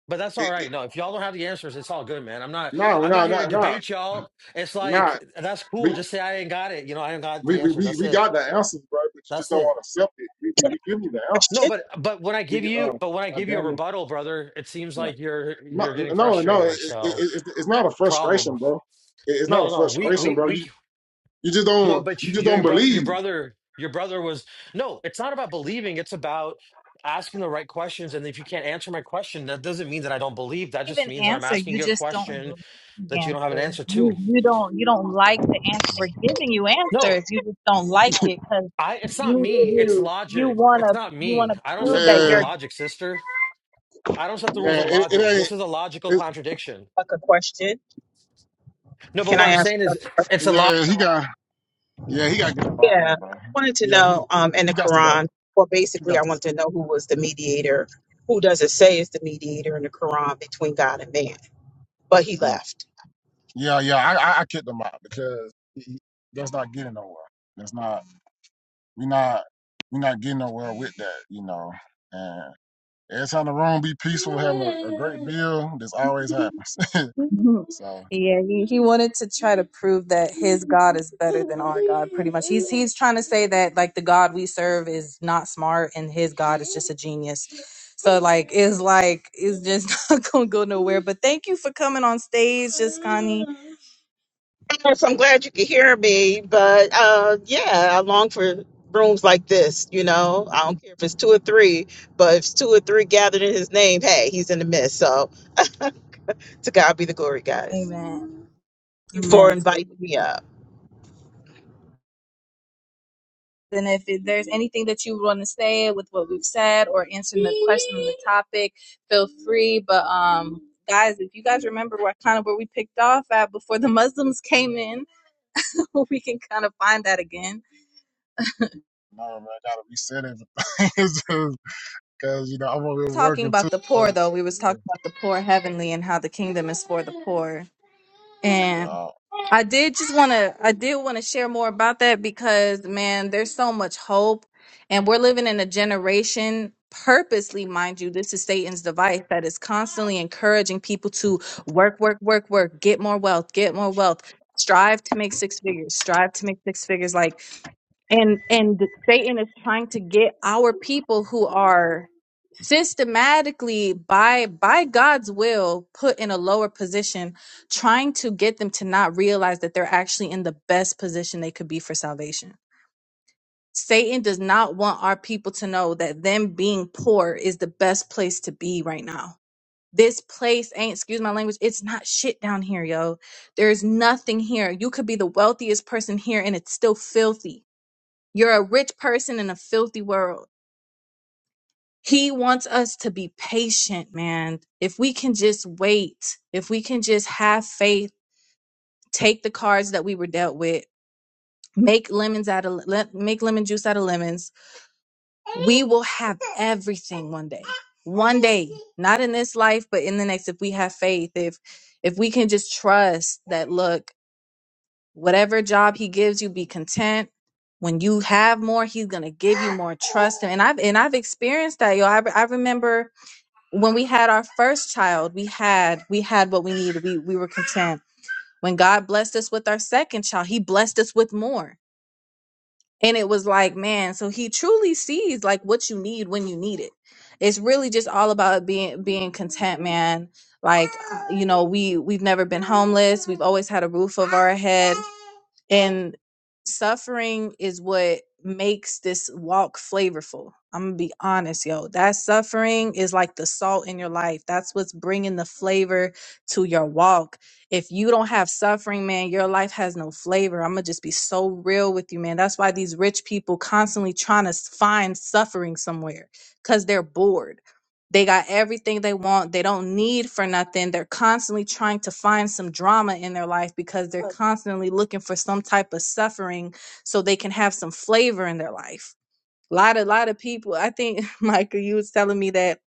Speaker 6: But that's all
Speaker 1: it, it,
Speaker 6: right. No, if y'all don't have the answers, it's all good, man. I'm not
Speaker 1: no,
Speaker 6: I'm not
Speaker 1: no,
Speaker 6: here to
Speaker 1: no, no.
Speaker 6: debate y'all. It's like
Speaker 1: No,
Speaker 6: that's
Speaker 1: we
Speaker 6: cool. Just say I ain't got it. You know, I ain't got
Speaker 1: we
Speaker 6: the
Speaker 1: we
Speaker 6: answers.
Speaker 1: we,
Speaker 6: That's
Speaker 1: we
Speaker 6: it.
Speaker 1: got the answers, bro, but you just
Speaker 6: That's
Speaker 1: don't
Speaker 6: it.
Speaker 1: want to accept it. We we, we give you the answers.
Speaker 6: No,
Speaker 7: question,
Speaker 6: but but when I
Speaker 1: We
Speaker 6: give you but when I
Speaker 1: uh, uh
Speaker 6: give you a
Speaker 1: Daniel,
Speaker 6: rebuttal, brother, it seems
Speaker 1: no,
Speaker 6: like you're
Speaker 1: no,
Speaker 6: you're getting
Speaker 1: no, no. It,
Speaker 6: frustrated.
Speaker 1: it,
Speaker 6: So
Speaker 1: it, it- it's not a
Speaker 6: problem.
Speaker 1: frustration, bro. It, it's not a
Speaker 6: No, no, we
Speaker 1: frustration,
Speaker 6: we
Speaker 1: bro.
Speaker 6: we
Speaker 1: You you just
Speaker 6: no,
Speaker 1: don't you
Speaker 6: but
Speaker 1: just don't
Speaker 6: your brother your
Speaker 1: believe.
Speaker 6: brother your brother was no, it's not about believing, it's about asking the right questions and if you can't answer my question that doesn't mean that i don't believe that just
Speaker 2: even
Speaker 6: means that i'm
Speaker 2: answer.
Speaker 6: asking
Speaker 2: You
Speaker 6: you a
Speaker 2: just don't
Speaker 1: <laughs>
Speaker 6: question
Speaker 2: like the
Speaker 6: that you don't have an
Speaker 2: answer.
Speaker 6: answer to
Speaker 2: You you don't you don't like the answer. We're giving you answers.
Speaker 6: No,
Speaker 2: You just don't like it because
Speaker 6: I. It's
Speaker 2: you
Speaker 6: not me. It's
Speaker 2: you you
Speaker 6: logic. It's
Speaker 2: wanna
Speaker 6: not
Speaker 2: you wanna
Speaker 6: me. I don't
Speaker 2: prove
Speaker 6: set the
Speaker 2: that
Speaker 6: rules of
Speaker 1: Yeah,
Speaker 2: you're
Speaker 6: logic, sister. I don't set the rules
Speaker 1: yeah.
Speaker 6: of
Speaker 1: It, it
Speaker 6: logic.
Speaker 1: ain't.
Speaker 6: This is a logical
Speaker 1: It,
Speaker 6: contradiction.
Speaker 7: like a question.
Speaker 6: No, but
Speaker 7: Can
Speaker 6: what
Speaker 7: I
Speaker 6: I'm
Speaker 7: ask?
Speaker 6: saying
Speaker 7: you a
Speaker 6: is,
Speaker 7: question?
Speaker 6: it's a logic.
Speaker 1: yeah, he got. Yeah, he got to get up out of here,
Speaker 7: Yeah, I
Speaker 1: bro.
Speaker 7: wanted to
Speaker 1: Yeah, he
Speaker 7: know um, in
Speaker 1: he
Speaker 7: the
Speaker 1: got to go.
Speaker 7: Quran. Well,
Speaker 1: He
Speaker 7: basically,
Speaker 1: got
Speaker 7: I
Speaker 1: to
Speaker 7: want
Speaker 1: go.
Speaker 7: to know who was the mediator. Who does it say is the mediator in the Quran between God and man? But he
Speaker 1: Mm.
Speaker 7: left.
Speaker 1: Yeah, yeah. I I, I kicked him out because he, he, that's not getting nowhere. That's not. We're not we're not getting nowhere with that, you know. And every time the room be peaceful, having a, a great bill, this always happens. <laughs>
Speaker 2: <laughs> Mhm.
Speaker 1: so
Speaker 2: Yeah, he, he wanted to try to prove that his God is better than our God, pretty much. He's he's trying to say that like the God we serve is not smart and his God is just a genius. So like it's like it's just <laughs> not gonna go nowhere. But thank you for coming on stage, just Connie.
Speaker 7: Yes, I'm glad you could hear me, but uh, yeah, I long for rooms like this. You know, I don't care if it's two or three, but if it's two or three gathered in His name, hey, He's in the midst. So to God be the glory, guys.
Speaker 2: Amen.
Speaker 7: Thank you for
Speaker 2: Amen. sis.
Speaker 7: inviting me up.
Speaker 2: And if it- there's anything that you want to say with what we've said or answering the question on the topic, feel free. But um guys, if you guys remember what kind of where we picked off at before the Muslims came in <laughs> hope we can kind of find that again.
Speaker 1: no man, I gotta reset everything. <laughs> it's just cause you know I'm over here
Speaker 2: Talking
Speaker 1: working too.
Speaker 2: about the poor
Speaker 1: So,
Speaker 2: though, we was talking about the poor heavenly and how the kingdom is for the poor. And
Speaker 1: yeah.
Speaker 2: I did just want to I did want to share more about that because man, there's so much hope and we're living in a generation purposely mind you this is satan's device that is constantly encouraging people to work work work work get more wealth get more wealth strive to make six figures strive to make six figures like and and satan is trying to get our people who are systematically by by God's will put in a lower position trying to get them to not realize that they're actually in the best position they could be for salvation. Satan does not want our people to know that them being poor is the best place to be right now. This place ain't excuse my language, it's not shit down here, yo. There's nothing here. You could be the wealthiest person here and it's still filthy. You're a rich person in a filthy world He wants us to be patient, man. If we can just wait, if we can just have faith, take the cards that we were dealt with, make lemons out of le- make lemon juice out of lemons, we will have everything one day. One day, not in this life, but in the next if we have faith, if if we can just trust that look, whatever job he gives you, be content. When you have more, he's gonna give you more. Trust him. And I've and I've experienced that, yo. I, I remember when we had our first child, we had we had what we needed. We we were content. When God blessed us with our second child, he blessed us with more. And it was like, man, so he truly sees like what you need when you need it. It's really just all about being being content, man. Like, uh, you know, we we've never been homeless. We've always had a roof over our head. And suffering is what makes this walk flavorful. I'm going to be honest, yo. That suffering is like the salt in your life. That's what's bringing the flavor to your walk. If you don't have suffering, man, your life has no flavor. I'm going to just be so real with you, man. That's why these rich people constantly trying to s- find suffering somewhere cuz they're bored. They got everything they want. They don't need for nothing. They're constantly trying to find some drama in their life because they're constantly looking for some type of suffering so they can have some flavor in their life. A lot of lot of people, I think <laughs> Michael, you was telling me that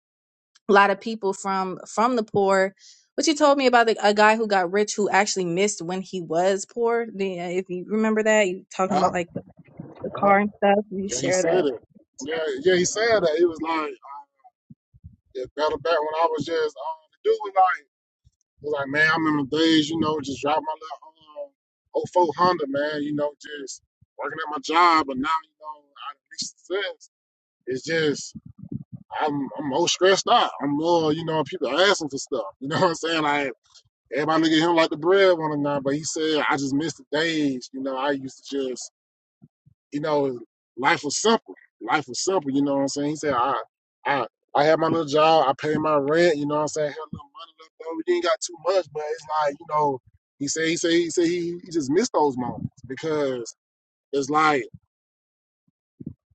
Speaker 2: a lot of people from from the poor what you told me about the, a guy who got rich who actually missed when he was poor. The, if you remember that, you talking
Speaker 1: Yeah,
Speaker 2: about like the, the car and stuff.
Speaker 1: yeah,
Speaker 2: You
Speaker 1: yeah, he
Speaker 2: share that.
Speaker 1: said it. Yeah, yeah, he said that. He was like, it better back when I was just um, doing like. Like, man, I remember the days, you know, just driving my little um, oh 04 Honda, man, you know, just working at my job. But now, you know, I reached success. It's just, I'm, I'm more stressed out. I'm more, you know, people asking for stuff. You know <laughs> what I'm saying? Like, everybody look at him like the breadwinner now, but he said, I just miss the days, you know, I used to just you know, life was simple. Life was simple, you know what I'm saying? He said, I I I had my little job, I paid my rent, you know what I'm saying? I had a little money left over. We didn't got too much, but it's like, you know, he said he said he said he, he just missed those moments because it's like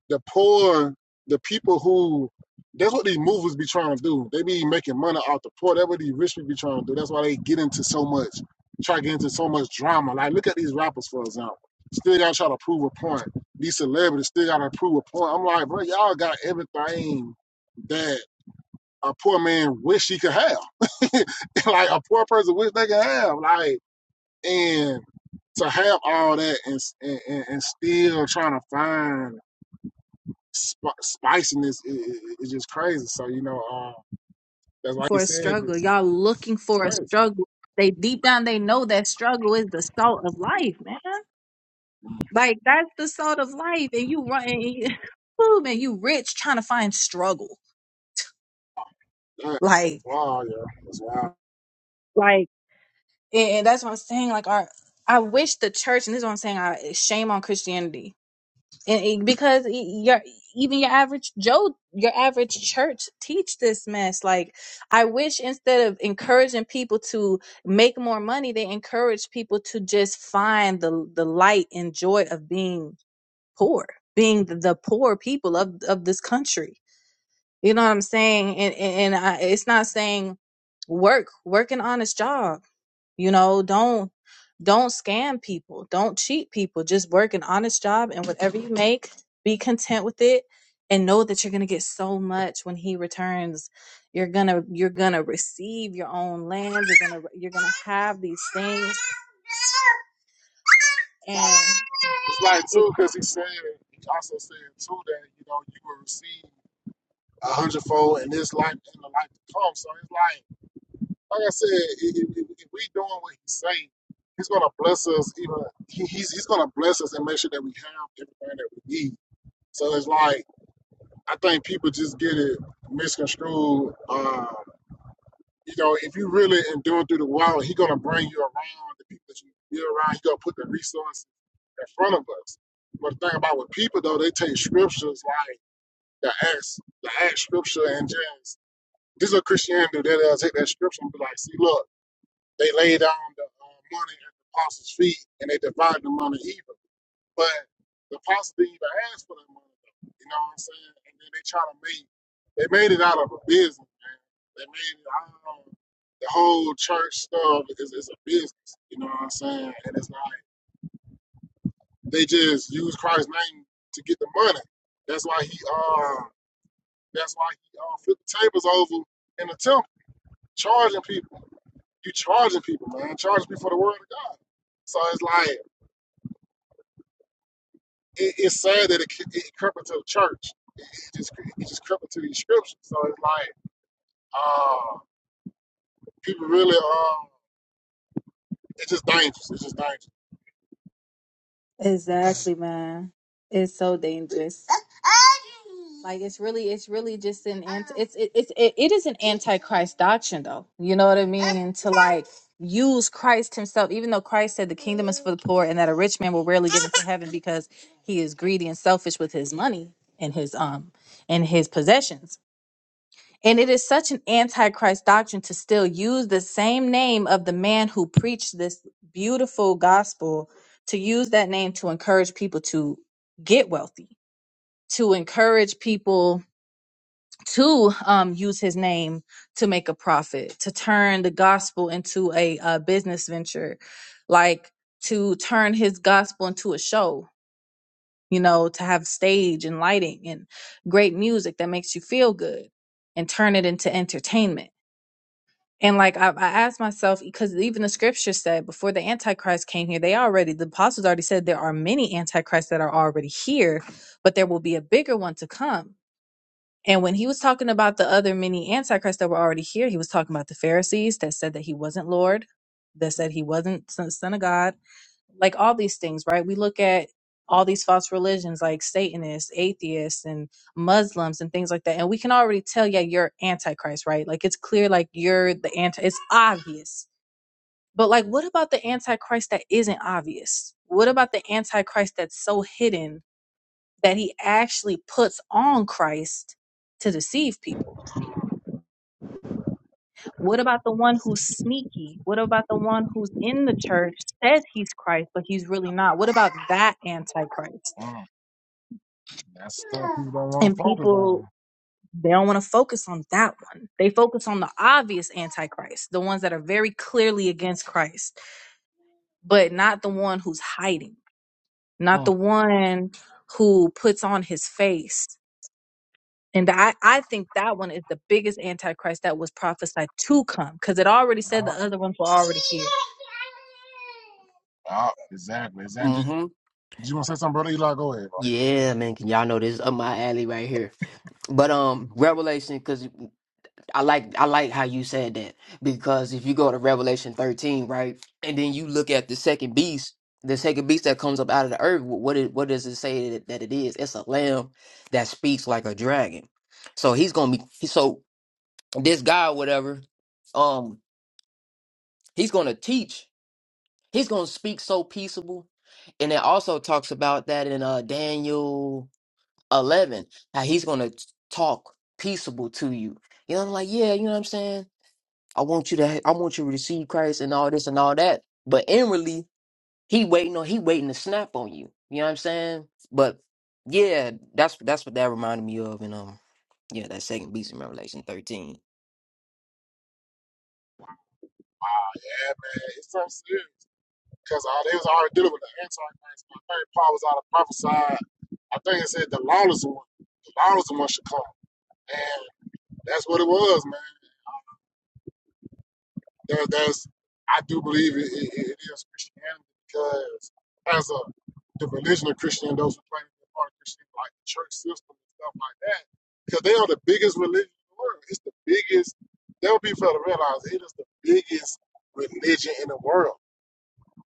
Speaker 1: the poor, the people who that's what these movers be trying to do. They be making money off the poor. That's what these rich people be trying to do. That's why they get into so much, try to get into so much drama. Like look at these rappers for example. Still gotta try to prove a point. These celebrities still gotta prove a point. I'm like, bro, y'all got everything that a poor man wish he could have. <laughs> like a poor person wish they could have. Like and to have all that and and, and and still trying to find sp- spiciness is is is just crazy. So you know, uh, that's like he
Speaker 2: for a
Speaker 1: said
Speaker 2: struggle.
Speaker 1: this.
Speaker 2: Y'all looking
Speaker 1: It's
Speaker 2: for a
Speaker 1: crazy.
Speaker 2: struggle. They deep down they know that struggle is the salt of life, man. Like that's the salt of life, and you run, and you, <laughs> Woo, man, you rich trying to find struggle.
Speaker 1: Yeah,
Speaker 2: Like,
Speaker 1: it's wild, yeah. It's wild.
Speaker 2: like, and, and that's what I'm saying. Like, our I wish the church, and this is what I'm saying. I shame on Christianity and it- because e- your even your average joe your average church teach this mess like i wish instead of encouraging people to make more money they encourage people to just find the the light and joy of being poor being the, the poor people of of this country you know what i'm saying and and, and I, it's not saying work work an honest job you know, don't don't scam people, don't cheat people. Just work an honest job and whatever you make, be content with it and know that you're going to get so much when he returns. You're going to you're going to receive your own land, you're going to you're going to have these things and
Speaker 1: Like, it's like
Speaker 2: it.
Speaker 1: too, because he said he also said too that you know you will receive a hundredfold in this life and the life to come. So it's like, like I said, if, if, if we doing what he's saying, he's gonna bless us. Even he, he's he's gonna bless us and make sure that we have everything that we need. So it's like I think people just get it misconstrued. Uh, You know, if you really enduring through the wild, he's gonna bring you around the people that you be around. He gonna put the resources in front of us. But the thing about with people though, they take scriptures like the acts, the act scripture and just this is what Christianity do. They'll take that scripture and be like, see, look, they laid down the uh, money at the apostles' feet and they divided the money even. But the pastor didn't even ask for that money, though. You know what I'm saying? And then they try to make, they made it out of a business, man. They made it, I don't know, the whole church stuff is, is a business. You know what I'm saying? And it's like, they just use Christ's name to get the money. That's why he, uh, that's why he uh, flipped the tables over in the temple, charging people. You charging people, man. Charging people for the word of God. So it's like, it, it's sad that it, it crept into the church. It just it just crippled to these scriptures. So it's like, uh, people really, um, it's just dangerous. It's just dangerous.
Speaker 2: Exactly, man. It's so dangerous. Like it's really, it's really just an anti. It's it, it's it, it is an antichrist doctrine, though. You know what I mean? To like use Christ Himself, even though Christ said the kingdom is for the poor, and that a rich man will rarely get into heaven because he is greedy and selfish with his money and his um and his possessions. And it is such an antichrist doctrine to still use the same name of the man who preached this beautiful gospel, to use that name to encourage people to get wealthy, to encourage people to um, use his name to make a profit, to turn the gospel into a, uh business venture, like to turn his gospel into a show, you know, to have stage and lighting and great music that makes you feel good and turn it into entertainment and like I, I asked myself, because even the scripture said before the Antichrist came here, they already the apostles already said there are many antichrists that are already here, but there will be a bigger one to come. And when he was talking about the other many antichrists that were already here, he was talking about the Pharisees that said that he wasn't Lord, that said he wasn't son son of God, like all these things, right? We look at all these false religions like Satanists, atheists, and Muslims and things like that. And we can already tell, yeah, you're antichrist, right? Like it's clear, like you're the anti, it's obvious. But like, what about the antichrist that isn't obvious? What about the antichrist that's so hidden that he actually puts on Christ to deceive people? What about the one who's sneaky? What about the one who's in the church, says he's Christ, but he's really not? What about that antichrist?
Speaker 1: Mm, that's stuff people don't want to
Speaker 2: and
Speaker 1: focus
Speaker 2: people
Speaker 1: on.
Speaker 2: they don't want to focus on that one they focus on the obvious antichrist the ones that are very clearly against christ but not the one who's hiding not the
Speaker 1: Mm,
Speaker 2: one who puts on his face and I, I think that one is the biggest antichrist that was prophesied to come because it already said
Speaker 1: yeah,
Speaker 2: the other ones were already here
Speaker 1: yeah, exactly. Exactly.
Speaker 3: Mm-hmm.
Speaker 1: Did you want to say something, brother Eli? Go ahead, bro.
Speaker 3: Yeah, man. Can y'all know this is up my alley right here? But um, Revelation, because I like I like how you said that because if you go to Revelation thirteen, right, and then you look at the second beast, the second beast that comes up out of the earth, wh- what it, what does it say that, that it is? It's a lamb that speaks like a dragon. So he's gonna be he- so this guy, whatever, um, he's gonna teach. He's gonna speak so peaceable. And it also talks about that in uh Daniel eleven, how he's gonna talk peaceable to you. You know, I'm like, yeah, you know what I'm saying? I want you to ha- I want you to receive Christ and all this and all that. But inwardly, he waiting on he waiting to snap on you. You know what I'm saying? But yeah, that's that's what that reminded me of and um yeah, that second beast in Revelation thirteen.
Speaker 1: Ah, yeah, man. It's so serious. Because uh, they was already dealing with the Antichrist. My favorite Paul was out of prophesy. I think it said the lawless one. The lawless one should come. And that's what it was, man. There, there's, I do believe it, it, it is Christianity because as a the religion of Christianity, those who claim to be part of Christianity, like the church system and stuff like that, because they are the biggest religion in the world. It's the biggest. They'll be fair to realize it is the biggest religion in the world.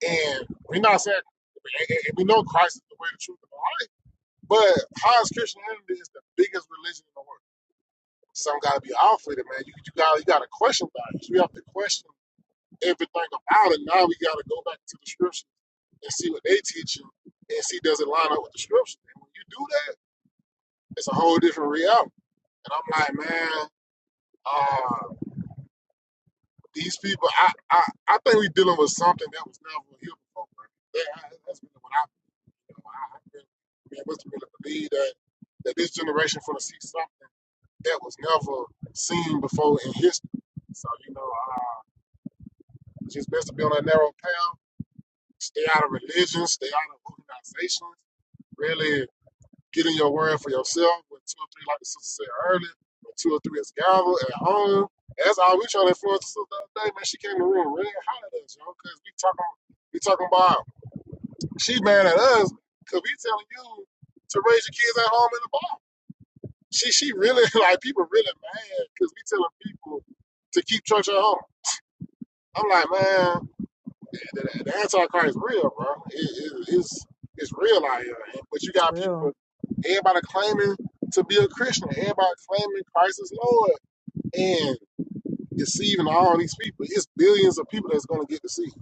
Speaker 1: And we're not saying and- we know Christ is the way, the truth, and the life, but how is Christianity is the biggest religion in the world? Some gotta be off with it, man. You you got you got to question about things. You have to question everything about it. Now we got to go back to the scripture and see what they teach you and see does it line up with the scripture. And when you do that, it's a whole different reality. And I'm like, man, uh, these people, I, I, I think we're dealing with something that was never here before. That, that's really what I, you know, I, I really, man, must really believe that that this generation is going to see something that was never seen before in history. So, you know, uh, it's just best to be on that narrow path, stay out of religion, stay out of organizations, really getting your word for yourself with two or three, like the sister said earlier, with two or three is gathered at home. That's all we trying to influence the sister the other day, man. She came in the room red hot at us, yo, because we talking, we talking about she mad at us because we telling you to raise your kids at home in the bar. She she really <laughs> like people really mad because we telling people to keep church at home. I'm like, man. The, the Antichrist is real, bro. It, it, it's it's real out here. But you
Speaker 2: it's
Speaker 1: got
Speaker 2: real
Speaker 1: people, everybody claiming to be a Christian, everybody claiming Christ is Lord, and deceiving all these people. It's billions of people that's gonna get deceived.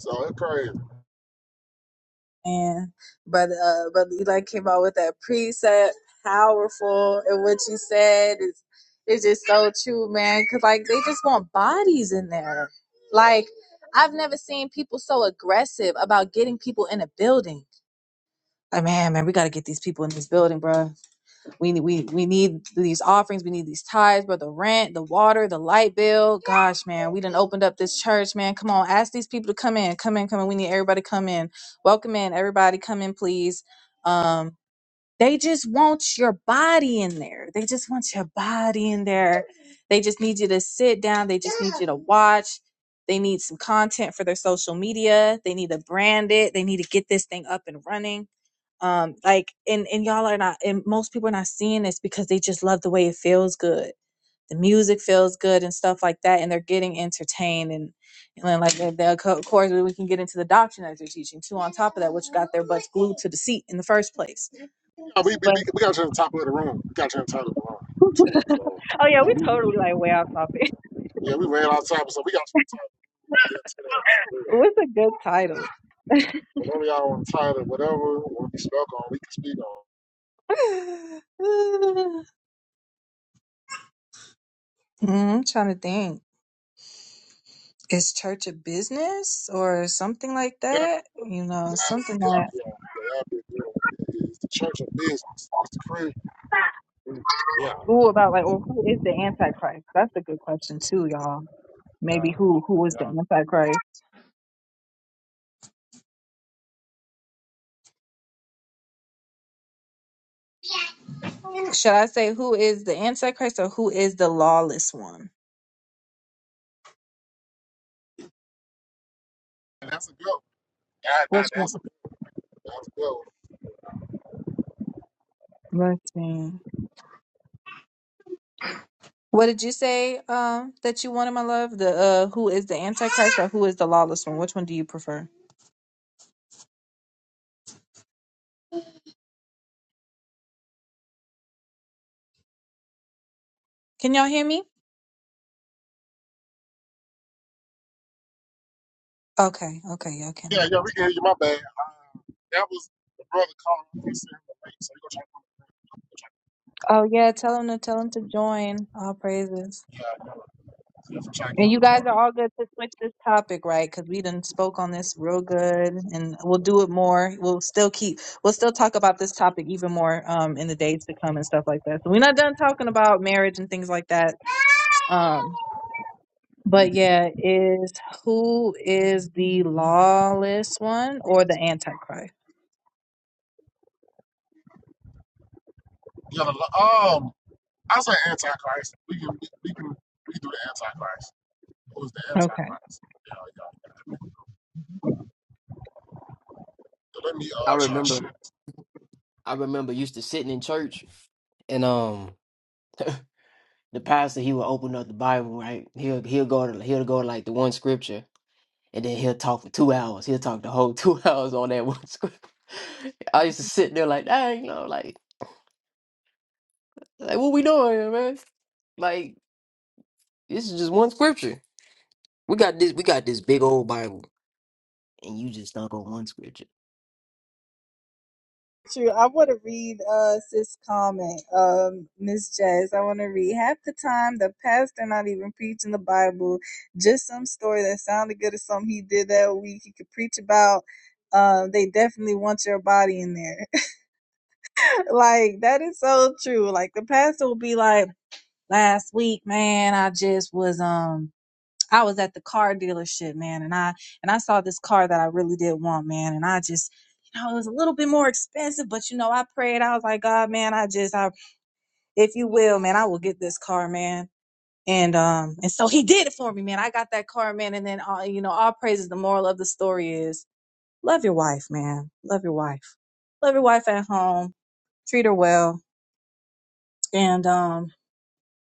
Speaker 1: So it's crazy.
Speaker 2: And but uh but Eli came out with that precept, powerful, and what you said is it's just so true, man. Cause like they just want bodies in there. Like I've never seen people so aggressive about getting people in a building. Like man, man, we gotta get these people in this building, bruh. We we we need these offerings, we need these tithes, but the rent, the water, the light bill. Gosh, man, we done opened up this church, man. Come on, ask these people to come in, come in, come in. We need everybody to come in. Welcome in, everybody, come in, please. Um, they just want your body in there. They just want your body in there. They just need you to sit down. They just need you to watch. They need some content for their social media. They need to brand it. They need to get this thing up and running um like and and y'all are not and most people are not seeing this because they just love the way it feels good the music feels good and stuff like that and they're getting entertained and and then like the, the of course we can get into the doctrine that they're teaching too on top of that which got their butts glued to the seat in the first place
Speaker 1: Yeah, we, we,
Speaker 2: but
Speaker 1: we got to turn the top of the room. We got to turn the top of the room too. So
Speaker 2: oh
Speaker 1: you
Speaker 2: yeah
Speaker 1: know,
Speaker 2: we
Speaker 1: we,
Speaker 2: totally like way off topic
Speaker 1: yeah, we ran out of time, so we got to turn the top to get into that.
Speaker 2: what's a good topic
Speaker 1: Whatever y'all want to title, whatever want to be spoke on, we can speak on.
Speaker 2: <sighs> mm, i'm trying to think is church a business or something like
Speaker 1: That
Speaker 2: that you know
Speaker 1: That,
Speaker 2: something
Speaker 1: yeah, yeah,
Speaker 2: that
Speaker 1: yeah. That'd be a good one. It's the church of business. It's the Christian. Yeah,
Speaker 2: Ooh, about like, well, who is the Antichrist? That's a good question too, y'all.
Speaker 1: yeah,
Speaker 2: Maybe who who is the
Speaker 1: yeah.
Speaker 2: Antichrist? Should I say who is the Antichrist or who is the lawless one?
Speaker 1: And that's a good one. That,
Speaker 2: Which
Speaker 1: that,
Speaker 2: one?
Speaker 1: that's a good one. That's a good one.
Speaker 2: Let's see. What did you say um, that you wanted, my love? The uh, who is the Antichrist or who is the lawless one? Which one do you prefer? Can y'all hear me? Okay, okay, y'all can.
Speaker 1: Yeah,
Speaker 2: Okay.
Speaker 1: yeah, we can hear you. My bad. Uh, that was the brother calling. I'm going to send him the link, so you go try to
Speaker 2: Oh yeah, tell him to tell him to join. All praises.
Speaker 1: yeah, yeah, yeah, for trying to get
Speaker 2: And
Speaker 1: him
Speaker 2: you
Speaker 1: to
Speaker 2: guys
Speaker 1: join.
Speaker 2: are all good to switch this topic, right? Because we done spoke on this real good, and we'll do it more. We'll still keep, we'll still talk about this topic even more um, in the days to come and stuff like that. So we're not done talking about marriage and things like that. Um, but yeah, is who is the lawless one or the antichrist?
Speaker 1: Yeah, the, um, I say Antichrist. We can, we, we can, we can do the Antichrist. Who's the
Speaker 2: Okay.
Speaker 1: Antichrist? Yeah, yeah, yeah. So let me uh
Speaker 3: I
Speaker 1: try to
Speaker 3: remember
Speaker 1: share this.
Speaker 3: I remember used to sitting in church and um the pastor he will open up the Bible, right? He'll he'll go to he'll go to like the one scripture and then he'll talk for two hours. He'll talk the whole two <laughs> hours on that one scripture. I used to sit there like, dang, you know, like like what we doing here, man? Like this is just one scripture. We got this we got this big old Bible. And you just stuck on one scripture.
Speaker 2: True. I want to read uh sis comment, um, Miss Jazz. I want to read half the time the pastor not even preaching the Bible, just some story that sounded good or something he did that week he could preach about. Um, they definitely want your body in there. Like that is so true. Like the pastor will be like, last week, man, I just was um I was at the car dealership, man, and I and I saw this car that I really did want, man, and I just you know, it was a little bit more expensive, but you know, I prayed. I was like, God, man, I just, I, if you will, man, I will get this car, man. And um, and so he did it for me, man. I got that car, man. And then, all, you know, all praises. The moral of the story is, love your wife, man. Love your wife. Love your wife at home. Treat her well and um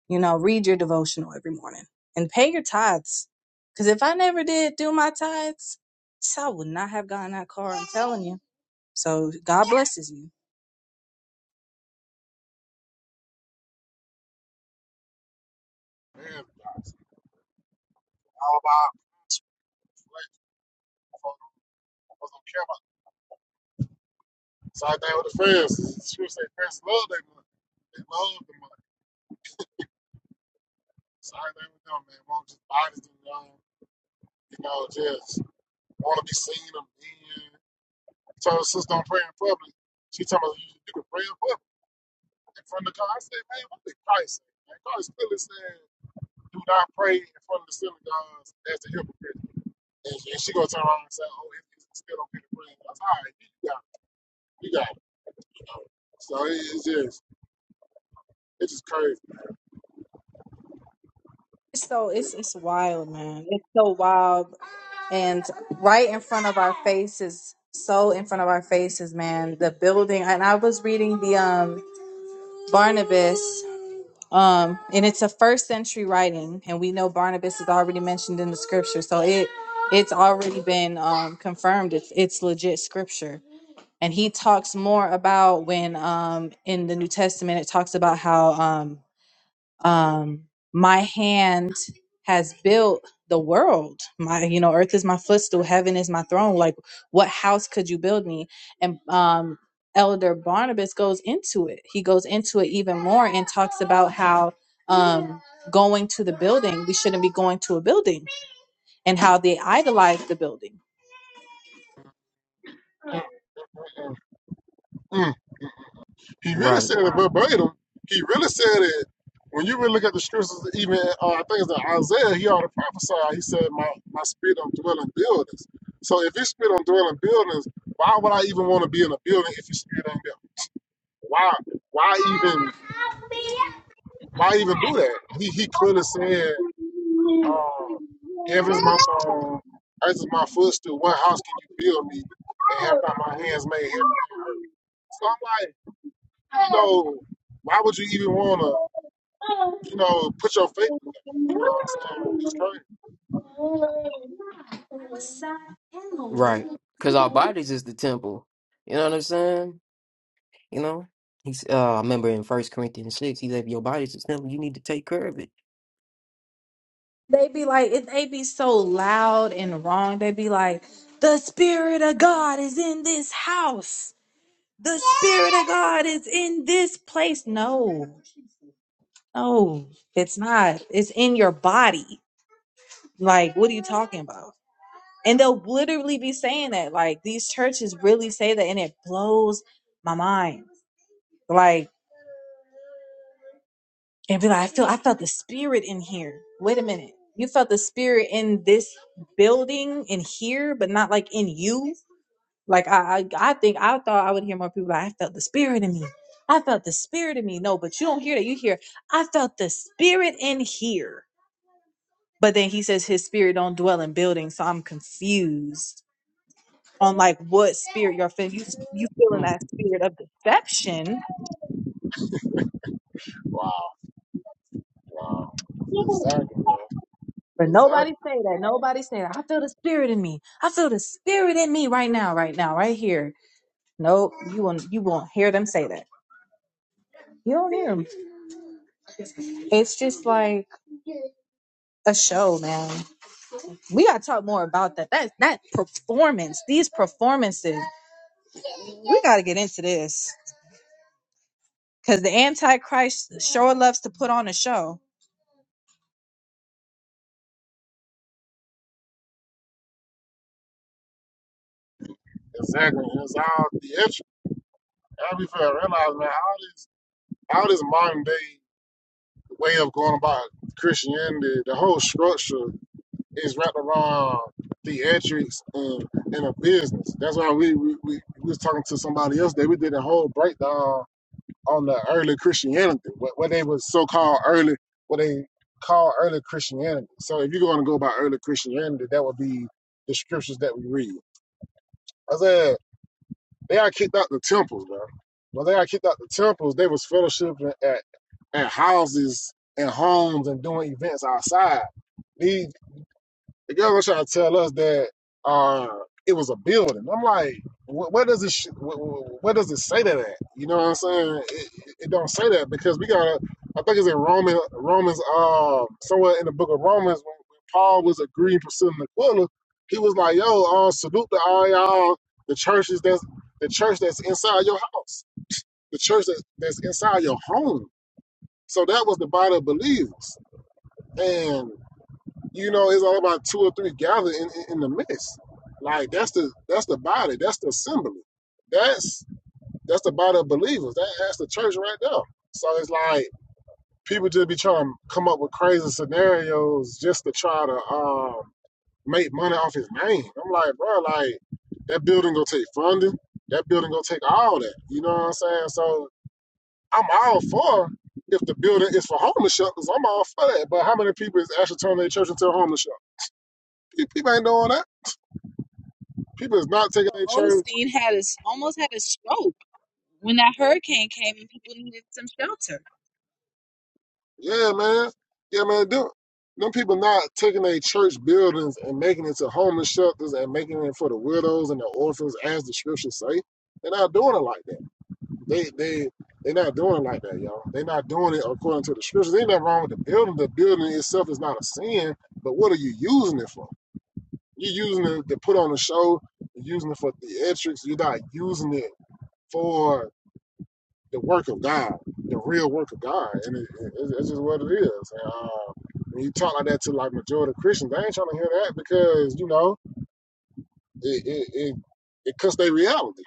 Speaker 2: You know, read your devotional every morning and pay your tithes. Because if I never did do my tithes, I would not have gotten that car. I'm telling you. So God blesses you.
Speaker 1: Man, guys, all about I was on camera. Same thing with the friends. She would say, friends love their money. They love the money. Same thing with them, man. Won't just bodies them down, you know, just want to be seen and being. I told her sister, don't pray in public. She told me, you, you can pray in public. In front of the car, I said, man, what did Christ say? Man, Christ clearly said, do not pray in front of the synagogues as the hypocrite. And, and she gonna turn around and say, oh, if you still don't get the prayer. I was, like, all right, you got it, you got it, you know. So it, it's just, it's just crazy.
Speaker 2: It's so it's it's wild, man. It's so wild, and right in front of our faces, so in front of our faces, man. The building, and I was reading the um Barnabas. um and it's a first century writing and we know barnabas is already mentioned in the scripture so it it's already been um confirmed it's it's legit scripture and he talks more about when um in the new testament it talks about how um um my hand has built the world my you know earth is my footstool heaven is my throne like what house could you build me and um elder barnabas goes into it he goes into it even more and talks about how um going to the building we shouldn't be going to a building and how they idolize the building
Speaker 1: Mm, mm, mm. He really
Speaker 3: Right,
Speaker 1: said it verbatim. He really said it. When you really look at the scriptures, even uh, I think it's in Isaiah, he already prophesied. He said, "My my spirit don't dwell in buildings." So if his spirit don't dwell in buildings, why would I even want to be in a building if his spirit ain't there? Why? Why even? Why even do that? He he clearly said, uh, "Heaven's my throne, earth is my footstool. What house can you build me, and have not my hands made heaven and earth?" So I'm like, you know, why would you even want to? you know, put your faith in that. You know what I'm saying? It's crazy.
Speaker 3: right. Cause our bodies is the temple. You know what I'm saying? You know? He's uh I remember in First Corinthians six, he said, if your body's the temple, you need to take care of it.
Speaker 2: They be like, it- they be so loud and wrong. They be like, the spirit of God is in this house. The spirit of God is in this place. No, no, it's not. It's in your body. Like, what are you talking about? And they'll literally be saying that. Like these churches really say that and it blows my mind. Like and be like, I feel I felt the spirit in here. Wait a minute. You felt the spirit in this building in here, but not like in you. Like I I, I think I thought I would hear more people like I felt the spirit in me. I felt the spirit in me. No, but you don't hear that. You hear, I felt the spirit in here. But then he says his spirit don't dwell in buildings, so I'm confused on like what spirit you're feeling. You you feeling that spirit of deception,
Speaker 1: Wow, wow. Exactly, yo.
Speaker 2: but nobody
Speaker 1: Exactly.
Speaker 2: say that. Nobody say that. I feel the spirit in me. I feel the spirit in me right now, right now, right here. Nope, you won't. You won't hear them say that. You don't hear them. It's just like a show, man. We gotta talk more about that. That that performance, these performances. We gotta get into this because the Antichrist sure loves to put on a show.
Speaker 1: Exactly. It's all the I be fair, realize, man, all this, all this modern day way of going about Christianity, the whole structure is wrapped around theatrics and, and a business. That's why we, we, we, we was talking to somebody else that we did a whole breakdown on the early Christianity, what, what they was so called early, what they call early Christianity. So if you're going to go by early Christianity, that would be the scriptures that we read. I said they got kicked out the temples, bro. When they got kicked out the temples, they was fellowshipping at, at houses and homes and doing events outside. These the girl was trying to tell us that uh, it was a building. I'm like, wh- where does it sh- wh- wh- where does it say that at? You know what I'm saying? It, it don't say that because we got I think it's in Roman Romans um somewhere in the book of Romans when, when Paul was agreeing pursuing the Aquila, he was like, yo, uh, salute to all y'all the churches that's the church that's inside your house, the church that, that's inside your home. So that was the body of believers. and you know, it's all about two or three gathered in, in, in the midst. Like that's the that's the body, that's the assembly, that's that's the body of believers. That, that's the church right there. So it's like people just be trying to come up with crazy scenarios just to try to um, make money off his name. I'm like, bro, like that building gonna take funding. That building gonna take all that. You know what I'm saying? So I'm all for if the building is for homeless shelters. I'm all for that. But how many people is actually turning their church into a homeless shelter? People ain't doing that. People is not taking their church.
Speaker 2: Osteen had his almost had a stroke. when that hurricane came and people needed some shelter.
Speaker 1: Yeah, man. Yeah, man. Them, them people not taking their church buildings and making it to homeless shelters and making it for the widows and the orphans, as the scriptures say. They're not doing it like that. They they they're not doing it like that, y'all. They're not doing it according to the scriptures. Ain't nothing wrong with the building. The building itself is not a sin, but what are you using it for? You're using it to put on a show. You're using it for theatrics. You're not using it for the work of God, the real work of God, and it, it, it's just what it is. And, uh, when you talk like that to like majority of Christians, they ain't trying to hear that because you know it it it, it cuts their reality.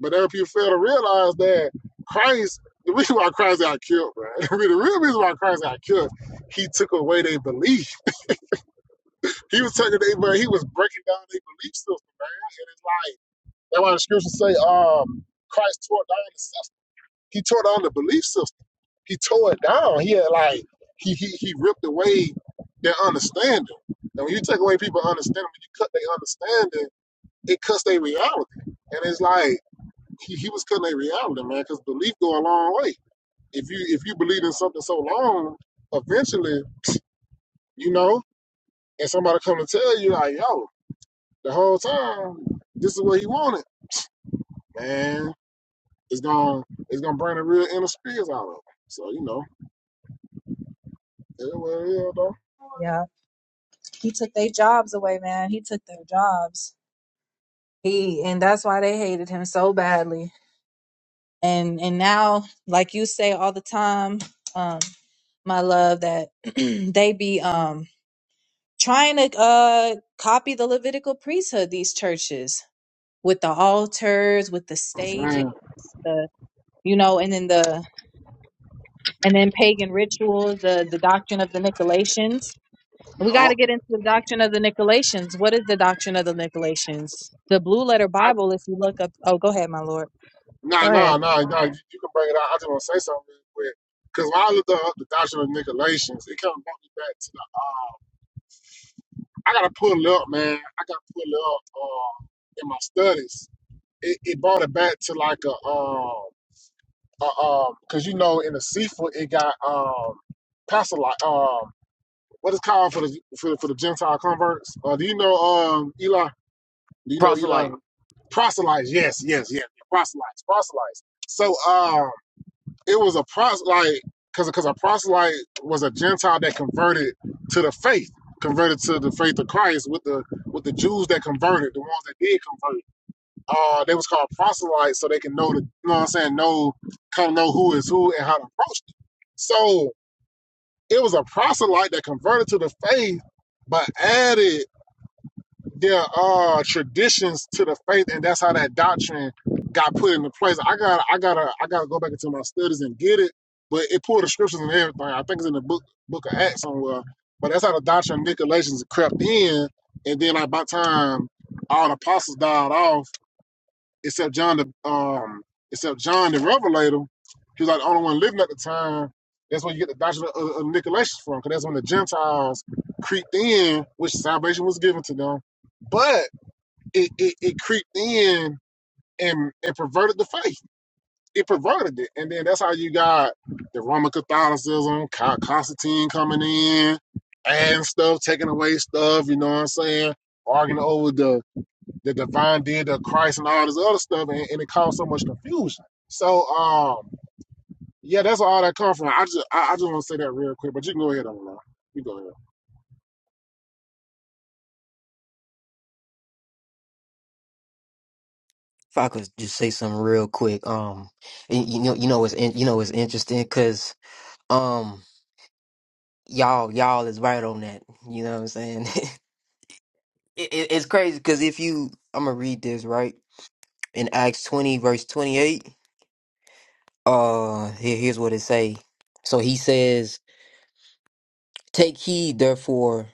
Speaker 1: But if you fail to realize that Christ, the reason why Christ got killed, bro, <laughs> the real reason why Christ got killed, he took away their belief. He was taking their, but he was breaking down their belief system. And it's like that's why the scriptures say, um, Christ tore down the system. He tore down the belief system he tore it down. He had like he he, he ripped away their understanding. And when you take away people's understanding, when you cut their understanding, it cuts their reality. And it's like he, he was cutting their reality, man, because belief go a long way. If you if you believe in something so long, eventually, you know, and somebody come to tell you like, yo, the whole time, this is what he wanted, man. It's gonna it's gonna bring the real inner spirits out of him. So, you know, it is what it is, though.
Speaker 2: Yeah, he took their jobs away, man. He took their jobs. He and that's why they hated him so badly. And and now, like you say all the time, um, my love, that <clears throat> they be um trying to uh copy the Levitical priesthood. These churches with the altars, with the
Speaker 1: I'm
Speaker 2: stages,
Speaker 1: saying,
Speaker 2: the you know, and then the and then pagan rituals, the the doctrine of the Nicolaitans.
Speaker 1: you
Speaker 2: We got to
Speaker 1: know,
Speaker 2: get into the doctrine of the Nicolaitans. What is the doctrine of the Nicolaitans? The Blue Letter
Speaker 1: I.
Speaker 2: Bible, if you look up. Oh, go ahead, my Lord. Go
Speaker 1: Nah, nah,
Speaker 2: ahead.
Speaker 1: nah, nah. You, you can bring it out. I just want to say something real quick. Because when I looked up the doctrine of Nicolaitans, it kind of brought me back to the. Uh, I got to pull it up, man. I got to pull it up uh, in my studies. It, it brought it back to like a. um a, um, because you know, in the seafood, it got um, pastor like um, what is called for the for, for the Gentile converts. Uh, do you know um, Eli? Do you know Eli? Proselytes, yes, yes, yes. Proselytes, proselytes. So, uh, it was a proselyte because because a proselyte was a Gentile that converted to the faith, converted to the faith of Christ with the with the Jews that converted, the ones that did convert. Uh, they was called proselytes so they can know the you know what I'm saying, know kind of know who is who and how to approach it. So it was a proselyte that converted to the faith, but added there are traditions to the faith and that's how that doctrine got put into place. I got I gotta I gotta go back into my studies and get it. But it pulled the scriptures and everything. I think it's in the book book of Acts somewhere. But that's how the doctrine of Nicolaitans crept in and then like by the time all the apostles died off, except John the um except John the Revelator, he was like the only one living at the time. That's where you get the doctrine of, of Nicolaitans from, because that's when the Gentiles creeped in, which salvation was given to them. But it, it, it creeped in and, and perverted the faith. It perverted it. And then that's how you got the Roman Catholicism, Con- Constantine coming in, adding stuff, taking away stuff, you know what I'm saying? Arguing over the, the divine deity of Christ and all this other stuff, and, and it caused so much confusion. So, um, yeah, that's all that comes from. I just, I, I just want to say that real quick, but you can go ahead, on You go ahead.
Speaker 3: If I could just say something real quick, um, and you know, you know, it's in, you know, it's interesting because um, y'all, y'all is right on that. You know what I'm saying? <laughs> it, it, it's crazy because if you, I'm gonna read this right in Acts 20 verse 28. Uh, here, here's what it say. So he says, "Take heed, therefore."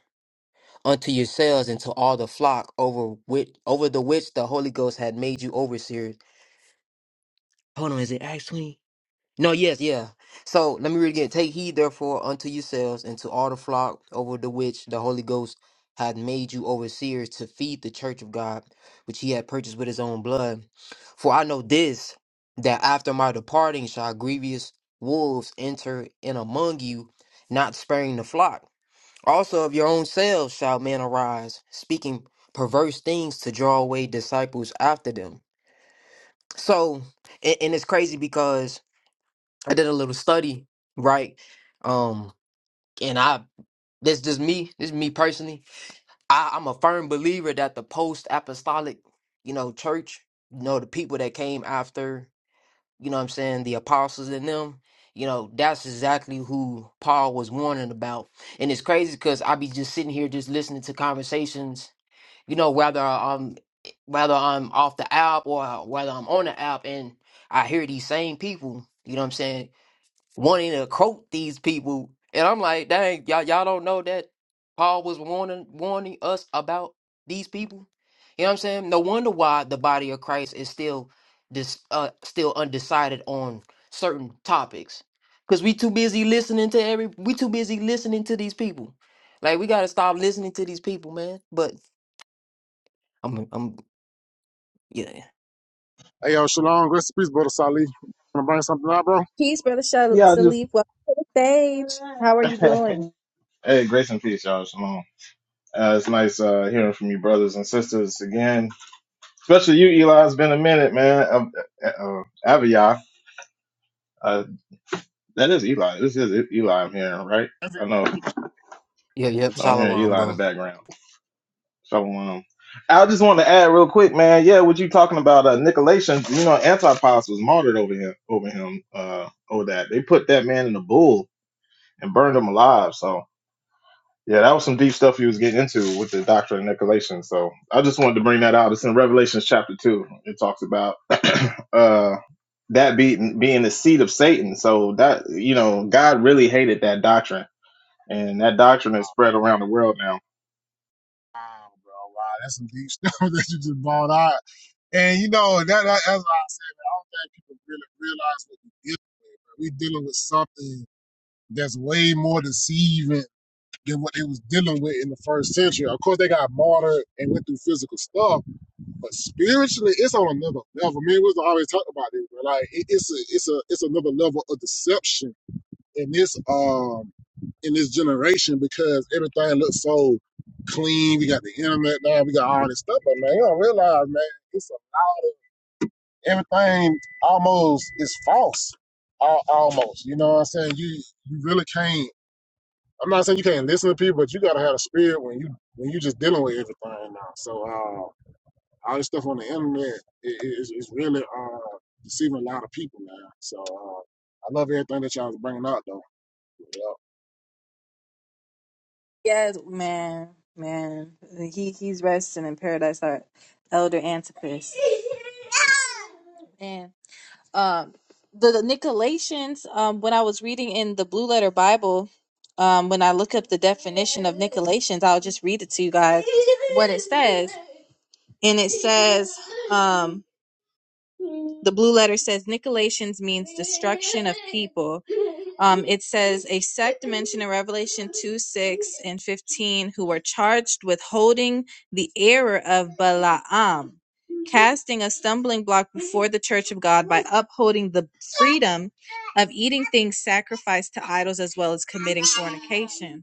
Speaker 3: Unto yourselves and to all the flock over which over the which the Holy Ghost had made you overseers. Hold on, is it Acts twenty? No, yes, yeah. So let me read again. Take heed therefore unto yourselves and to all the flock over the which the Holy Ghost hath made you overseers to feed the church of God, which he had purchased with his own blood. For I know this, that after my departing shall grievous wolves enter in among you, not sparing the flock. Also of your own selves shall men arise, speaking perverse things to draw away disciples after them. So, and, and it's crazy because I did a little study, right? Um, and I this just me, this is me personally. I, I'm a firm believer that the post apostolic, you know, church, you know, the people that came after, you know what I'm saying, the apostles in them, you know, that's exactly who Paul was warning about. And it's crazy because I be just sitting here just listening to conversations, you know, whether I'm whether I'm off the app or whether I'm on the app and I hear these same people, you know what I'm saying, wanting to quote these people. And I'm like, dang, y'all, y'all don't know that Paul was warning warning us about these people. You know what I'm saying? No wonder why the body of Christ is still dis, uh, still undecided on certain topics. Cause we too busy listening to every we too busy listening to these people. Like we gotta stop listening to these people, man. But I'm I'm yeah.
Speaker 1: Hey, yo, Shalom, rest in peace, brother Salih. Wanna bring something out, bro?
Speaker 2: Peace, Brother Shal-
Speaker 8: Yeah, I just
Speaker 2: Salif. Welcome to the stage. How are you
Speaker 8: <laughs>
Speaker 2: doing?
Speaker 8: hey, grace and peace, y'all. Shalom. Uh, it's nice uh, hearing from you, brothers and sisters, again. Especially you, Eli. It's been a minute, man. Uh, uh, Abiyah. Uh, that is Eli. This is Eli I'm hearing, right? I know
Speaker 3: Yeah, yep,
Speaker 8: I'm hearing
Speaker 3: Salawam,
Speaker 8: Eli in the
Speaker 3: bro.
Speaker 8: background. So, um, I just want to add real quick, man. Yeah, what you talking about? Uh, Nicolations, you know, Antipas was martyred over him, over him, uh, over that. They put that man in a bull and burned him alive. So, Yeah, that was some deep stuff he was getting into with the doctrine of Nicolaitan. So I just wanted to bring that out. It's in Revelations chapter two. It talks about <clears throat> uh that being being the seed of Satan. So that you know, God really hated that doctrine. And that doctrine is spread around the world now.
Speaker 1: Wow, bro. Wow, that's some deep stuff <laughs> that you just bought out. And you know, that, that that's why I said, man, I don't think people really realize what we're dealing with. We're dealing with something that's way more deceiving than what they was dealing with in the first century. Of course, they got martyred and went through physical stuff, but spiritually, it's on another level. Man, we was always talking about this, bro. Like it, it's a, it's a, it's another level of deception in this um in this generation because everything looks so clean. We got the internet now, we got all this stuff, but man, you don't realize, man, it's everything almost is false. Al- Almost, you know what I'm saying? You you really can't. I'm not saying you can't listen to people, but you gotta have a spirit when you when you just dealing with everything now. So uh, all this stuff on the internet is is really uh, deceiving a lot of people now. So uh, I love everything that y'all was bringing out though. Yeah.
Speaker 2: Yes, man. Man. He He's resting in paradise, our elder Antipas. <laughs> Man. Um, the, the Nicolaitans, um, when I was reading in the Blue Letter Bible, um, when I look up the definition of Nicolaitans, I'll just read it to you guys what it says. And it says, um, the blue letter says Nicolaitans means destruction of people. Um, it says a sect mentioned in Revelation 2 6 and 15 who were charged with holding the error of Balaam, casting a stumbling block before the church of God by upholding the freedom of eating things sacrificed to idols as well as committing fornication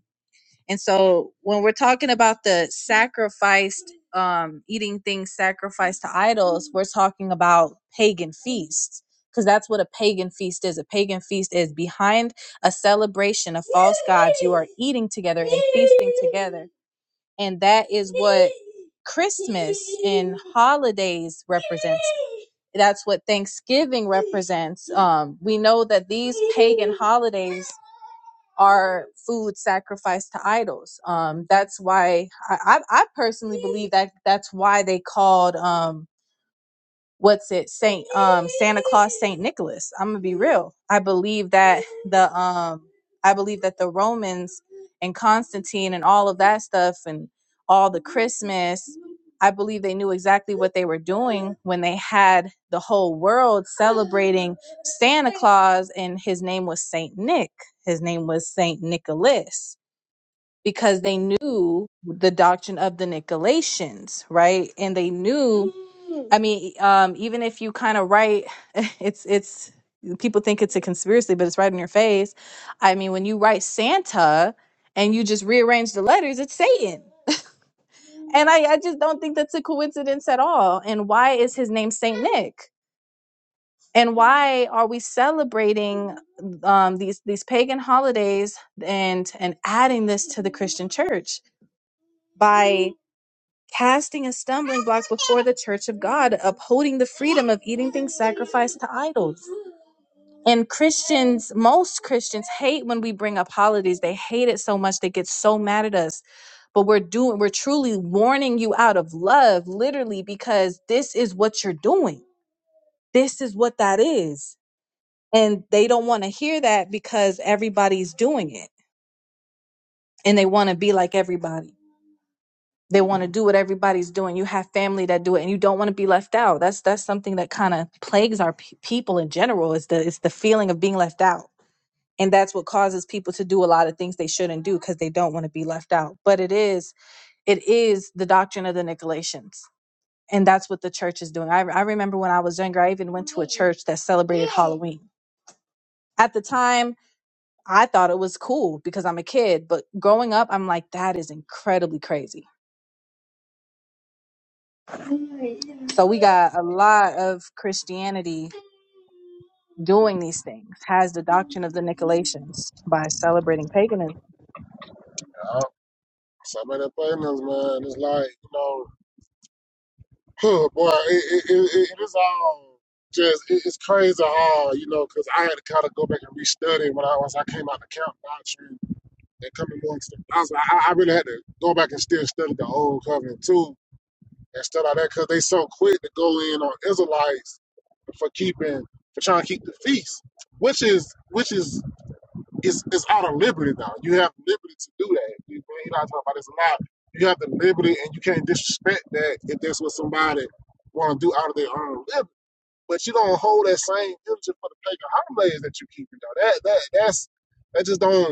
Speaker 2: and so when we're talking about the sacrificed, um, eating things sacrificed to idols, we're talking about pagan feasts because that's what a pagan feast is. A pagan feast is behind a celebration of false gods. You are eating together and feasting together. And that is what Christmas and holidays represents. That's what Thanksgiving represents. Um, we know that these pagan holidays are food sacrificed to idols. Um, that's why I, I, I personally believe that that's why they called. Um, what's it saint um santa claus saint nicholas i'm gonna be real i believe that the um i believe that the romans and constantine and all of that stuff and all the christmas i believe they knew exactly what they were doing when they had the whole world celebrating santa claus and his name was saint nick his name was saint nicholas because they knew the doctrine of the Nicolaitans, right? And they knew, I mean, e, um, even if you kind of write, <laughs> it's, it's, people think it's a conspiracy, but it's right in your face. I mean, when you write Santa and you just rearrange the letters, it's Satan. And I, I just don't think that's a coincidence at all. And why is his name Saint Nick? And why are we celebrating um, these these pagan holidays and and adding this to the Christian church? by casting a stumbling block before the church of God, upholding the freedom of eating things sacrificed to idols. And Christians, most Christians hate when we bring up holidays. They hate it so much they get so mad at us. But we're doing we're truly warning you out of love, literally, because this is what you're doing. This is what that is. And they don't want to hear that because everybody's doing it and they want to be like everybody. they want to do what everybody's doing. You have family that do it, and you don't want to be left out. That's that's something that kind of plagues our pe- people in general. Is the is the feeling of being left out, and that's what causes people to do a lot of things they shouldn't do because they don't want to be left out. But it is it is the doctrine of the Nicolaitans, and that's what the church is doing. I I remember when I was younger, I even went to a church that celebrated Halloween. At the time, I thought it was cool because I'm a kid, but growing up, I'm like that is incredibly crazy So we got a lot of Christianity doing these things, has the doctrine of the Nicolaitans by celebrating paganism.
Speaker 1: Some of the things, man, it's like, you know, <laughs> huh, boy, it, it, it, it it is all just, it, it's crazy how, you know, because I had to kind of go back and restudy when I, once I came out the camp doctrine and coming amongst them. I, was, like, I, I really had to go back and still study the old covenant too and stuff like that because they so quick to go in on Israelites for keeping, for trying to keep the feast, which is, which is it's it's out of liberty now. You have liberty to do that. You know, you I'm talking about this a lot. You have the liberty, and you can't disrespect that if that's what somebody want to do out of their own liberty. But you don't hold that same energy for the fake holidays that you keep. You know that that that's that just don't.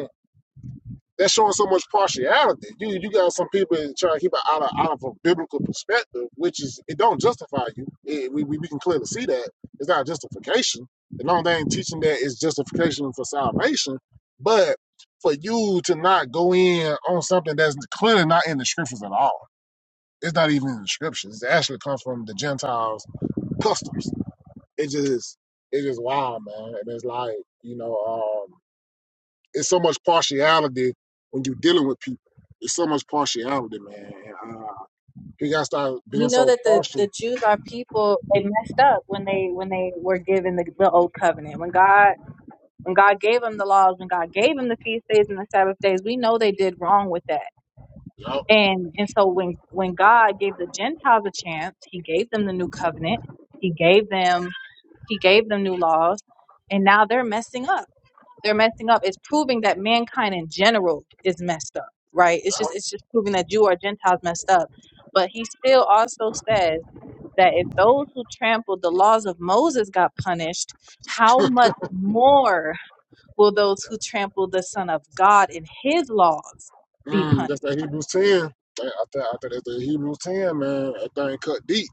Speaker 1: That's showing so much partiality. You you got some people that trying to keep it out of out of a biblical perspective, which is it don't justify you. It- we, we we can clearly see that it's not justification. The long thing teaching that is justification for salvation, but for you to not go in on something that's clearly not in the scriptures at all. It's not even in the scriptures. It actually comes from the Gentiles' customs. It just it's just wild, man. And it's like you know. um it's so much partiality when you're dealing with people. It's so much partiality, man. uh, you gotta start
Speaker 2: We
Speaker 1: being
Speaker 2: know
Speaker 1: so
Speaker 2: that the, the
Speaker 1: partial.
Speaker 2: Jews are people they messed up when they when they were given the, the old covenant. When God when God gave them the laws, when God gave them the feast days and the Sabbath days, we know they did wrong with that.
Speaker 1: Yup.
Speaker 2: And and so when when God gave the Gentiles a chance, he gave them the new covenant, he gave them he gave them new laws, and now they're messing up they're messing up. It's proving that mankind in general is messed up, right? It's just it's just proving that Jew or Gentiles messed up. But he still also says that if those who trampled the laws of Moses got punished, how much more will those who trample the Son of God in his laws be
Speaker 1: Mm,
Speaker 2: punished?
Speaker 1: that's that Hebrews 10. I, I, th- I think that's the Hebrews 10, man. That thing cut deep.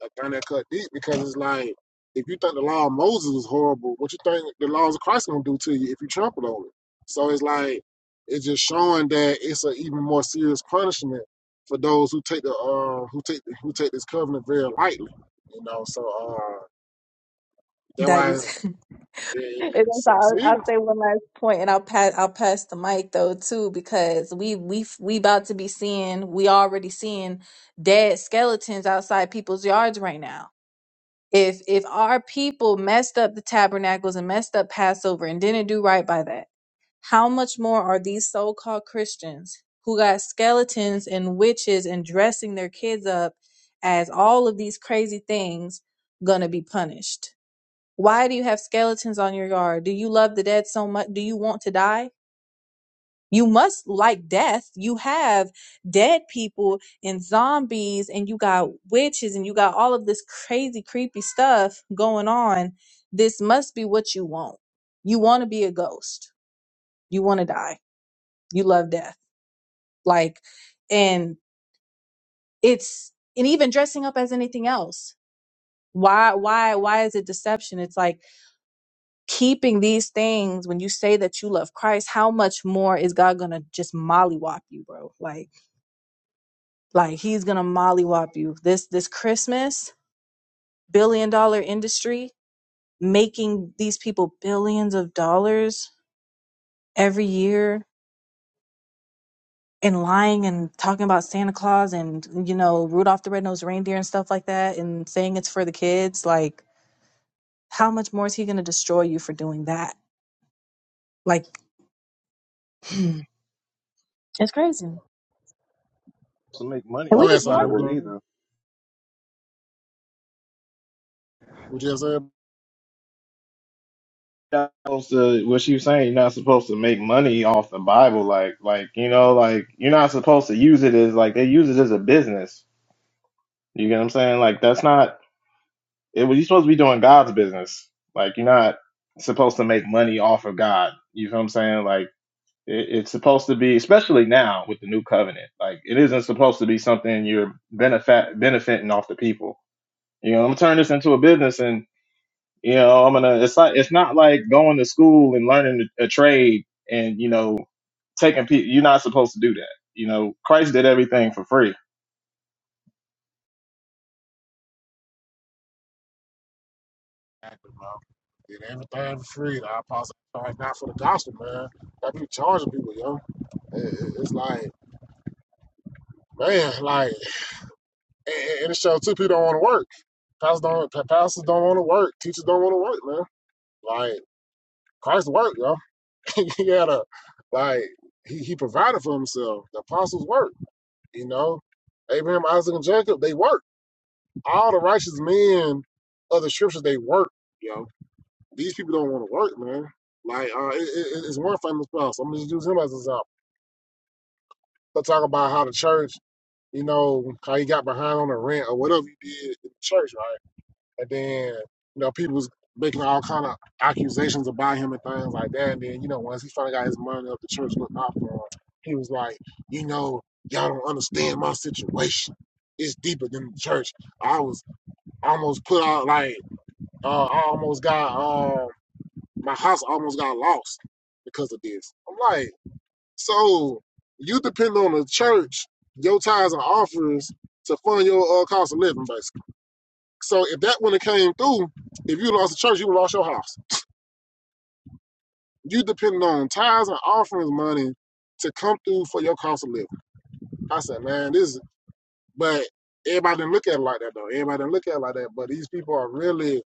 Speaker 1: That thing that cut deep because it's like, if you think the law of Moses was horrible, what you think the laws of Christ gonna do to you if you trample on it? So it's like, it's just showing that it's an even more serious punishment for those who take the uh who take who take this covenant very lightly. You know, so uh. That's
Speaker 2: That
Speaker 1: why
Speaker 2: is <laughs>
Speaker 1: they
Speaker 2: And that's all- I'll, I'll
Speaker 1: succeeded.
Speaker 2: say one last point, and I'll pass. I'll pass the mic though too, because we we we about to be seeing. We already seeing dead skeletons outside people's yards right now. If if our people messed up the tabernacles and messed up Passover and didn't do right by that, how much more are these so-called Christians who got skeletons and witches and dressing their kids up as all of these crazy things gonna be punished? Why do you have skeletons on your yard? Do you love the dead so much? Do you want to die? You must like death. You have dead people and zombies, and you got witches, and you got all of this crazy, creepy stuff going on. This must be what you want. You want to be a ghost. You want to die. You love death. Like, and it's, and even dressing up as anything else. Why, why, why is it deception? It's like, keeping these things when you say that you love Christ, how much more is God gonna just mollywop you, bro? Like, like He's gonna mollywop you. This this Christmas, billion dollar industry making these people billions of dollars every year and lying and talking about Santa Claus and you know Rudolph the Red-Nosed Reindeer and stuff like that and saying it's for the kids. Like, how much more is He gonna destroy you for doing that? Like, <clears throat> it's crazy. And
Speaker 8: To make money
Speaker 2: we
Speaker 1: Go
Speaker 8: off the
Speaker 1: ahead,
Speaker 2: just
Speaker 1: Sally.
Speaker 2: warned
Speaker 1: We
Speaker 8: Bible
Speaker 1: go-
Speaker 2: you.
Speaker 8: either.
Speaker 1: we just said
Speaker 8: You're not supposed to what she was saying, you're not supposed to make money off the Bible, like like you know, like you're not supposed to use it as like they use it as a business. You get what I'm saying? Like that's not It, well, you're supposed to be doing God's business. Like you're not supposed to make money off of God. You feel what I'm saying? Like it, it's supposed to be, especially now with the new covenant. Like it isn't supposed to be something you're benefit benefiting off the people. You know, I'm gonna turn this into a business, and you know, I'm gonna. It's like it's not like going to school and learning a trade, and you know, taking people. You're not supposed to do that. You know, Christ did everything for free.
Speaker 1: exactly, Get everything for free. The apostle charge not for the gospel, man. That be charging people, yo. Eh, eh, It's like, man, like, and it shows too. people don't want to work. Pastors don't, pastors don't want to work. Teachers don't want to work, man. Like, Christ worked, yo. <laughs> he had a, like, he, he provided for himself. The apostles worked, you know. Abraham, Isaac, and Jacob, they worked. all the righteous men of the scriptures they work. Yo, these people don't want to work, man. Like uh, it, it, it's one famous spouse. I'm gonna use him as an example. Let's talk about how the church, you know, how he got behind on the rent or whatever he did in the church, right? And then you know people was making all kind of accusations about him and things like that. And then you know once he finally got his money up, the church looked out for him. He was like, you know, y'all don't understand my situation. It's deeper than the church. I was almost put out like Uh, I almost got um my house almost got lost because of this. I'm like, so you depend on the church, your tithes and offerings to fund your uh, cost of living, basically. So if that wouldn't have came through, if you lost the church, you would've lost your house. You depend on tithes and offerings money to come through for your cost of living. I said, man, this is but everybody didn't look at it like that though. Everybody didn't look at it like that. But these people are really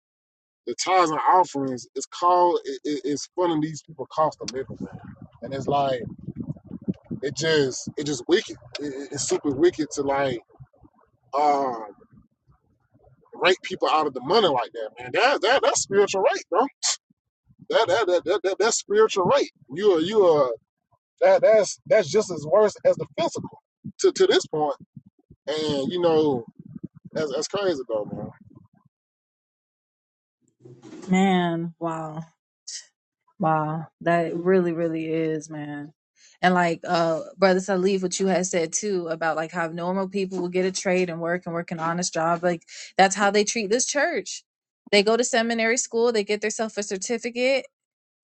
Speaker 1: The tithes and offerings is called it, it, it's funding these people cost of living, man. And it's like it just it just wicked. It, it's super wicked to like um rape people out of the money like that, man. That that that's spiritual rape, bro. That that that, that, that that's spiritual rape. You are you are that that's that's just as worse as the physical to to this point. And you know that's that's crazy though, man.
Speaker 2: Man, wow. Wow. That really, really is, man. And like uh Brother Salif, what you had said too about like how normal people will get a trade and work and work an honest job, like that's how they treat this church. They go to seminary school, they get themselves a certificate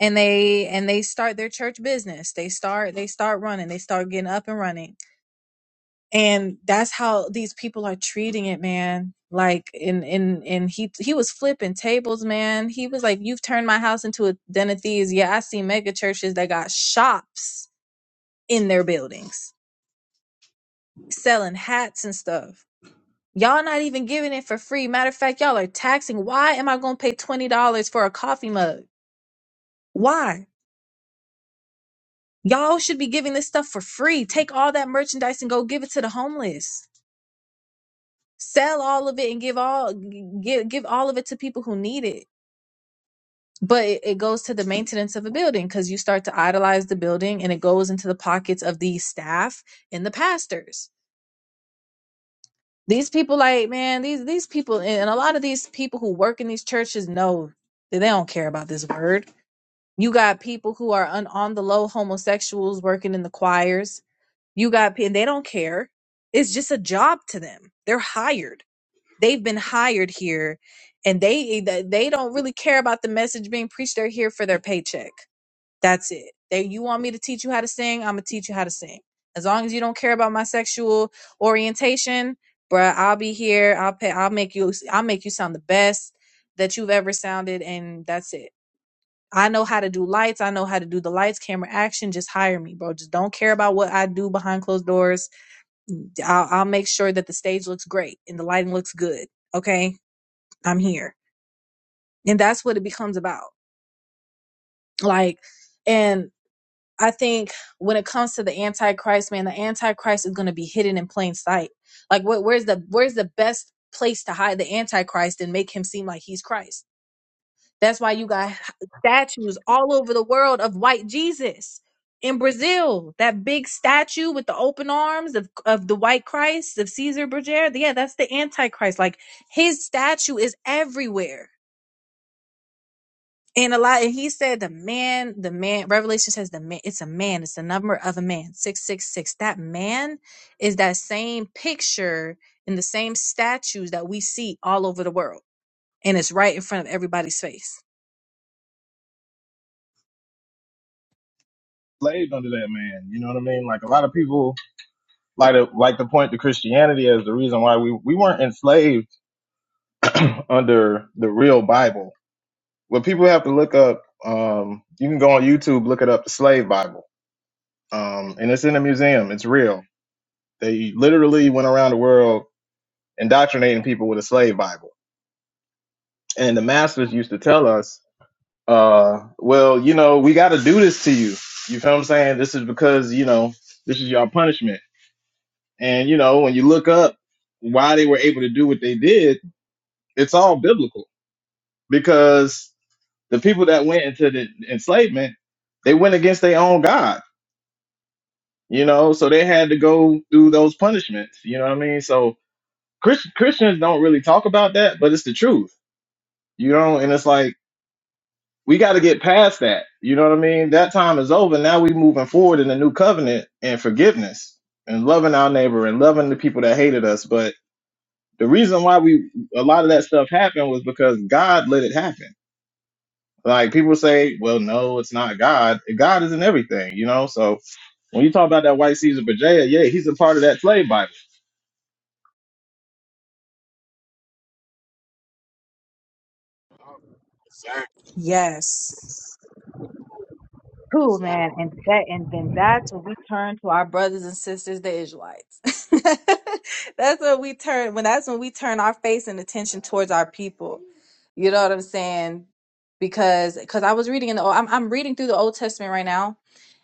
Speaker 2: and they and they start their church business. They start they start running, they start getting up and running and that's how these people are treating it man like and and and he he was flipping tables man he was like you've turned my house into a den of thieves yeah i see mega churches that got shops in their buildings selling hats and stuff y'all not even giving it for free matter of fact y'all are taxing why am i gonna pay $20 for a coffee mug why y'all should be giving this stuff for free take all that merchandise and go give it to the homeless sell all of it and give all give give all of it to people who need it but it, it goes to the maintenance of a building because you start to idolize the building and it goes into the pockets of the staff and the pastors these people like man these these people and a lot of these people who work in these churches know that they don't care about this word you got people who are on, on the low homosexuals working in the choirs you got pe- and they don't care it's just a job to them they're hired they've been hired here and they they don't really care about the message being preached they're here for their paycheck that's it they you want me to teach you how to sing i'm gonna teach you how to sing as long as you don't care about my sexual orientation bruh i'll be here i'll pay i'll make you i'll make you sound the best that you've ever sounded and that's it i know how to do lights i know how to do the lights camera action just hire me bro just don't care about what i do behind closed doors I'll, I'll make sure that the stage looks great and the lighting looks good. Okay. I'm here. And that's what it becomes about. Like, and I think when it comes to the Antichrist, man, the Antichrist is going to be hidden in plain sight. Like, what, where's the, where's the best place to hide the Antichrist and make him seem like he's Christ? That's why you got statues all over the world of white Jesus. In Brazil, that big statue with the open arms of, of the white Christ of Caesar Berger, yeah, that's the Antichrist. Like his statue is everywhere And a lot, and he said the man, the man, Revelation says the man, it's a man, it's the number of a man, 666. That man is that same picture in the same statues that we see all over the world. And it's right in front of everybody's face.
Speaker 8: Slaved under that man. You know what I mean? Like a lot of people like to like to point to Christianity as the reason why we we weren't enslaved under the real Bible. What people have to look up, um, you can go on YouTube, look it up, the Slave Bible, um, and it's in a museum. It's real. They literally went around the world indoctrinating people with a slave Bible, and the masters used to tell us, uh, "Well, you know, we got to do this to you." You feel what I'm saying? This is because you know this is your punishment, and you know when you look up why they were able to do what they did, it's all biblical because the people that went into the enslavement, they went against their own God, you know, so they had to go through those punishments, you know what I mean? So Chris, Christians don't really talk about that, but it's the truth, you know, and it's like we got to get past that, you know what I mean? That time is over. Now we moving forward in the new covenant and forgiveness and loving our neighbor and loving the people that hated us. But the reason why we a lot of that stuff happened was because God let it happen Like people say, well, no, it's not God. God is in everything, you know. So when you talk about that white Caesar Bajaya, yeah, he's a part of that slave Bible.
Speaker 1: Exactly,
Speaker 2: Yes. Cool, man.
Speaker 1: exactly,
Speaker 2: And that and then that's when we turn to our brothers and sisters, the Israelites. <laughs> that's when we turn when that's when we turn our face and attention towards our people. You know what I'm saying? Because because I was reading in the i am I'm I'm reading through the Old Testament right now,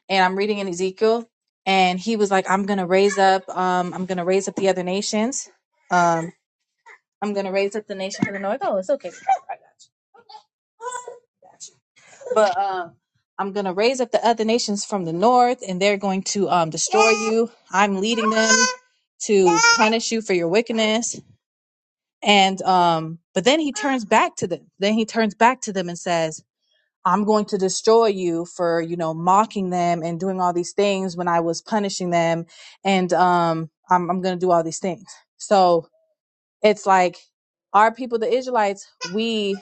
Speaker 2: and I'm reading in Ezekiel, and he was like, I'm gonna raise up, um, I'm gonna raise up the other nations. Um, I'm gonna raise up the nation to the north. Oh, it's okay. I got you but um I'm going to raise up the other nations from the north and they're going to um destroy you. I'm leading them to punish you for your wickedness. And um but then he turns back to them. Then he turns back to them and says, "I'm going to destroy you for, you know, mocking them and doing all these things when I was punishing them and um I'm I'm going to do all these things." So, it's like our people the Israelites, we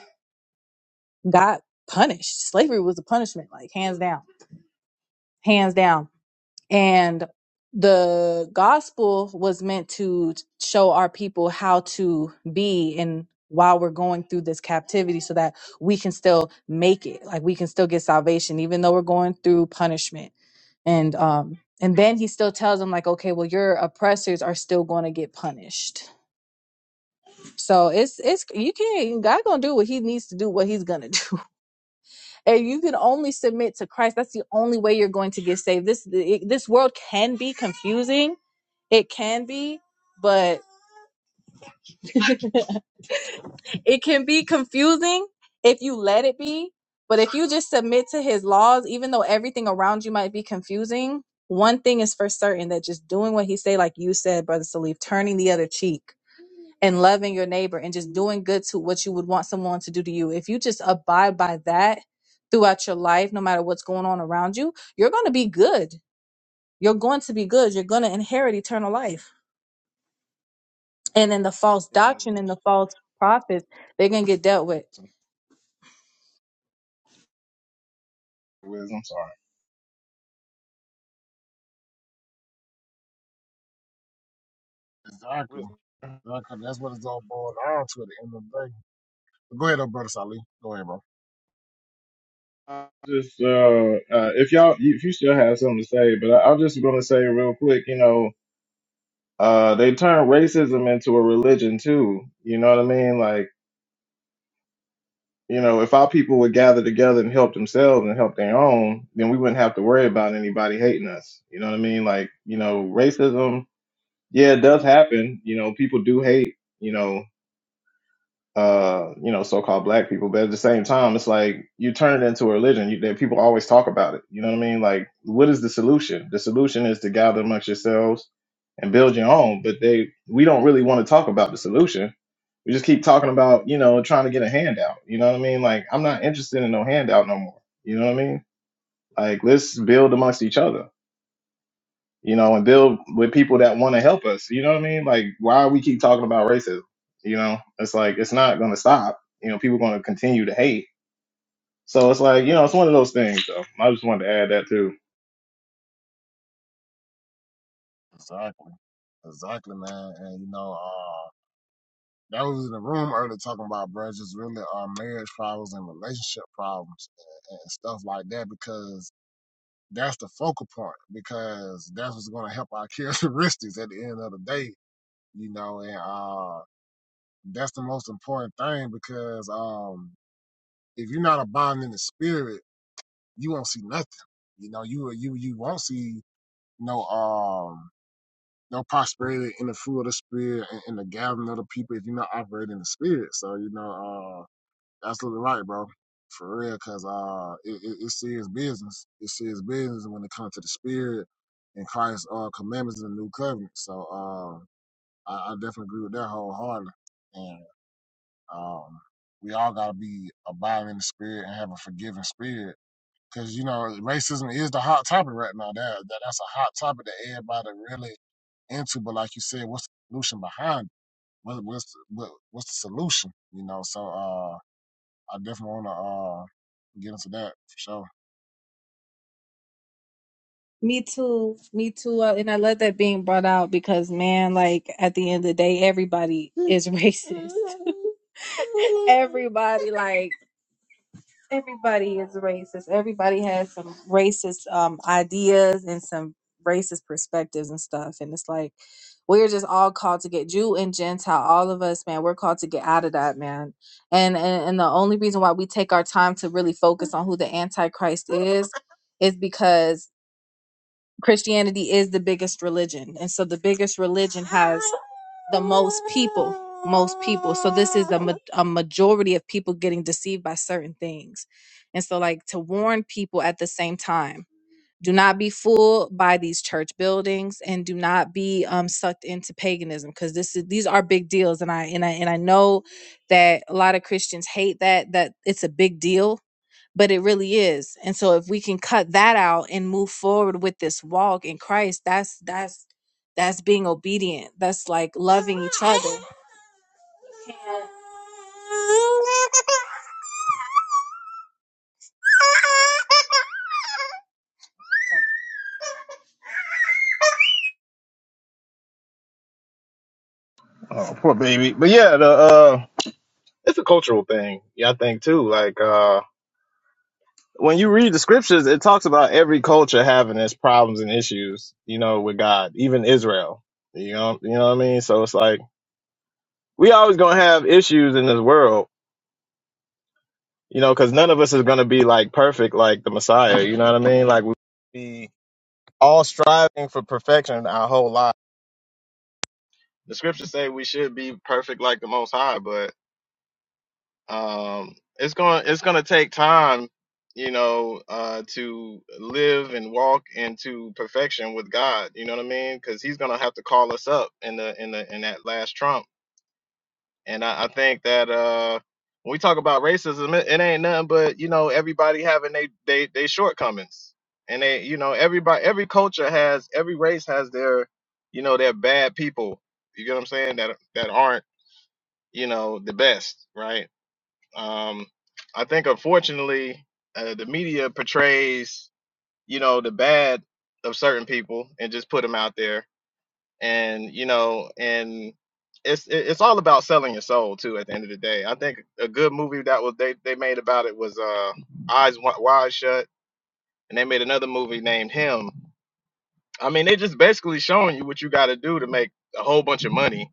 Speaker 2: got punished. Slavery was a punishment, like hands down. Hands down And the gospel was meant to show our people how to be in while we're going through this captivity so that we can still make it. Like we can still get salvation, even though we're going through punishment. And um and then he still tells them like, okay, well your oppressors are still going to get punished. So it's it's you can't God gonna do what he needs to do, what he's gonna <laughs> do. And you can only submit to Christ. That's the only way you're going to get saved. This this world can be confusing it can be, but <laughs> it can be confusing if you let it be. But if you just submit to his laws, even though everything around you might be confusing, one thing is for certain that just doing what he say, like you said, Brother Salif, turning the other cheek and loving your neighbor and just doing good to what you would want someone to do to you. If you just abide by that throughout your life, no matter what's going on around you, you're going to be good. You're going to be good. You're going to inherit eternal life and then the false
Speaker 8: Um,
Speaker 2: doctrine and the false prophets they're gonna get dealt with
Speaker 8: Wiz, I'm sorry.
Speaker 1: exactly.
Speaker 8: Wiz,
Speaker 1: Exactly. That's what it's all boiled down to at the end of the day. Go ahead, though, brother Salih. Go ahead, bro.
Speaker 8: I Just uh, uh, if y'all, if you still have something to say, but I, I'm just gonna say real quick, you know, uh, they turn racism into a religion too. You know what I mean? Like, you know, if our people would gather together and help themselves and help their own, then we wouldn't have to worry about anybody hating us. You know what I mean? Like, you know, racism Yeah, it does happen. You know, people do hate, you know, uh, you know, so-called black people, but at the same time, it's like you turn it into a religion. You, that people always talk about it. You know what I mean? Like, what is the solution? The solution is to gather amongst yourselves and build your own. But they, we don't really want to talk about the solution. We just keep talking about, you know, trying to get a handout. You know what I mean? Like, I'm not interested in no handout no more. You know what I mean? Like, let's build amongst each other you know, and build with people that want to help us. You know what I mean? Like, why we keep talking about racism? You know, it's like it's not going to stop. You know, people going to continue to hate. So it's like you know, it's one of those things. So I just wanted to add that too.
Speaker 1: Exactly. Exactly, man. And you know, uh, that was in the room earlier talking about, bro, just really uh, marriage problems and relationship problems and, and stuff like that because that's the focal point because that's what's going to help our <laughs> characteristics at the end of the day, you know, and uh, that's the most important thing because um, if you're not abiding in the spirit, you won't see nothing. You know, you you you won't see no um no prosperity in the fruit of the spirit and in the gathering of the people if you're not operating in the spirit. So you know, uh, absolutely right, bro, for real. Cause uh, it, it, it's serious business. It's serious business when it comes to the spirit and Christ's uh, commandments in the new covenant. So uh, I, I definitely agree with that wholeheartedly. And um, we all gotta be abiding in the spirit and have a forgiving spirit. Cause you know racism is the hot topic right now. That, that that's a hot topic that everybody really into. But like you said, what's the solution behind? It? What, what's what, what's the solution? You know, so uh, I definitely want to uh, get into that for sure.
Speaker 2: me too me too uh, and i love that being brought out because man like at the end of the day everybody is <laughs> racist <laughs> everybody like Everybody is racist. Everybody has some racist um, ideas and some racist perspectives and stuff. And it's like we're just all called to get Jew and Gentile, all of us, man. We're called to get out of that, man. And and, and the only reason why we take our time to really focus on who the Antichrist is is because Christianity is the biggest religion. And so the biggest religion has the most people, most people. So this is a, ma- a majority of people getting deceived by certain things. And so, like, to warn people at the same time do not be fooled by these church buildings and do not be um, sucked into paganism because this is these are big deals and I and I and I know that a lot of Christians hate that that it's a big deal but it really is and so if we can cut that out and move forward with this walk in christ that's that's that's being obedient that's like loving each other <laughs> And-
Speaker 8: Oh, poor baby. But yeah, the uh, it's a cultural thing. Yeah, I think too. Like uh, when you read the scriptures, it talks about every culture having its problems and issues. You know, with God, even Israel. You know, you know what I mean. So it's like we always gonna have issues in this world you know, because none of us is going to be like perfect, like the Messiah. You know what I mean? Like we be all striving for perfection our whole life. The scriptures say we should be perfect like the Most High, but um, it's going to it's going to take time, you know, uh, to live and walk into perfection with God. You know what I mean? Because He's going to have to call us up in the in the in that last trump And I, I think that uh, when we talk about racism, it, it ain't nothing but you know everybody having they they they shortcomings, and they you know everybody every culture has every race has their you know their bad people. You get what I'm saying? That that aren't you know the best, right? Um, I think unfortunately uh, the media portrays you know the bad of certain people and just put them out there and you know and it's it- it's all about selling your soul too at the end of the day i think a good movie that was they they made about it was uh eyes Wi- wide shut and they made another movie named him i mean they just basically showing you what you got to do to make a whole bunch of money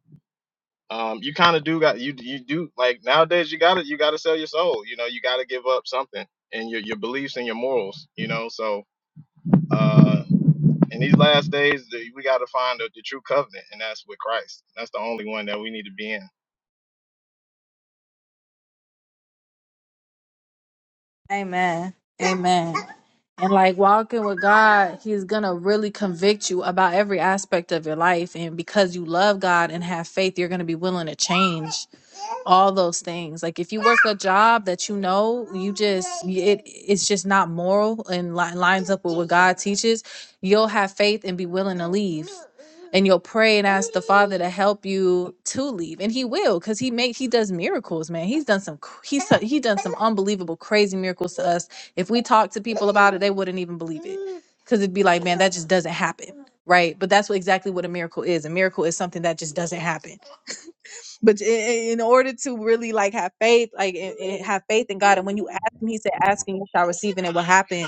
Speaker 8: um you kind of do got you you do like nowadays you gotta you gotta sell your soul you know you gotta give up something and your, your beliefs and your morals you know so Uh, in these last days, the, we got to find the, the true covenant, and that's with Christ. That's the only one that we need to be in.
Speaker 2: Amen. Amen. And like walking with God, He's gonna really convict you about every aspect of your life. And because you love God and have faith, you're gonna be willing to change all those things. Like if you work a job that you know you just it it's just not moral and li- lines up with what God teaches you'll have faith and be willing to leave and you'll pray and ask the father to help you to leave and he will because he make he does miracles man he's done some cr- he's so- he done some unbelievable crazy miracles to us if we talk to people about it they wouldn't even believe it because it'd be like man that just doesn't happen right but that's what exactly what a miracle is a miracle is something that just doesn't happen but i- i- in order to really like have faith like i- i- have faith in god and when you ask him he said asking you shall receive and it will happen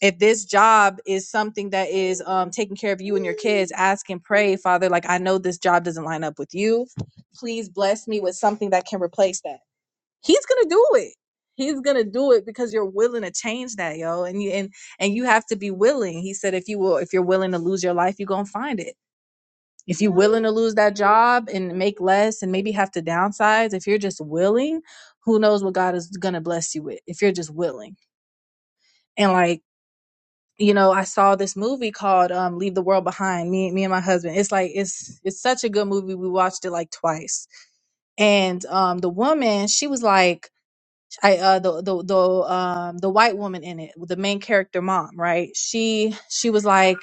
Speaker 2: if this job is something that is um, taking care of you and your kids, ask and pray, Father, like I know this job doesn't line up with you. Please bless me with something that can replace that. He's gonna do it. He's gonna do it because you're willing to change that, yo. And you and and you have to be willing. He said, if you will, if you're willing to lose your life, you're gonna find it. If you're willing to lose that job and make less and maybe have to downsize, if you're just willing, who knows what God is gonna bless you with if you're just willing. And like you know, I saw this movie called um, "Leave the World Behind." Me, me and my husband. It's like it's it's such a good movie. We watched it like twice, and um, the woman she was like, I uh, the the the um, the white woman in it, the main character mom, right? She she was like,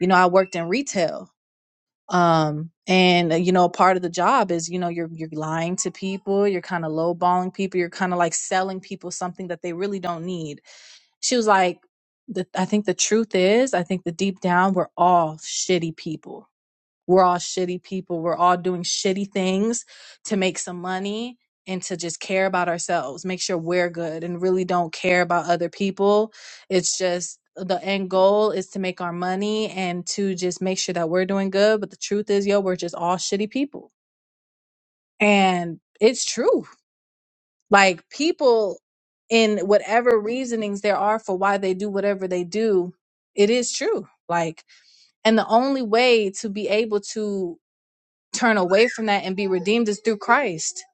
Speaker 2: you know, I worked in retail. Um, and uh, you know, part of the job is, you know, you're you're lying to people, you're kind of lowballing people, you're kind of like selling people something that they really don't need she was like, the, I think the truth is, I think the deep down, we're all shitty people. We're all shitty people. We're all doing shitty things to make some money and to just care about ourselves, make sure we're good and really don't care about other people. It's just the end goal is to make our money and to just make sure that we're doing good. But the truth is, yo, we're just all shitty people. And it's true. Like people in whatever reasonings there are for why they do whatever they do, it is true. Like, and the only way to be able to turn away from that and be redeemed is through Christ.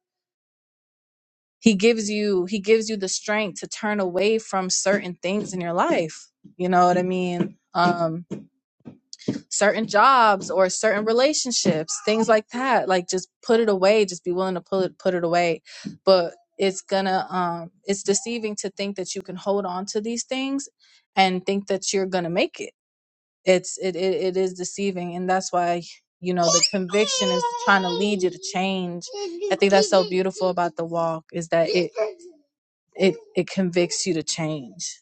Speaker 2: He gives you he gives you the strength to turn away from certain things in your life. You know what I mean? Um certain jobs or certain relationships, things like that. Like just put it away, just be willing to put it put it away. But it's gonna um it's deceiving to think that you can hold on to these things and think that you're gonna make it. It's it it, it is deceiving and that's why you know the conviction is trying to lead you to change. I think that's so beautiful about the walk is that it it it convicts you to change.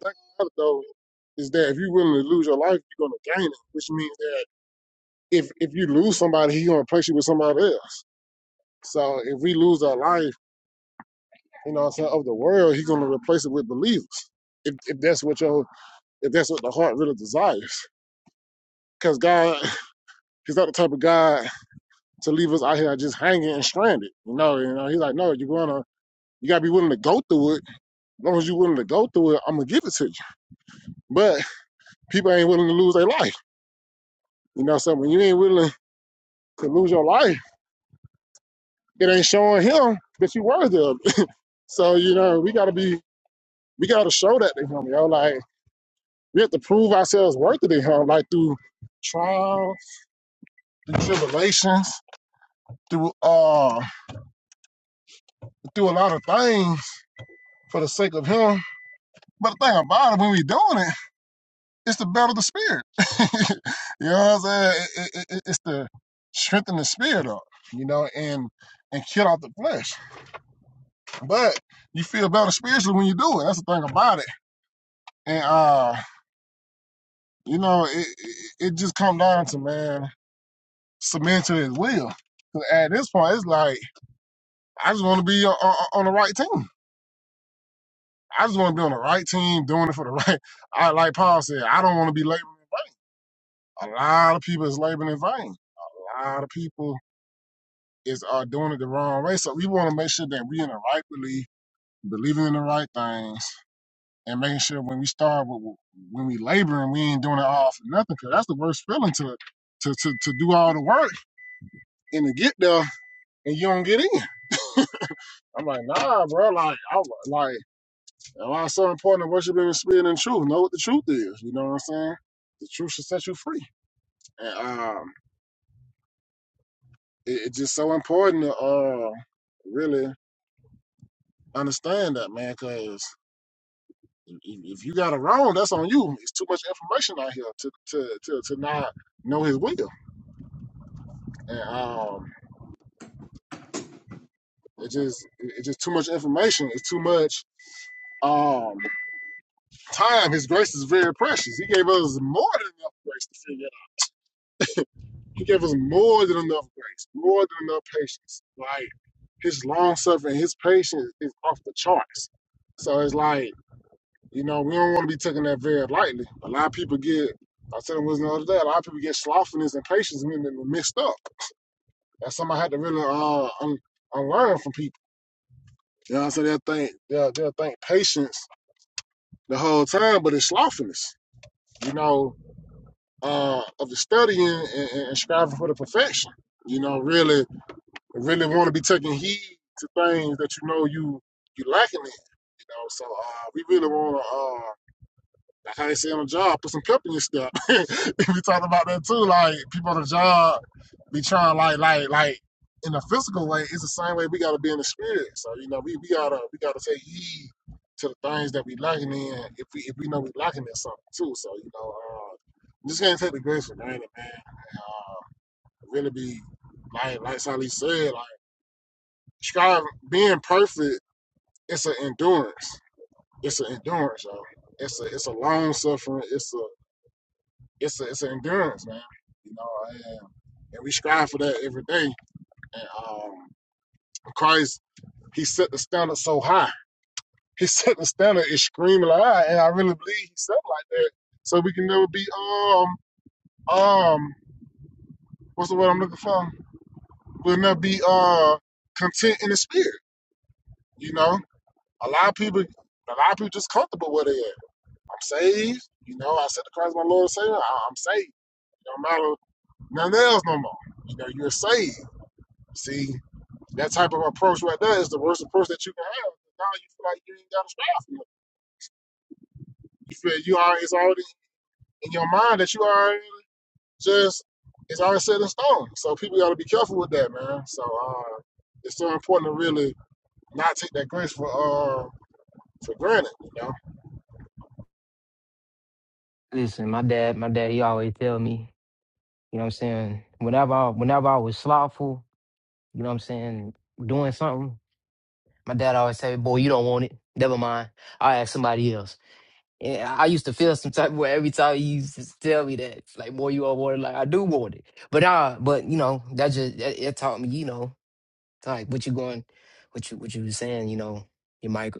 Speaker 1: The thing about it though is that if you're willing to lose your life, you're gonna gain it, which means that if if you lose somebody, he's gonna replace you with somebody else. So if we lose our life, you know, what of the world, he's gonna replace it with believers. If if that's what your if that's what the heart really desires, because God, <sighs> He's not the type of God. to leave us out here just hanging and stranded. You know, you know, he's like, no, you're gonna you gotta be willing to go through it. As long as you're willing to go through it, I'm gonna give it to you. But people ain't willing to lose their life. You know, so when you ain't willing to lose your life, it ain't showing him that you worthy of it. <laughs> So, you know, we gotta be we gotta show that to him, yo. Like we have to prove ourselves worthy to him, like through trials, through tribulations, through uh through a lot of things for the sake of him. But the thing about it, when we doing it. It's the battle of the spirit. <laughs> you know what I'm saying? It, it, it, it's the strengthen the spirit up, you know, and and kill out the flesh. But you feel better spiritually when you do it. That's the thing about it. And uh, you know, it it, it just come down to man submitting to his will. 'Cause at this point, it's like I just want to be on, on the right team. I just want to be on the right team, doing it for the <laughs> right. I like Paul said, I don't want to be laboring. A lot of people is laboring in vain. A lot of people is are doing it the wrong way. So we want to make sure that we in the right belief, believing in the right things, and making sure when we start with, when we laboring, we ain't doing it all for nothing. Cause that's the worst feeling to to to to do all the work and to get there and you don't get in. I'm like, nah, bro. Like, I like why it's so important to worship in the spirit and truth. Know what the truth is. You know what I'm saying? The truth should set you free. And um, it, it's just so important to uh really understand that, man. Cause if if you got it wrong, that's on you. It's too much information out here to to to, to not know his will. And um, it just it- it's just too much information. It's too much um time. His grace is very precious. He gave us more than enough grace to figure it out. He gave us more than enough grace, more than enough patience. Like his long suffering, his patience is off the charts. So it's like You know, we don't want to be taking that very lightly. A lot of people get, I was telling Wisdom the other day, a lot of people get slothfulness and patience and then mixed up. That's something I had to really uh, un- unlearn from people. You know what I'm saying? They'll think, they'll, they'll think patience the whole time, but it's slothfulness, you know, uh, of the studying and, and, and striving for the perfection. You know, really, really want to be taking heed to things that you know you you lacking in. You know, so uh, we really want to. That's how they say on the job, put some pep in your step. <laughs> we talked about that too. Like people on the job be trying like like like in a physical way, it's the same way we gotta be in the spirit. So, you know, we, we gotta we gotta take heed to the things that we lacking in if we if we know we lacking in something too. So, you know, uh just can't take the grace for granted, man. Uh, really be like like Sally said, like striving being perfect, it's an endurance. It's an endurance, you all It's a it's a long suffering, it's a it's a, it's an endurance, man. You know, and, and we strive for that every day. And um, Christ, he set the standard so high. <laughs> He set the standard extremely high, and I really believe he set like that. So we can never be um um what's the word I'm looking for? We'll never be uh content in the spirit. You know, a lot of people, a lot of people just comfortable where they at. I'm saved. You know, I said to Christ, my Lord and Savior, I, I'm saved. It Don't matter nothing else no more. You know, you're saved. See, That type of approach right there is the worst approach that you can have. Now you feel like you ain't got a strategy. You feel you are it's already in your mind that you are just it's already set in stone. So people gotta be careful with that, man. So uh it's so important to really not take that grace for uh for granted, you know.
Speaker 3: Listen, my dad, my dad, he always tell me, you know what I'm saying, whenever I, whenever I was slothful, you know what I'm saying, doing something. My dad always say, boy, you don't want it. Never mind. I'll ask somebody else. And I used to feel some type of way every time he used to tell me that, like, boy, you don't want it. Like, I do want it. But uh, but you know, that just, that, it taught me, you know, it's like what you going, what you, what you was saying, you know, your mic,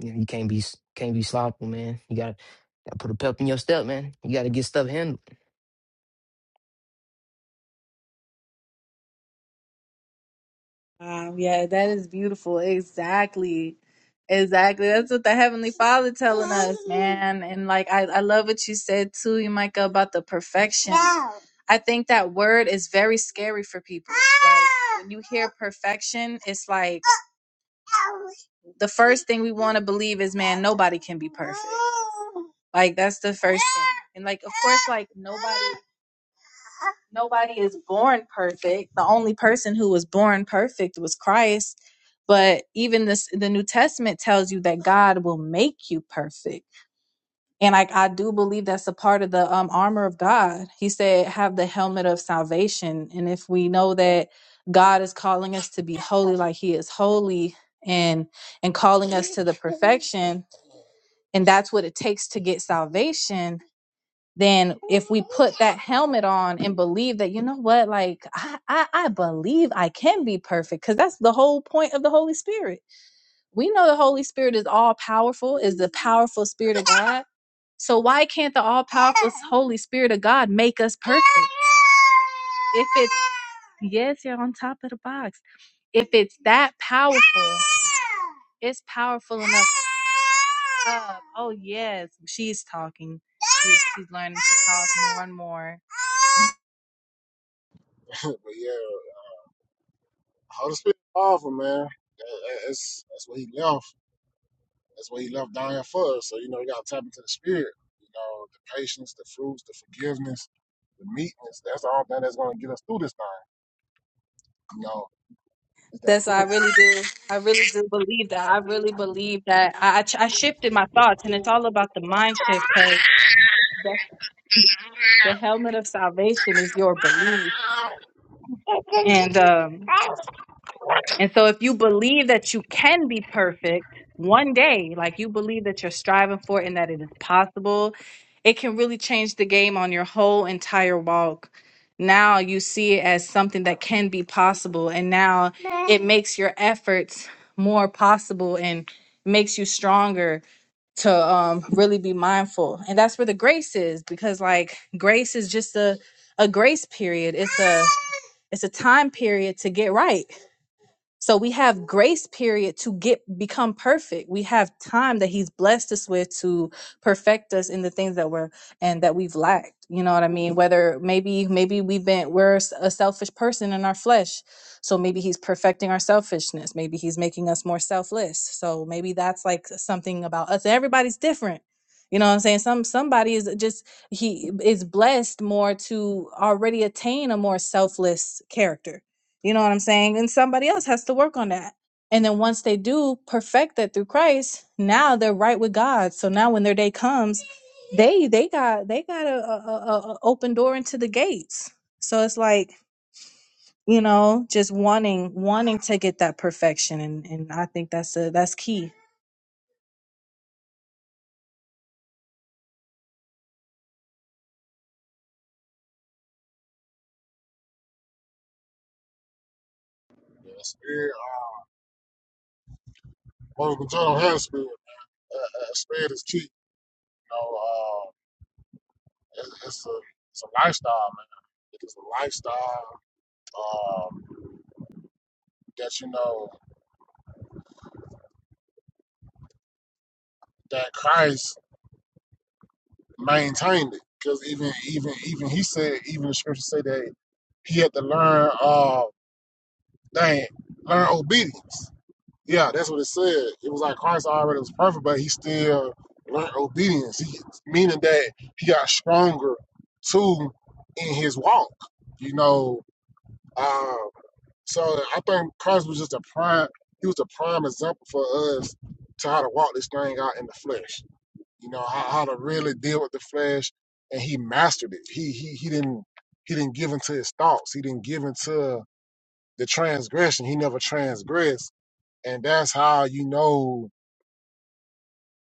Speaker 3: you, know, you can't be, s- can't be slothful, man. You gotta, gotta put a pep in your step, man. You gotta get stuff handled.
Speaker 2: Wow, yeah, that is beautiful. Exactly. Exactly. That's what the Heavenly Father telling us, man. And like I, I love what you said too, Micah, about the perfection. I think that word is very scary for people. Like when you hear perfection, it's like the first thing we want to believe is, man, nobody can be perfect. Like that's the first thing. And like of course like nobody Nobody is born perfect. The only person who was born perfect was Christ. But even this, the New Testament tells you that God will make you perfect. And I, I do believe that's a part of the um, armor of God. He said, have the helmet of salvation. And if we know that God is calling us to be holy like he is holy and and calling us to the perfection, and that's what it takes to get salvation, then if we put that helmet on and believe that you know what like i i, I believe i can be perfect because that's the whole point of the holy spirit we know the holy spirit is all powerful is the powerful spirit of god so why can't the all powerful holy spirit of god make us perfect if it's yes you're on top of the box if it's that powerful, it's powerful enough. Uh, oh yes, she's talking. She's, she's learning to talk more and more.
Speaker 1: <laughs> but yeah, Holy Spirit powerful, man. That- that- That's that's what he left. That's what he left down here for us. So, you know, you got to tap into the spirit, you know, the patience, the fruits, the forgiveness, the meekness. That's the only thing that's going to get us through this thing, you know, is that
Speaker 2: That's I
Speaker 1: fruit.
Speaker 2: really do. I really do believe that. I really believe that. I, I, ch- I shifted my thoughts, and it's all about the mind shift because the helmet of salvation is your belief. And um, And so, if you believe that you can be perfect one day, like you believe that you're striving for it and that it is possible, it can really change the game on your whole entire walk. Now you see it as something that can be possible, and now it makes your efforts more possible and makes you stronger to um, really be mindful. And that's where the grace is, because like grace is just a a grace period. It's a it's a time period to get right so we have grace period to get become perfect. We have time that he's blessed us with to perfect us in the things that we're and that we've lacked. You know what I mean? Whether maybe maybe we've been we're s- a selfish person in our flesh. So maybe he's perfecting our selfishness. Maybe he's making us more selfless. So maybe that's like something about us. Everybody's different. You know what I'm saying? Some somebody is just he is blessed more to already attain a more selfless character you know what I'm saying? And somebody else has to work on that. And then once they do perfect that through Christ, now they're right with God. So now when their day comes, they they got they got a, a, a a open door into the gates. So it's like you know just wanting wanting to get that perfection, and and I think that's a that's key.
Speaker 1: Yeah, the spirit, uh, well, the don't have spirit. Uh, uh, spirit is cheap, you know, uh, it's, it's, a, it's a lifestyle, man. It is a lifestyle um, that, you know, that Christ maintained it. Because even, even, even he said, even the scriptures say that he had to learn. Uh, Dang, learn obedience. Yeah, that's what it said. It was like Christ already was perfect, but he still learned obedience, he, meaning that he got stronger too in his walk. You know, uh, so I think Christ was just a prime. He was a prime example for us to how to walk this thing out in the flesh. You know how, how to really deal with the flesh, and he mastered it. He he he didn't he didn't give into his thoughts. He didn't give into the transgression. He never transgressed and that's how you know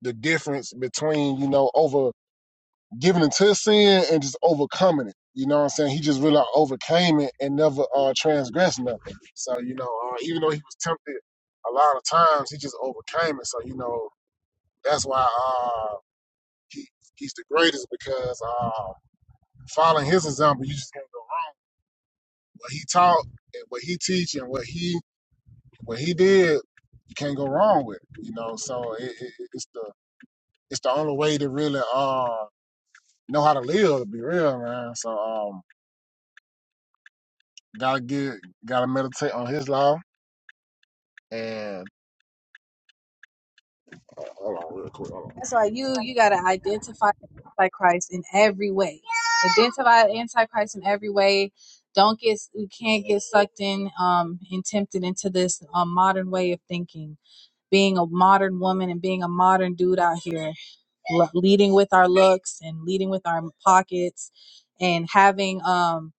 Speaker 1: the difference between you know over giving into sin and just overcoming it. You know what I'm saying? He just really overcame it and never uh, transgressed nothing. So you know, uh, even though he was tempted a lot of times, he just overcame it. So you know, that's why uh, he he's the greatest because uh, following his example, you just can't go wrong. What he taught and what he teach and what he what he did, you can't go wrong with. It, you know, so it, it, it's the it's the only way to really uh know how to live, to be real, man. So um gotta get gotta meditate on his law and hold on real quick, hold on.
Speaker 2: That's why you you gotta identify Antichrist in every way. Identify Antichrist in every way. Don't get you can't get sucked in um and tempted into this um, modern way of thinking. Being a modern woman and being a modern dude out here, l- leading with our looks and leading with our pockets, and having um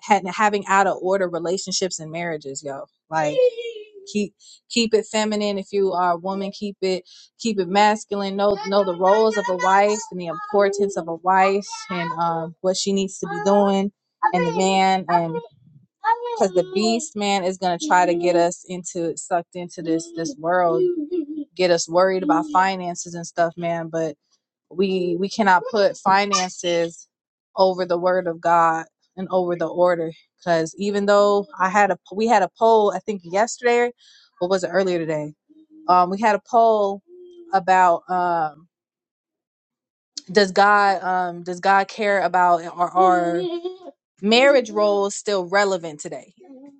Speaker 2: had, having out of order relationships and marriages, yo. Like keep keep it feminine if you are a woman. Keep it keep it masculine. Know know the roles of a wife and the importance of a wife and um, what she needs to be doing and the man and because the beast man is gonna try to get us into sucked into this this world, get us worried about finances and stuff, man. But we we cannot put finances over the word of God and over the order because even though I had a we had a poll I think yesterday or was it earlier today um we had a poll about um does God um does God care about uh, are our marriage roles still relevant today?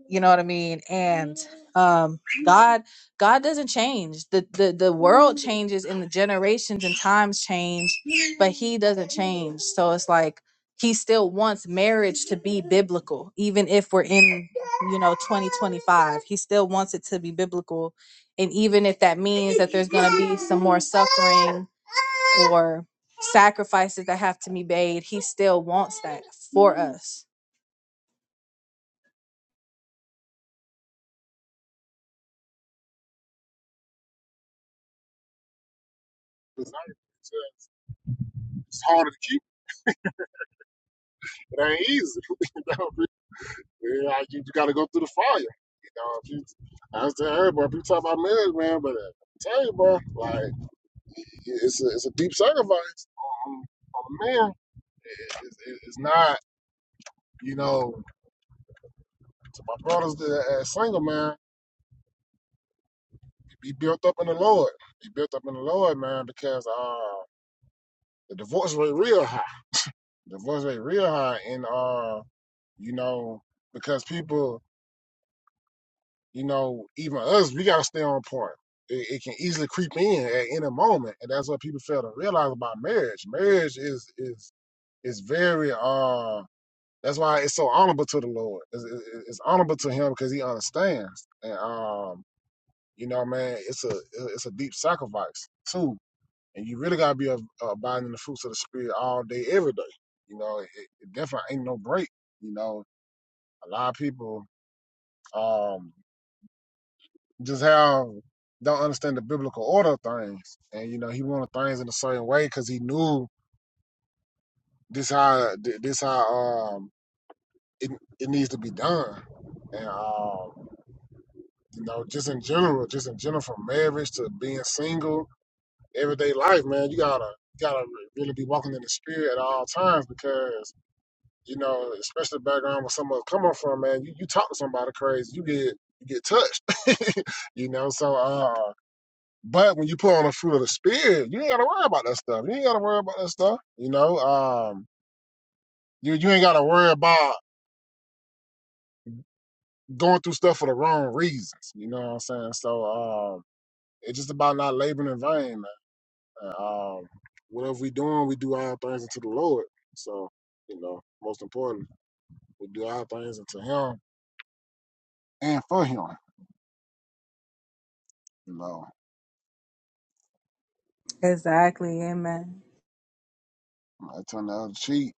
Speaker 2: You know what I mean? And um God God doesn't change. The the the world changes and the generations and times change, but he doesn't change. So it's like he still wants marriage to be biblical even if we're in you know 2025 he still wants it to be biblical and even if that means that there's going to be some more suffering or sacrifices that have to be made, he still wants that for us.
Speaker 1: It's, like, it's, uh, it's harder to keep, but it ain't easy. <laughs> you know, yeah, like, you gotta go through the fire. You know, if you, I was telling everybody, people talk about marriage, man, but uh, I tell you, bro, like it's a, it's a deep sacrifice on, on a man. It- it- it's not, you know, to my brothers that are single, man. be built up in the Lord. Be built up in the Lord, man, because uh the divorce rate real high. divorce rate real high and uh, you know, because people, you know, even us, we gotta stay on point. It, it can easily creep in at any moment. And that's what people fail to realize about marriage. Marriage is is is very uh that's why it's so honorable to the Lord. It's, it's it's honorable to Him because He understands, and um, you know, man, it's a it's a deep sacrifice too and you really gotta be ab- abiding in the fruits of the spirit all day, every day. You know, it, it definitely ain't no break. You know, a lot of people um just have don't understand the biblical order of things, and you know, he wanted things in a certain way because he knew this how this how um it it needs to be done, and um you know, just in general, just in general, from marriage to being single, everyday life, man, you gotta you gotta really be walking in the spirit at all times because You know, especially the background where someone's coming from, man. You, you talk to somebody crazy, you get you get touched. <laughs> you know, so uh but when you put on the fruit of the spirit, you ain't gotta worry about that stuff. You ain't gotta worry about that stuff. You know, um you you ain't gotta worry about going through stuff for the wrong reasons. You know what I'm saying? So um it's just about not laboring in vain, man. Um whatever we doing, we do all things unto the Lord. So, you know, most important, we do all things unto him and for him. You know.
Speaker 2: Exactly. Amen.
Speaker 1: I turn the other cheek.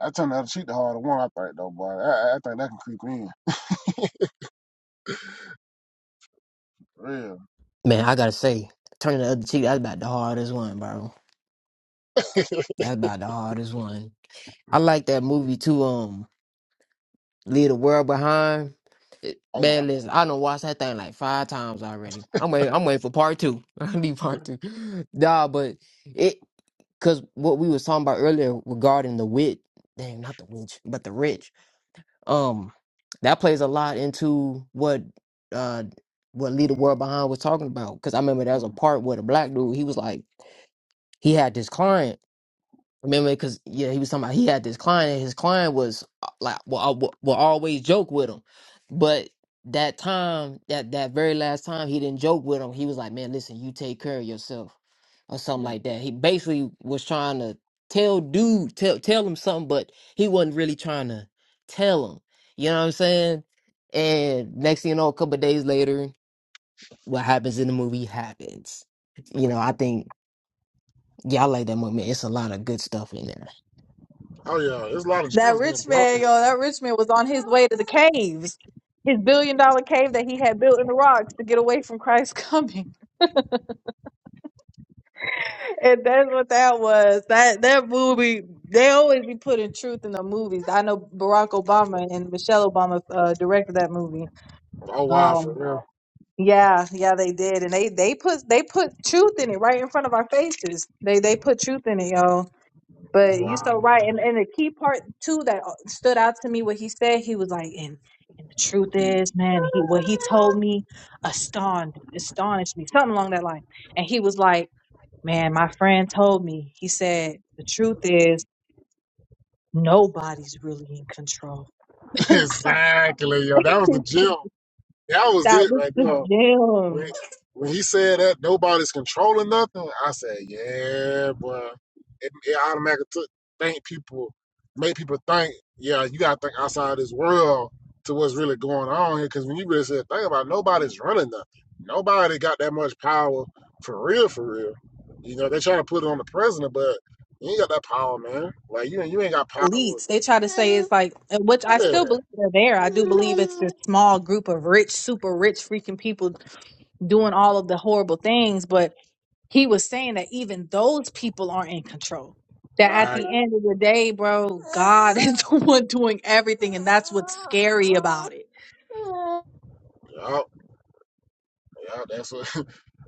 Speaker 1: I turn the other cheek the harder one, I think, though, boy. I, I think that can creep in.
Speaker 3: Man, I gotta say, turning the other cheek, that's about the hardest one, bro.
Speaker 1: Real. <laughs>
Speaker 3: That's about the hardest one I like that movie too. Um, Leave the World Behind. It-
Speaker 1: Oh yeah.
Speaker 3: man, listen, I done watched that thing like five times already. I'm waiting. I'm waiting for part two. <laughs> I need part two. Nah, but it because what we was talking about earlier regarding the witch. Dang, not the witch, but the rich. Um, that plays a lot into what uh what Leave the World Behind was talking about. Because I remember there was a
Speaker 1: Mm,
Speaker 3: part where the black dude he was like he had this client Remember, because yeah, he was talking about he had this client, and his client was uh, like, well, I, will will always joke with him, but that time, that that very last time, he didn't joke with him. He was like, man, listen, you take care of yourself, or something
Speaker 1: Yeah.
Speaker 3: like that. He basically was trying to tell dude, tell tell him something, but he wasn't really trying to tell him. You know what I'm saying? And next thing you know, a couple of days later, what happens in the movie happens. You know, I think yeah, I like that movie. It's a lot of good stuff in there.
Speaker 1: Oh yeah. There's a lot of
Speaker 2: That
Speaker 1: gems getting
Speaker 2: rich
Speaker 1: dropped.
Speaker 2: man,
Speaker 1: in-
Speaker 2: yo, that rich man was on his way to the caves, his billion dollar cave that he had built in the rocks to get away from Christ's coming. <laughs> And that's what that was. That that movie, they always be putting truth in the movies. I know Barack Obama and Michelle Obama uh, directed that movie.
Speaker 1: Oh wow, for
Speaker 2: Um,
Speaker 1: real.
Speaker 2: yeah, yeah, they did, and they they put they put truth in it right in front of our faces. They they put truth in it, yo. But you so
Speaker 1: Wow.
Speaker 2: right, and and the key part too that uh, stood out to me what he said. He was like, and and the truth is, man, he what he told me astonished astonished me, something along that line. And he was like, man, my friend told me. He said, the truth is, nobody's really in control. <laughs>
Speaker 1: <laughs>
Speaker 2: And I
Speaker 1: exactly, yo. That
Speaker 2: was
Speaker 1: was the
Speaker 2: like,
Speaker 1: gem. That was
Speaker 2: that
Speaker 1: it
Speaker 2: was
Speaker 1: right
Speaker 2: the
Speaker 1: there. When,
Speaker 2: gem.
Speaker 1: when he said that nobody's controlling nothing, I said, yeah, boy. It, it automatically took, think people, make people think, yeah, you got to think outside this world to what's really going on here. Because when you really said, think about it, nobody's running nothing. Nobody got that much power for real, for real. You know, they trying to put it on the president, but you ain't got that power, man. Like, you, ain't- you ain't got power.
Speaker 2: Elites, they try to say it's like, and which I
Speaker 1: Yeah,
Speaker 2: still believe they're there. I do believe it's this small group of rich, super rich freaking people doing all of the horrible things, but he was saying that even those people aren't in control. That at
Speaker 1: right.
Speaker 2: the end of the day, bro, God <laughs> is the one doing everything, and that's what's scary about it.
Speaker 1: Yup. Yeah, that's what <laughs>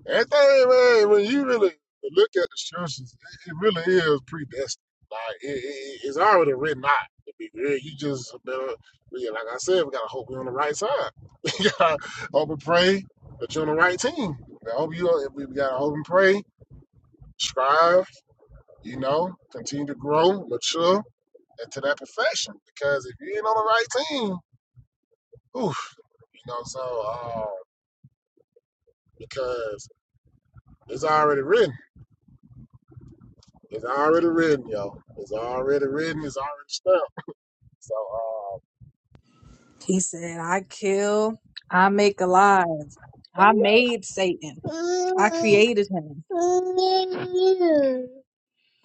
Speaker 1: everything, man. When you really look at the scriptures, it, it really is predestined. Like it, it, it's already written out. To be real, you just better, yeah, like I said, we gotta hope we're on the right side. <laughs> we gotta hope and pray that you're on the right team. I hope you. are- We gotta hope and pray, strive. You know, continue to grow, mature, and to that perfection. Because if you ain't on the right team, oof, you know. So, uh, because it's already written. It's already written, yo. It's already written. It's already stamped. So, uh,
Speaker 2: He said, I kill, I make alive, I made Satan, I created him.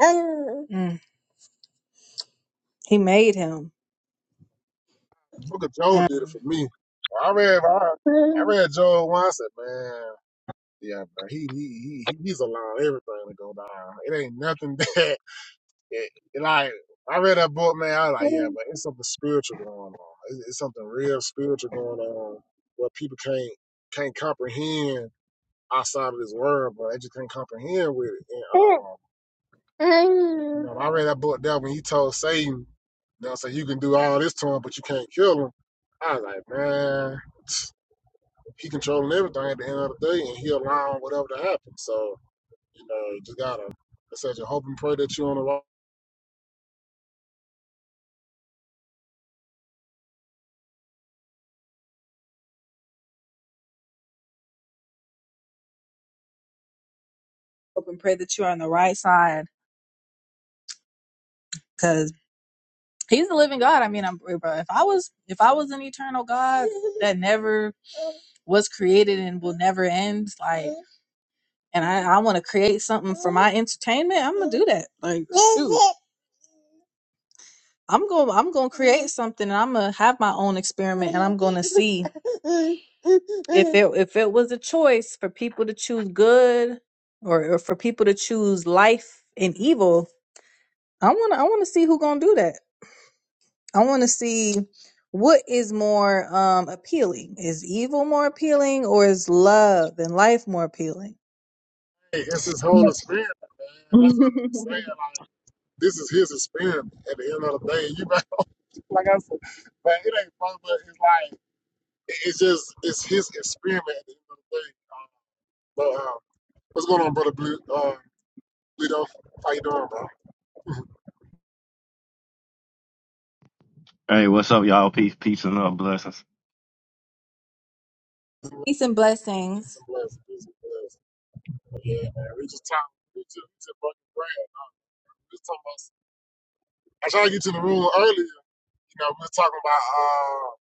Speaker 2: Mm, he made him.
Speaker 1: Book of Joel did it
Speaker 2: Um,
Speaker 1: for me. I read, I, I read Joel once, and man, yeah, man, he, he, he, he's allowing everything to go down. It ain't nothing <laughs> that, it, it like, I read that book, man. I was like, yeah,
Speaker 2: Hope
Speaker 1: but it's something spiritual going on. It's, it's something real spiritual going on where people can't, can't comprehend outside of this world, but they just can't comprehend with it. And, um. You
Speaker 2: and
Speaker 1: know, I read that book that when he told Satan, you know, so you can do all this to him, but you can't kill him. I was like, man, <tsk> he controlling everything at the end of the day, and he allowing whatever to happen. So, you know, you just gotta, like I said, you hope and pray that you're on the right.
Speaker 2: pray that you are on the right side He's the living God. I mean, I'm bro. If I was, if I was an eternal God that <laughs> never was created and will never end, like, and I, I want to create something for my entertainment, I'm gonna do that. Like, shoot, I'm going, to I'm gonna create something, and I'm gonna have my own experiment, and I'm gonna see if it, if it was a choice for people to choose good, or, or for people to choose life and evil. I wanna, I wanna see who gonna do that. I want to see what is more um appealing. Is evil more appealing or is love and life more appealing?
Speaker 1: Hey, it's his whole experience, man. That's
Speaker 2: <laughs>
Speaker 1: what we be saying. Like, this is his experience at the end of the day. You might, <laughs> like I said, man, it ain't fun, but it's like, it's just, it's his experiment at the end of the day. Um, but um, what's going on, brother Blue? Uh, We don't fight on, bro.
Speaker 9: Hey, what's up, y'all? Peace, peace, and love, blessings.
Speaker 1: <laughs>
Speaker 2: Peace and
Speaker 1: Peace
Speaker 2: blessings.
Speaker 1: and blessings. Peace and blessings. Yeah, man. We just talking. We just, we just fucking praying. We just talking about. I tried to get to the room earlier. You know, we were talking about uh,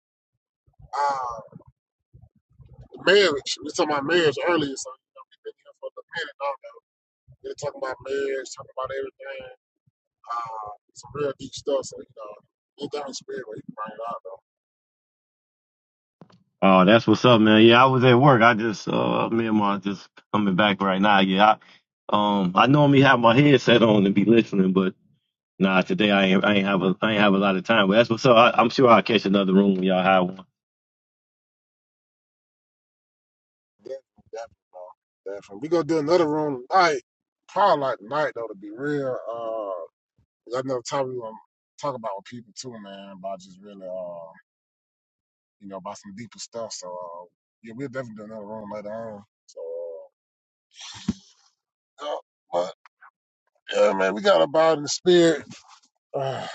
Speaker 1: uh, marriage. We were talking about marriage earlier, so you know, we've been here for a minute now. We are talking about marriage, talking about everything. Uh, some real deep stuff. So you know, anything in the spirit where you can bring it out, though.
Speaker 9: Oh, that's what's up, man. Yeah, I was at work. I just, uh, me and my just coming back right now. Yeah, I, um, I normally have my headset on and be listening, but nah, today I ain't, I ain't have a, I ain't have a lot of time. But that's what's up. I, I'm sure I'll catch another room when y'all have one.
Speaker 1: Definitely, definitely, bro. Definitely. We gonna do another room tonight. Probably like tonight though, to be real. Uh, 'Cause I know Tyree will talk about with people too, man, about just really, uh, you know, about some deeper stuff. So, uh, yeah, we'll definitely do another room later on. So, uh, yeah, but yeah, man, we got about in the spirit. <sighs> Uh,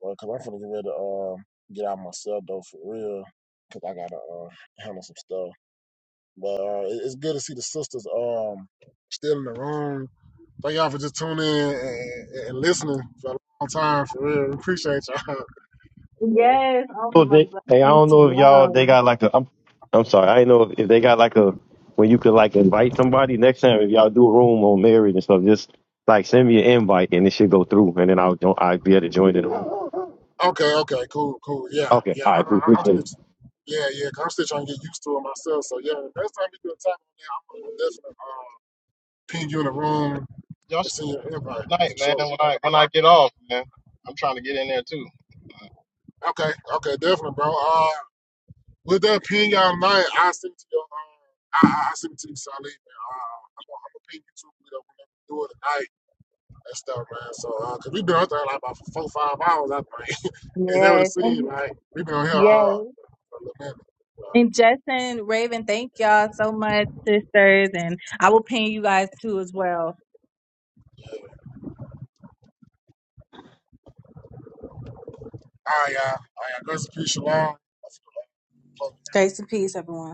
Speaker 1: well, cause I'm finna get ready to uh, get out myself though, for real, cause I gotta uh, handle some stuff. But uh, it- it's good to see the sisters um still in the room. Thank y'all for just tuning in and, and and listening for a long time, for real. We Appreciate y'all. <laughs>
Speaker 2: Yes, oh
Speaker 9: Oh,
Speaker 2: my
Speaker 9: they, hey, I don't
Speaker 2: blessings to
Speaker 9: know if y'all they
Speaker 2: y'all.
Speaker 9: got like a. I'm, I'm sorry, I ain't know if they got like a when you could like invite somebody next time if y'all do a room on marriage and stuff. Just like send me an invite and it should go through, and then I'll, I'll be able to join it.
Speaker 1: Okay, okay, cool, cool. Yeah,
Speaker 9: Okay.
Speaker 1: yeah.
Speaker 9: All
Speaker 1: I,
Speaker 9: right. Cool.
Speaker 1: I, I'm
Speaker 9: Appreciate
Speaker 1: still,
Speaker 9: it.
Speaker 1: yeah, yeah. 'cause I'm still trying to get used to it myself. So yeah, next time you do a time on there, I'm, I'm gonna definitely uh, ping you in the room
Speaker 8: Y'all
Speaker 1: and
Speaker 8: should
Speaker 1: send you
Speaker 8: do
Speaker 1: an invite
Speaker 8: one late
Speaker 1: for
Speaker 8: night,
Speaker 1: sure.
Speaker 8: man. When I when I get off, man, I'm trying to get in there too.
Speaker 1: Okay, okay, definitely, bro. Uh, with that ping out tonight, I will send it to your, uh, I, I I send it to you, Salih, man. Uh, I'm gonna, I'm gonna ping you too, you know, whenever you do it tonight and stuff, man. So, uh, 'cause we been out there like about four, five hours, I think. <laughs> Is that what it
Speaker 2: Yes,
Speaker 1: seems
Speaker 2: and
Speaker 1: like? we been on here all
Speaker 2: yes.
Speaker 1: for a little minute.
Speaker 2: And Justin, Raven, thank y'all so much, sisters, and I will ping you guys too as well.
Speaker 1: Haya haya, God's peace, shalom.
Speaker 2: Grace and peace, everyone.